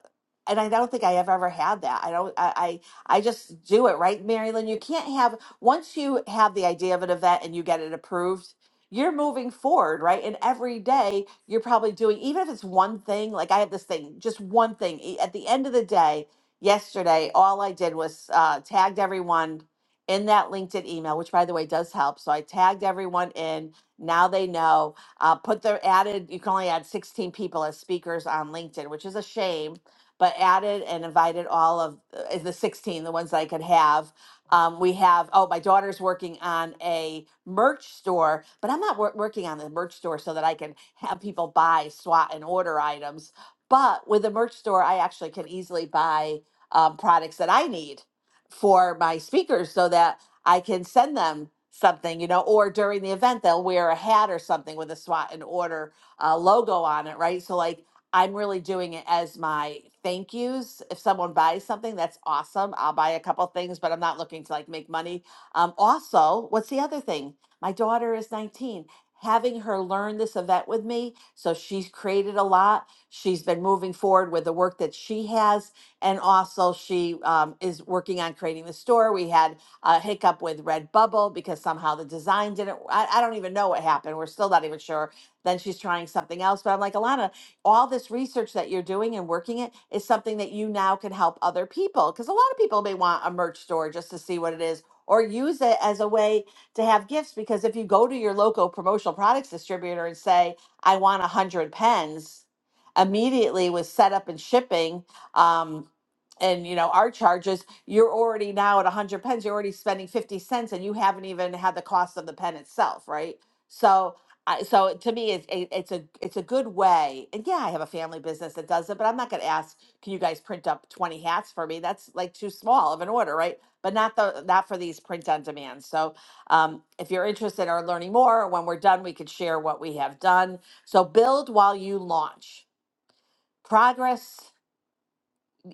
and I don't think I have ever had that. I don't. I I, I just do it right, Marilyn. You can't have once you have the idea of an event and you get it approved. You're moving forward, right? And every day you're probably doing, even if it's one thing, like I have this thing, just one thing. E- At the end of the day, yesterday, all I did was uh, tagged everyone in that LinkedIn email, which by the way does help. So I tagged everyone in. Now they know uh, put the added, you can only add 16 people as speakers on LinkedIn, which is a shame, but added and invited all of uh, the 16, the ones that I could have. Um, we have, oh, my daughter's working on a merch store, but I'm not wor- working on the merch store so that I can have people buy, swat, and order items. But with the merch store, I actually can easily buy um, products that I need for my speakers so that I can send them something, you know, or during the event, they'll wear a hat or something with a SWAT and order uh, logo on it, right? So, like, I'm really doing it as my thank yous. If someone buys something, that's awesome. I'll buy a couple things, but I'm not looking to like make money. Um, also, what's the other thing? My daughter is 19. Having her learn this event with me, so she's created a lot. She's been moving forward with the work that she has, and also she um, is working on creating the store. We had a hiccup with Redbubble because somehow the design didn't. I, I don't even know what happened. We're still not even sure. Then she's trying something else. But I'm like, Alana, all this research that you're doing and working it is something that you now can help other people. Because a lot of people may want a merch store just to see what it is or use it as a way to have gifts. Because if you go to your local promotional products distributor and say, I want 100 pens, immediately with setup and shipping. Um, and you know our charges you're already now at 100 pens you're already spending 50 cents and you haven't even had the cost of the pen itself right so I, so to me it's a, it's a it's a good way and yeah i have a family business that does it but i'm not going to ask can you guys print up 20 hats for me that's like too small of an order right but not the not for these print on demand so um, if you're interested or learning more when we're done we could share what we have done so build while you launch progress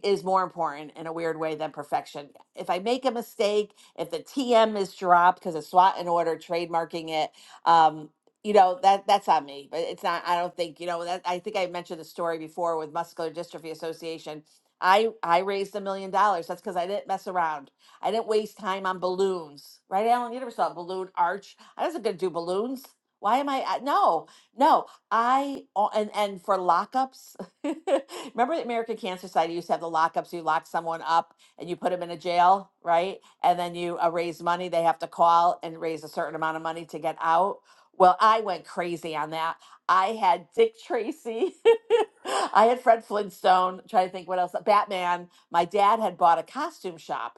is more important in a weird way than perfection. If I make a mistake, if the TM is dropped because of SWAT and order trademarking it, um, you know that that's on me. But it's not. I don't think you know that. I think I mentioned the story before with Muscular Dystrophy Association. I I raised a million dollars. That's because I didn't mess around. I didn't waste time on balloons, right, Alan? You never saw a balloon arch. I wasn't gonna do balloons. Why am I? I- No, no. I o- and and for lockups. Remember the American Cancer Society used to have the lockups. You lock someone up and you put them in a jail, right? And then you uh, raise money. They have to call and raise a certain amount of money to get out. Well, I went crazy on that. I had Dick Tracy. I had Fred Flintstone. Trying to think what else. Batman. My dad had bought a costume shop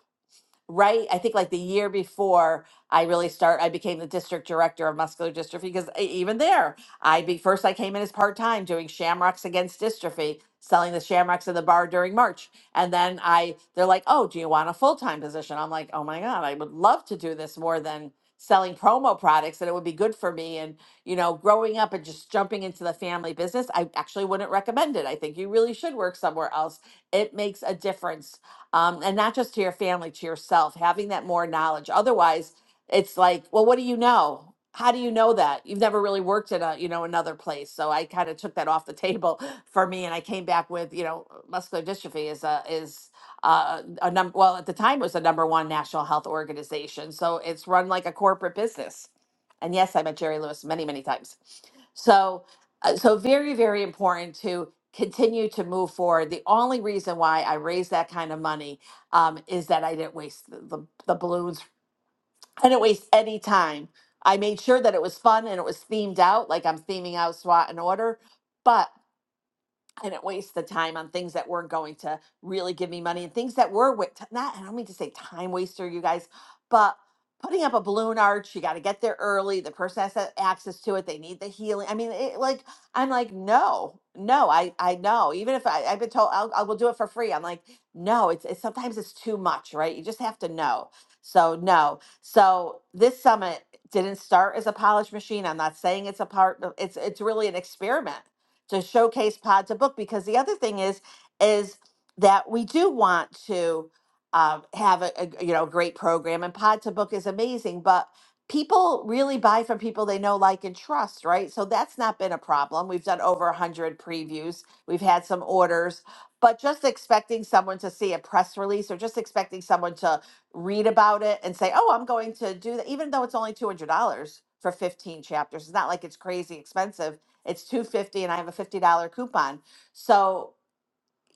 right? I think like the year before I really start, I became the district director of muscular dystrophy because e- even there, I be first I came in as part time doing shamrocks against dystrophy, selling the shamrocks in the bar during March, and then I they're like, oh, do you want a full time position? I'm like, oh my god, I would love to do this more than selling promo products and it would be good for me and you know growing up and just jumping into the family business i actually wouldn't recommend it i think you really should work somewhere else it makes a difference um, and not just to your family, to yourself, having that more knowledge. Otherwise, it's like, well, what do you know? How do you know that? You've never really worked in a, you know, another place. So I kind of took that off the table for me, and I came back with, you know, muscular dystrophy is a is uh, a number. Well, at the time, it was the number one national health organization. So it's run like a corporate business. And yes, I met Jerry Lewis many, many times. So, uh, so very, very important to continue to move forward. The only reason why I raised that kind of money um, is that I didn't waste the, the, the balloons. I didn't waste any time. I made sure that it was fun and it was themed out, like I'm theming out SWAT and order. But I didn't waste the time on things that weren't going to really give me money and things that were wa- t- not. I don't mean to say time waster, you guys, but putting up a balloon arch, you got to get there early. The person has to have access to it. They need the healing. I mean, it, like I'm like, no, no, I I know. Even if I, I've been told I'll, I will do it for free, I'm like, no. It's, it's sometimes it's too much, right? You just have to know. So no. So this summit didn't start as a polished machine. I'm not saying it's a part. It's it's really an experiment to showcase pod to book because the other thing is is that we do want to um, have a, a you know great program and pod to book is amazing but people really buy from people they know like and trust right so that's not been a problem we've done over 100 previews we've had some orders but just expecting someone to see a press release or just expecting someone to read about it and say oh i'm going to do that even though it's only $200 for 15 chapters it's not like it's crazy expensive it's 250 and I have a $50 coupon. So,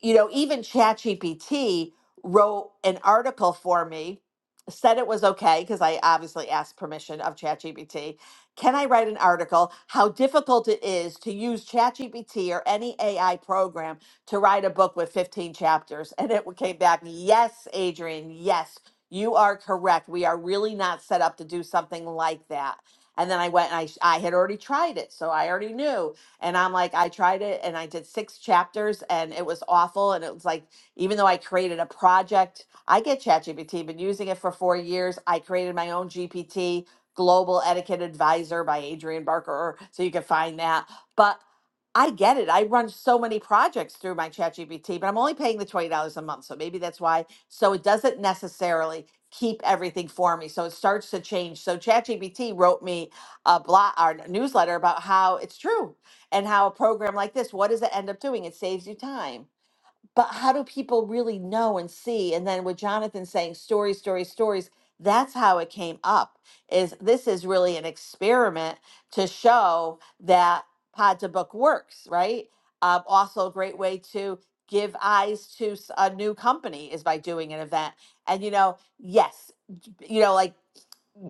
you know, even ChatGPT wrote an article for me, said it was okay because I obviously asked permission of ChatGPT. Can I write an article how difficult it is to use ChatGPT or any AI program to write a book with 15 chapters? And it came back, "Yes, Adrian, yes, you are correct. We are really not set up to do something like that." And then I went and I, I had already tried it. So I already knew. And I'm like, I tried it and I did six chapters and it was awful. And it was like, even though I created a project, I get ChatGPT, been using it for four years. I created my own GPT, Global Etiquette Advisor by Adrian Barker. So you can find that. But I get it. I run so many projects through my ChatGPT, but I'm only paying the $20 a month. So maybe that's why. So it doesn't necessarily keep everything for me. So it starts to change. So ChatGPT wrote me a blog or newsletter about how it's true and how a program like this, what does it end up doing? It saves you time. But how do people really know and see? And then with Jonathan saying stories, stories, stories, that's how it came up. Is this is really an experiment to show that Pod to Book works, right? Um, also, a great way to give eyes to s- a new company is by doing an event. And you know, yes, you know, like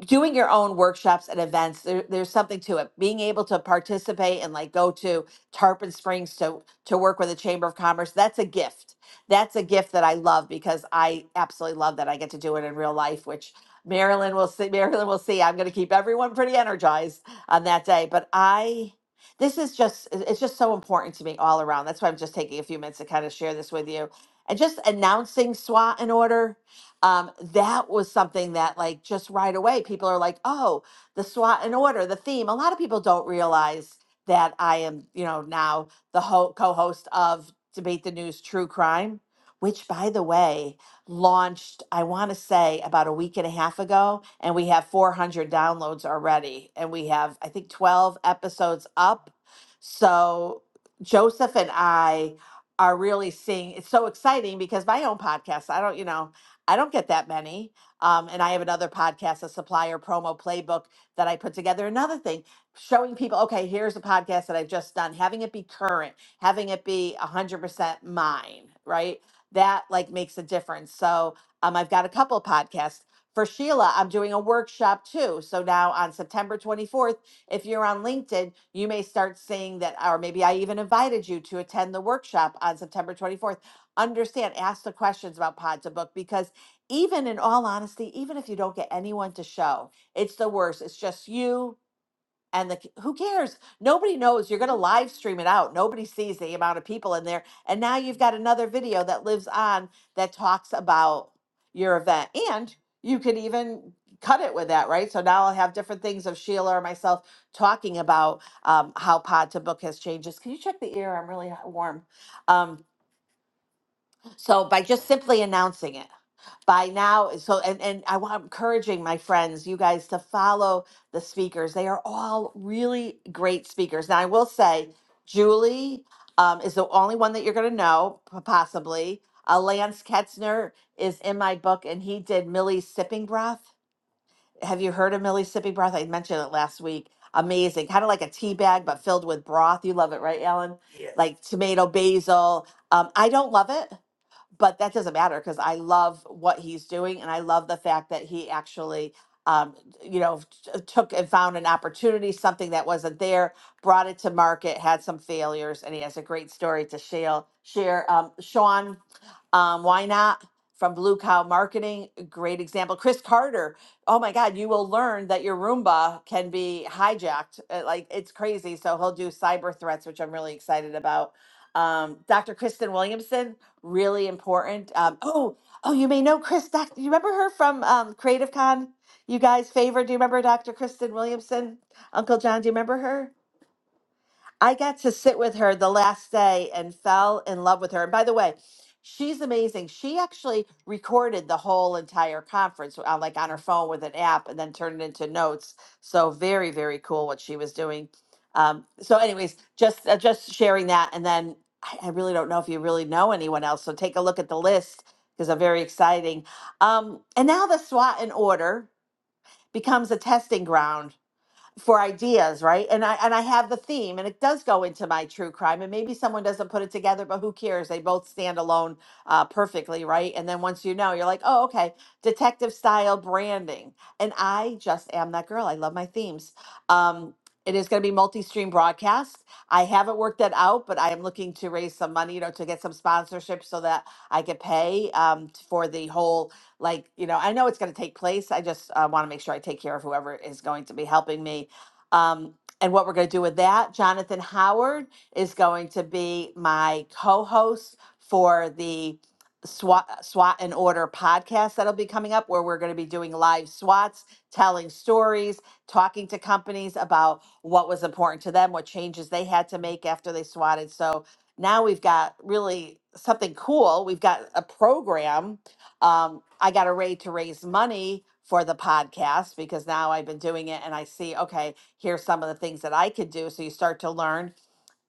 doing your own workshops and events there, there's something to it being able to participate and like go to tarpon springs to to work with the chamber of commerce that's a gift that's a gift that i love because i absolutely love that i get to do it in real life which marilyn will see marilyn will see i'm going to keep everyone pretty energized on that day but i this is just it- it's just so important to me all around that's why i'm just taking a few minutes to kind of share this with you and just announcing swat in order um, that was something that like just right away people are like oh the swat and order the theme a lot of people don't realize that i am you know now the ho- co-host of debate the news true crime which by the way launched i want to say about a week and a half ago and we have 400 downloads already and we have i think 12 episodes up so joseph and i are really seeing it's so exciting because my own podcast i don't you know I don't get that many. Um, and I have another podcast, a supplier promo playbook that I put together. Another thing, showing people, okay, here's a podcast that I've just done, having it be current, having it be 100% mine, right? That like makes a difference. So um, I've got a couple podcasts. For Sheila, I'm doing a workshop too. So now on September 24th, if you're on LinkedIn, you may start seeing that, or maybe I even invited you to attend the workshop on September 24th understand, ask the questions about Pod to Book because even in all honesty, even if you don't get anyone to show, it's the worst. It's just you and the who cares? Nobody knows. You're going to live stream it out. Nobody sees the amount of people in there. And now you've got another video that lives on that talks about your event. And you could even cut it with that, right? So now I'll have different things of Sheila or myself talking about um, how Pod to Book has changes. Can you check the ear? I'm really warm. Um, so by just simply announcing it, by now, eh, so and and I want encouraging my friends, you guys, to follow the speakers. They are all really great speakers. Now I will say, Julie um, is the only one that you're going to know p- possibly. Uh, Lance Ketzner is in my book, and he did Millie's sipping breath. Have you heard of Millie's sipping breath? I mentioned it last week. Amazing, kind of like a tea bag, but filled with broth. You love it, right, Alan? Yes. Like tomato, basil. Um, I don't love it but that doesn't matter because I love what he's doing, and I love the fact that he actually, um, you know, t- took and found an opportunity, something that wasn't there, brought it to market, had some failures, and he has a great story to share. Share, um, Sean, um, why not? From Blue Cow Marketing, a great example. Chris Carter, oh my God, you will learn that your Roomba can be hijacked. uh, Like it's crazy. So he'll do cyber threats, which I'm really excited about. Um, Dr. Kristen Williamson, really important. Um, oh, oh, you may know Chris. Doc, you remember her from um, Creative Con? You guys favor? Do you remember Dr. Kristen Williamson? Uncle John, do you remember her? I got to sit with her the last day and fell in love with her. And by the way, she's amazing. She actually recorded the whole entire conference, uh, like on her phone with an app, and then turned it into notes. So very, very cool what she was doing. Um, so, anyways, just uh, just sharing that, and then I, I really don't know if you really know anyone else. So take a look at the list because they're very exciting. Um, and now the SWOT in order becomes a testing ground for ideas, right? And I and I have the theme, and it does go into my true crime. And maybe someone doesn't put it together, but who cares? They both stand alone uh, perfectly, right? And then once you know, you're like, oh, okay, detective style branding. And I just am that girl. I love my themes. Um, it is going to be multi-stream broadcast. I haven't worked that out, but I am looking to raise some money, you know, to get some sponsorship so that I could pay um, for the whole like you know i know it's going to take place i just uh, want to make sure i take care of whoever is going to be helping me um, and what we're going to do with that, Jonathan Howard is going to be my co host for the SWAT, SWAT and Order podcast that'll be coming up, where we're going to be doing live SWATs, telling stories, talking to companies about what was important to them, what changes they had to make after they swatted. So now we've got really something cool. We've got a program. Um, I got a rate to raise money for the podcast because now I've been doing it and I see, okay, here's some of the things that I could do. So you start to learn.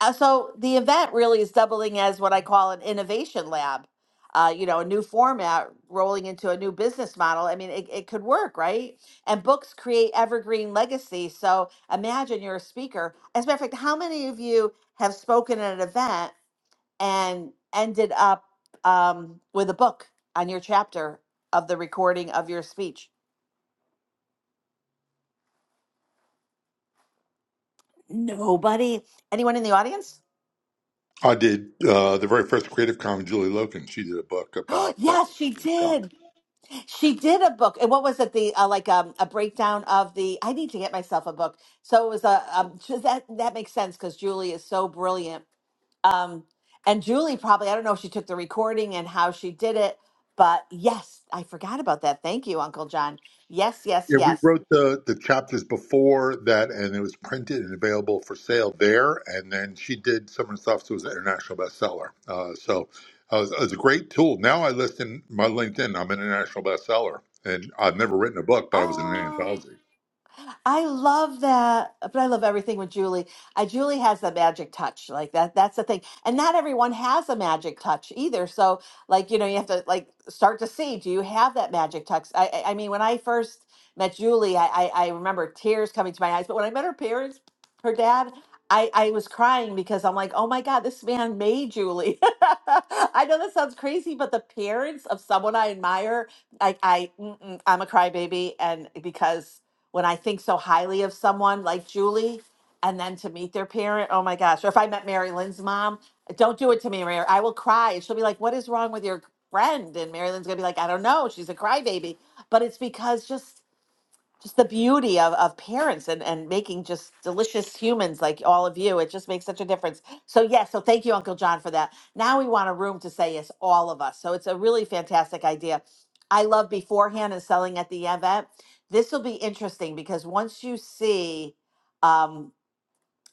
Uh, so the event really is doubling as what I call an innovation lab, uh, you know, a new format rolling into a new business model. I mean, it, it could work, right? And books create evergreen legacy. So imagine you're a speaker. As a matter of fact, how many of you have spoken at an event and ended up um, with a book on your chapter of the recording of your speech? Nobody. Anyone in the audience? I did uh, the very first Creative Con with Julie Loken. She did a book Oh, about uh, yes, she Got it. did. She did a book, and what was it? The uh, like um, a breakdown of the. I need to get myself a book. So it was a um, so that that makes sense because Julie is so brilliant. Um, and Julie probably I don't know if she took the recording and how she did it, but yes, I forgot about that. Thank you, Uncle John. Yes, yes, Yeah, we yes. wrote the the chapters before that, and it was printed and available for sale there. And then she did some of the stuff, so it was an international bestseller. Uh, so uh, it, was, it was a great tool. Now I list in my LinkedIn, I'm an international bestseller, and I've never written a book, but I was in an Oh. anthology. I love that, but I love everything with Julie. I Julie has the magic touch, like that. That's the thing, and not everyone has a magic touch either. So, like you know, you have to like start to see. Do you have that magic touch? I, I I mean, when I first met Julie, I, I I remember tears coming to my eyes. But when I met her parents, her dad. I, I was crying because I'm like, oh my God, this man made Julie. I know that sounds crazy, but the parents of someone I admire, I, I mm-mm, I'm a crybaby, and because when I think so highly of someone like Julie and then to meet their parent, oh my gosh. Or if I met Mary Lynn's mom, don't do it to me, Mary. I will cry. And she'll be like, What is wrong with your friend? And Mary Lynn's gonna be like, I don't know. She's a crybaby. But it's because just just the beauty of, of parents and, and making just delicious humans like all of you. It just makes such a difference. So, yes, so thank you, Uncle John, for that. Now we want a room to say yes, all of us. So, it's a really fantastic idea. I love beforehand and selling at the event. This will be interesting because once you see, um,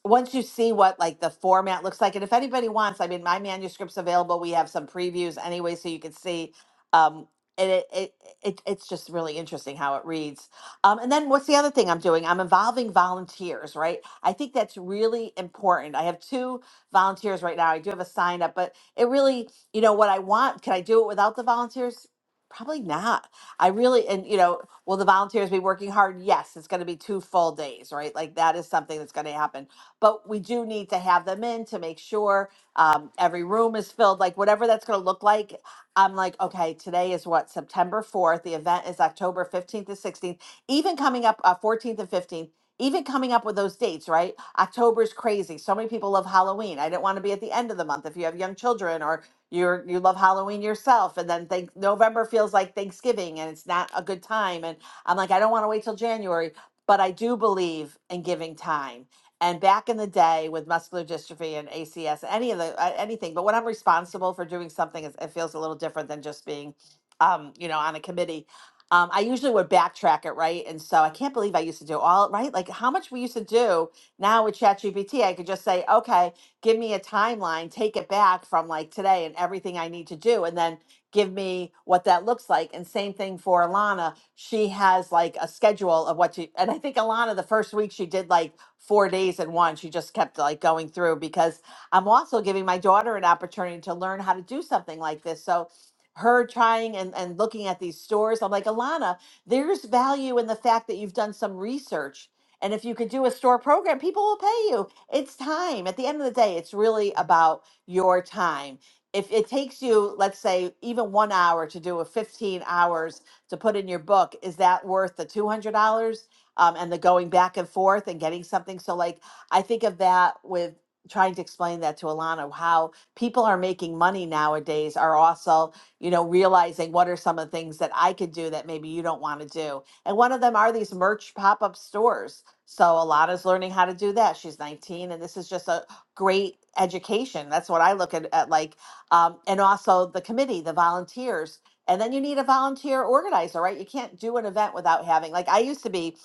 once you see what like the format looks like and if anybody wants i mean my manuscript's available we have some previews anyway so you can see um and it, it, it it's just really interesting how it reads um and then what's the other thing i'm doing i'm involving volunteers right i think that's really important i have two volunteers right now i do have a sign up but it really you know what i want can i do it without the volunteers probably not i really and you know will the volunteers be working hard yes it's going to be two full days right like that is something that's going to happen but we do need to have them in to make sure um, every room is filled, like whatever that's going to look like. I'm like, okay, today is what, September 4th. The event is October 15th to 16th, even coming up uh, 14th and 15th. Even coming up with those dates, right? October is crazy. So many people love Halloween. I didn't want to be at the end of the month if you have young children or you're you love Halloween yourself, and then think November feels like Thanksgiving, and it's not a good time. And I'm like, I don't want to wait till January, but I do believe in giving time and back in the day with muscular dystrophy and ACS, any of the uh, anything, but when I'm responsible for doing something, it's- it feels a little different than just being, um, you know, on a committee. Um, I usually would backtrack it, right? And so I can't believe I used to do all right. Like how much we used to do now with ChatGPT, I could just say, okay, give me a timeline, take it back from like today and everything I need to do, and then give me what that looks like. And same thing for Alana. She has like a schedule of what she, and I think Alana, the first week she did like four days in one. She just kept like going through because I'm also giving my daughter an opportunity to learn how to do something like this. So her trying and, and looking at these stores, I'm like, Alana, there's value in the fact that you've done some research. And if you could do a store program, people will pay you. It's time. At the end of the day, it's really about your time if it takes you let's say even one hour to do a 15 hours to put in your book is that worth the $200 um, and the going back and forth and getting something so like i think of that with trying to explain that to alana how people are making money nowadays are also you know realizing what are some of the things that i could do that maybe you don't want to do and one of them are these merch pop-up stores so alana's learning how to do that she's 19 and this is just a great education that's what i look at, at like um, and also the committee, the volunteers. And then you need a volunteer organizer, right? You can't do an event without having, like, I used to be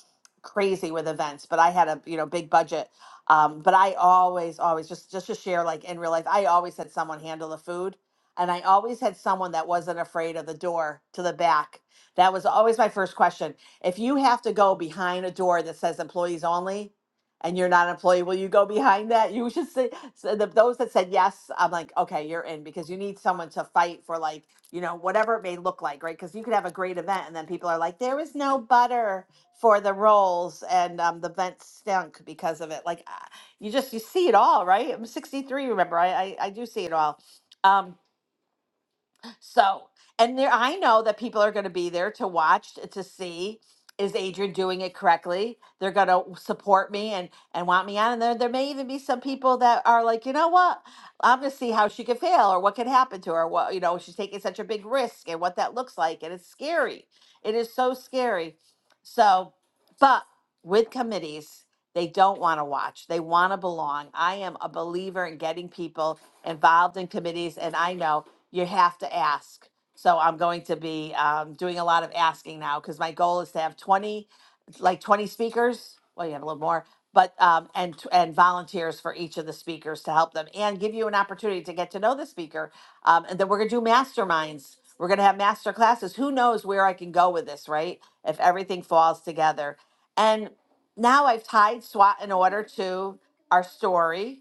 crazy with events, but I had a, you know, big budget. Um, but I always, always just, just to share, like in real life, I always had someone handle the food and I always had someone that wasn't afraid of the door to the back. That was always my first question. If you have to go behind a door that says employees only, and you're not an employee, will you go behind that? You should say, so the, those that said yes, I'm like, okay, you're in because you need someone to fight for like, you know, whatever it may look like, right? Because you could have a great event and then people are like, there was no butter for the rolls and um, the vent stunk because of it. Like, ah, you just, you see it all, right? I'm 63, remember, I, I, I do see it all. Um, so, and there, I know that people are going to be there to watch t- to see is Adrian doing it correctly. They're going to support me and and want me on. And there, there may even be some people that are like, you know what, I'm going to see how she could fail or what could happen to her. What you know, she's taking such a big risk and what that looks like, and it's scary. It is so scary. So, but with committees. They don't want to watch. They want to belong. I am a believer in getting people involved in committees, and I know you have to ask. So I'm going to be um, doing a lot of asking now because my goal is to have 20, like 20 speakers. Well, you have a little more, but um, and t- and volunteers for each of the speakers to help them and give you an opportunity to get to know the speaker. Um, and then we're gonna do masterminds. We're gonna have master classes. Who knows where I can go with this, right? If everything falls together. and now I've tied SWAT and order to our story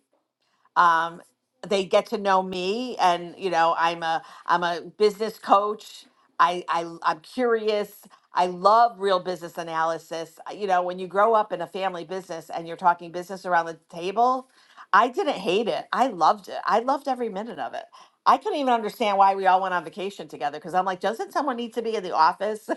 um, they get to know me and you know i'm a i'm a business coach I, I i'm curious i love real business analysis Uh, you know when you grow up in a family business and you're talking business around the table i didn't hate it i loved it i loved every minute of it i couldn't even understand why we all went on vacation together because i'm like doesn't someone need to be in the office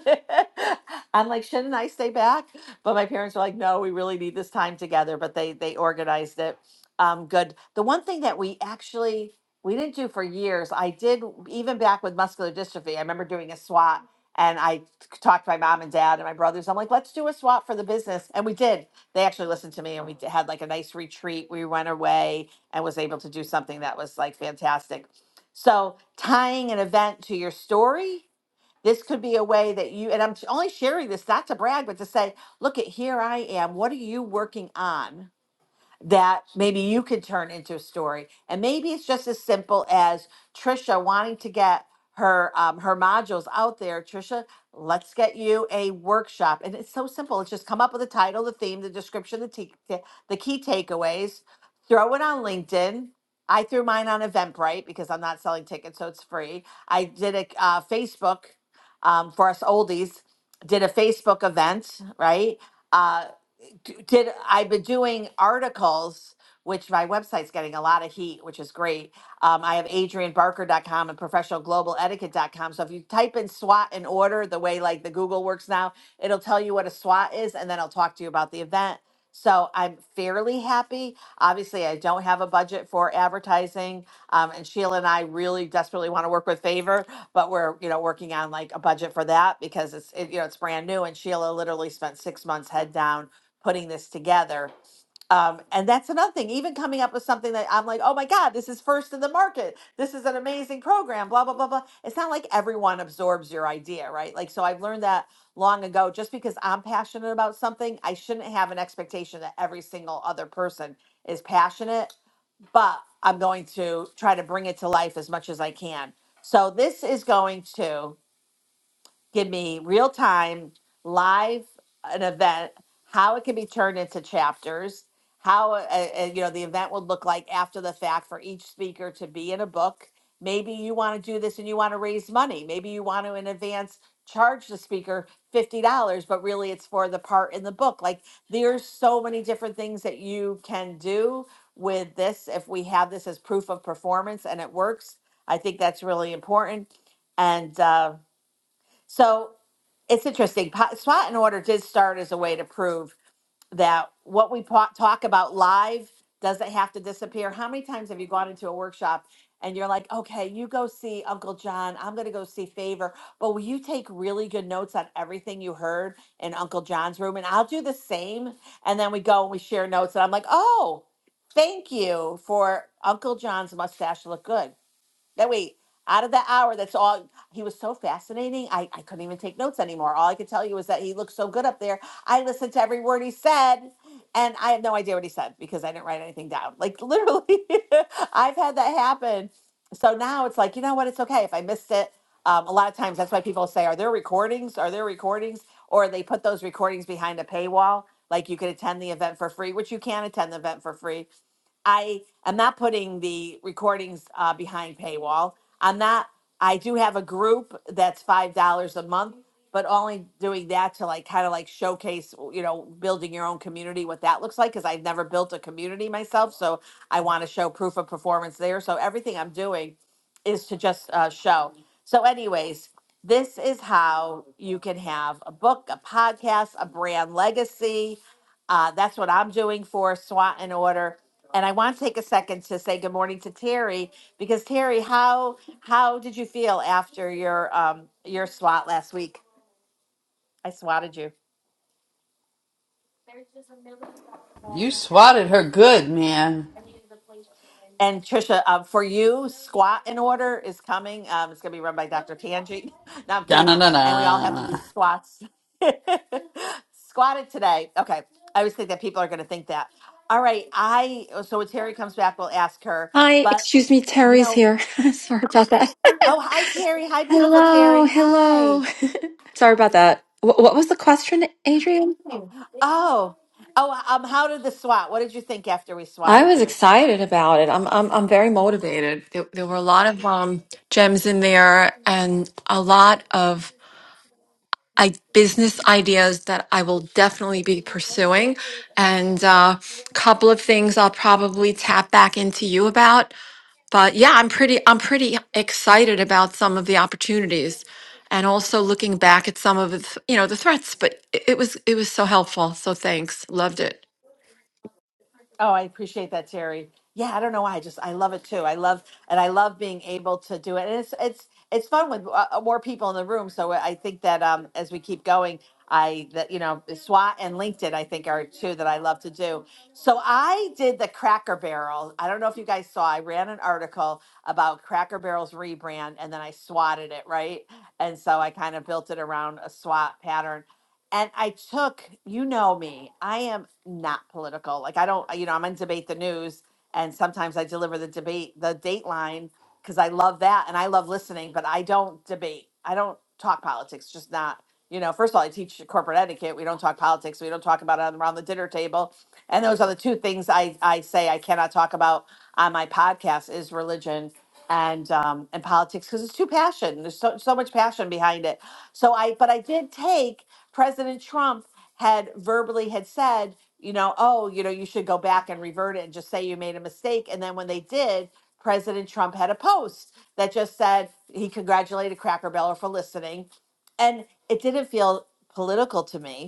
i'm like shouldn't i stay back but my parents were like no we really need this time together but they they organized it um, good. The one thing that we actually we didn't do for years, I did even back with muscular dystrophy. I remember doing a SWAT, and I talked to my mom and dad and my brothers. I'm like, let's do a SWAT for the business, and we did. They actually listened to me, and we d- had like a nice retreat. We went away and was able to do something that was like fantastic. So tying an event to your story. This could be a way that you, and I'm only sharing this not to brag, but to say, look at here I am. What are you working on? that maybe you could turn into a story. And maybe it's just as simple as Trisha wanting to get her um, her modules out there. Trisha, let's get you a workshop, and it's so simple. It's just come up with a title, the theme, the description, the t- the key takeaways. Throw it on LinkedIn. I threw mine on Eventbrite because I'm not selling tickets, so it's free. I did a uh, Facebook um, for us oldies. Did a Facebook event, right? Uh, d- did I've been doing articles, which my website's getting a lot of heat, which is great. Um, I have adrian barker dot com and professional global etiquette dot com. So if you type in SWAT in order, the way like the Google works now, it'll tell you what a SWAT is, and then I'll talk to you about the event. So I'm fairly happy. Obviously, I don't have a budget for advertising, um, and Sheila and I really desperately want to work with Favor, but we're you know working on like a budget for that because it's it, you know it's brand new, and Sheila literally spent six months head down putting this together. Um, and that's another thing, even coming up with something that I'm like, oh my God, this is first in the market. This is an amazing program, blah, blah, blah, blah. It's not like everyone absorbs your idea, right? Like, so I've learned that long ago. Just because I'm passionate about something, I shouldn't have an expectation that every single other person is passionate, but I'm going to try to bring it to life as much as I can. So this is going to give me real time, live, an event, how it can be turned into chapters, how uh, uh, uh, you know the event would look like after the fact for each speaker to be in a book. Maybe you want to do this and you want to raise money. Maybe you want to in advance charge the speaker fifty dollars, but really it's for the part in the book. Like there's so many different things that you can do with this. If we have this as proof of performance and it works, I think that's really important. And uh, so it's interesting. Po- Spot and order did start as a way to prove that what we po- talk about live doesn't have to disappear. How many times have you gone into a workshop and you're like, okay, you go see Uncle John. I'm going to go see Favor. But will you take really good notes on everything you heard in Uncle John's room? And I'll do the same. And then we go and we share notes. And I'm like, oh, thank you for Uncle John's mustache look good. That way, out of the hour, that's all. He was so fascinating. I, I couldn't even take notes anymore. All I could tell you was that he looked so good up there. I listened to every word he said, and I have no idea what he said because I didn't write anything down. Like, literally, I've had that happen. So now it's like, you know what? It's okay if I missed it. Um, a lot of times, that's why people say, Are there recordings? Are there recordings? Or they put those recordings behind a paywall. Like, you could attend the event for free, which you can attend the event for free I am not putting the recordings uh, behind paywall. I'm not. I do have a group that's five dollars a month, but only doing that to like kind of like showcase, you know, building your own community, what that looks like, because I've never built a community myself, so I want to show proof of performance there. So everything I'm doing is to just uh, show. So, anyways, this is how you can have a book, a podcast, a brand legacy uh, that's what I'm doing for SWAT and order. And I want to take a second to say good morning to Terry because Terry, how how did you feel after your um your SWAT last week? I swatted you. You swatted her good, man. And Trisha, um, for you, squat and order is coming. Um, it's gonna be run by Dr. Tangi. No, I'm Da kidding na you. na And we all have to do na. squats. Squatted today. Okay. I always think that people are gonna think that. All right. I so when Terry comes back, we'll ask her. Hi, But excuse me, you Terry's know, here. Sorry about that. Oh, hi, Terry. Hi, beautiful Hello, Terry. Hi. hello. Sorry about that. Wh- what was the question, Adrian? Oh, oh, um, how did the SWAT? What did you think after we I swatted was you? excited about it. I'm I'm I'm very motivated. There, there were a lot of um gems in there and a lot of I, business ideas that I will definitely be pursuing and a couple of things I'll probably tap back into you about. but yeah i'm pretty i'm pretty excited about some of the opportunities and also looking back at some of the th- you know the threats but it, it was it was so helpful so thanks loved it Oh, I appreciate that, Terry. Yeah, I don't know why. I just I love it too. I love and I love being able to do it. And it's it's it's fun with uh, uh, more people in the room. So I think that um as we keep going, I that you know SWAT and LinkedIn I think are two that I love to do. So I did the Cracker Barrel. I don't know if you guys saw. I ran an article about Cracker Barrel's rebrand, and then I swatted it right. And so I kind of built it around a SWAT pattern. And I took, you know me, I am not political. Like I don't, you know, I'm on debate the news, and sometimes I deliver the debate, the Dateline, because I love that and I love listening. But I don't debate. I don't talk politics. Just not, you know. First of all, I teach corporate etiquette. We don't talk politics. We don't talk about it around the dinner table. And those are the two things I I say I cannot talk about on my podcast is religion and um and politics because it's too passion. There's so so much passion behind it. So I, but I did take. President Trump had verbally had said, you know, oh, you know, you should go back and revert it and just say you made a mistake. And then when they did, President Trump had a post that just said he congratulated Cracker Barrel for listening. And it didn't feel political to me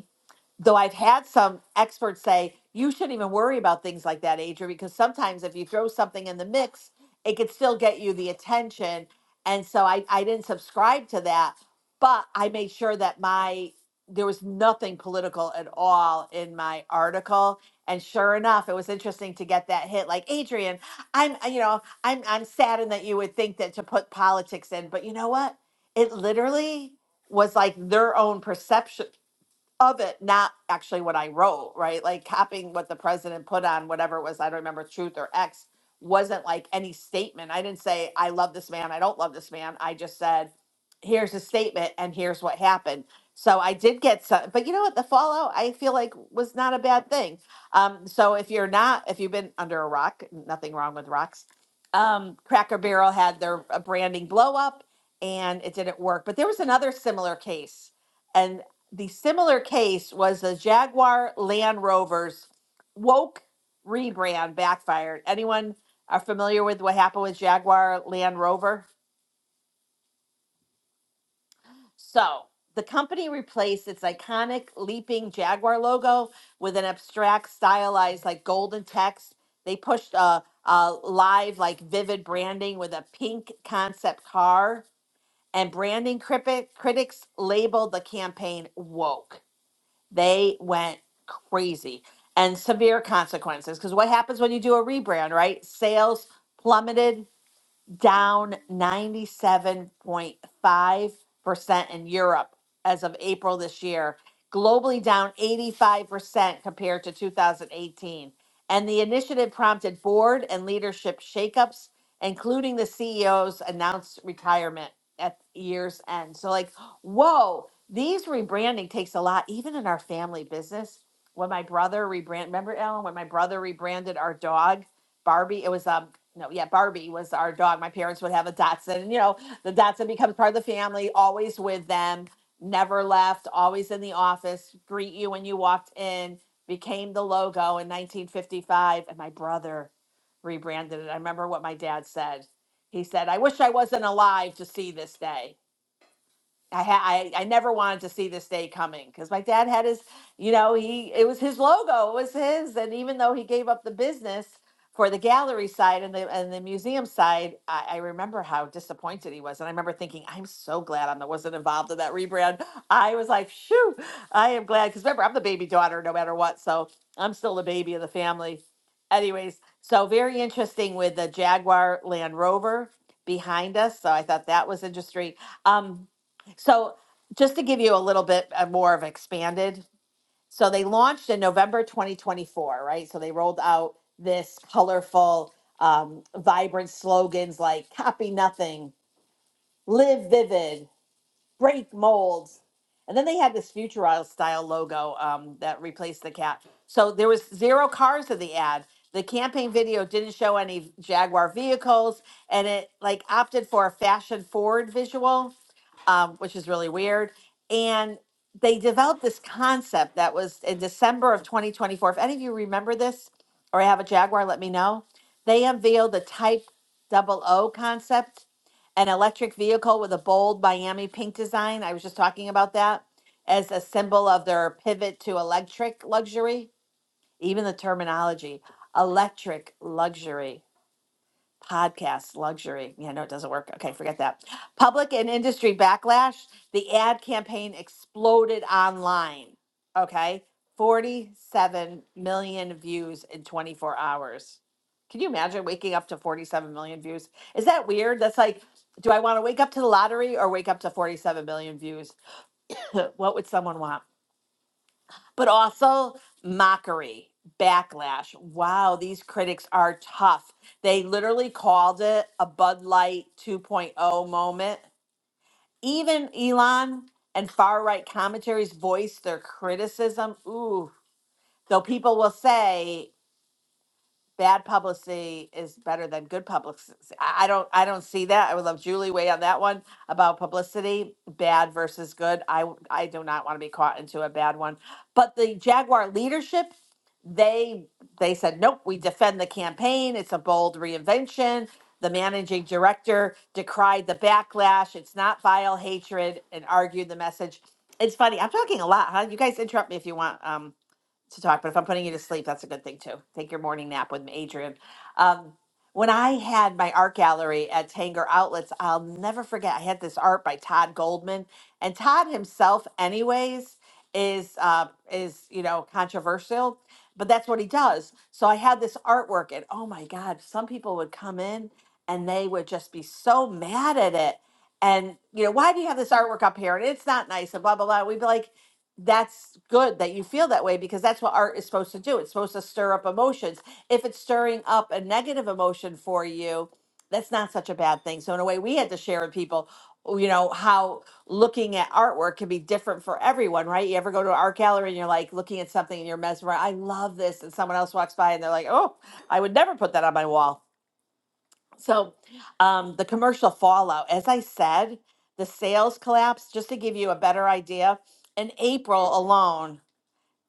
though I've had some experts say you shouldn't even worry about things like that, Adrian, because sometimes if you throw something in the mix, it could still get you the attention. And so I, I didn't subscribe to that, but I made sure that my there was nothing political at all in my article. And sure enough, it was interesting to get that hit. Like Adrian, I'm uh, you know I'm I'm saddened that you would think that to put politics in, but you know what? It literally was like their own perception of it, not actually what I wrote, right? Like copying what the president put on whatever it was, I don't remember truth or X, wasn't like any statement. I didn't say, I love this man, I don't love this man. I just said, here's a statement and here's what happened. So I did get some, but you know what? The fallout I feel like was not a bad thing. Um, so if you're not, if you've been under a rock, nothing wrong with rocks. Um, Cracker Barrel had their uh, branding blow up and it didn't work. But there was another similar case and. The similar case was the Jaguar Land Rover's woke rebrand backfired. Anyone are familiar with what happened with Jaguar Land Rover? So, the company replaced its iconic leaping Jaguar logo with an abstract, stylized, like golden text. They pushed a, a live, like vivid branding with a pink concept car, and branding cripi- critics labeled the campaign woke They went crazy and severe consequences. Because what happens when you do a rebrand, right? Sales plummeted, down 97.5% in Europe as of April this year, globally down 85% compared to 2018. And the initiative prompted board and leadership shakeups, including the CEO's announced retirement at year's end. So, like, whoa, these rebranding takes a lot, even in our family business. When my brother rebrand, remember Alan, when my brother rebranded our dog Barbie. It was um no, yeah, Barbie was our dog. My parents would have a Dotson. and, You know, the Dotson becomes part of the family, always with them, never left, always in the office, greet you when you walked in, became the logo in 1955. And my brother rebranded it. I remember what my dad said. He said, I wish I wasn't alive to see this day. I, ha- I I never wanted to see this day coming because my dad had his, you know, he it was his logo, it was his, and even though he gave up the business for the gallery side and the and the museum side, I, I remember how disappointed he was, and I remember thinking, I'm so glad I wasn't involved in that rebrand. I was like, shoo, I am glad because remember I'm the baby daughter, no matter what, so I'm still the baby of the family. Anyways, so very interesting with the Jaguar Land Rover behind us, so I thought that was interesting. Um, so, just to give you a little bit uh, more of expanded, so they launched in November 2024, right? So they rolled out this colorful, um, vibrant slogans like "Copy Nothing," "Live Vivid," "Break Molds," and then they had this Futurile style logo um, that replaced the cat. So there was zero cars in the ad. The campaign video didn't show any Jaguar vehicles, and it like opted for a fashion forward visual um, which is really weird. And they developed this concept that was in December of 2024. If any of you remember this or have a Jaguar, let me know. They unveiled the Type Double O concept, an electric vehicle with a bold Miami pink design. I was just talking about that as a symbol of their pivot to electric luxury, even the terminology electric luxury podcast luxury. Yeah, no, it doesn't work. Okay, forget that. Public and industry backlash. The ad campaign exploded online. Okay, 47 million views in 24 hours. Can you imagine waking up to 47 million views? Is that weird? That's like, do I want to wake up to the lottery or wake up to 47 million views? what would someone want? but also mockery, backlash. Wow, these critics are tough. They literally called it a Bud Light 2.0 moment. Even Elon and far right commentaries voiced their criticism. Ooh, though people will say bad publicity is better than good publicity. I I don't I don't see that. I would love Julie way on that one about publicity, bad versus good. I w- I do not want to be caught into a bad one. But the Jaguar leadership, they they said nope, we defend the campaign. It's a bold reinvention. The managing director decried the backlash. It's not vile hatred and argued the message. It's funny. I'm talking a lot, huh? You guys interrupt me if you want. Um to talk, but if I'm putting you to sleep, that's a good thing too. Take your morning nap with me, Adrian. Um, when I had my art gallery at Tanger Outlets, I'll never forget. I had this art by Todd Goldman, and Todd himself, anyways, is uh, is you know controversial, but that's what he does. So I had this artwork, and oh my God, some people would come in and they would just be so mad at it. And you know, why do you have this artwork up here? And it's not nice, and blah blah blah. We'd be like, that's good that you feel that way because that's what art is supposed to do. It's supposed to stir up emotions. If it's stirring up a negative emotion for you, that's not such a bad thing. So, in a way, we had to share with people, oh, you know, how looking at artwork can be different for everyone, right? You ever go to an art gallery and you're like looking at something and you're mesmerized, I love this. And someone else walks by and they're like, oh, I would never put that on my wall so, um, the commercial fallout, as I said, the sales collapse, just to give you a better idea, in April alone,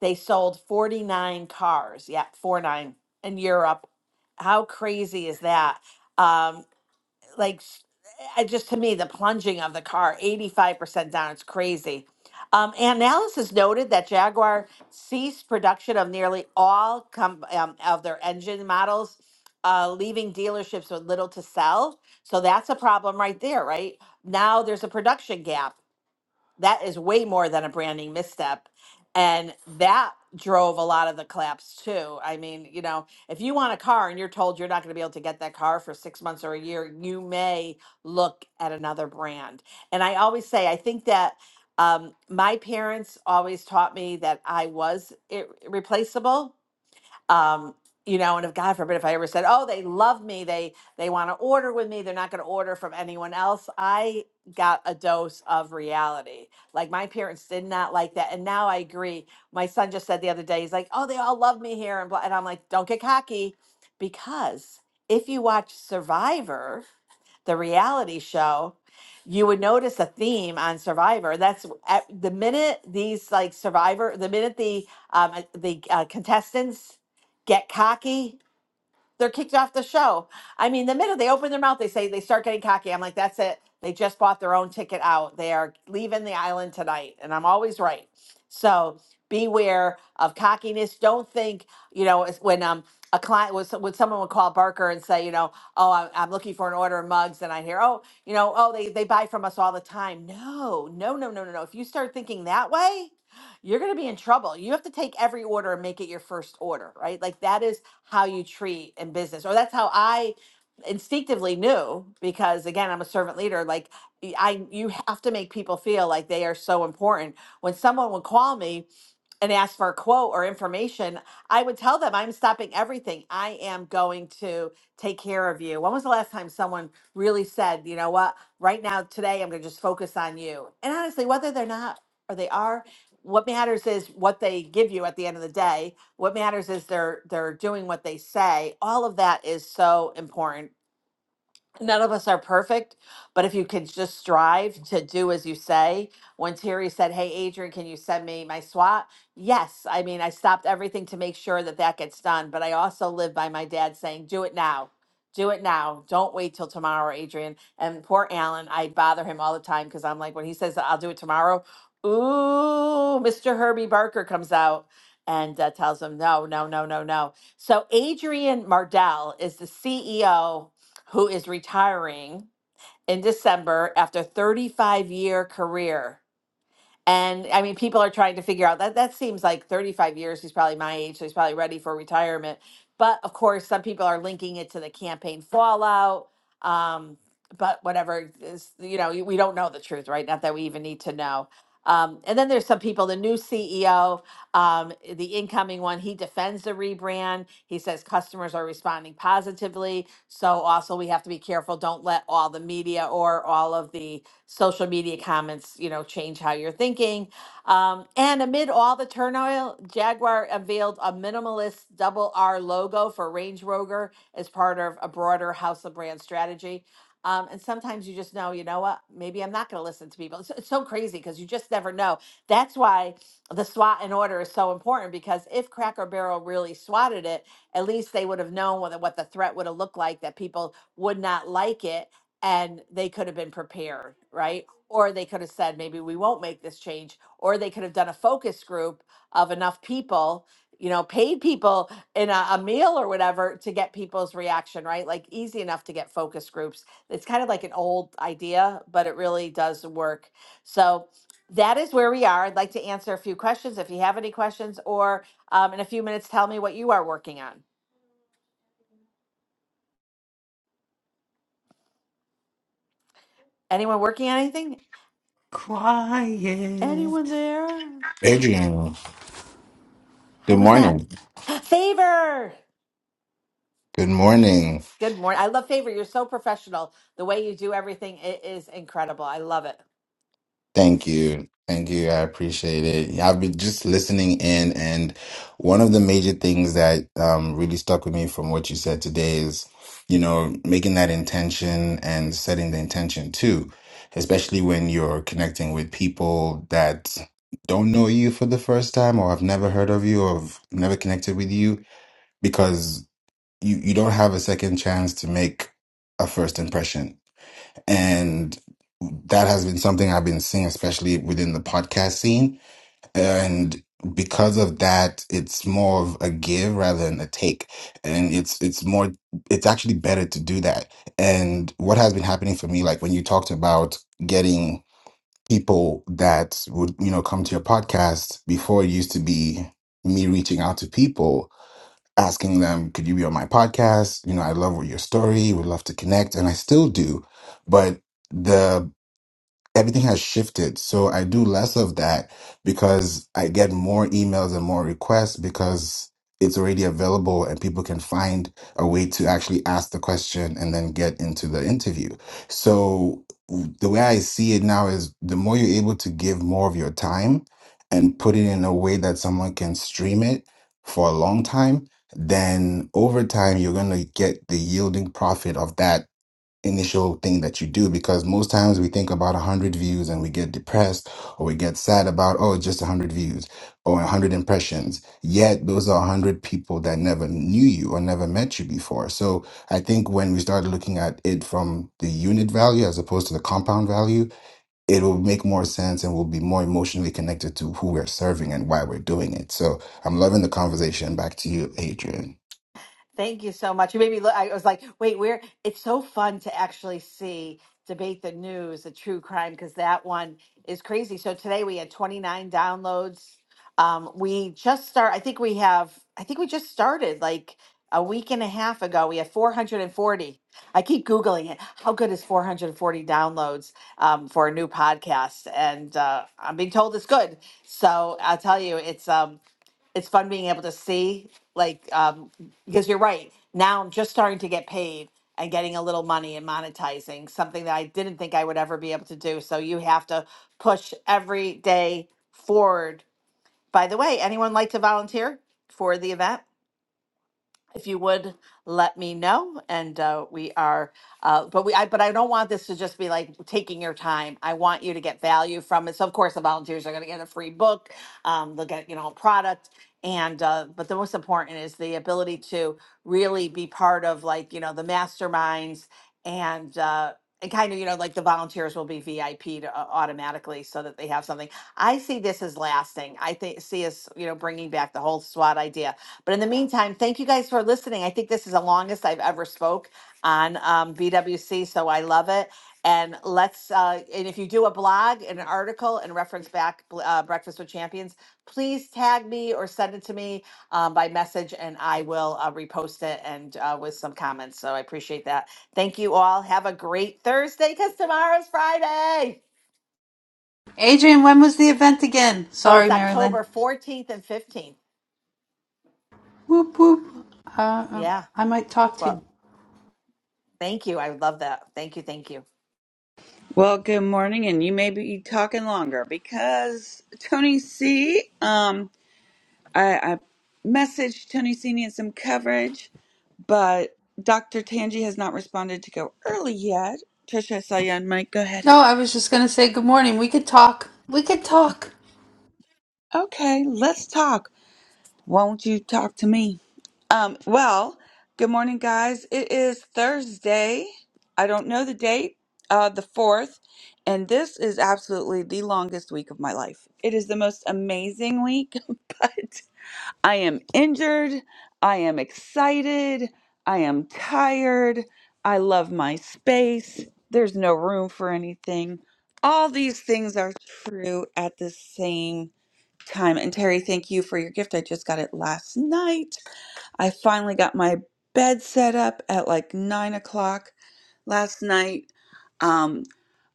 they sold 49 cars. Yeah, 49 in Europe. How crazy is that? Um, like s- I just to me the plunging of the car 85% down it's crazy um, analysis noted that jaguar ceased production of nearly all com- um, of their engine models uh, leaving dealerships with little to sell so that's a problem right there right now there's a production gap that is way more than a branding misstep. And that drove a lot of the collapse too. I mean, you know, if you want a car and you're told you're not going to be able to get that car for six months or a year, you may look at another brand. And I always say, I think that um, my parents always taught me that I was ir- replaceable um, you know, and if God forbid if I ever said, "Oh, they love me. They they want to order with me. They're not going to order from anyone else." I got a dose of reality. Like my parents did not like that, and now I agree. My son just said the other day, he's like, "Oh, they all love me here," and blah. and I'm like, "Don't get cocky," because if you watch Survivor the reality show, you would notice a theme on Survivor. That's at the minute these like Survivor, the minute the um, uh, the uh, contestants get cocky they're kicked off the show. I mean, the minute they open their mouth, they say they start getting cocky. I'm like, that's it. They just bought their own ticket out. They are leaving the island tonight. And I'm always right. So beware of cockiness. Don't think, you know, it's when um a client was when someone would call Barker and say, you know, oh, I- I'm looking for an order of mugs, and I hear, oh, you know, oh, they they buy from us all the time. No, no, no, no, no, no. If you start thinking that way, you're going to be in trouble. You have to take every order and make it your first order, right? Like that is how you treat in business. Or that's how I instinctively knew because again, I'm a servant leader. Like y- I you have to make people feel like they are so important. When someone would call me and ask for a quote or information, I would tell them I'm stopping everything. I am going to take care of you. When was the last time someone really said, you know what, right now, today, I'm going to just focus on you? And honestly, whether they're not or they are, what matters is what they give you at the end of the day what matters is they're they're doing what they say. All of that is so important none of us are perfect, but if you could just strive to do as you say. When Terry said, Hey, Adrian, can you send me my SWAT? Yes. I mean, I stopped everything to make sure that that gets done, but I also live by my dad saying, Do it now. Do it now. Don't wait till tomorrow, Adrian. And poor Alan, I bother him all the time because I'm like, when he says, I'll do it tomorrow, ooh, Mr. Herbie Barker comes out and uh, tells him, no, no, no, no, no. So Adrian Mardell is the CEO who is retiring in December after 35 year career. And I mean, people are trying to figure out that that seems like 35 years. He's probably my age, so he's probably ready for retirement. But of course, some people are linking it to the campaign fallout. Um, but whatever is, you know, we don't know the truth, right? Not that we even need to know. Um, and then there's some people, the new CEO, um, the incoming one, he defends the rebrand. He says customers are responding positively. So also we have to be careful. Don't let all the media or all of the social media comments, you know, change how you're thinking. Um, and amid all the turmoil, Jaguar unveiled a minimalist double R logo for Range Rover as part of a broader house of brand strategy. Um, and sometimes you just know, you know what? Maybe I'm not going to listen to people. It's, it's so crazy because you just never know. That's why the SWAT and order is so important because if Cracker Barrel really swatted it, at least they would have known what, the- what the threat would have looked like, that people would not like it and they could have been prepared, right? Or they could have said, maybe we won't make this change. Or they could have done a focus group of enough people, you know, paid people in a, a meal or whatever to get people's reaction, right? Like easy enough to get focus groups. It's kind of like an old idea, but it really does work. So that is where we are. I'd like to answer a few questions if you have any questions, or um, in a few minutes, tell me what you are working on. Anyone working on anything? Anyone Quiet. there? Adrian, How good was that? morning. Favor. Good morning. Good morning. I love Favor. You're so professional. The way you do everything it is incredible. I love it. Thank you. Thank you. I appreciate it. Yeah, I've been just listening in, and one of the major things that um, really stuck with me from what you said today is, you know, making that intention and setting the intention too, especially when you're connecting with people that don't know you for the first time or have never heard of you or have never connected with you, because you, you don't have a second chance to make a first impression and that has been something I've been seeing, especially within the podcast scene. And because of that, it's more of a give rather than a take, and it's it's more it's actually better to do that. And what has been happening for me, like when you talked about getting people that would you know come to your podcast before it used to be me reaching out to people asking them, could you be on my podcast? You know, I love your story, would love to connect, and I still do. But the everything has shifted. So I do less of that because I get more emails and more requests because it's already available and people can find a way to actually ask the question and then get into the interview. So the way I see it now is the more you're able to give more of your time and put it in a way that someone can stream it for a long time, then over time you're going to get the yielding profit of that initial thing that you do because most times we think about 100 views and we get depressed or we get sad about oh it's just 100 views or 100 impressions yet those are 100 people that never knew you or never met you before so i think when we start looking at it from the unit value as opposed to the compound value it will make more sense and we'll be more emotionally connected to who we're serving and why we're doing it so i'm loving the conversation back to you adrian Thank you so much. You made me look. I was like, wait, where? It's so fun to actually see debate the news, the true crime, because that one is crazy. So today we had 29 downloads. Um, we just start. I think we have. I think we just started like a week and a half ago. We had 440. I keep googling it. How good is 440 downloads um, for a new podcast? And uh, I'm being told it's good. So I'll tell you, it's um, it's fun being able to see like um, because you're right. Now I'm just starting to get paid and getting a little money and monetizing something that I didn't think I would ever be able to do. So you have to push every day forward. By the way, anyone like to volunteer for the event? if you would let me know and uh, we are uh, but we I, but i don't want this to just be like taking your time i want you to get value from it so of course the volunteers are going to get a free book um, they'll get you know a product and uh, but the most important is the ability to really be part of like you know the masterminds and uh, and kind of you know like the volunteers will be VIP'd uh, automatically so that they have something. I see this as lasting. I think see us you know bringing back the whole SWAT idea but in the meantime, thank you guys for listening. I think this is the longest I've ever spoke on um, BWC, so I love it. And let's uh, and if you do a blog and an article and reference back uh, Breakfast with Champions, please tag me or send it to me um, by message, and I will uh, repost it and uh, with some comments. So I appreciate that. Thank you all. Have a great Thursday because tomorrow's Friday. Adrian, when was the event again? Oh, it's Sorry, Marilyn. October fourteenth and fifteenth. Whoop whoop. Uh, uh, Yeah. I might talk to you. Well, thank you. I love that. Thank you. Thank you. Well, good morning, and you may be talking longer because Tony C. Um, I, I messaged Tony C. needs some coverage, but Dr. Tangi has not responded to go early yet. Trisha, I saw you on mic. Go ahead. No, I was just gonna say good morning. We could talk. We could talk. Okay, let's talk. Won't you talk to me? Um, well, good morning, guys. It is Thursday. I don't know the date, uh, the 4th, and this is absolutely the longest week of my life. It is the most amazing week, but I am injured. I am excited. I am tired. I love my space. There's no room for anything. All these things are true at the same time. And Terry, thank you for your gift. I just got it last night. I finally got my bed set up at like nine o'clock last night. Um,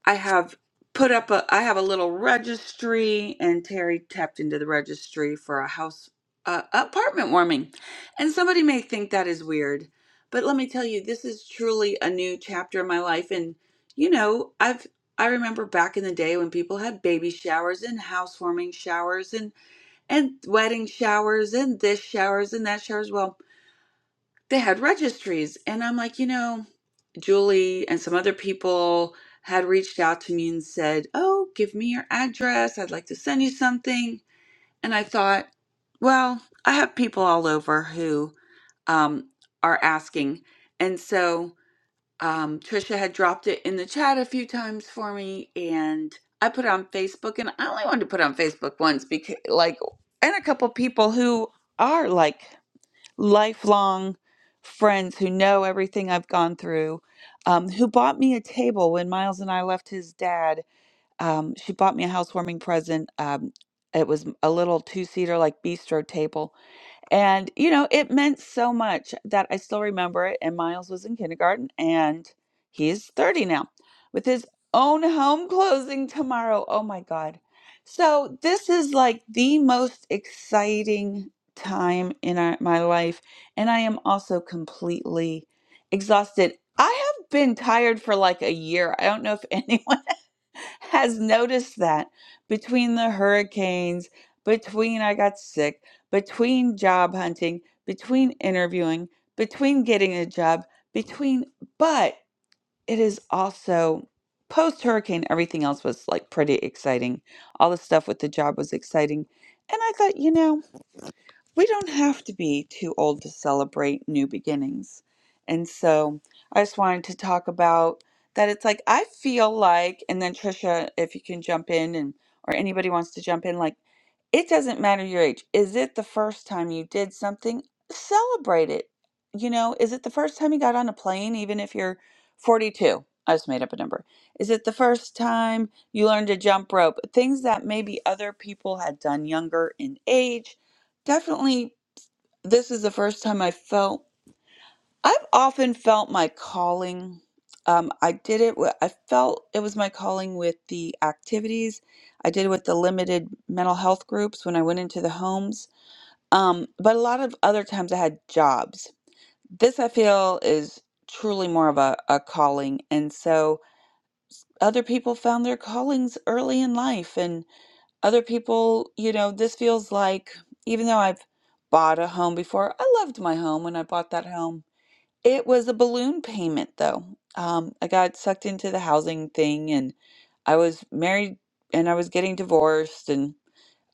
I have put up a I have a little registry, and Terry tapped into the registry for a house uh, apartment warming. And somebody may think that is weird, but let me tell you, this is truly a new chapter in my life. And you know, I've I remember back in the day when people had baby showers and housewarming showers and and wedding showers and this showers and that showers. Well, they had registries. And I'm like, you know, Julie and some other people had reached out to me and said, Oh, give me your address. I'd like to send you something. And I thought, well, I have people all over who um, are asking. And so um, Trisha had dropped it in the chat a few times for me, and I put it on Facebook, and I only wanted to put it on Facebook once because, like, and a couple people who are like lifelong friends who know everything I've gone through, um, who bought me a table when Miles and I left his dad. Um, she bought me a housewarming present. Um, it was a little two seater like bistro table and, you know, it meant so much that I still remember it. And Miles was in kindergarten and he's 30 now with his own home closing tomorrow. Oh my God. So, this is like the most exciting time in our, my life. And I am also completely exhausted. I have been tired for like a year. I don't know if anyone has noticed that between the hurricanes, between I got sick, between job hunting, between interviewing, between getting a job, between, but it is also post hurricane, everything else was like pretty exciting. All the stuff with the job was exciting. And I thought, you know, we don't have to be too old to celebrate new beginnings. And so I just wanted to talk about that. It's like, I feel like, and then Trisha, if you can jump in and, or anybody wants to jump in, like, it doesn't matter your age. Is it the first time you did something? Celebrate it. You know, is it the first time you got on a plane, even if you're 42? I just made up a number. Is it the first time you learned to jump rope? Things that maybe other people had done younger in age. Definitely, this is the first time I felt. I've often felt my calling. Um, I did it. wi- I felt it was my calling with the activities. I did it with the limited mental health groups when I went into the homes. Um, but a lot of other times I had jobs. This I feel is truly more of a, a calling. And so other people found their callings early in life. And other people, you know, this feels like, even though I've bought a home before, I loved my home when I bought that home it was a balloon payment, though. Um, I got sucked into the housing thing, and I was married and I was getting divorced, and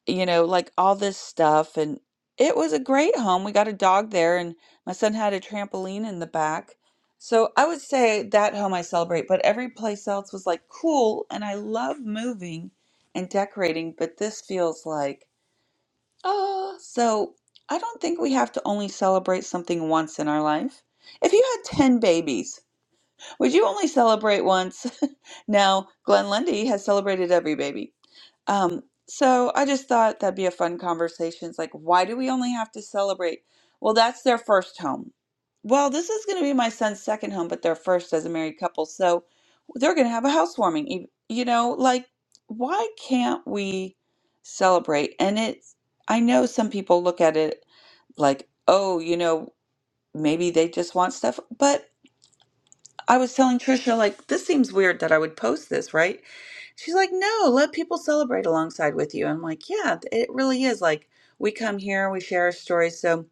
you know, like all this stuff. And it was a great home. We got a dog there, and my son had a trampoline in the back. So I would say that home I celebrate, but every place else was like cool, and I love moving and decorating, but this feels like Oh, so I don't think we have to only celebrate something once in our life. If you had 10 babies, would you only celebrate once? Now, Glenn Lundy has celebrated every baby. Um, so I just thought that'd be a fun conversation. It's like, why do we only have to celebrate? Well, that's their first home. Well, this is going to be my son's second home, but their first as a married couple. So they're going to have a housewarming. ev- You know, like, why can't we celebrate? And it's, I know some people look at it like, oh, you know, maybe they just want stuff, but I was telling Trisha, like, this seems weird that I would post this, right? She's like, no, let people celebrate alongside with you. I'm like, yeah, it really is. Like, we come here, we share our stories. So,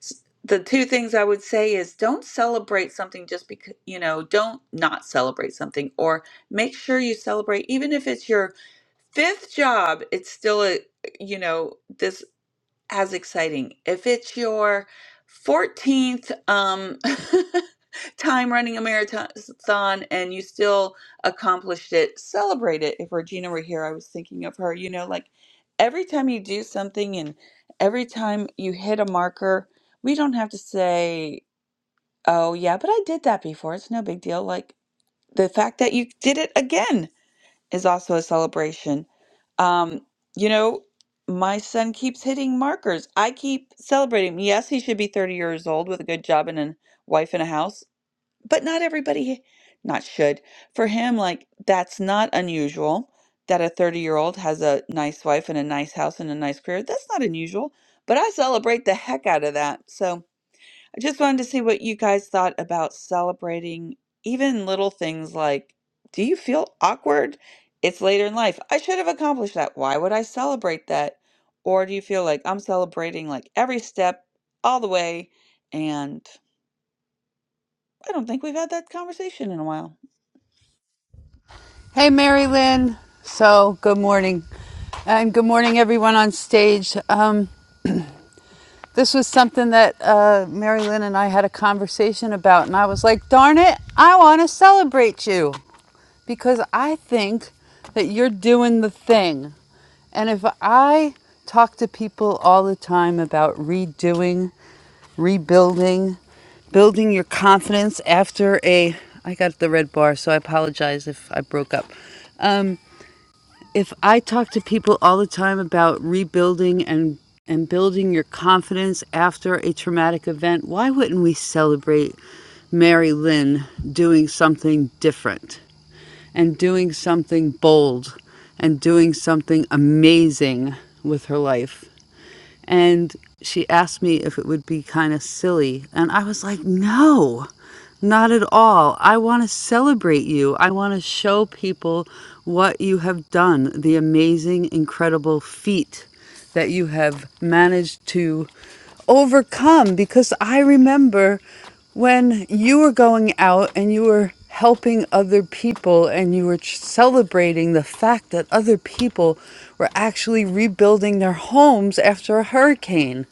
s- the two things I would say is don't celebrate something just because, you know, don't not celebrate something, or make sure you celebrate, even if it's your fifth job, it's still a, you know, this as exciting. If it's your 14th um, time running a marathon and you still accomplished it, celebrate it. If Regina were here, I was thinking of her. You know, like every time you do something and every time you hit a marker, we don't have to say, oh, yeah, but I did that before. It's no big deal. Like the fact that you did it again is also a celebration. Um, you know, my son keeps hitting markers. I keep celebrating. Yes, he should be 30 years old with a good job and a wife and a house, but not everybody, not should. For him, like, that's not unusual that a 30 year old has a nice wife and a nice house and a nice career. That's not unusual, but I celebrate the heck out of that. So, I just wanted to see what you guys thought about celebrating even little things like, do you feel awkward? It's later in life. I should have accomplished that. Why would I celebrate that? Or do you feel like I'm celebrating like every step all the way? And I don't think we've had that conversation in a while. Hey, Mary Lynn. So good morning, and good morning everyone on stage. Um, this was something that uh, Mary Lynn and I had a conversation about, and I was like, "Darn it, I want to celebrate you because I think that you're doing the thing." And if I talk to people all the time about redoing rebuilding, building your confidence after a. I got the red bar, so I apologize if I broke up. Um, if I talk to people all the time about rebuilding and and building your confidence after a traumatic event, why wouldn't we celebrate Mary Lynn doing something different and doing something bold and doing something amazing with her life? And she asked me if it would be kind of silly. And I was like, no, not at all. I want to celebrate you. I want to show people what you have done, the amazing, incredible feat that you have managed to overcome because I remember when you were going out and you were helping other people and you were ch- celebrating the fact that other people were actually rebuilding their homes after a hurricane.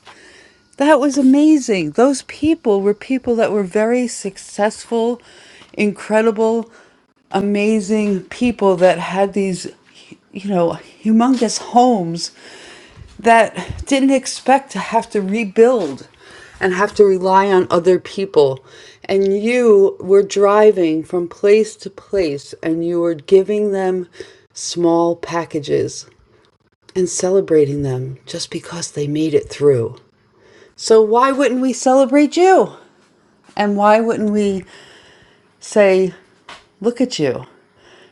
That was amazing. Those people were people that were very successful, incredible, amazing people that had these, you know, humongous homes that didn't expect to have to rebuild and have to rely on other people. And you were driving from place to place and you were giving them small packages and celebrating them just because they made it through. So why wouldn't we celebrate you? And why wouldn't we say, look at you?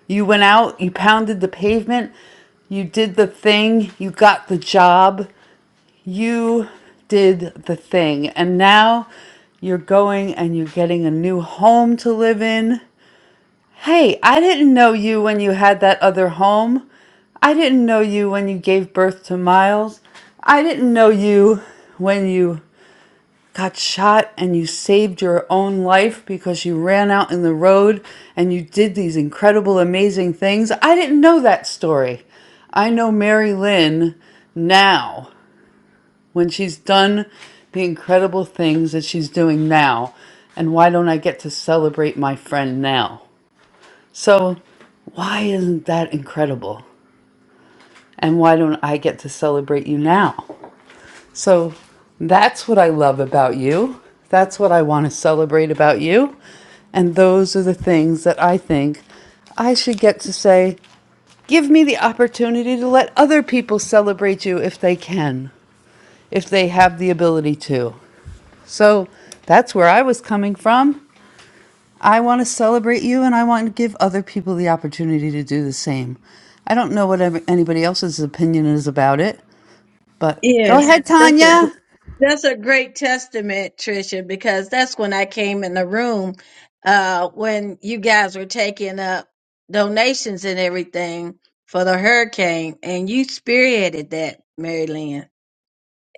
You went out, you pounded the pavement, you did the thing, you got the job, you did the thing. And now you're going and you're getting a new home to live in. Hey, I didn't know you when you had that other home. I didn't know you when you gave birth to Miles. I didn't know you when you got shot and you saved your own life because you ran out in the road and you did these incredible, amazing things. I didn't know that story. I know Mary Lynn now when she's done the incredible things that she's doing now. And why don't I get to celebrate my friend now? So, why isn't that incredible? And why don't I get to celebrate you now? So, that's what I love about you. That's what I want to celebrate about you. And those are the things that I think I should get to say, give me the opportunity to let other people celebrate you if they can, if they have the ability to. So that's where I was coming from. I want to celebrate you and I want to give other people the opportunity to do the same. I don't know what ev- anybody else's opinion is about it, but go Yeah. Yes, ahead, that's a gr- Tanya. that's a great testament, Tricia, because that's when I came in the room uh, when you guys were taking up donations and everything for the hurricane, and you spearheaded that, Mary Lynn.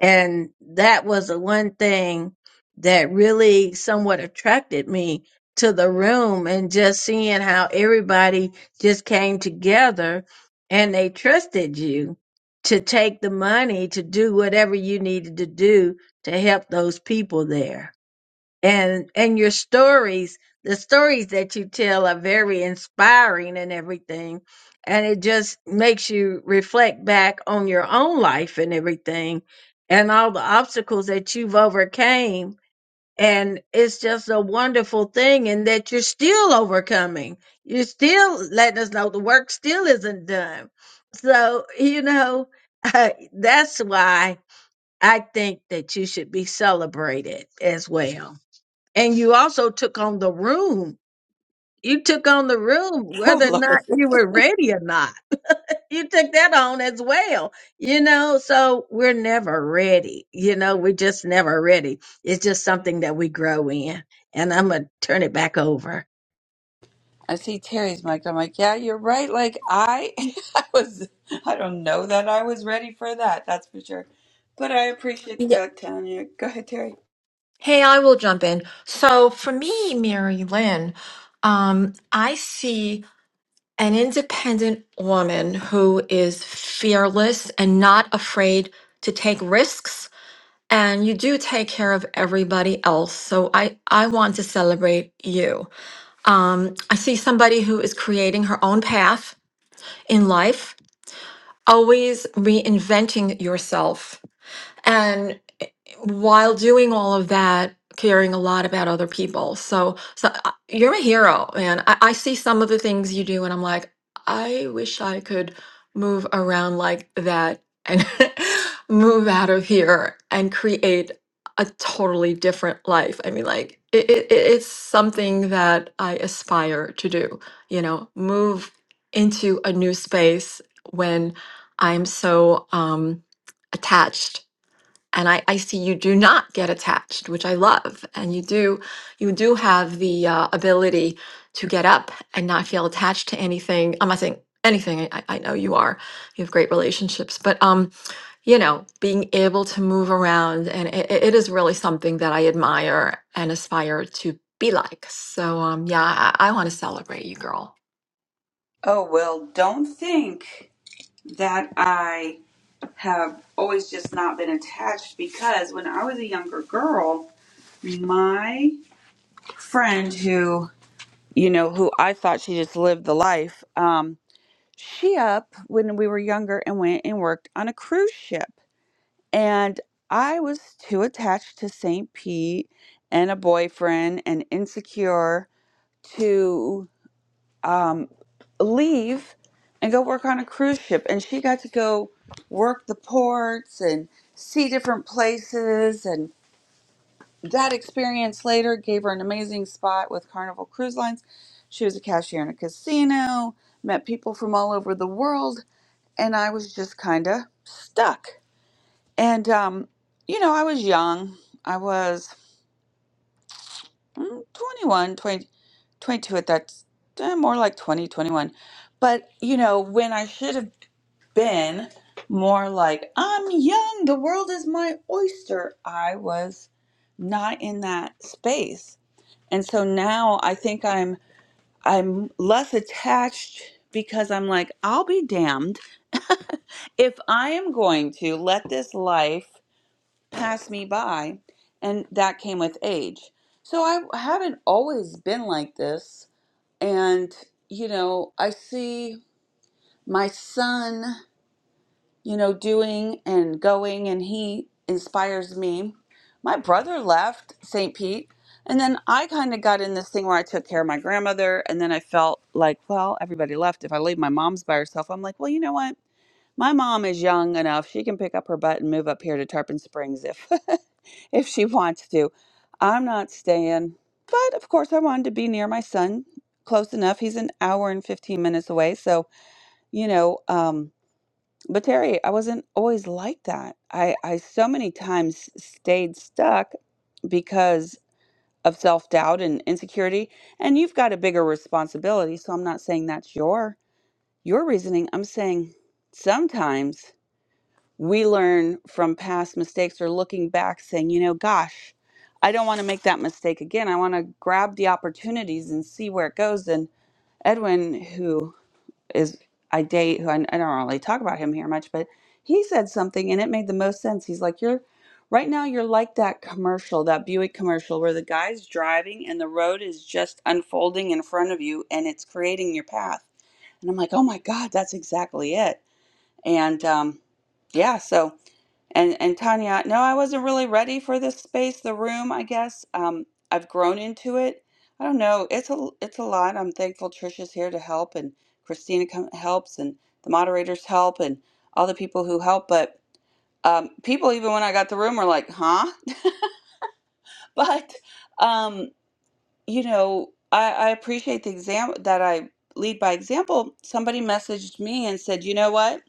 And that was the one thing that really somewhat attracted me to the room and just seeing how everybody just came together and they trusted you to take the money to do whatever you needed to do to help those people there and and your stories the stories that you tell are very inspiring and everything and it just makes you reflect back on your own life and everything and all the obstacles that you've overcame and it's just a wonderful thing and that you're still overcoming you're still letting us know the work still isn't done so you know that's why i think that you should be celebrated as well and you also took on the room. You took on the room, Oh, whether or Lord. not you were ready or not. You took that on as well. You know, so we're never ready. You know, we're just never ready. It's just something that we grow in. And I'm going to turn it back over. I see Terry's mic. I'm like, yeah, you're right. Like I, I was, I don't know that I was ready for that. That's for sure. But I appreciate Yeah. that, Tanya. Go ahead, Terry. hey i will jump in so for me mary lynn um, i see an independent woman who is fearless and not afraid to take risks and you do take care of everybody else so i i want to celebrate you Um, I see somebody who is creating her own path in life, always reinventing yourself. and while doing all of that, caring a lot about other people. So, so I- you're a hero, man. I, I see some of the things you do, and I'm like, I wish I could move around like that and move out of here and create a totally different life. I mean, like, it, it, it's something that I aspire to do, you know, move into a new space when I'm so um, attached and I, I see you do not get attached, which I love, and you do you do have the uh, ability to get up and not feel attached to anything. I'm not saying anything. I, I know you are. You have great relationships, but um, you know, being able to move around and it, it is really something that I admire and aspire to be like. So um, yeah, I, I want to celebrate you, girl. Oh, well, don't think that I have always just not been attached because when I was a younger girl, my friend who, you know, who I thought she just lived the life, um, she up when we were younger and went and worked on a cruise ship. And I was too attached to St. Pete and a boyfriend and insecure to. um, leave and go work on a cruise ship. And she got to go work the ports and see different places. And that experience later gave her an amazing spot with Carnival Cruise Lines. She was a cashier in a casino, met people from all over the world, and I was just kind of stuck. And, um, you know, I was young. I was mm, 21, 20, 22 at that, eh, more like 20, 21. But, you know, when I should have been more like, I'm young, the world is my oyster. I was not in that space. And so now I think I'm I'm less attached because I'm like, I'll be damned if I am going to let this life pass me by. And that came with age. So I haven't always been like this. And, you know, I see my son. you know, doing and going, and he inspires me. My brother left St. Pete, and then I kind of got in this thing where I took care of my grandmother, and then I felt like, well, everybody left. If I leave my mom's by herself, I'm like, well, you know what? My mom is young enough; she can pick up her butt and move up here to Tarpon Springs if if she wants to. I'm not staying, but of course, I wanted to be near my son, close enough. He's an hour and 15 minutes away, so you know. Um, but Terry, I wasn't always like that. I, I so many times stayed stuck because of self doubt and insecurity. And you've got a bigger responsibility. So I'm not saying that's your your reasoning. I'm saying sometimes we learn from past mistakes or looking back saying, you know, gosh, I don't want to make that mistake again. I want to grab the opportunities and see where it goes. And Edwin, who is I date who I, I don't really talk about him here much, but he said something and it made the most sense. He's like, You're right now, you're like that commercial, that Buick commercial where the guy's driving and the road is just unfolding in front of you and it's creating your path. And I'm like, Oh my God, that's exactly it. And um, yeah, so. And and Tanya, no, I wasn't really ready for this space, the room, I guess. Um, I've grown into it. I don't know. It's a it's a lot. I'm thankful Trisha's here to help and Christina com- helps and the moderators help and all the people who help, but um, people even when I got the room were like, "Huh?" But um, you know, I, I appreciate the exam that I lead by example. Somebody messaged me and said, "You know what?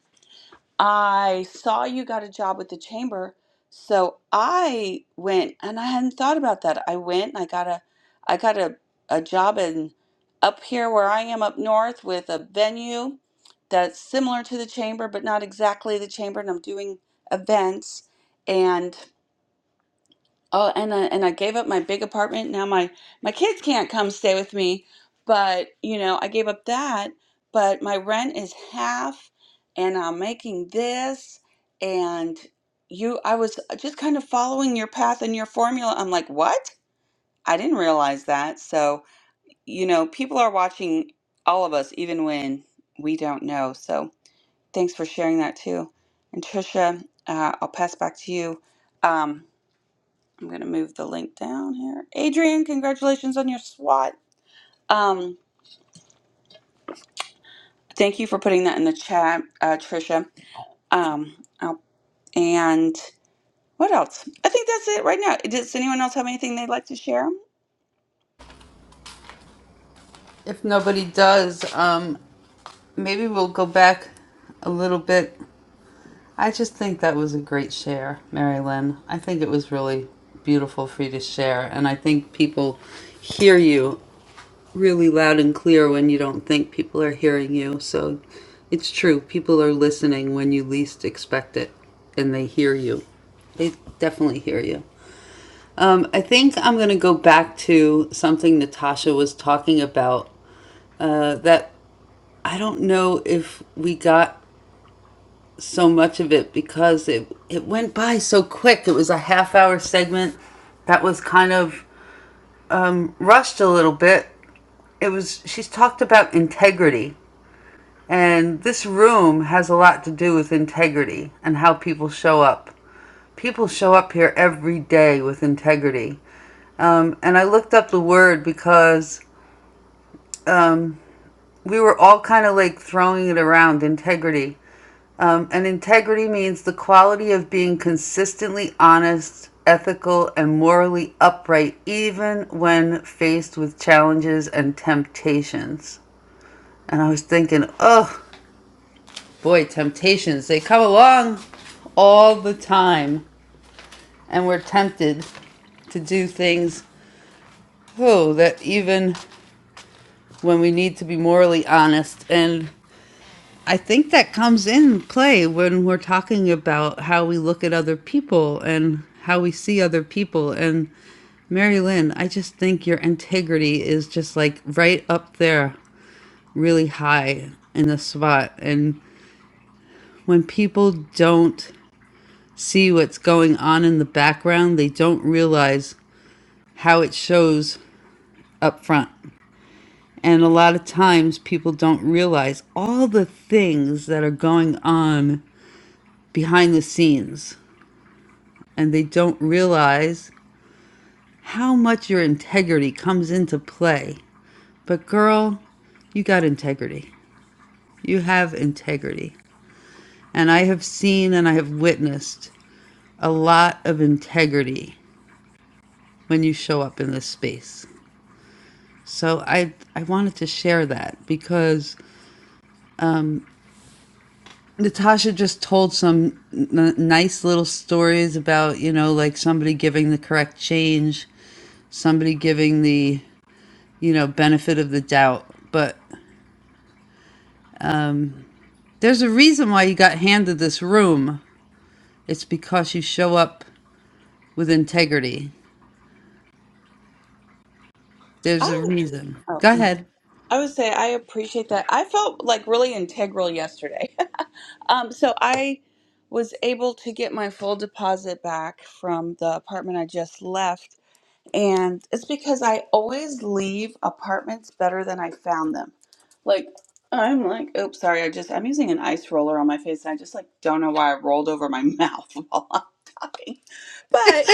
I saw you got a job with the chamber, so I went and I hadn't thought about that. I went and I got a I got a, a job in up here where I am up north with a venue that's similar to the chamber but not exactly the chamber and I'm doing events and. Oh, and I, and I gave up my big apartment. Now my my kids can't come stay with me, but you know, I gave up that, but my rent is half and I'm making this and you I was just kind of following your path and your formula. I'm like, "What? I didn't realize that." So, you know, people are watching all of us even when we don't know. So, thanks for sharing that too. And Trisha, uh, I'll pass back to you. Um, I'm going to move the link down here. Adrian, congratulations on your SWAT. Um, thank you for putting that in the chat, uh, Trisha. Um, I'll- and what else? I think that's it right now. Does anyone else have anything they'd like to share? If nobody does, um, maybe we'll go back a little bit I just think that was a great share, Mary Lynn. I think it was really beautiful for you to share. And I think people hear you really loud and clear when you don't think people are hearing you. So it's true. People are listening when you least expect it and they hear you. They definitely hear you. Um, I think I'm going to go back to something Natasha was talking about uh, that I don't know if we got so much of it because it it went by so quick. It was a half hour segment that was kind of um, rushed a little bit. It was she's talked about integrity, and this room has a lot to do with integrity and how people show up. People show up here every day with integrity. Um, and I looked up the word because we were all kind of like throwing it around integrity. Um, and integrity means the quality of being consistently honest, ethical, and morally upright, even when faced with challenges and temptations. And I was thinking, oh boy, temptations, they come along all the time, and we're tempted to do things, oh, that even when we need to be morally honest and I think that comes in play when we're talking about how we look at other people and how we see other people. And Mary Lynn, I just think your integrity is just like right up there, really high in the spot. And when people don't see what's going on in the background, they don't realize how it shows up front. And a lot of times people don't realize all the things that are going on behind the scenes and they don't realize how much your integrity comes into play. But, girl, you got integrity. You have integrity. And I have seen and I have witnessed a lot of integrity when you show up in this space. So I I wanted to share that because Natasha just told some n- nice little stories about, you know, like somebody giving the correct change, somebody giving the, you know, benefit of the doubt, but There's a reason why you got handed this room. It's because you show up with integrity. There's a I, reason. oh, Go ahead. I would say I appreciate that. I felt like really integral yesterday. um, so I was able to get my full deposit back from the apartment I just left And it's because I always leave apartments better than I found them. Like, I'm like, oops, sorry, I just, I'm using an ice roller on my face and I just like don't know why I rolled over my mouth while I'm talking. But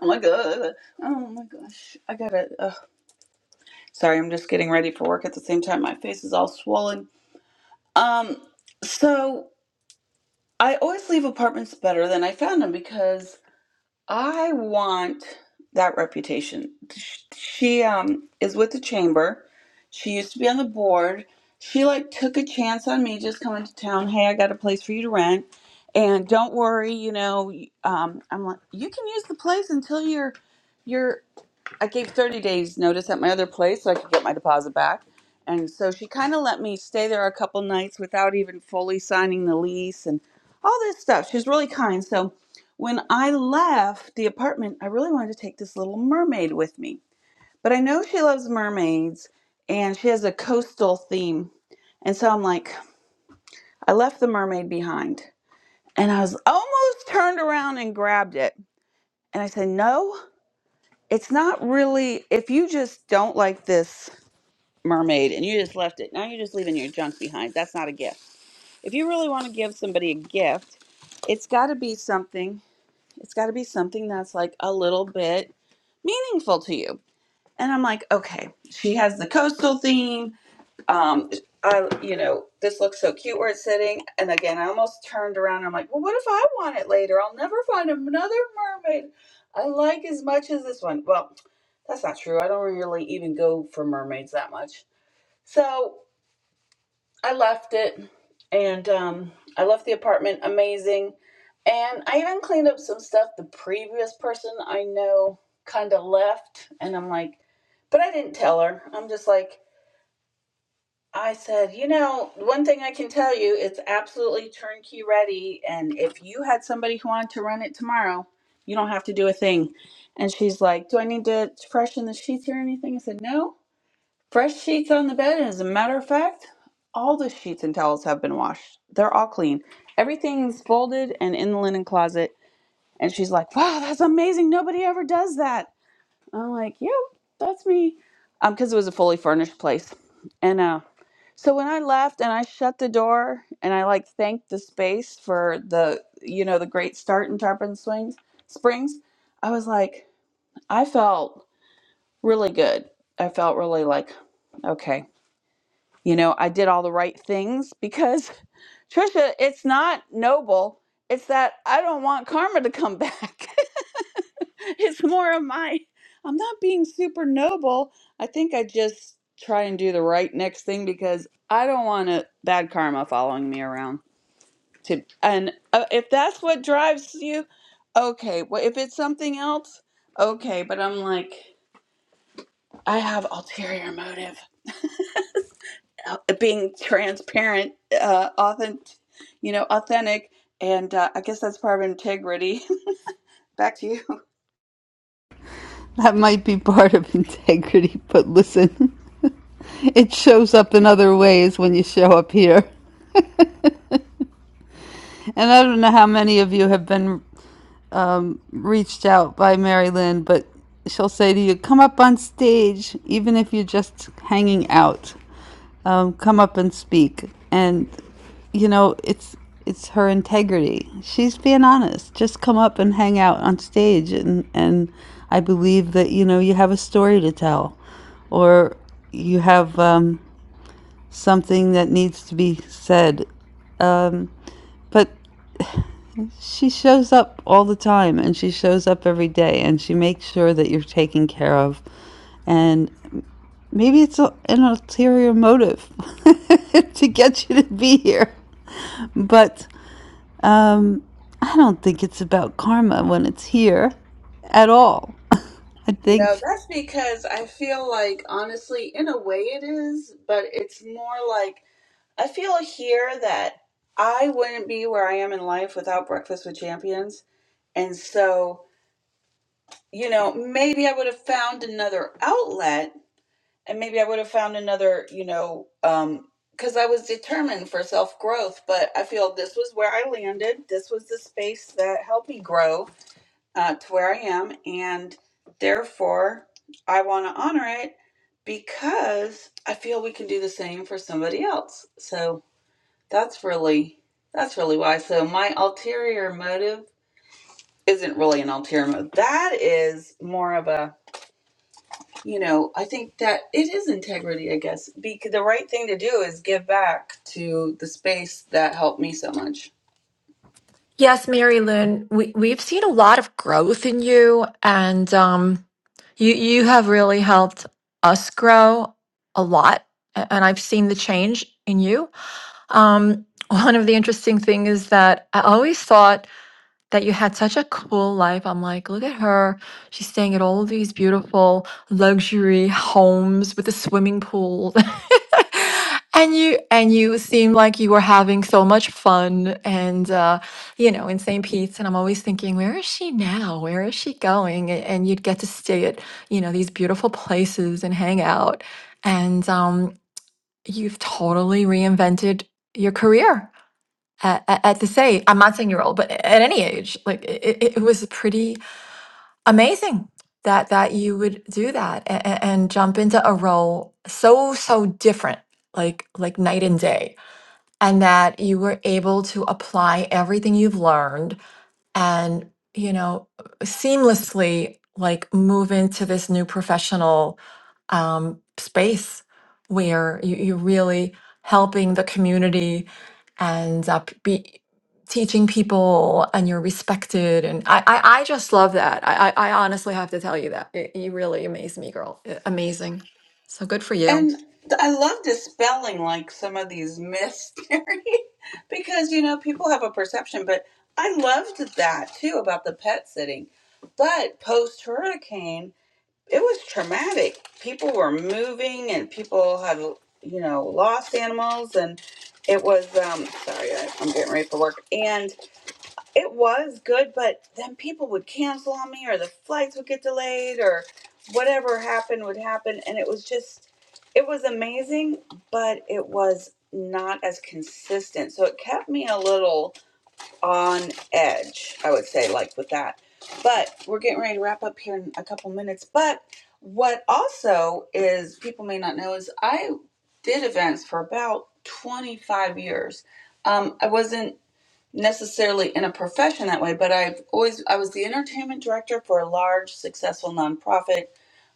I'm like, Ugh. oh my gosh, I gotta, ugh. sorry, I'm just getting ready for work at the same time. My face is all swollen. Um, so I always leave apartments better than I found them because I want that reputation. Sh- She um is with the chamber. She used to be on the board. She like took a chance on me just coming to town. Hey, I got a place for you to rent, and don't worry, you know, um, I'm like you can use the place until you're you're I gave 30 days notice at my other place so I could get my deposit back. And so she kind of let me stay there a couple nights without even fully signing the lease and all this stuff. She's really kind. So when I left the apartment, I really wanted to take this little mermaid with me. But I know she loves mermaids and she has a coastal theme. And so I'm like, I left the mermaid behind. And I was almost turned around and grabbed it. And I said, No, it's not really, if you just don't like this mermaid and you just left it. Now you're just leaving your junk behind. That's not a gift. If you really want to give somebody a gift, it's got to be something. It's got to be something that's like a little bit meaningful to you. And I'm like, okay, she has the coastal theme. Um, I, you know, this looks so cute where it's sitting. And again, I almost turned around. And I'm like, well, what if I want it later? I'll never find another mermaid I like as much as this one. Well, that's not true. I don't really even go for mermaids that much. So I left it and um, I left the apartment amazing. And I even cleaned up some stuff the previous person I know kind of left. And I'm like, but I didn't tell her. I'm just like, I said, you know, one thing I can tell you, it's absolutely turnkey ready. And if you had somebody who wanted to run it tomorrow, you don't have to do a thing. And she's like, Do I need to freshen the sheets or anything? I said, No Fresh sheets on the bed, and as a matter of fact, all the sheets and towels have been washed. They're all clean. Everything's folded and in the linen closet. And she's like, wow, that's amazing. Nobody ever does that. I'm like, yep, that's me. Um, because it was a fully furnished place. And uh, so when I left and I shut the door and I like thanked the space for the, you know, the great start in Tarpon Swings Springs, I was like, I felt really good. I felt really like, okay you know, I did all the right things because Trisha, it's not noble. It's that I don't want karma to come back. it's more of my, I'm not being super noble. I think I just try and do the right next thing because I don't want a bad karma following me around. To and uh, if that's what drives you, okay. Well, if it's something else, okay. But I'm like, I have ulterior motive. being transparent, uh, authentic, you know, authentic, and uh, I guess that's part of integrity. Back to you. That might be part of integrity, but listen, it shows up in other ways when you show up here. And I don't know how many of you have been reached out by Mary Lynn, but she'll say to you, Come up on stage, even if you're just hanging out. um, come up and speak. And you know, it's it's her integrity. She's being honest. Just come up and hang out on stage, and and I believe that you know you have a story to tell, or you have um, something that needs to be said. But she shows up all the time, and she shows up every day, and she makes sure that you're taken care of. And maybe it's a, an ulterior motive to get you to be here, but Um, I don't think it's about karma when it's here at all. I No, think that's because I feel like, honestly, in a way it is, but it's more like I feel here that I wouldn't be where I am in life without Breakfast with Champions. And so, you know, maybe I would have found another outlet and maybe I would have found another, you know, um, because I was determined for self growth. But I feel this was where I landed. This was the space that helped me grow uh, to where I am, and therefore I want to honor it because I feel we can do the same for somebody else. So that's really that's really why. So my ulterior motive isn't really an ulterior motive. That is more of a you know, I think that it is integrity, I guess. Because the right thing to do is give back to the space that helped me so much. Yes, Mary Lynn, we, we've seen a lot of growth in you. And um. You you have really helped us grow a lot, a- and I've seen the change in you. Um, one of the interesting things is that I always thought that you had such a cool life. I'm like, look at her. She's staying at all of these beautiful luxury homes with a swimming pool. And you and you seem like you were having so much fun and uh, you know in St. Pete's and I'm always thinking where is she now where is she going A- and you'd get to stay at you know these beautiful places and hang out and um, you've totally reinvented your career at, at at this age. I'm not saying you're old, but at any age, like it, it it was pretty amazing that that you would do that and, and jump into a role so so different, like like night and day, and that you were able to apply everything you've learned and you know seamlessly like move into this new professional um, space where you, you're really helping the community and uh, p- be teaching people and you're respected and i i, I just love that I, I i honestly have to tell you that it, you really amaze me girl Uh, amazing so good for you And th- I love dispelling like some of these myths, Terry, because you know, people have a perception, but I loved that too about the pet sitting. But post hurricane, it was traumatic. People were moving and people had, you know, lost animals and it was um sorry, I, I'm getting ready for work. And It was good, but then people would cancel on me, or the flights would get delayed, or whatever happened would happen. And it was just, it was amazing, but it was not as consistent. So it kept me a little on edge, I would say, like with that. But we're getting ready to wrap up here in a couple minutes. But what also is, people may not know, is I did events for about 25 years. Um, I wasn't necessarily in a profession that way, but I've always I was the entertainment director for a large successful nonprofit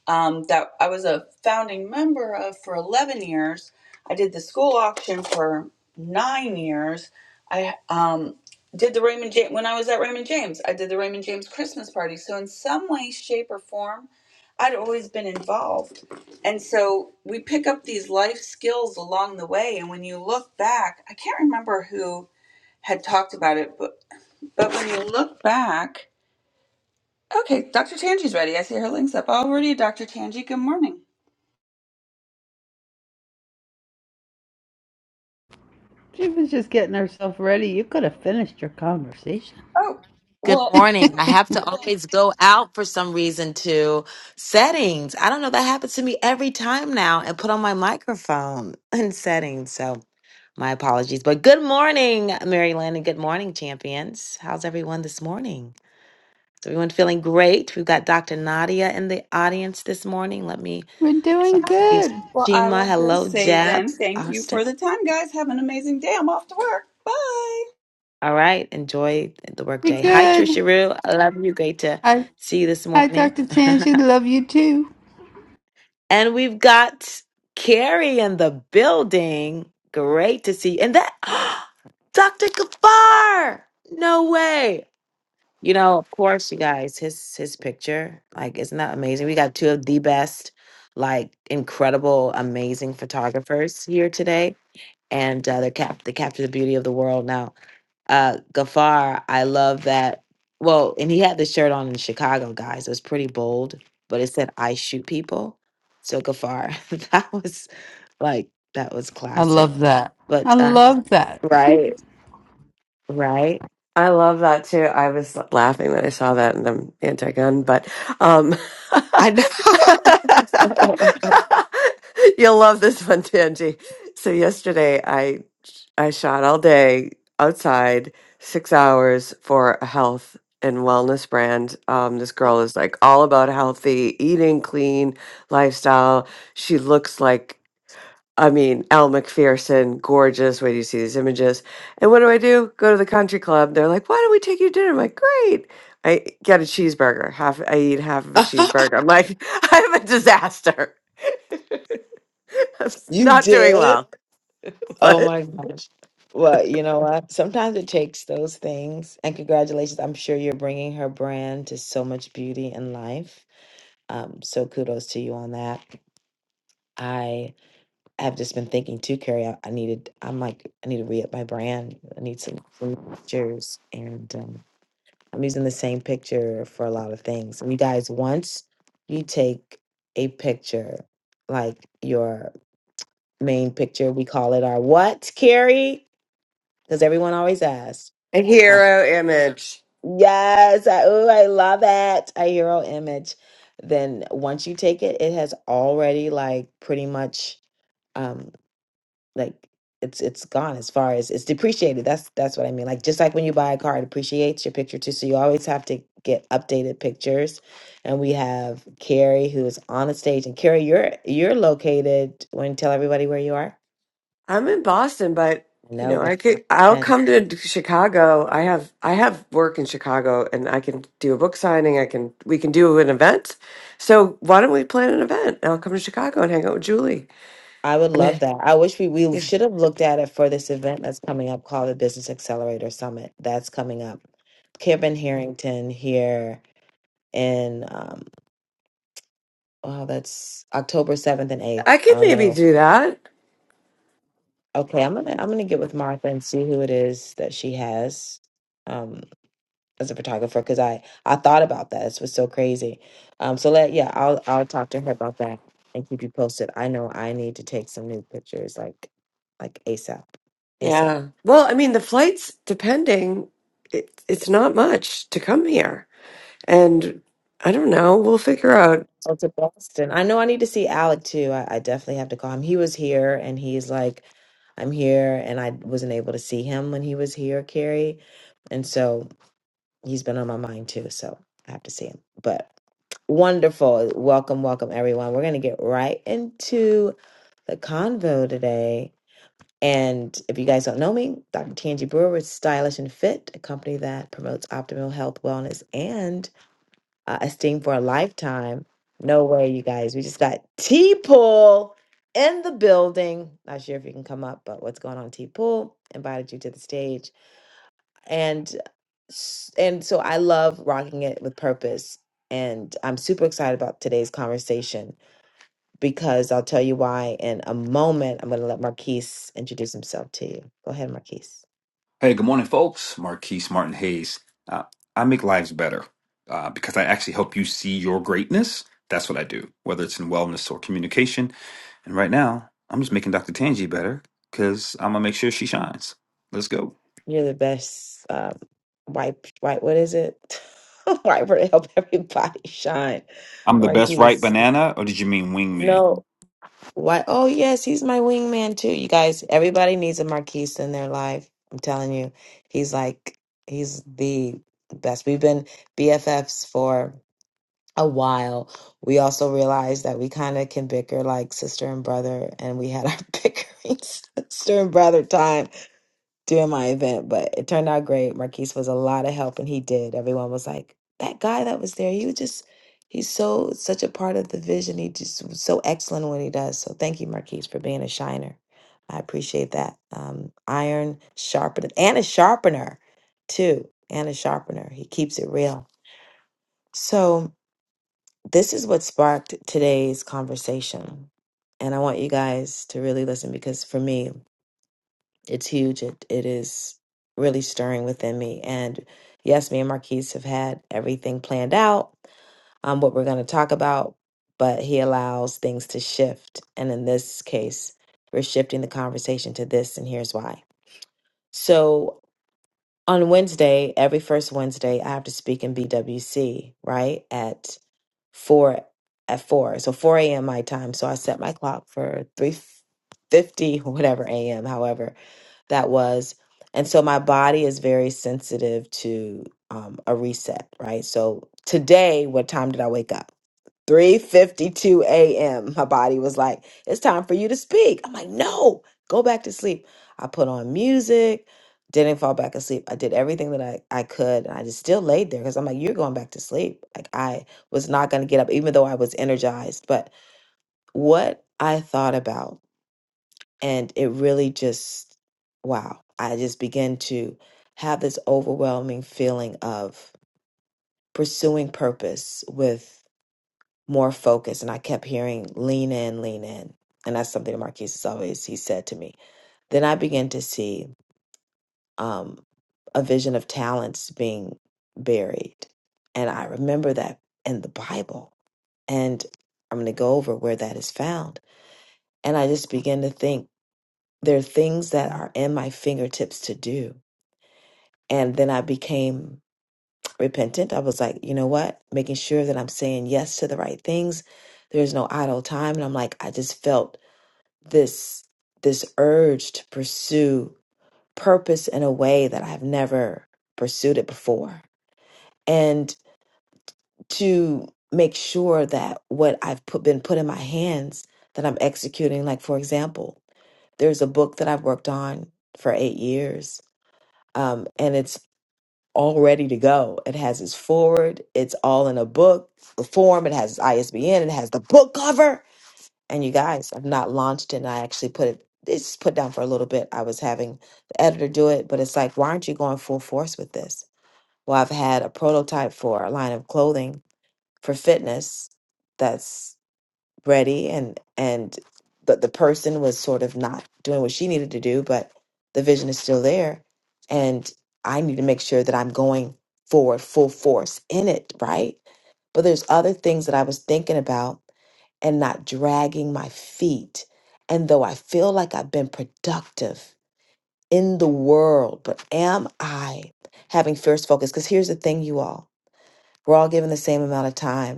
um, that I was a founding member of for 11 years. I did the school auction for nine years. I um, did the Raymond James when I was at Raymond James. I did the Raymond James Christmas party. So in some way, shape, or form, I'd always been involved, and so we pick up these life skills along the way. And when you look back, I can't remember who had talked about it, but but when you look back, okay, Dr. Tanji's ready. I see her links up already. Dr. Tanji, good morning. she was just getting herself ready. You could have finished your conversation. Oh, Good well, morning. I have to always go out for some reason to settings. I don't know. That happens to me every time now and put on my microphone in settings. So my apologies. But good morning, Mary Lynn, and good morning, champions. How's everyone this morning? Is everyone feeling great? We've got Dr. Nadia in the audience this morning. Let me. We're doing It's good. well, I Shima. will Hello, just say Jeb. then, thank you Austin. for the time, guys. Have an amazing day. I'm off to work. Bye. All right. Enjoy the We're workday. Hi, good. Trisha Rue. I love you. Great to Hi, see you this hi, morning. Dr. Tanji. Love you too. And we've got Carrie in the building. Great to see you. And that, Dr. Gafar. No way. You know, of course, you guys, his his picture, like, isn't that amazing? We got two of the best, like, incredible, amazing photographers here today, and uh, they cap they capture the beauty of the world. Now, uh Gafar, I love that. Well, and he had this shirt on in Chicago, guys. It was pretty bold, but it said I shoot people. So Gafar, that was like that was I classic. love that. But I uh, love that. right, right. I love that too. I was laughing when I saw that, and I'm anti-gun, but um, I know. you'll love this one, Tangi. So yesterday, I I shot all day outside, six hours for a health and wellness brand. Um, this girl is like all about healthy eating, clean lifestyle. She looks like I mean, Al McPherson, gorgeous. When you see these images? And what do I do? Go to the country club. They're like, why don't we take you to dinner? I'm like, great. I get a cheeseburger. Half I eat half of a cheeseburger. I'm like, I'm a disaster. I'm s- you not doing did. well. Oh What? my gosh. Well, you know what? Sometimes it takes those things. And congratulations. I'm sure you're bringing her brand to so much beauty and life. Um, so kudos to you on that. I I've just been thinking too, Carrie. I, I needed. I'm like, I need to re up my brand. I need some, some pictures, and um, I'm using the same picture for a lot of things. And you guys, once you take a picture, like your main picture, we call it our what, Carrie? Because everyone always asks. A Uh, hero image. Yes, I, ooh, I love it. A hero image. Then once you take it, it has already like pretty much. um, like it's it's gone as far as it's depreciated. That's that's what I mean. Like just like when you buy a car, it depreciates your picture too. So you always have to get updated pictures. And we have Carrie who is on the stage. And Carrie, you're you're located. Want to tell everybody where you are? I'm in Boston, but you No, know, but I could I'll and come to Chicago. I have I have work in Chicago and I can do a book signing, I can we can do an event. So why don't we plan an event? And I'll come to Chicago and hang out with Julie. I would Yeah. love that. I wish we we Yeah. should have looked at it for this event that's coming up called the Business Accelerator Summit. That's coming up. Kevin Harrington here in um oh that's October seventh and eighth. I I could don't maybe know do that. Okay, I'm gonna I'm gonna get with Martha and see who it is that she has um as a photographer because I I thought about that. This was so crazy. Um, so let yeah, I'll I'll talk to her about that and keep you posted. I know I need to take some new pictures like like ASAP, ASAP. Yeah. Well, I mean the flights depending it, it's not much to come here. And I don't know, we'll figure out Oh, to Boston. I know I need to see Alec too. I, I definitely have to call him. He was here and he's like, I'm here, and I wasn't able to see him when he was here, Carrie. And so he's been on my mind too, so I have to see him. But wonderful. Welcome, welcome everyone. We're gonna get right into the convo today. And if you guys don't know me, Dr. Tangi Brewer is Stylish and Fit, a company that promotes optimal health, wellness, and uh, esteem for a lifetime. No way, you guys. We just got T Pool in the building. Not sure if you can come up, but what's going on, T Pool? Invited you to the stage and s- and so I love rocking it with purpose. And I'm super excited about today's conversation because I'll tell you why in a moment. I'm going to let Marquise introduce himself to you. Go ahead, Marquise. Hey, good morning, folks. Marquise Martin Hayes. Uh, I make lives better uh, because I actually help you see your greatness. That's what I do, whether it's in wellness or communication. And right now, I'm just making Dr. Tangi better because I'm going to make sure she shines. Let's go. You're the best um, white. wipe, what is it? Wiper to help everybody shine. I'm the best right Marquise. banana, or did you mean wingman? No. Why? Oh, yes, he's my wingman too. You guys, everybody needs a Marquise in their life. I'm telling you, he's like, he's the best. We've been BFFs for a while. We also realized that we kind of can bicker like sister and brother, and we had our bickering sister and brother time during my event, but it turned out great. Marquise was a lot of help and he did. Everyone was like, that guy that was there, he was just, he's so, such a part of the vision. He just was so excellent when he does. So thank you, Marquise, for being a shiner. I appreciate that. Um, iron sharpener and a sharpener too, and a sharpener. He keeps it real. So this is what sparked today's conversation. And I want you guys to really listen because for me, it's huge. It it is really stirring within me. And yes, me and Marquise have had everything planned out, um, what we're gonna talk about, but he allows things to shift. And in this case, we're shifting the conversation to this, and here's why. So on Wednesday, every first Wednesday, I have to speak in BWC, right? At four at four. So four AM my time. So I set my clock for three fifty, whatever AM, however that was. And so my body is very sensitive to um, a reset, right? So today, what time did I wake up? 3:52 a.m. My body was like, "It's time for you to speak." I'm like, "No, go back to sleep." I put on music, didn't fall back asleep. I did everything that I, I could, and I just still laid there because I'm like, "You're going back to sleep." Like I was not going to get up, even though I was energized. But what I thought about and it really just wow i just began to have this overwhelming feeling of pursuing purpose with more focus and i kept hearing lean in lean in and that's something that marquis has always he said to me then i began to see um, a vision of talents being buried and i remember that in the bible and i'm going to go over where that is found and i just began to think there are things that are in my fingertips to do And then I became repentant. I was like, you know what? Making sure that I'm saying yes to the right things. There's no idle time. And I'm like, I just felt this this urge to pursue purpose in a way that I've never pursued it before. And to make sure that what I've put been put in my hands that I'm executing. Like for example, there's a book that I've worked on for eight years. Um, and it's all ready to go. It has its forward, it's all in a book the form, it has its ISBN, it has the book cover. And you guys, I've not launched it and I actually put it it's put down for a little bit. I was having the editor do it, but it's like, why aren't you going full force with this? Well, I've had a prototype for a line of clothing for fitness that's ready and and the, the person was sort of not doing what she needed to do but the vision is still there and i need to make sure that i'm going forward full force in it right but there's other things that i was thinking about and not dragging my feet and though i feel like i've been productive in the world but am i having fierce focus because here's the thing you all we're all given the same amount of time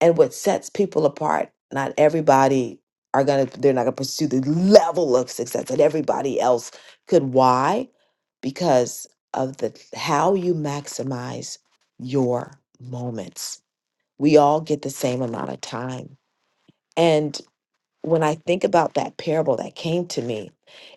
and what sets people apart not everybody are gonna they're not gonna pursue the level of success that everybody else could why because of the how you maximize your moments we all get the same amount of time and when I think about that parable that came to me,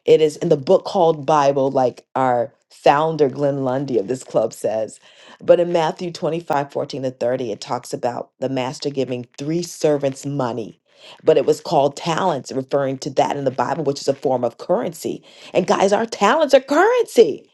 it is in the book called Bible, like our founder, Glenn Lundy of this club says. But in Matthew 25 14 to 30, it talks about the master giving three servants money. But it was called talents, referring to that in the Bible, which is a form of currency. And guys, our talents are currency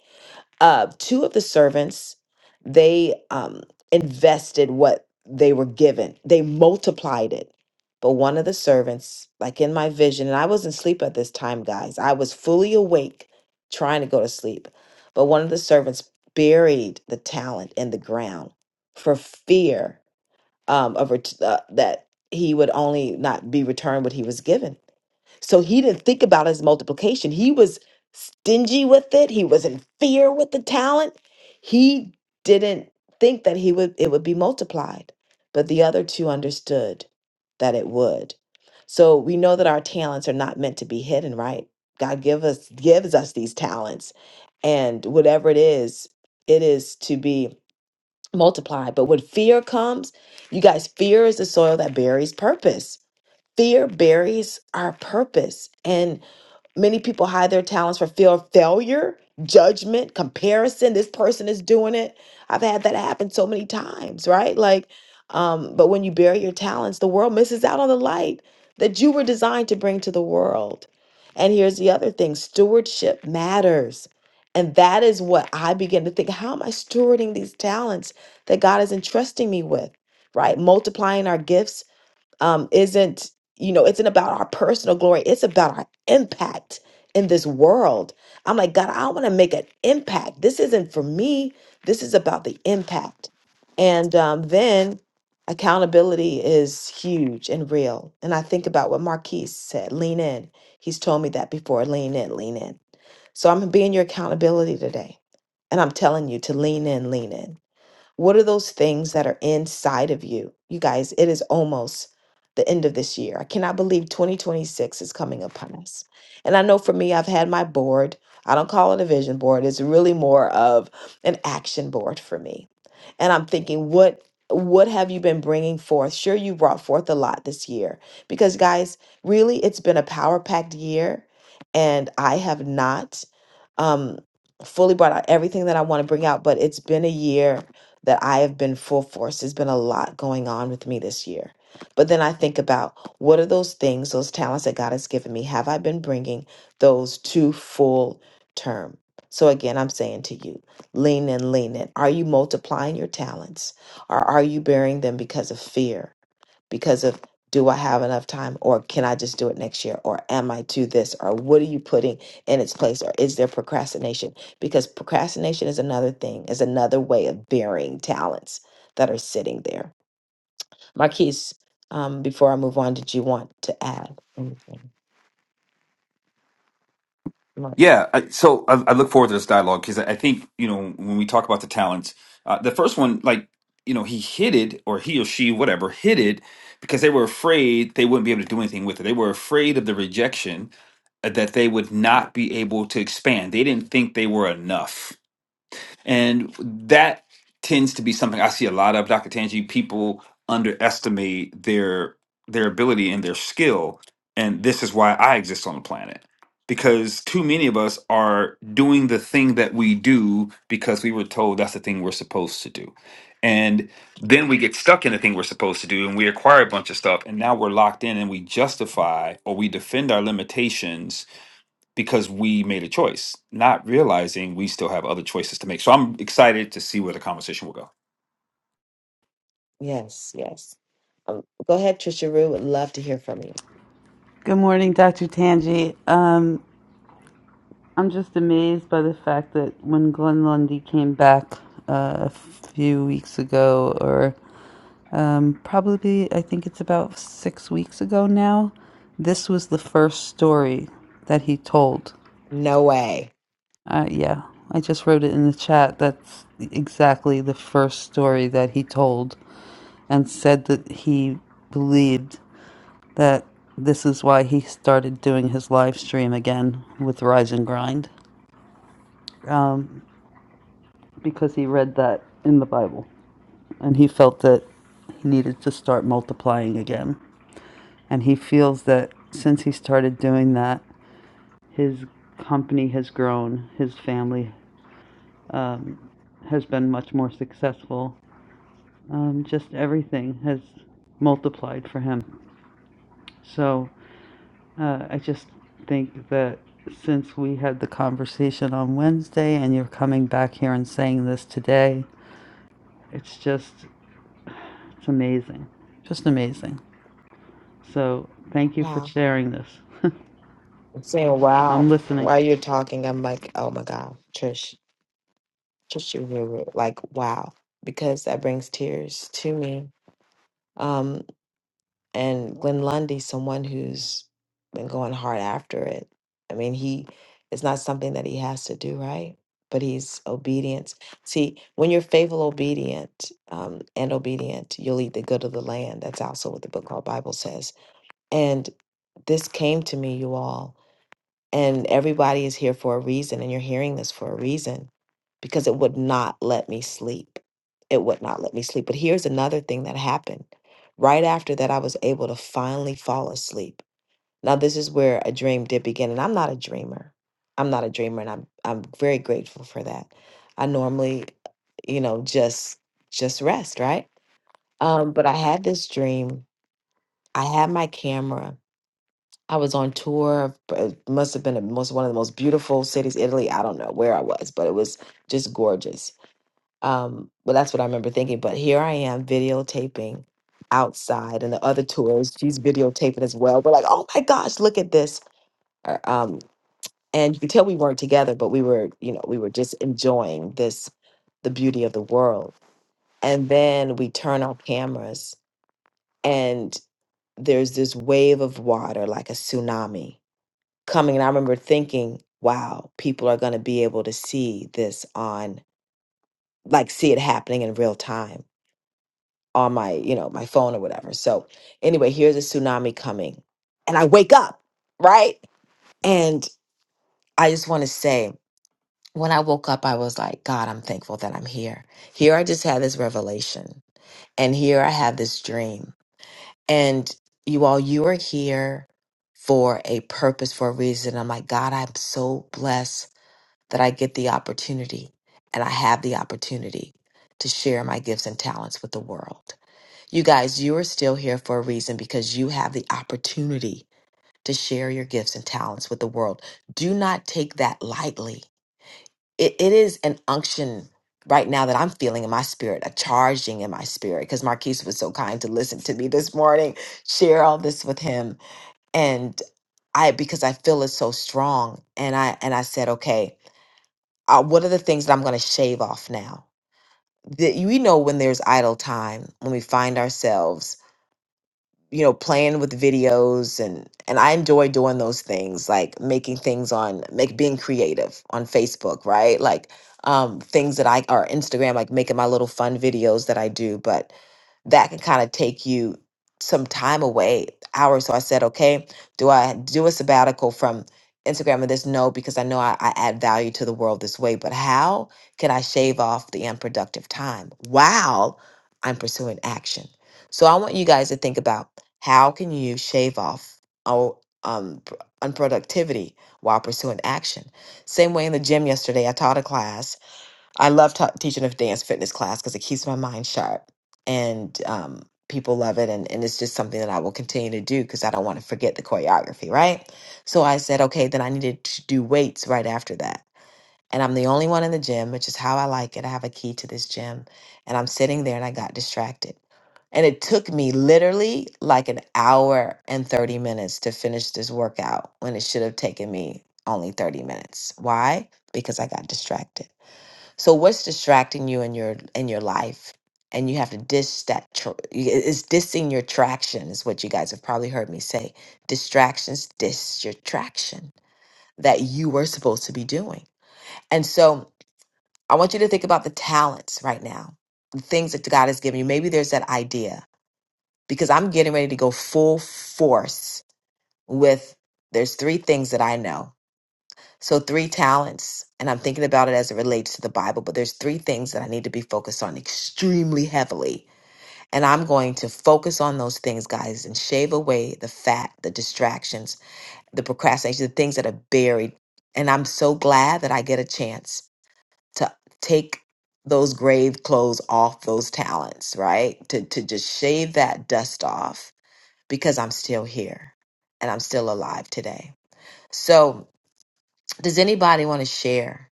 uh, two of the servants they um, invested what they were given they multiplied it but one of the servants like in my vision and i wasn't asleep at this time guys i was fully awake trying to go to sleep but one of the servants buried the talent in the ground for fear um, of ret- uh, that he would only not be returned what he was given so he didn't think about his multiplication. He was stingy with it. He was in fear with the talent. He didn't think that he would it would be multiplied. But the other two understood that it would. So we know that our talents are not meant to be hidden, right? God give us gives us these talents. And whatever it is, it is to be multiplied. But when fear comes, you guys, fear is the soil that buries purpose Fear buries our purpose, and many people hide their talents for fear of failure, judgment, comparison. This person is doing it. I've had that happen so many times, right? Like, um, but when you bury your talents, the world misses out on the light that you were designed to bring to the world. And here's the other thing stewardship matters. And that is what I begin to think how am I stewarding these talents that God is entrusting me with, right? Multiplying our gifts um, isn't, you know, isn't about our personal glory. It's about our impact in this world. I'm like, God, I want to make an impact. This isn't for me. This is about the impact. And um, then accountability is huge and real. And I think about what Marquise said lean in. He's told me that before lean in, lean in. So I'm being your accountability today. And I'm telling you to lean in, lean in. What are those things that are inside of you? You guys, it is almost the end of this year. I cannot believe 2026 is coming upon us. And I know for me, I've had my board. I don't call it a vision board, it's really more of an action board for me. And I'm thinking, what what have you been bringing forth? Sure, you brought forth a lot this year because, guys, really, it's been a power packed year, and I have not um, fully brought out everything that I want to bring out, but it's been a year that I have been full force. There's been a lot going on with me this year. But then I think about what are those things, those talents that God has given me? Have I been bringing those to full term? So again, I'm saying to you, lean in, lean in. Are you multiplying your talents or are you burying them because of fear? because of do I have enough time or can I just do it next year or am I to this or what are you putting in its place or is there procrastination because procrastination is another thing is another way of burying talents that are sitting there Marquise um, before I move on did you want to add anything Mar- Yeah, I, so I, I look forward to this dialogue because I, I think you know when we talk about the talents, uh, the first one, like you know, he hid it or he or she, whatever, hid it because they were afraid they wouldn't be able to do anything with it. They were afraid of the rejection uh, that they would not be able to expand. They didn't think they were enough and that tends to be something I see a lot of, Dr. Tangi. People underestimate their their ability and their skill. And this is why I exist on the planet. Because too many of us are doing the thing that we do because we were told that's the thing we're supposed to do. And then we get stuck in the thing we're supposed to do and we acquire a bunch of stuff and now we're locked in and we justify or we defend our limitations because we made a choice, not realizing we still have other choices to make. So I'm excited to see where the conversation will go. yes yes um, go ahead Trisha Rue would love to hear from you Good morning, Dr. Tanji. Um, I'm just amazed by the fact that when Glenn Lundy came back uh, a few weeks ago, or um, probably I think it's about six weeks ago now. This was the first story that he told. no way Uh, yeah, I just wrote it in the chat. That's exactly the first story that he told and said that he believed that this is why he started doing his live stream again with Rise and Grind um, because he read that in the Bible and he felt that he needed to start multiplying again. And he feels that since he started doing that, his company has grown, his family um, has been much more successful. Um, just everything has multiplied for him. So uh, I just think that since we had the conversation on Wednesday and you're coming back here and saying this today, it's just, it's amazing. Just amazing. So thank you for wow sharing this. I'm saying I'm wow listening. while you're talking I'm like oh my god Trish just you Ruru. Like, wow, because that brings tears to me. Um, and Glenn Lundy, someone who's been going hard after it. I mean, he it's not something that he has to do, right? But he's obedient. See, when you're faithful, obedient, um, and obedient, you'll eat the good of the land. That's also what the book called Bible says. And this came to me, you all. And everybody is here for a reason, and you're hearing this for a reason because it would not let me sleep. It would not let me sleep. But here's another thing that happened. Right after that, I was able to finally fall asleep. Now, this is where a dream did begin, and I'm not a dreamer. I'm not a dreamer, and I'm I'm very grateful for that. I normally, you know, just just rest, right? Um, but I had this dream. I had my camera I was on tour. It must have been a, most one of the most beautiful cities, Italy. I don't know where I was, but it was just gorgeous. Um, but that's what I remember thinking. But here I am videotaping outside, and the other tours she's videotaping as well. We're like, oh my gosh, look at this! Uh, Um, and you could tell we weren't together, but we were, you know, we were just enjoying this, the beauty of the world. And then we turn our cameras, and there's this wave of water, like a tsunami coming and I remember thinking, wow, people are going to be able to see this on like see it happening in real time on my, you know, my phone or whatever. So, anyway, here's a tsunami coming. And I wake up, right? And I just want to say when I woke up, I was like, God, I'm thankful that I'm here. Here I just had this revelation and here I have this dream. And you all, you are here for a purpose, for a reason. I'm like, God, I'm so blessed that I get the opportunity and I have the opportunity to share my gifts and talents with the world. You guys, you are still here for a reason because you have the opportunity to share your gifts and talents with the world. Do not take that lightly. It, it is an unction right now that I'm feeling in my spirit, a charging in my spirit, because Marquise was so kind to listen to me this morning, share all this with him. And I because I feel it so strong. And I and I said, okay, uh, what are the things that I'm going to shave off now? That you we know when there's idle time, when we find ourselves, you know, playing with videos and and I enjoy doing those things, like making things on make being creative on Facebook, right? Like um things that I or Instagram, like making my little fun videos that I do, but that can kind of take you some time away, hours. So I said, okay, do I do a sabbatical from Instagram and this? No, because I know I, I add value to the world this way, but how can I shave off the unproductive time while I'm pursuing action? So I want you guys to think about how can you shave off oh, um, pr- unproductivity while pursuing action. Same way in the gym yesterday, I taught a class I love ta teaching a dance fitness class because it keeps my mind sharp and um, people love it. And, and it's just something that I will continue to do because I don't want to forget the choreography, right? So I said, okay, then I needed to do weights right after that. And I'm the only one in the gym, which is how I like it. I have a key to this gym. And I'm sitting there and I got distracted. And it took me literally like an hour and 30 minutes to finish this workout when it should have taken me only 30 minutes. Why? Because I got distracted. So what's distracting you in your in your life? And you have to dish that. Tr- you- it- it's dissing your traction is what you guys have probably heard me say. Distractions diss your traction that you were supposed to be doing. And so I want you to think about the talents right now, the things that God has given you. Maybe there's that idea because I'm getting ready to go full force with. There's three things that I know so three talents, and I'm thinking about it as it relates to the Bible, but there's three things that I need to be focused on extremely heavily. And I'm going to focus on those things, guys, and shave away the fat, the distractions, the procrastination, the things that are buried. And I'm so glad that I get a chance to take those grave clothes off those talents, right? To to just shave that dust off because I'm still here and I'm still alive today. So, does anybody want to share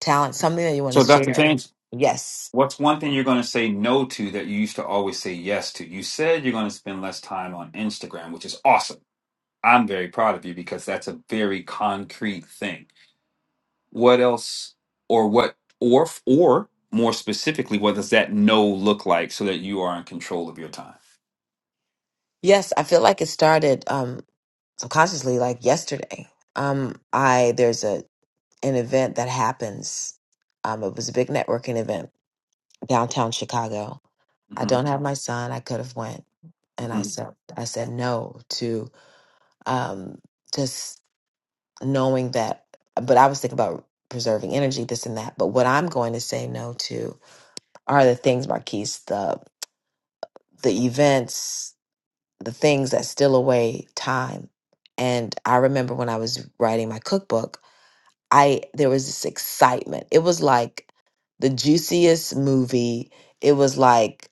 talent, something that you want to So, Dr. share. James, Yes. what's one thing you're going to say no to that you used to always say yes to? You said you're going to spend less time on Instagram, which is awesome. I'm very proud of you because that's a very concrete thing. What else, or what, or or more specifically, what does that no look like so that you are in control of your time? Yes, I feel like it started um subconsciously like yesterday. Um I there's a an event that happens. Um it was a big networking event downtown Chicago. I hmm don't have my son. I could have went and I hmm said I said no to um just knowing that but I was thinking about preserving energy this and that. But what I'm going to say no to are the things Marquise the the events the things that steal away time. And I remember when I was writing my cookbook, I there was this excitement. It was like the juiciest movie. It was like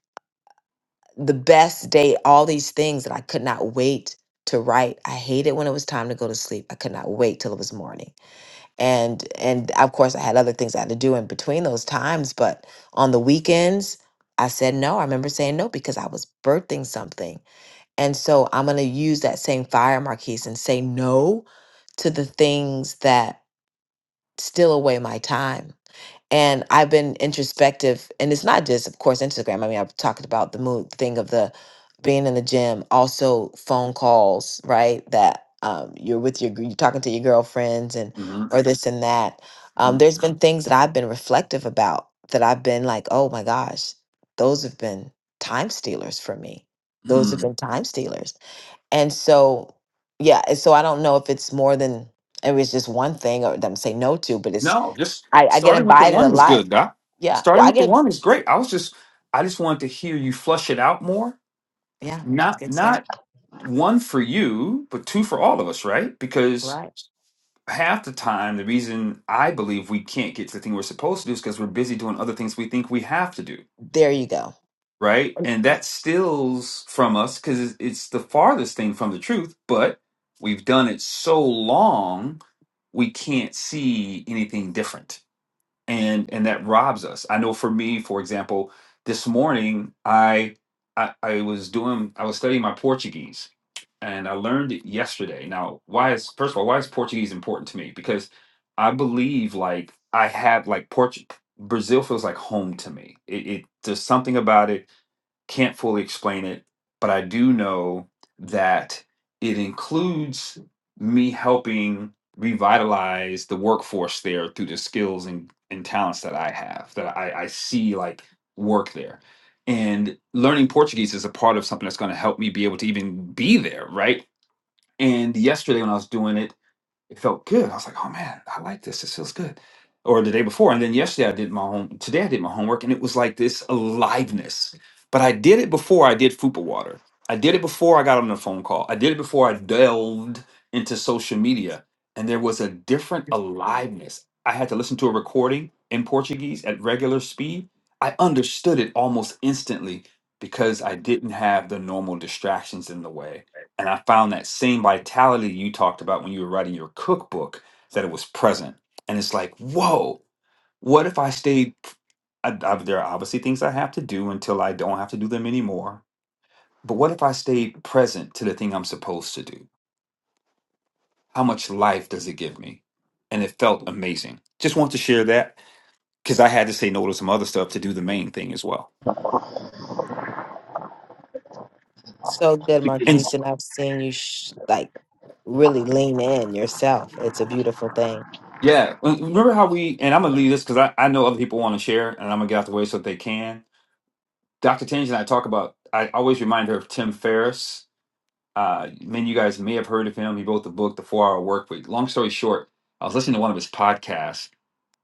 the best date, all these things that I could not wait to write. I hated when it was time to go to sleep. I could not wait till it was morning. And and of course I had other things I had to do in between those times, but on the weekends I said no. I remember saying no because I was birthing something and so I'm going to use that same fire, Marquise, and say no to the things that steal away my time. And I've been introspective, and it's not just, of course, Instagram. I mean, I've talked about the mood thing of the being in the gym, also phone calls, right? That um, you're with your, gr- you're talking to your girlfriends and, hmm or this and that. Um, there's been things that I've been reflective about that I've been like, oh my gosh, those have been time stealers for me. Those hmm have been time stealers and so, yeah, and so I don't know if it's more than it was just one thing or them say no to, but it's No, just I, I get starting with the invited a one was lot. good, Doc. Yeah. Starting Well I with the get one is great. I was just, I just wanted to hear you flush it out more. yeah, it's Not, good stuff. not one for you, but two for all of us, right? Because Right. half the time, the reason I believe we can't get to the thing we're supposed to do is because we're busy doing other things we think we have to do, There you go. right? And that steals from us because it's it's the farthest thing from the truth, but we've done it so long, we can't see anything different and and that robs us i know for me for example this morning i i, I was doing i was studying my portuguese and i learned it yesterday now why is first of all why is portuguese important to me because i believe like i have like Portu- brazil feels like home to me it, it there's something about it can't fully explain it, but I do know that it includes me helping revitalize the workforce there through the skills and, and talents that I have, that I, I see like work there. And learning Portuguese is a part of something that's going to help me be able to even be there, right? And yesterday when I was doing it, it felt good. I was like, oh man, I like this. This feels good. Or the day before. And then yesterday I did my home today I did my homework and it was like this aliveness. But I did it before I did Fupa Water. I did it before I got on the phone call. I did it before I delved into social media. And there was a different aliveness. I had to listen to a recording in Portuguese at regular speed. I understood it almost instantly because I didn't have the normal distractions in the way and I found that same vitality you talked about when you were writing your cookbook, that it was present. And it's like, whoa, what if I stayed? I, I, there are obviously things I have to do until I don't have to do them anymore. But what if I stayed present to the thing I'm supposed to do? How much life does it give me? And it felt amazing. Just want to share that because I had to say no to some other stuff to do the main thing as well. So good, And Marquise, s- and I've seen you sh- like really lean in yourself. It's a beautiful thing. yeah, remember how we, and I'm going to leave this because I, I know other people want to share and I'm going to get out the way so that they can. Dr. Tangi and I talk about, I always remind her of Tim Ferriss. Uh, many of you guys may have heard of him. He wrote the book, The Four Hour Work Week. Long story short, I was listening to one of his podcasts,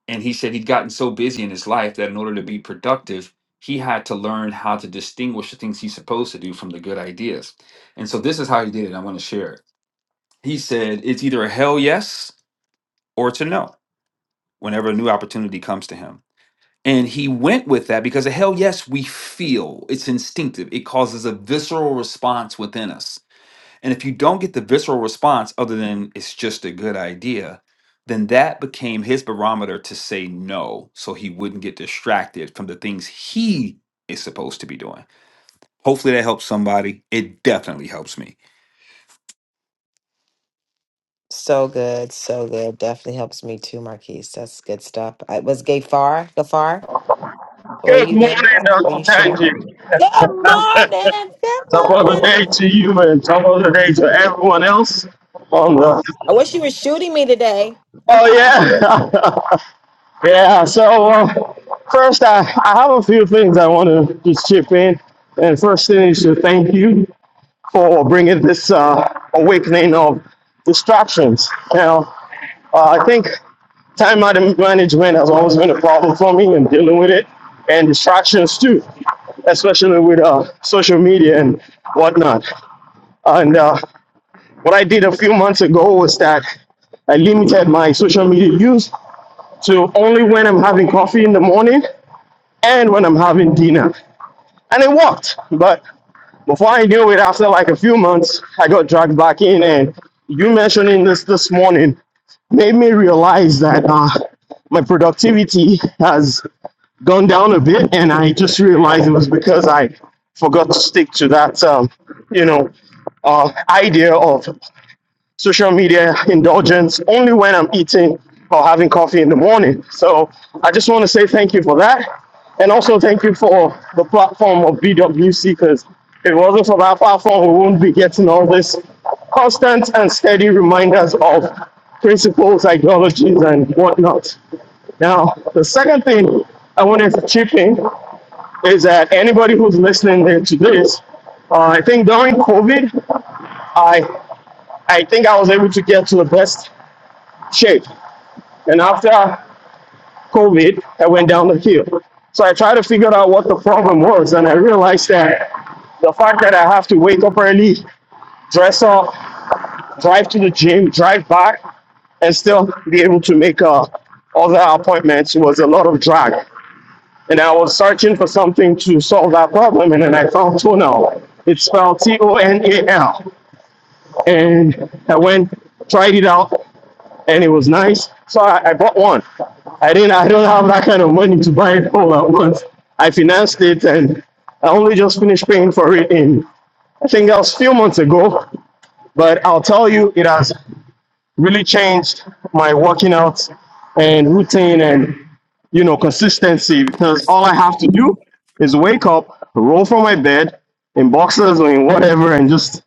and he said he'd gotten so busy in his life that in order to be productive, he had to learn how to distinguish the things he's supposed to do from the good ideas. And so this is how he did it. I want to share it. He said, It's either a hell yes or it's a no whenever a new opportunity comes to him. And he went with that because, hell yes, we feel it's instinctive. It causes a visceral response within us. And if you don't get the visceral response, other than it's just a good idea, then that became his barometer to say no so he wouldn't get distracted from the things he is supposed to be doing. Hopefully that helps somebody. It definitely helps me. So good, so good. Definitely helps me too, Marquise. That's good stuff. I was Gafar. Gafar. Or are Good you morning, there? Were you Dr. sharing? Tanji. Good morning. Good Top of the morning. day to you and top of the day to everyone else on the. I wish you were shooting me today. Oh oh, yeah, yeah. So um, first, I, I have a few things I want to just chip in, and first thing is to thank you for bringing this uh, awakening of distractions. Now, uh, I think time man- management has always been a problem for me and dealing with it, and distractions too especially with uh, social media and whatnot. And uh, what I did a few months ago was that I limited my social media use to only when I'm having coffee in the morning and when I'm having dinner. And it worked. But before I knew it, after like a few months, I got dragged back in. And you mentioning this this morning made me realize that uh, my productivity has gone down a bit. And I just realized it was because I forgot to stick to that, um, you know, uh, idea of social media indulgence only when I'm eating or having coffee in the morning. So I just want to say thank you for that. And also thank you for the platform of BWC because if it wasn't for that platform, we wouldn't be getting all this constant and steady reminders of principles, ideologies, and whatnot. Now, the second thing I wanted to chip in is that anybody who's listening to this, uh, I think during COVID, I I think I was able to get to the best shape. And after COVID, I went down the hill. So I tried to figure out what the problem was, and I realized that the fact that I have to wake up early, dress up, drive to the gym, drive back, and still be able to make uh, other appointments was a lot of drag. And I was searching for something to solve that problem, and then I found Tonal. It's spelled T O N A L. And I went, tried it out, and it was nice. So I, I bought one. I didn't. I don't have that kind of money to buy it all at once. I financed it, and I only just finished paying for it in I think that was a few months ago. But I'll tell you, it has really changed my working out and routine, and you know consistency because all I have to do is wake up, roll from my bed in boxers or in whatever, and just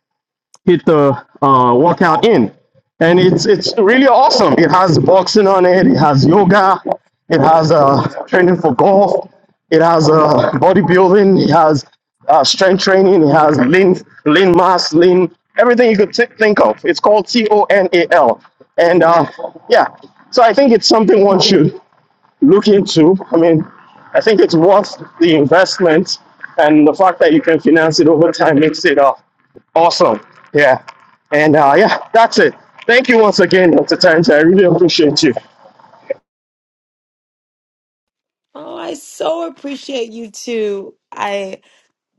hit the uh, workout in. And it's it's really awesome. It has boxing on it. It has yoga. It has uh, training for golf. It has uh, bodybuilding. It has uh, strength training. It has lean lean mass, lean everything you could thi- think of. It's called T O N A L. And uh, yeah, so I think it's something one should look into. I mean, I think it's worth the investment, and the fact that you can finance it over time makes it uh, awesome. Yeah. And uh, yeah, that's it. Thank you once again, Dr. Times. I really appreciate you. I so appreciate you too. I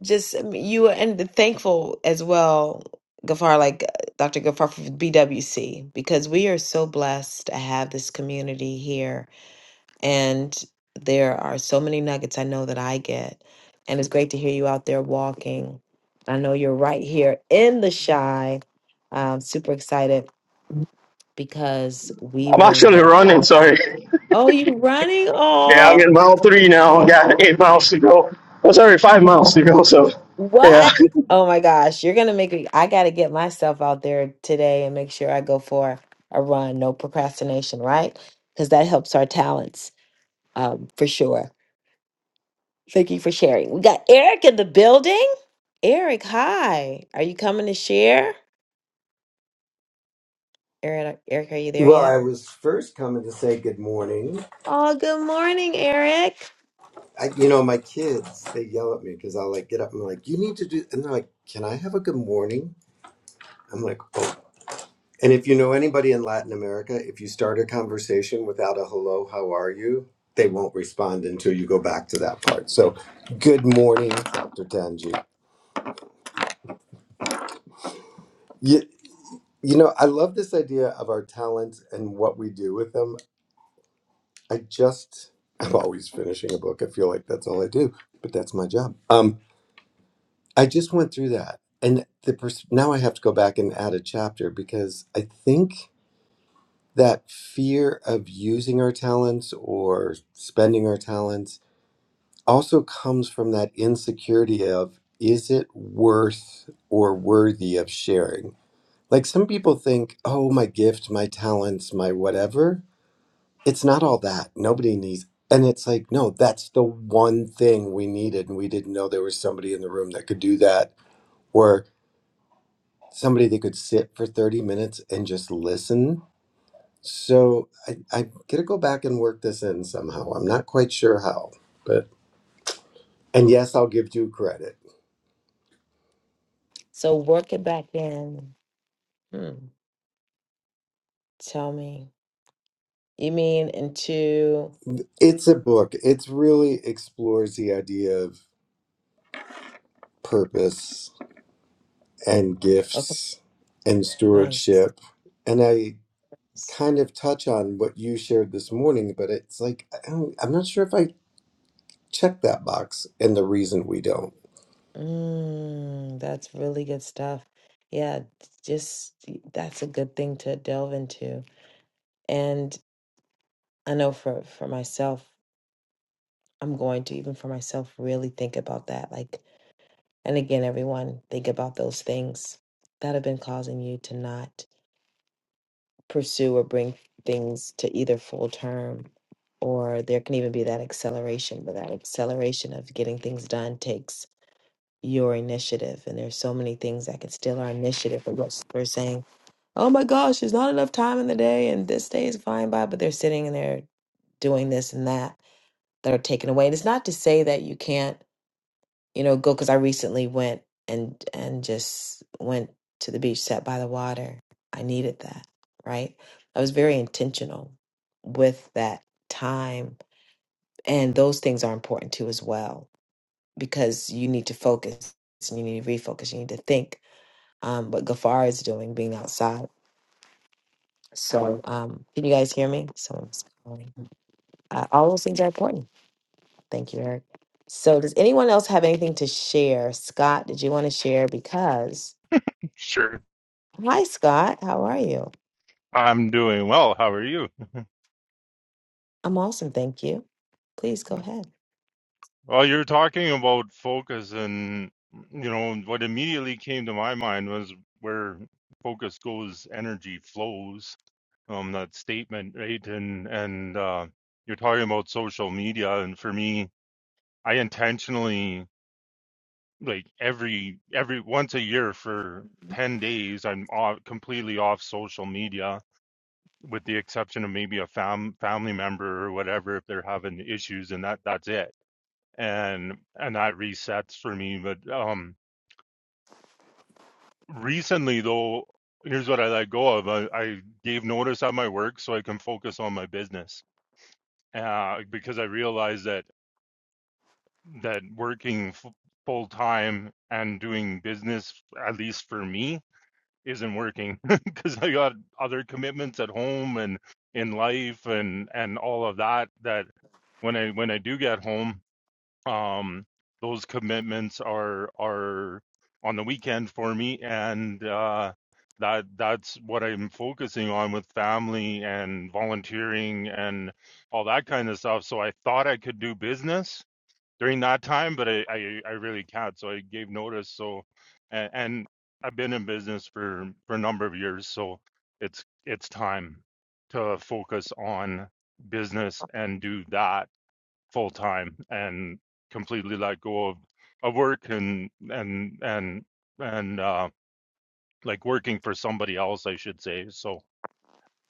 just you and thankful as well, Gafar, like uh, Dr. Gafar for BWC, because we are so blessed to have this community here And there are so many nuggets I know that I get. And it's great to hear you out there walking. I know you're right here in the shy. I'm super excited because we I'm actually will. running, sorry. Oh, you running? Yeah, I'm Oh, in mile three now. I got eight miles to go. Oh, sorry, five miles to go. So, yeah. what? Oh my gosh, you're going to make me. I got to get myself out there today and make sure I go for a run. No procrastination, right? Because that helps our talents um, for sure. Thank you for sharing. We got Eric in the building. Eric, hi. Are you coming to share? Eric, Eric, are you there Well, I yet? was first coming to say good morning. Oh, good morning, Eric. I, you know, my kids, they yell at me because I'll like get up and I'm like, you need to do, and they're like, can I have a good morning? I'm like, oh. And if you know anybody in Latin America, if you start a conversation without a hello, how are you? They won't respond until you go back to that part. So, good morning, Dr. Tanji. You, you know, I love this idea of our talents and what we do with them. I just, I'm always finishing a book. I feel like that's all I do, but that's my job. Um, I just went through that, and the pers- now I have to go back and add a chapter because I think that fear of using our talents or spending our talents also comes from that insecurity of is it worth or worthy of sharing? Like some people think, oh, my gift, my talents, my whatever, it's not all that. Nobody needs. And it's like, no, that's the one thing we needed. And we didn't know there was somebody in the room that could do that. Or somebody that could sit for 30 minutes and just listen. So I, I'm going to go back and work this in somehow. I'm not quite sure how, but, and yes, I'll give you credit. So work it back in. Hmm. Tell me. You mean into It's a book. It's really explores the idea of purpose and okay, gifts and nice. stewardship. And I kind of touch on what you shared this morning, but it's like, I don't, I'm not sure if I check that box and the reason we don't. Mm, that's really good stuff. Yeah, just that's a good thing to delve into. And I know for for myself, I'm going to even for myself really think about that. Like And again, everyone, think about those things that have been causing you to not pursue or bring things to either full term, or there can even be that acceleration. But that acceleration of getting things done takes your initiative. And there's so many things that can steal our initiative. But yes, we're saying, oh my gosh, there's not enough time in the day, and this day is flying by, but they're sitting and they're doing this and that that are taken away. And it's not to say that you can't. you know, go because I recently went and and just went to the beach, sat by the water. I needed that, right? I was very intentional with that time, and those things are important too as well because you need to focus and you need to refocus. You need to think. Um, what Gafar is doing, being outside. So, um, can you guys hear me? Someone's calling. Uh, all those things are important. Thank you, Eric. So, does anyone else have anything to share? Scott, did you want to share? Because Sure. Hi, Scott. How are you? I'm doing well. How are you? I'm awesome. Thank you. Please go ahead. Well, you're talking about focus, and you know what immediately came to my mind was where focus goes, energy flows. Um, that statement, right? And and uh, you're talking about social media, and for me, I intentionally like every every once a year for ten days, I'm off, completely off social media with the exception of maybe a fam- family member or whatever if they're having issues and that that's it and and that resets for me but um recently though here's what i let go of i, I gave notice at my work so i can focus on my business uh, because i realized that that working f- full time and doing business at least for me isn't working because I got other commitments at home and in life and and all of that that when I when I do get home um those commitments are are on the weekend for me and uh that that's what I'm focusing on with family and volunteering and all that kind of stuff so I thought I could do business during that time, but I, I, I really can't. So I gave notice. So, and, and I've been in business for, for a number of years. So it's, it's time to focus on business and do that full time and completely let go of, of work and, and, and, and, uh, like working for somebody else, I should say. So,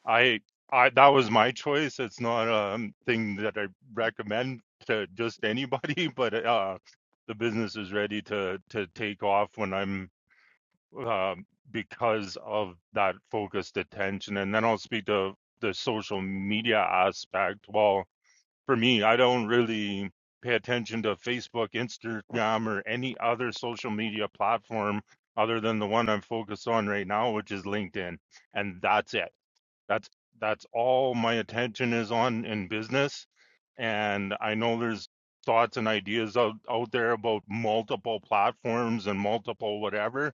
I I that was my choice. It's not a thing that I recommend to just anybody, but uh, the business is ready to to take off when I'm uh, because of that focused attention. And then I'll speak to the social media aspect. Well, for me, I don't really pay attention to Facebook, Instagram, or any other social media platform other than the one I'm focused on right now, which is LinkedIn, and that's it that's that's all my attention is on in business. And I know there's thoughts and ideas out, out there about multiple platforms and multiple whatever.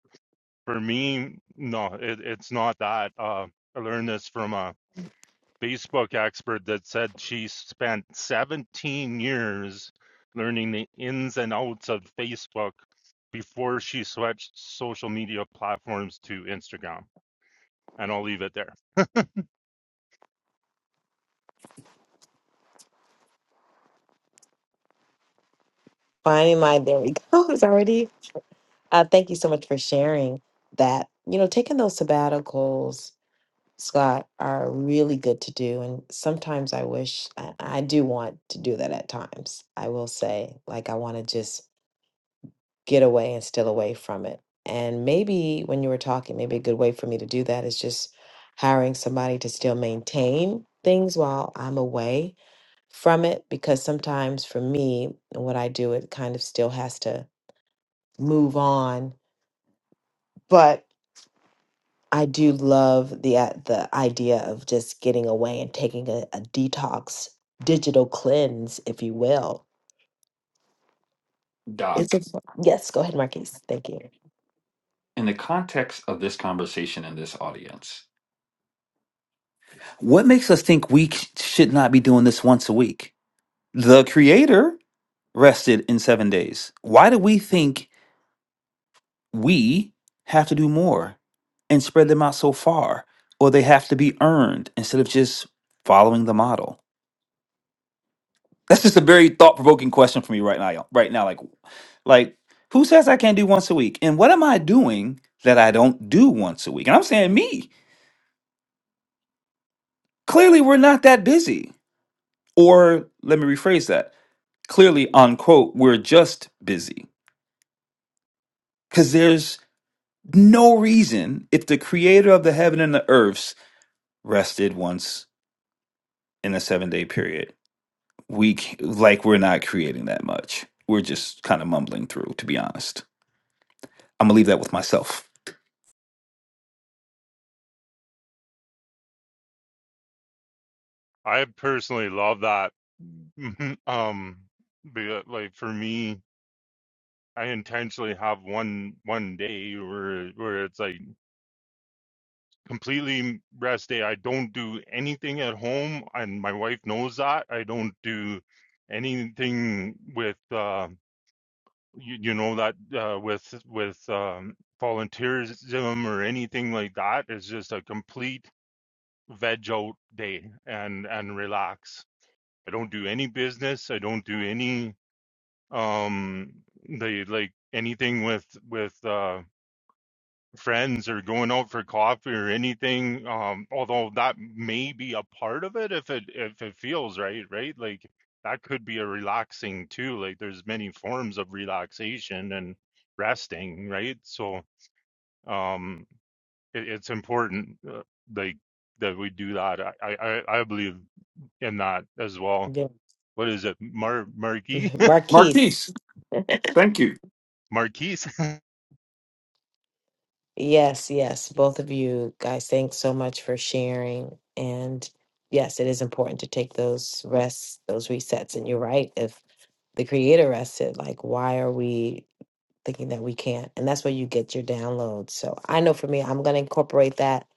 For me, no, it, it's not that. Uh, I learned this from a Facebook expert that said she spent 17 years learning the ins and outs of Facebook before she switched social media platforms to Instagram. And I'll leave it there. Finding my, there we go. It's already. Uh, thank you so much for sharing that. You know, taking those sabbaticals, Scott, are really good to do. And sometimes I wish I, I do want to do that at times. I will say, like, I want to just get away and still away from it. And maybe when you were talking, maybe a good way for me to do that is just hiring somebody to still maintain things while I'm away from it because sometimes for me and what I do it kind of still has to move on but I do love the uh, the idea of just getting away and taking a, a detox digital cleanse if you will it's a, Doc, yes go ahead Marquise thank you in the context of this conversation and this audience, what makes us think we c- should not be doing this once a week? The creator rested in seven days. Why do we think we have to do more and spread them out so far, or they have to be earned instead of just following the model? That's just a very thought-provoking question for me right now. y'all- Right now, like, like who says I can't do once a week? And what am I doing that I don't do once a week? And I'm saying me. Clearly, we're not that busy. Or let me rephrase that. Clearly, unquote, we're just busy because there's no reason if the creator of the heaven and the earths rested once in a seven day period we c- like we're not creating that much we're just kind of mumbling through to be honest i'm gonna leave that with myself I personally love that. Um, because, like for me, I intentionally have one one day where where it's like completely rest day. I don't do anything at home, and my wife knows that. I don't do anything with uh, you, you know that uh, with with um, volunteerism or anything like that. It's just a complete veg out day and and relax. I don't do any business. I don't do any. um they like anything with with uh friends or going out for coffee or anything um although that may be a part of it if it if it feels right right like that could be a relaxing too like there's many forms of relaxation and resting right so um it, it's important uh, like that we do that I, I i I believe in that as well Yeah. what is it mar marquis Marquise Marquise, thank you. marquise yes yes both of you guys thanks so much for sharing and yes it is important to take those rests those resets and you're right if the creator rested like why are we thinking that we can't. And that's where you get your downloads. So I know for me, I'm going to incorporate that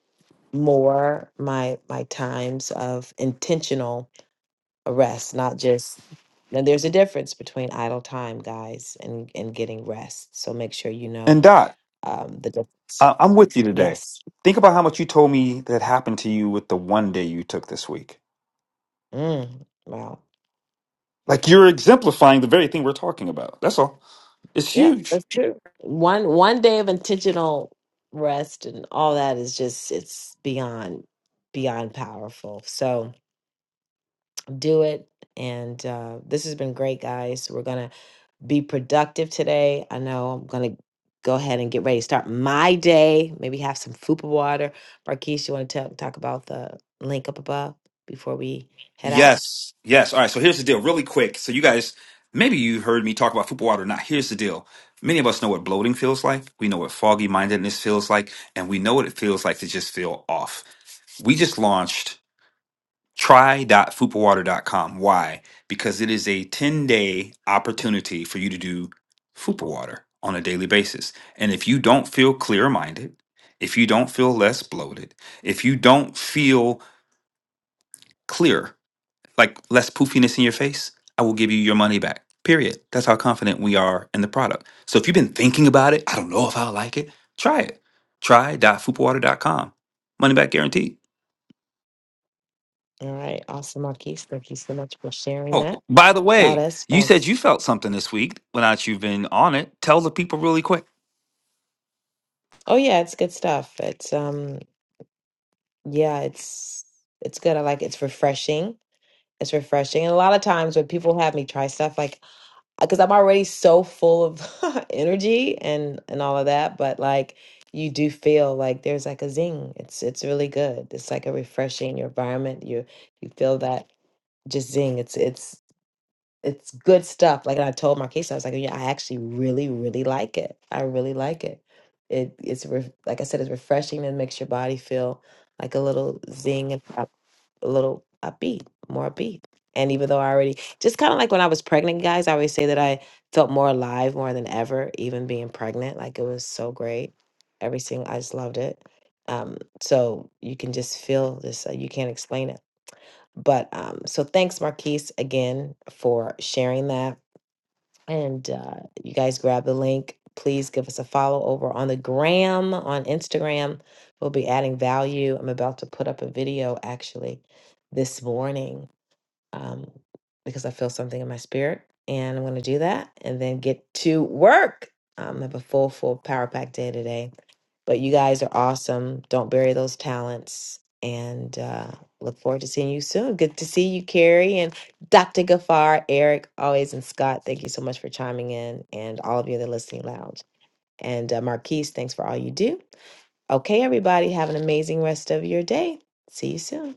more my my times of intentional rest, not just now there's a difference between idle time, guys, and and getting rest. So make sure you know and dot um the difference. I- i'm with you today Yes. think about how much you told me that happened to you with the one day you took this week Mm, wow. like you're exemplifying the very thing we're talking about that's all it's Yep, huge that's true. One one day of intentional rest and all that is just it's beyond beyond powerful. So do it. And uh, this has been great, guys. We're going to be productive today. I know I'm going to go ahead and get ready to start my day. Maybe have some fupa water. Marquise, you want to talk about the link up above before we head out? Yes, yes. All right. So here's the deal, really quick. So you guys, maybe you heard me talk about football water or not. Here's the deal. Many of us know what bloating feels like. We know what foggy mindedness feels like, and we know what it feels like to just feel off. We just launched dot water dot com. Why? Because it is a 10 day opportunity for you to do Fupa Water on a daily basis. And if you don't feel clear minded, if you don't feel less bloated, if you don't feel clear like less poofiness in your face, I will give you your money back. Period. That's how confident we are in the product. So if you've been thinking about it, I don't know if I'll like it, try it. Try dot fupa water dot com. Money back guaranteed. All right. Awesome, Marquise. Thank you so much for sharing Oh, that by the about way, us. you About said us. you felt something this week. Well, now that you've been on it, tell the people really quick. Oh, yeah, it's good stuff. It's, um, yeah, it's, it's good. I like it. It's refreshing. It's refreshing. And a lot of times when people have me try stuff like because I'm already so full of energy and and all of that, but like you do feel like there's like a zing. It's it's really good. It's like a refreshing your environment. You you feel that just zing. It's it's it's good stuff. Like and I told Marquise, I was like, yeah, I actually really really like it. I really like it. It it's re- like I said, it's refreshing and makes your body feel like a little zing. and pop a little upbeat, more upbeat. And even though I already, just kind of like when I was pregnant, guys, I always say that I felt more alive more than ever, even being pregnant. Like it was so great. Everything, I just loved it. Um, so you can just feel this, uh, you can't explain it. But um, so thanks, Marquise, again for sharing that and uh, you guys grab the link. Please give us a follow over on the gram, on Instagram. We'll be adding value. I'm about to put up a video actually this morning um, because I feel something in my spirit. And I'm going to do that and then get to work. Um, I have a full, full power pack day today. But you guys are awesome. Don't bury those talents. And uh, look forward to seeing you soon. Good to see you, Carrie and Dr. Gafar, Eric, always, and Scott. Thank you so much for chiming in and all of you in the listening lounge. And uh, Marquise, thanks for all you do. Okay, everybody, have an amazing rest of your day. See you soon.